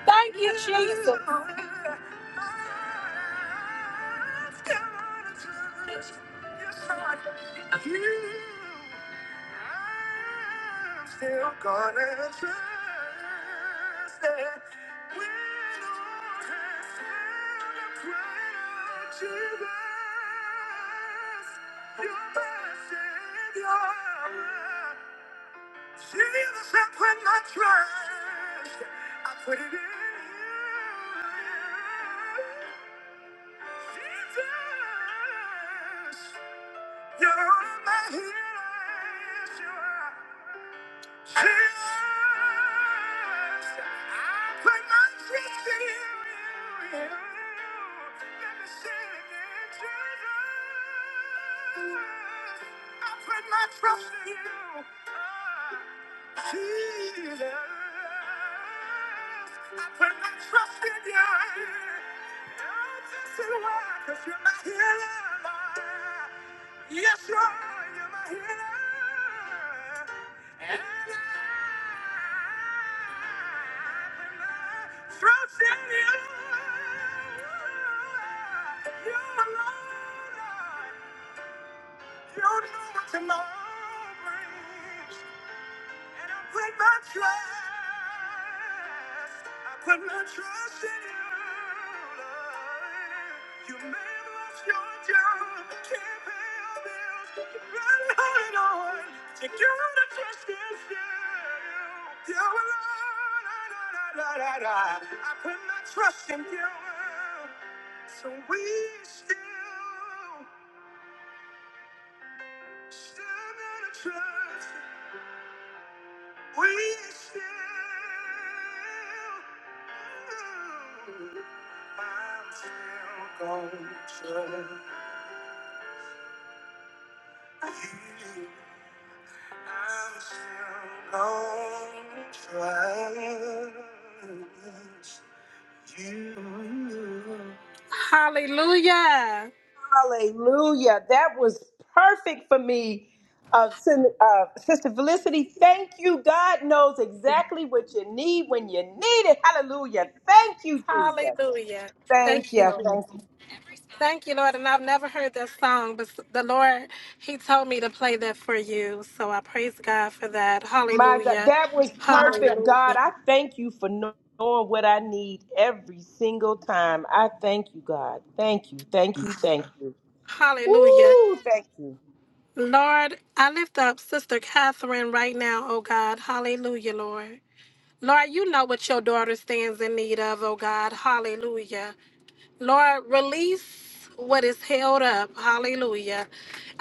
S4: Thank you. Hallelujah.
S13: hallelujah! That was perfect for me, uh, Sin- uh, Sister Felicity. Thank you. God knows exactly what you need when you need it. Hallelujah! Thank you, Jesus.
S4: Hallelujah.
S13: Thank
S4: Thank you, Lord.
S13: you,
S4: Thank you, Lord. And I've never heard that song, but the Lord, He told me to play that for you. So I praise God for that.
S13: My God,
S4: Hallelujah.
S13: that was perfect,
S4: Hallelujah.
S13: God. I thank you for kno- knowing what I need every single time. I thank you, God. Thank you, thank you, thank you.
S4: Hallelujah.
S13: Woo, thank you.
S4: Lord, I lift up Sister Catherine right now, oh God. Hallelujah, Lord. Lord, you know what your daughter stands in need of, oh God. Hallelujah. Lord, release what is held up. Hallelujah.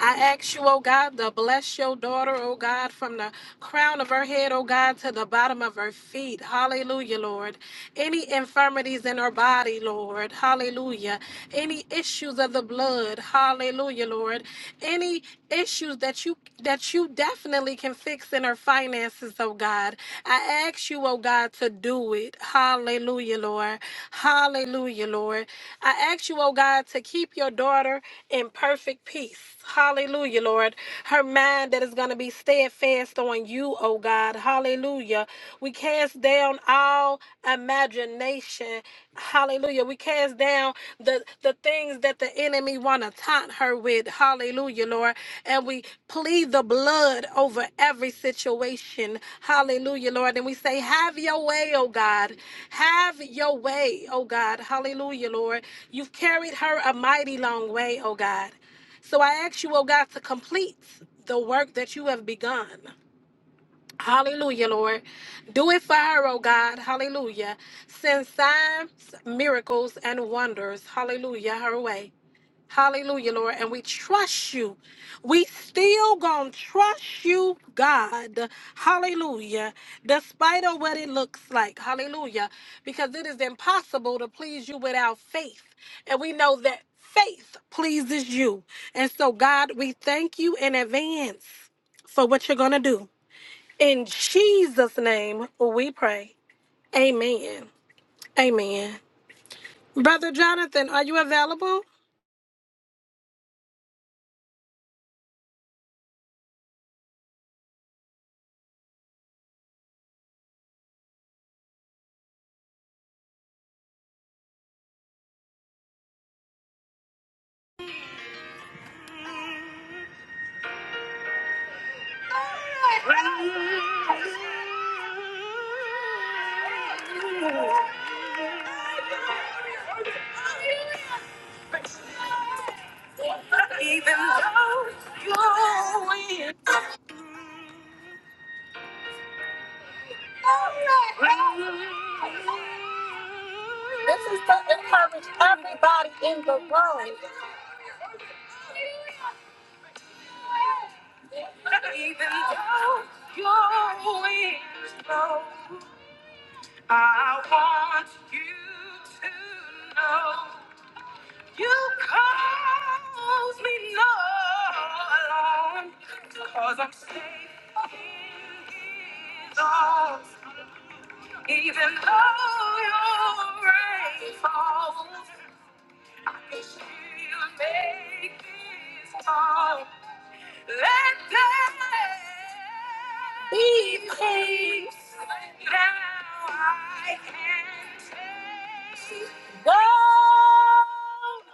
S4: I ask you, oh God, to bless your daughter, oh God, from the crown of her head, oh God, to the bottom of her feet. Hallelujah, Lord. Any infirmities in her body, Lord. Hallelujah. Any issues of the blood. Hallelujah, Lord. Any issues that you that you definitely can fix in her finances, oh God. I ask you, oh God, to do it. Hallelujah, Lord. Hallelujah, Lord. I ask you, oh God, to keep your daughter in perfect peace. Hallelujah, Lord. Her mind that is going to be steadfast on you, oh God. Hallelujah. We cast down all imagination. Hallelujah. We cast down the, the things that the enemy want to taunt her with. Hallelujah, Lord. And we plead the blood over every situation. Hallelujah, Lord. And we say, have your way, oh God. Have your way, oh God. Hallelujah, Lord. You've carried her a mighty long way, O God. So I ask you, O God, to complete the work that you have begun. Hallelujah, Lord. Do it for her, O God. Hallelujah. Send signs, miracles, and wonders. Hallelujah, her way. Hallelujah, Lord. And we trust you. We still gonna trust you, God. Hallelujah. Despite of what it looks like. Hallelujah. Because it is impossible to please you without faith. And we know that faith pleases you. And so, God, we thank you in advance for what you're gonna do. In Jesus' name we pray. Amen. Amen. Brother Jonathan, are you available? Encourage everybody in the room. I can say, Go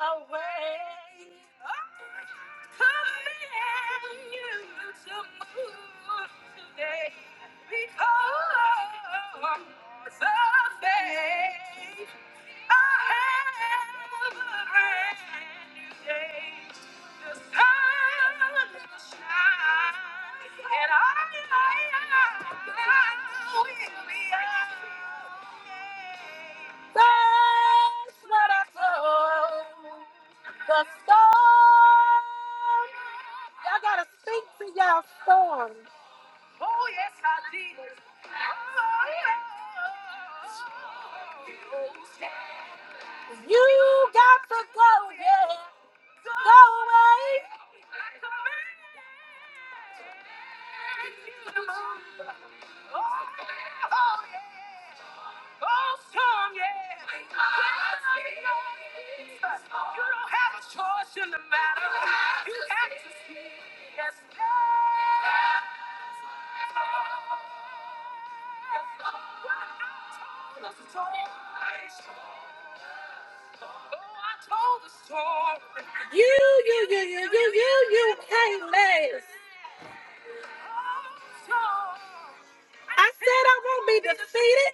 S4: away. I command you to move today because I have brand new day. The sun will shine. That's what I told the storm Y'all gotta speak to y'all storm. You got to go, yeah. Go away. You, you, you, you, you, you, you can't last. I said I won't be defeated.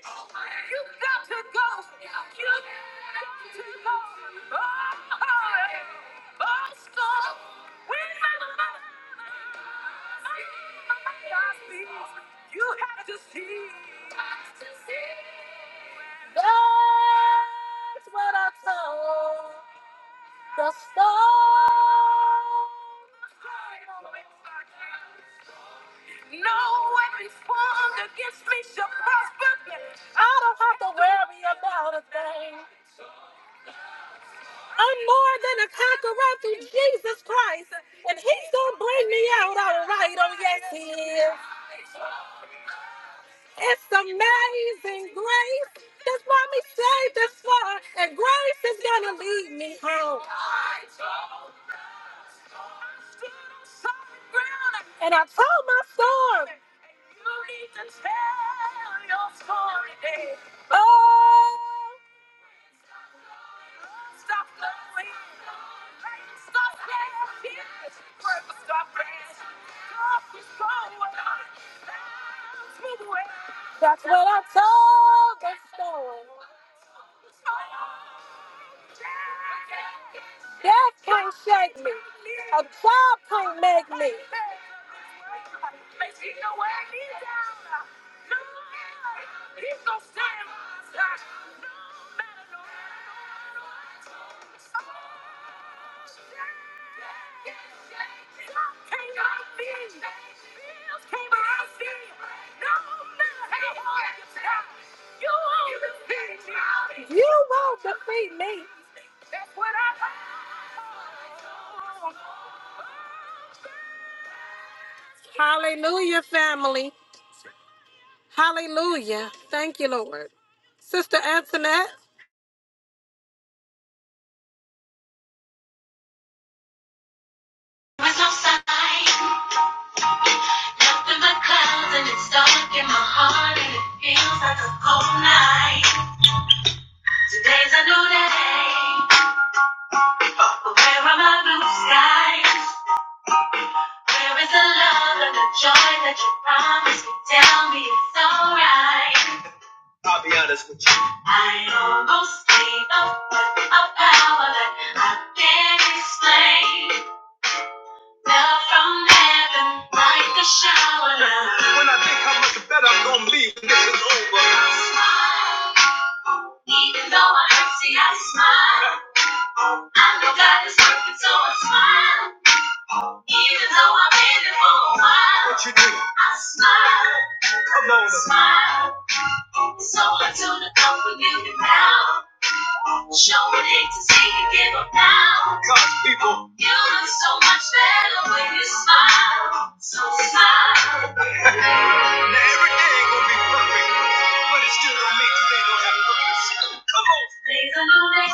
S4: I told the storm. No weapon formed against me shall prosper. I don't have to worry about a thing. I'm more than a conqueror through Jesus Christ, and He's gonna bring me out all right. Oh yes, He is. It's amazing grace. That's why me saved this far, and grace is gonna lead me home. And I told my story. Oh, that's what I told the storm. Death can't shake me. A job can't make me. You won't defeat me. Hallelujah, family. Hallelujah. Thank you, Lord. Sister Antoinette.
S14: There no sign, nothing but clouds, and it's dark in my heart, and it feels like a cold night. Today's a new day, but where are my blue skies? Where is the love and the joy that you promised me? Tell me it's alright. I'll be honest with you. I almost gave up a power that I can't explain. Now from heaven, like a shower now. When I think how much better I'm gonna be when this is over. I smile, even though I hurt, see, I smile. I know God is working, so I smile. Even though I've been here for a while. What you do? I smile. Come on. Smile. It's so hard to look up when you can now. Showing hate to see you give up now. God's people. You look so much better when you smile. So smile. *laughs* now every day ain't gonna be perfect, but it still don't make today don't have purpose. Come on. Today's a new day.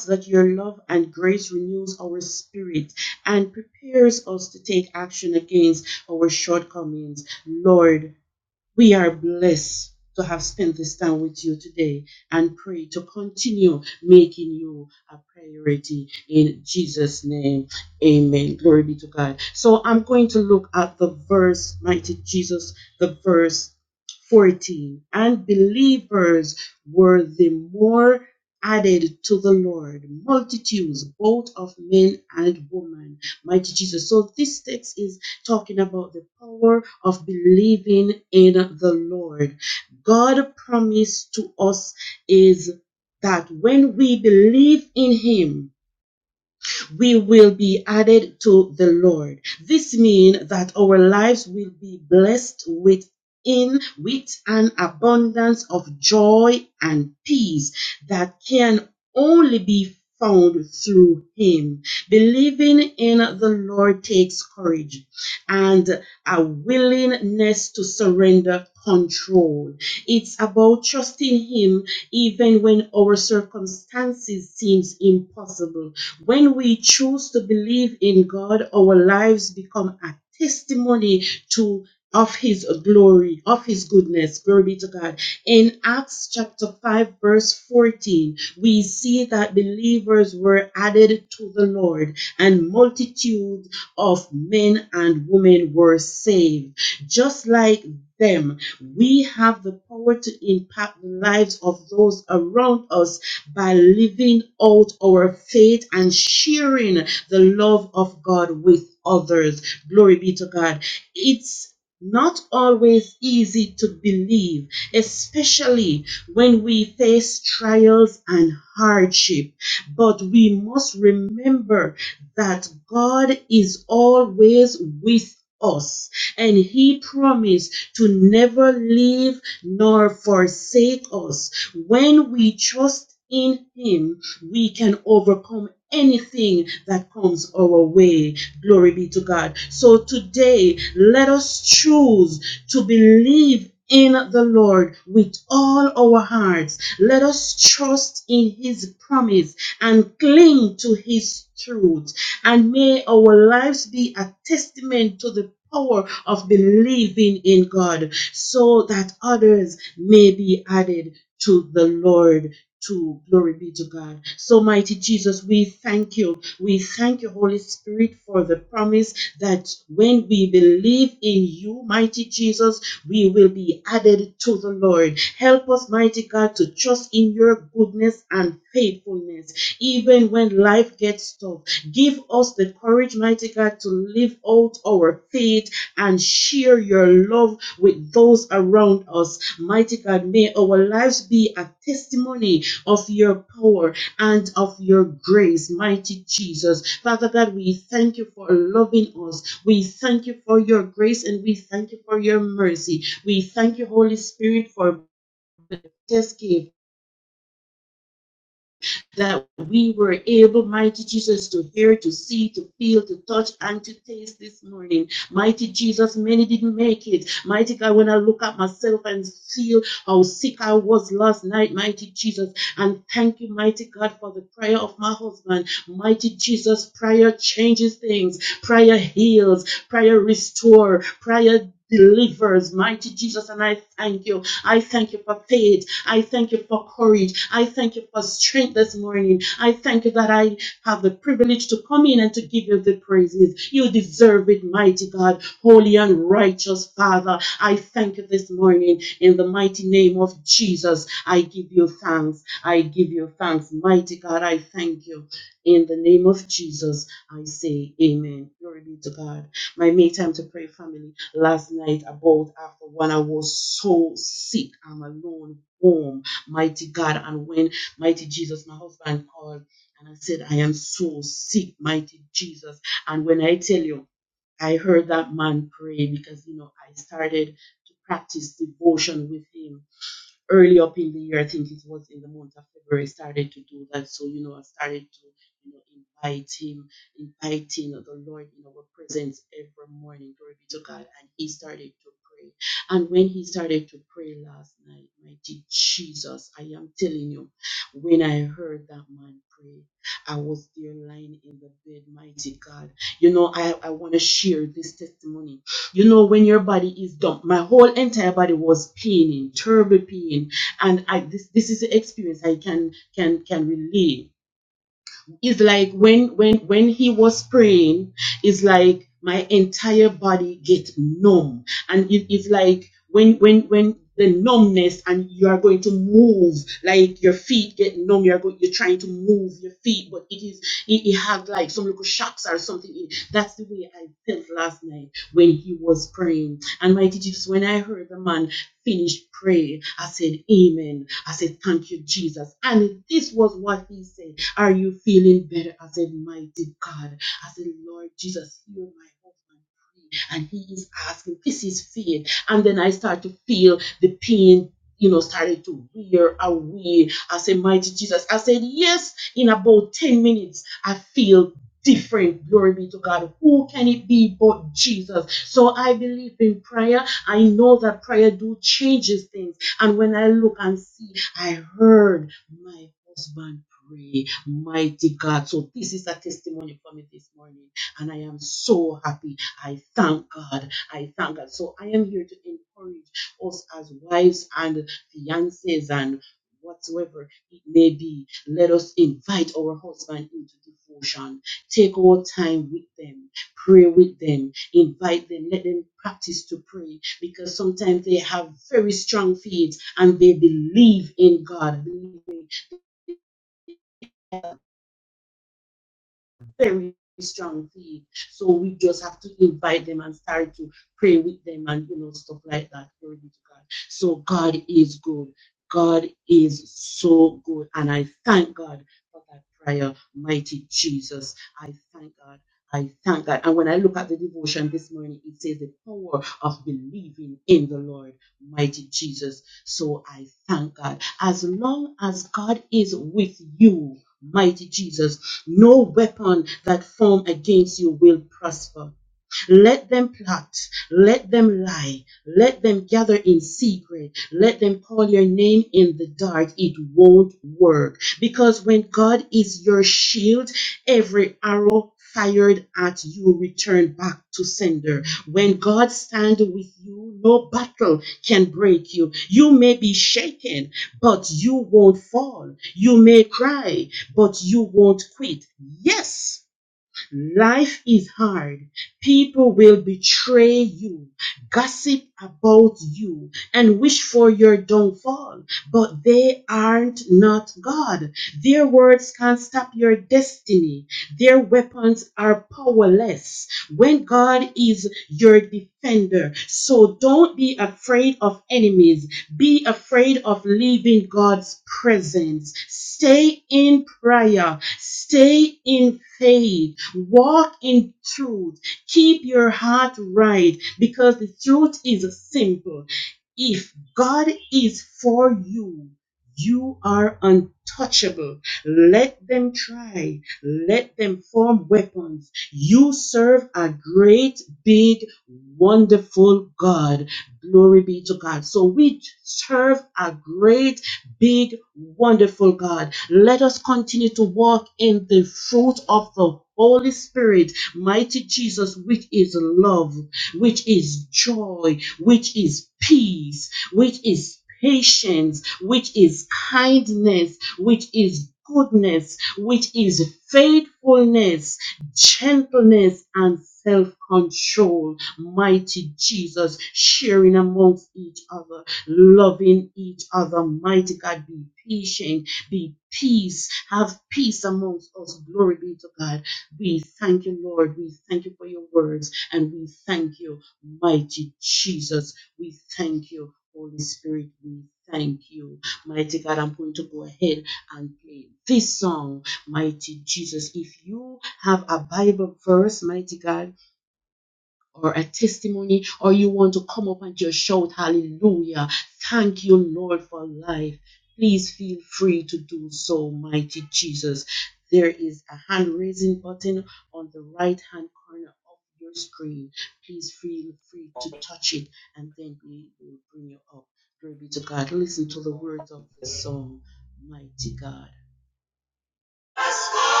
S14: Let's go,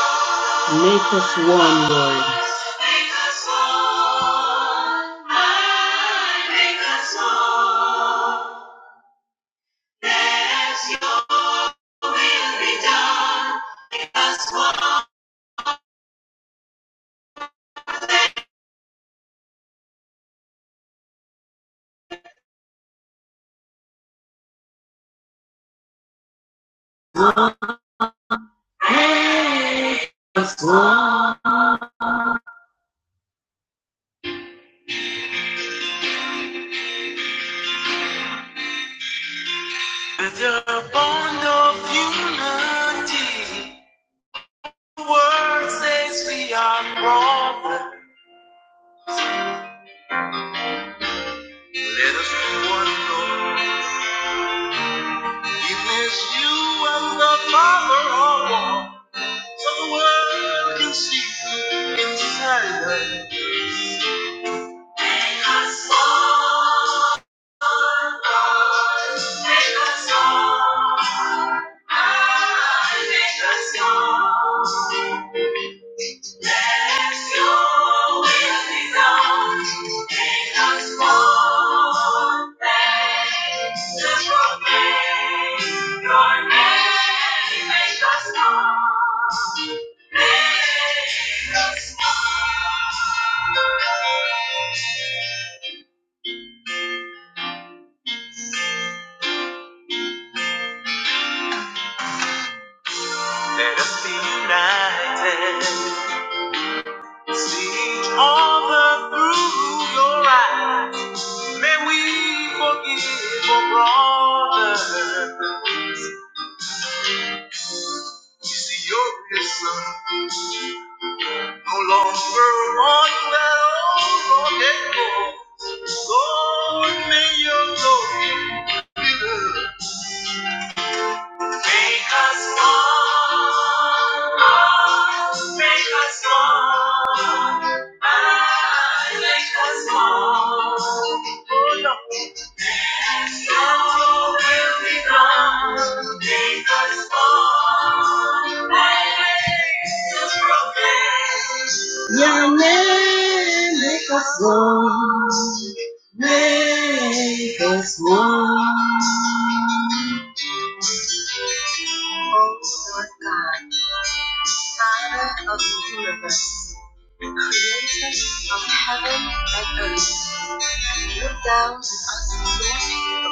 S14: let's go, let's go. With the bond of unity, the world says we are wrong. Let us be one Lord. Even as you and the Father are one, so the world can see you inside us. Make us one, Lord. Make us one. Ah, Make us one. Let us be united, see each other through your eyes. May we forgive our brother. You see, you're No longer one that old echo. Lord, may your glory make us one. Make us one. Make us one. Sorrow will be gone, Jesus born, and to proclaim. Your name make us one, make us one. Oh Lord God, Father of the universe, creator of heaven and earth, look down on us, Lord,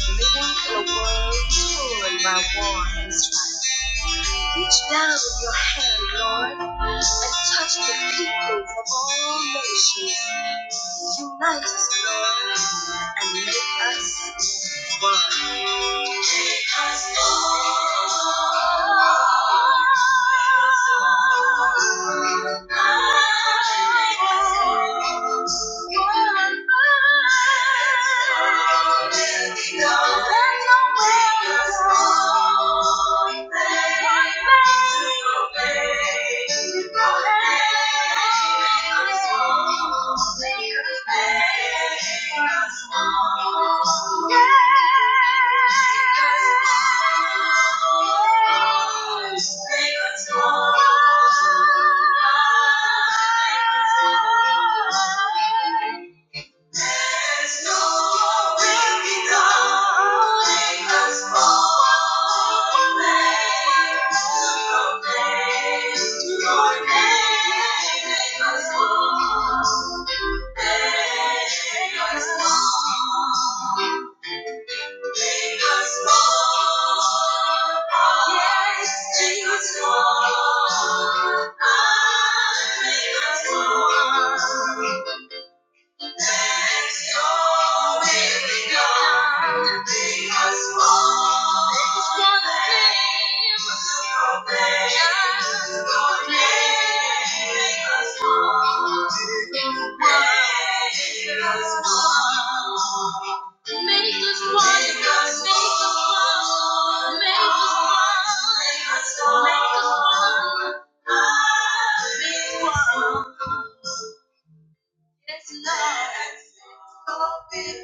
S14: living in a world torn by war and strife. Reach down with your hand, Lord, and touch the people from all nations. Unite us, Lord, and make us don't let your wings fall. Thank you. There's no way we know because all proclaim your name. Make us whole. Make us whole. Yes, Make us whole. Yes, Jesus, whole. Make us whole. Make us one, make us one, make us one, make us one. Yes, Lord, I thank you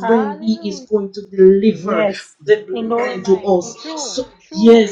S5: Hallelujah. Yes. In our mind. True. True.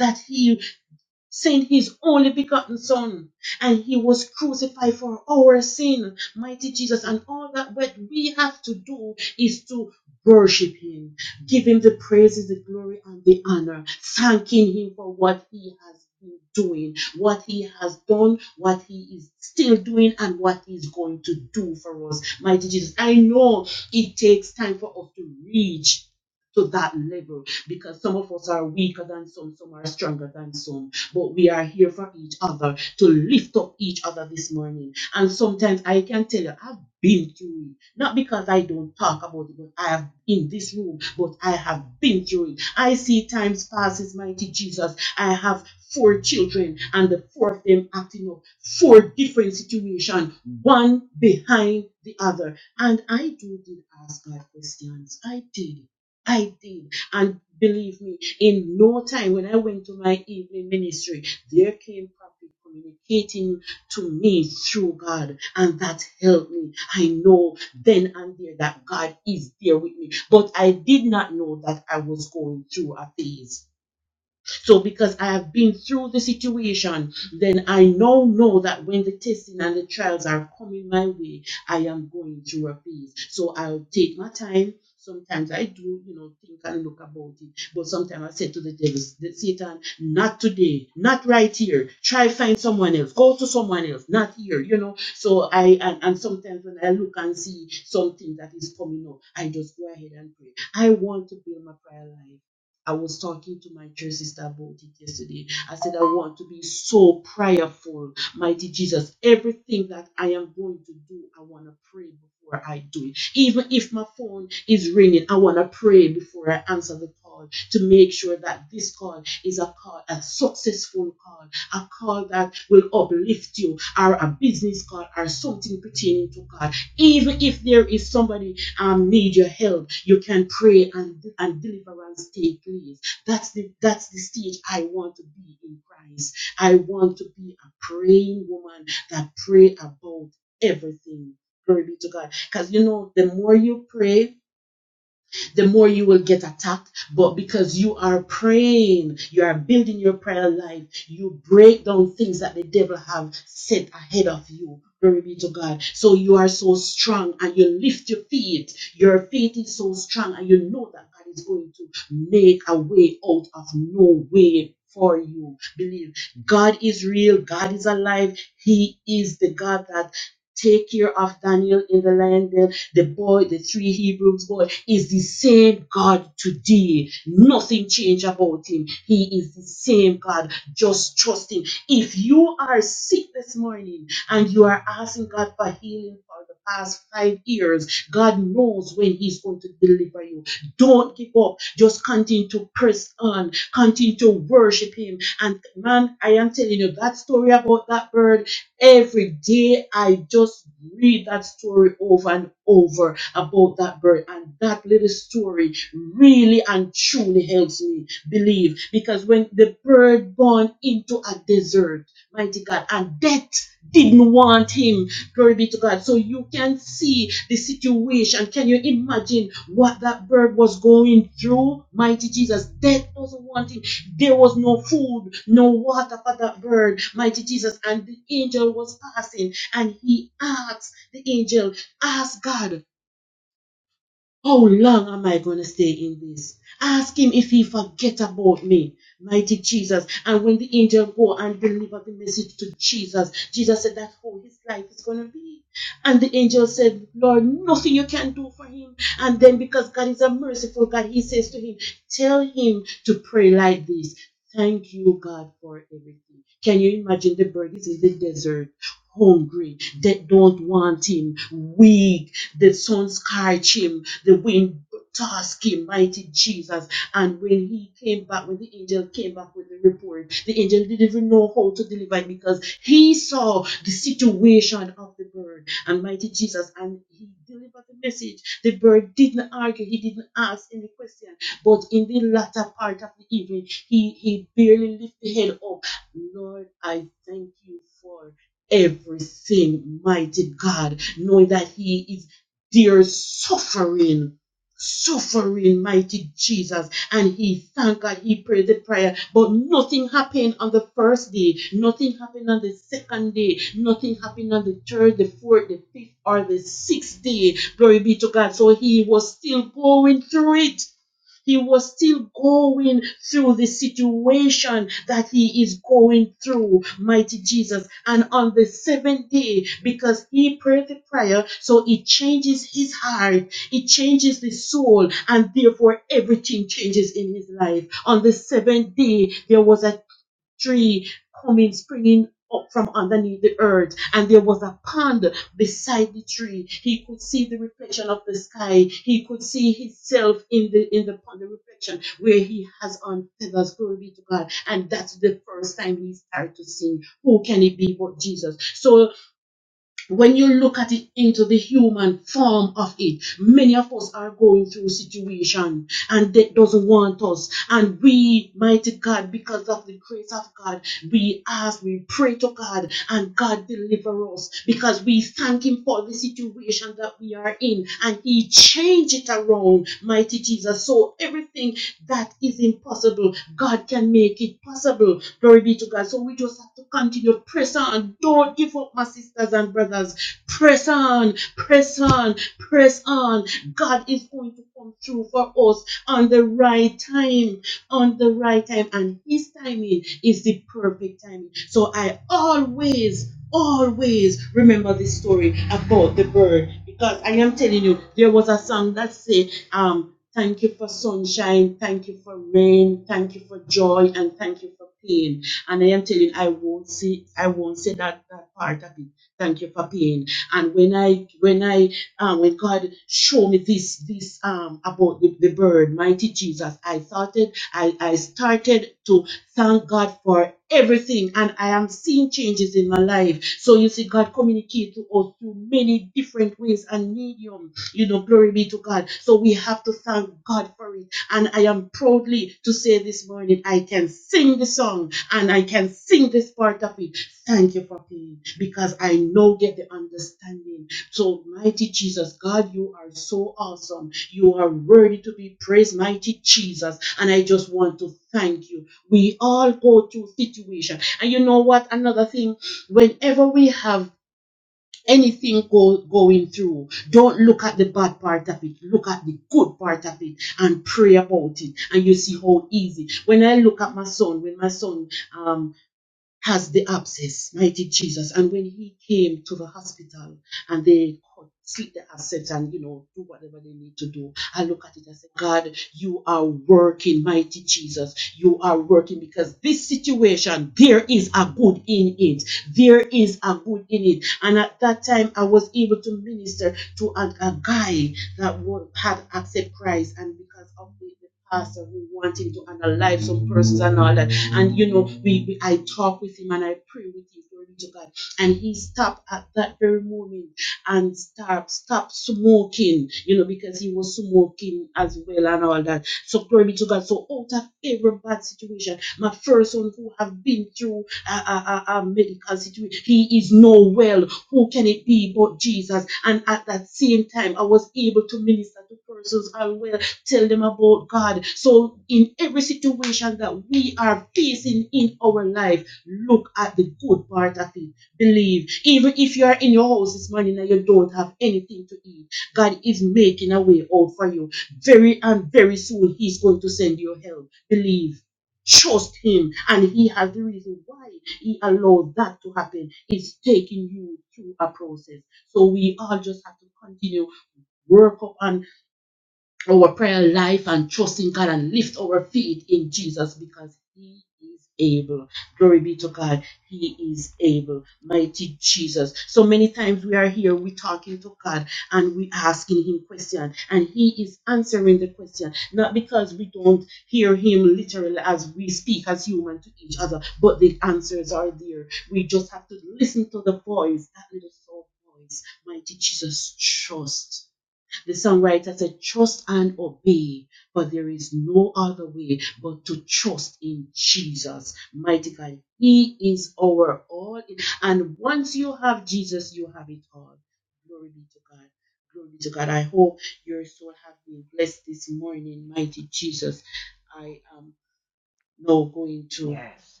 S15: Yes.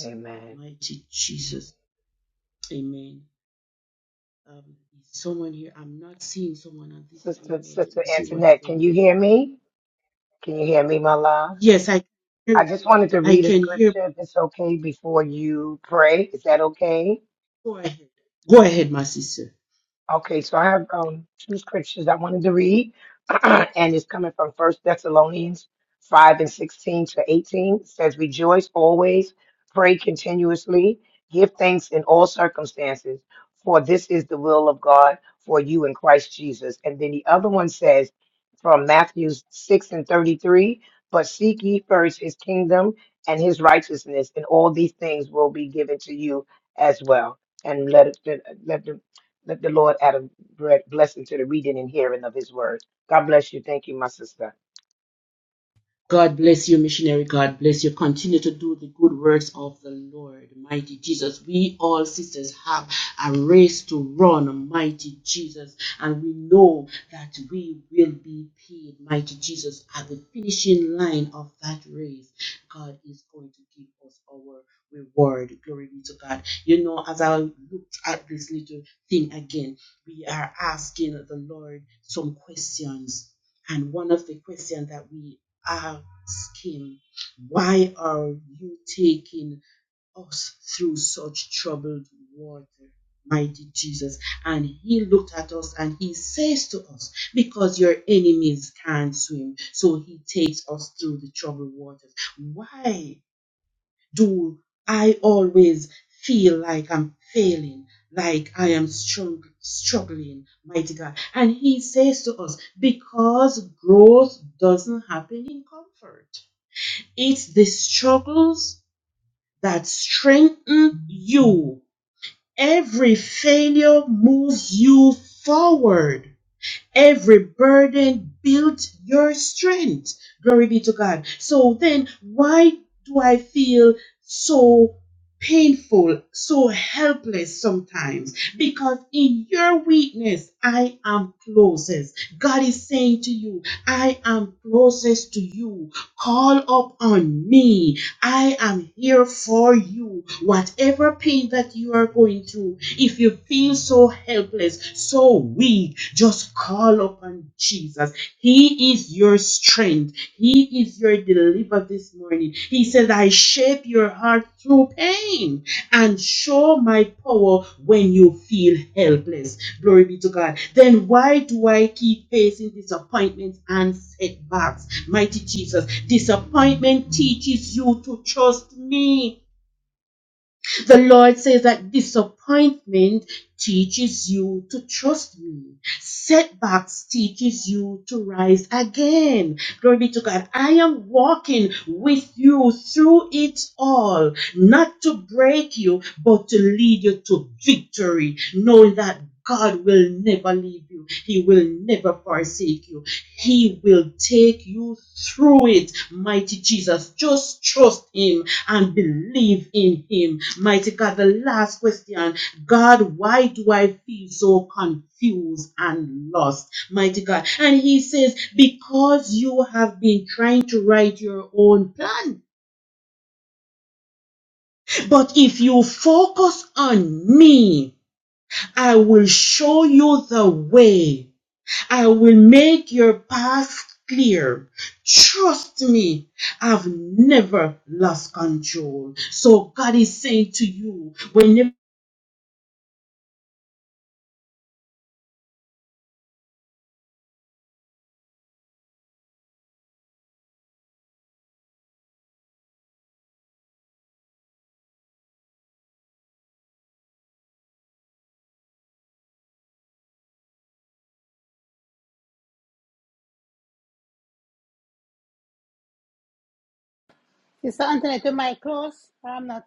S15: Amen. Sister, Sister Antoinette, can you hear me? Can you hear me, my love? I just wanted to read a scripture, if it's okay, before you pray. Is that okay? Okay, so I have um, two scriptures I wanted to read, *clears throat* and it's coming from First Thessalonians 5 and 16 to 18. It says, Rejoice always, pray continuously, give thanks in all circumstances, for this is the will of God for you in Christ Jesus. And then the other one says from Matthew 6 and 33, But seek ye first his kingdom and his righteousness, and all these things will be given to you as well. And let, it, let, let the Lord add a bre- blessing to the reading and hearing of his word. God bless you. Thank you, my sister.
S5: Sister Antoinette, to my close. I'm not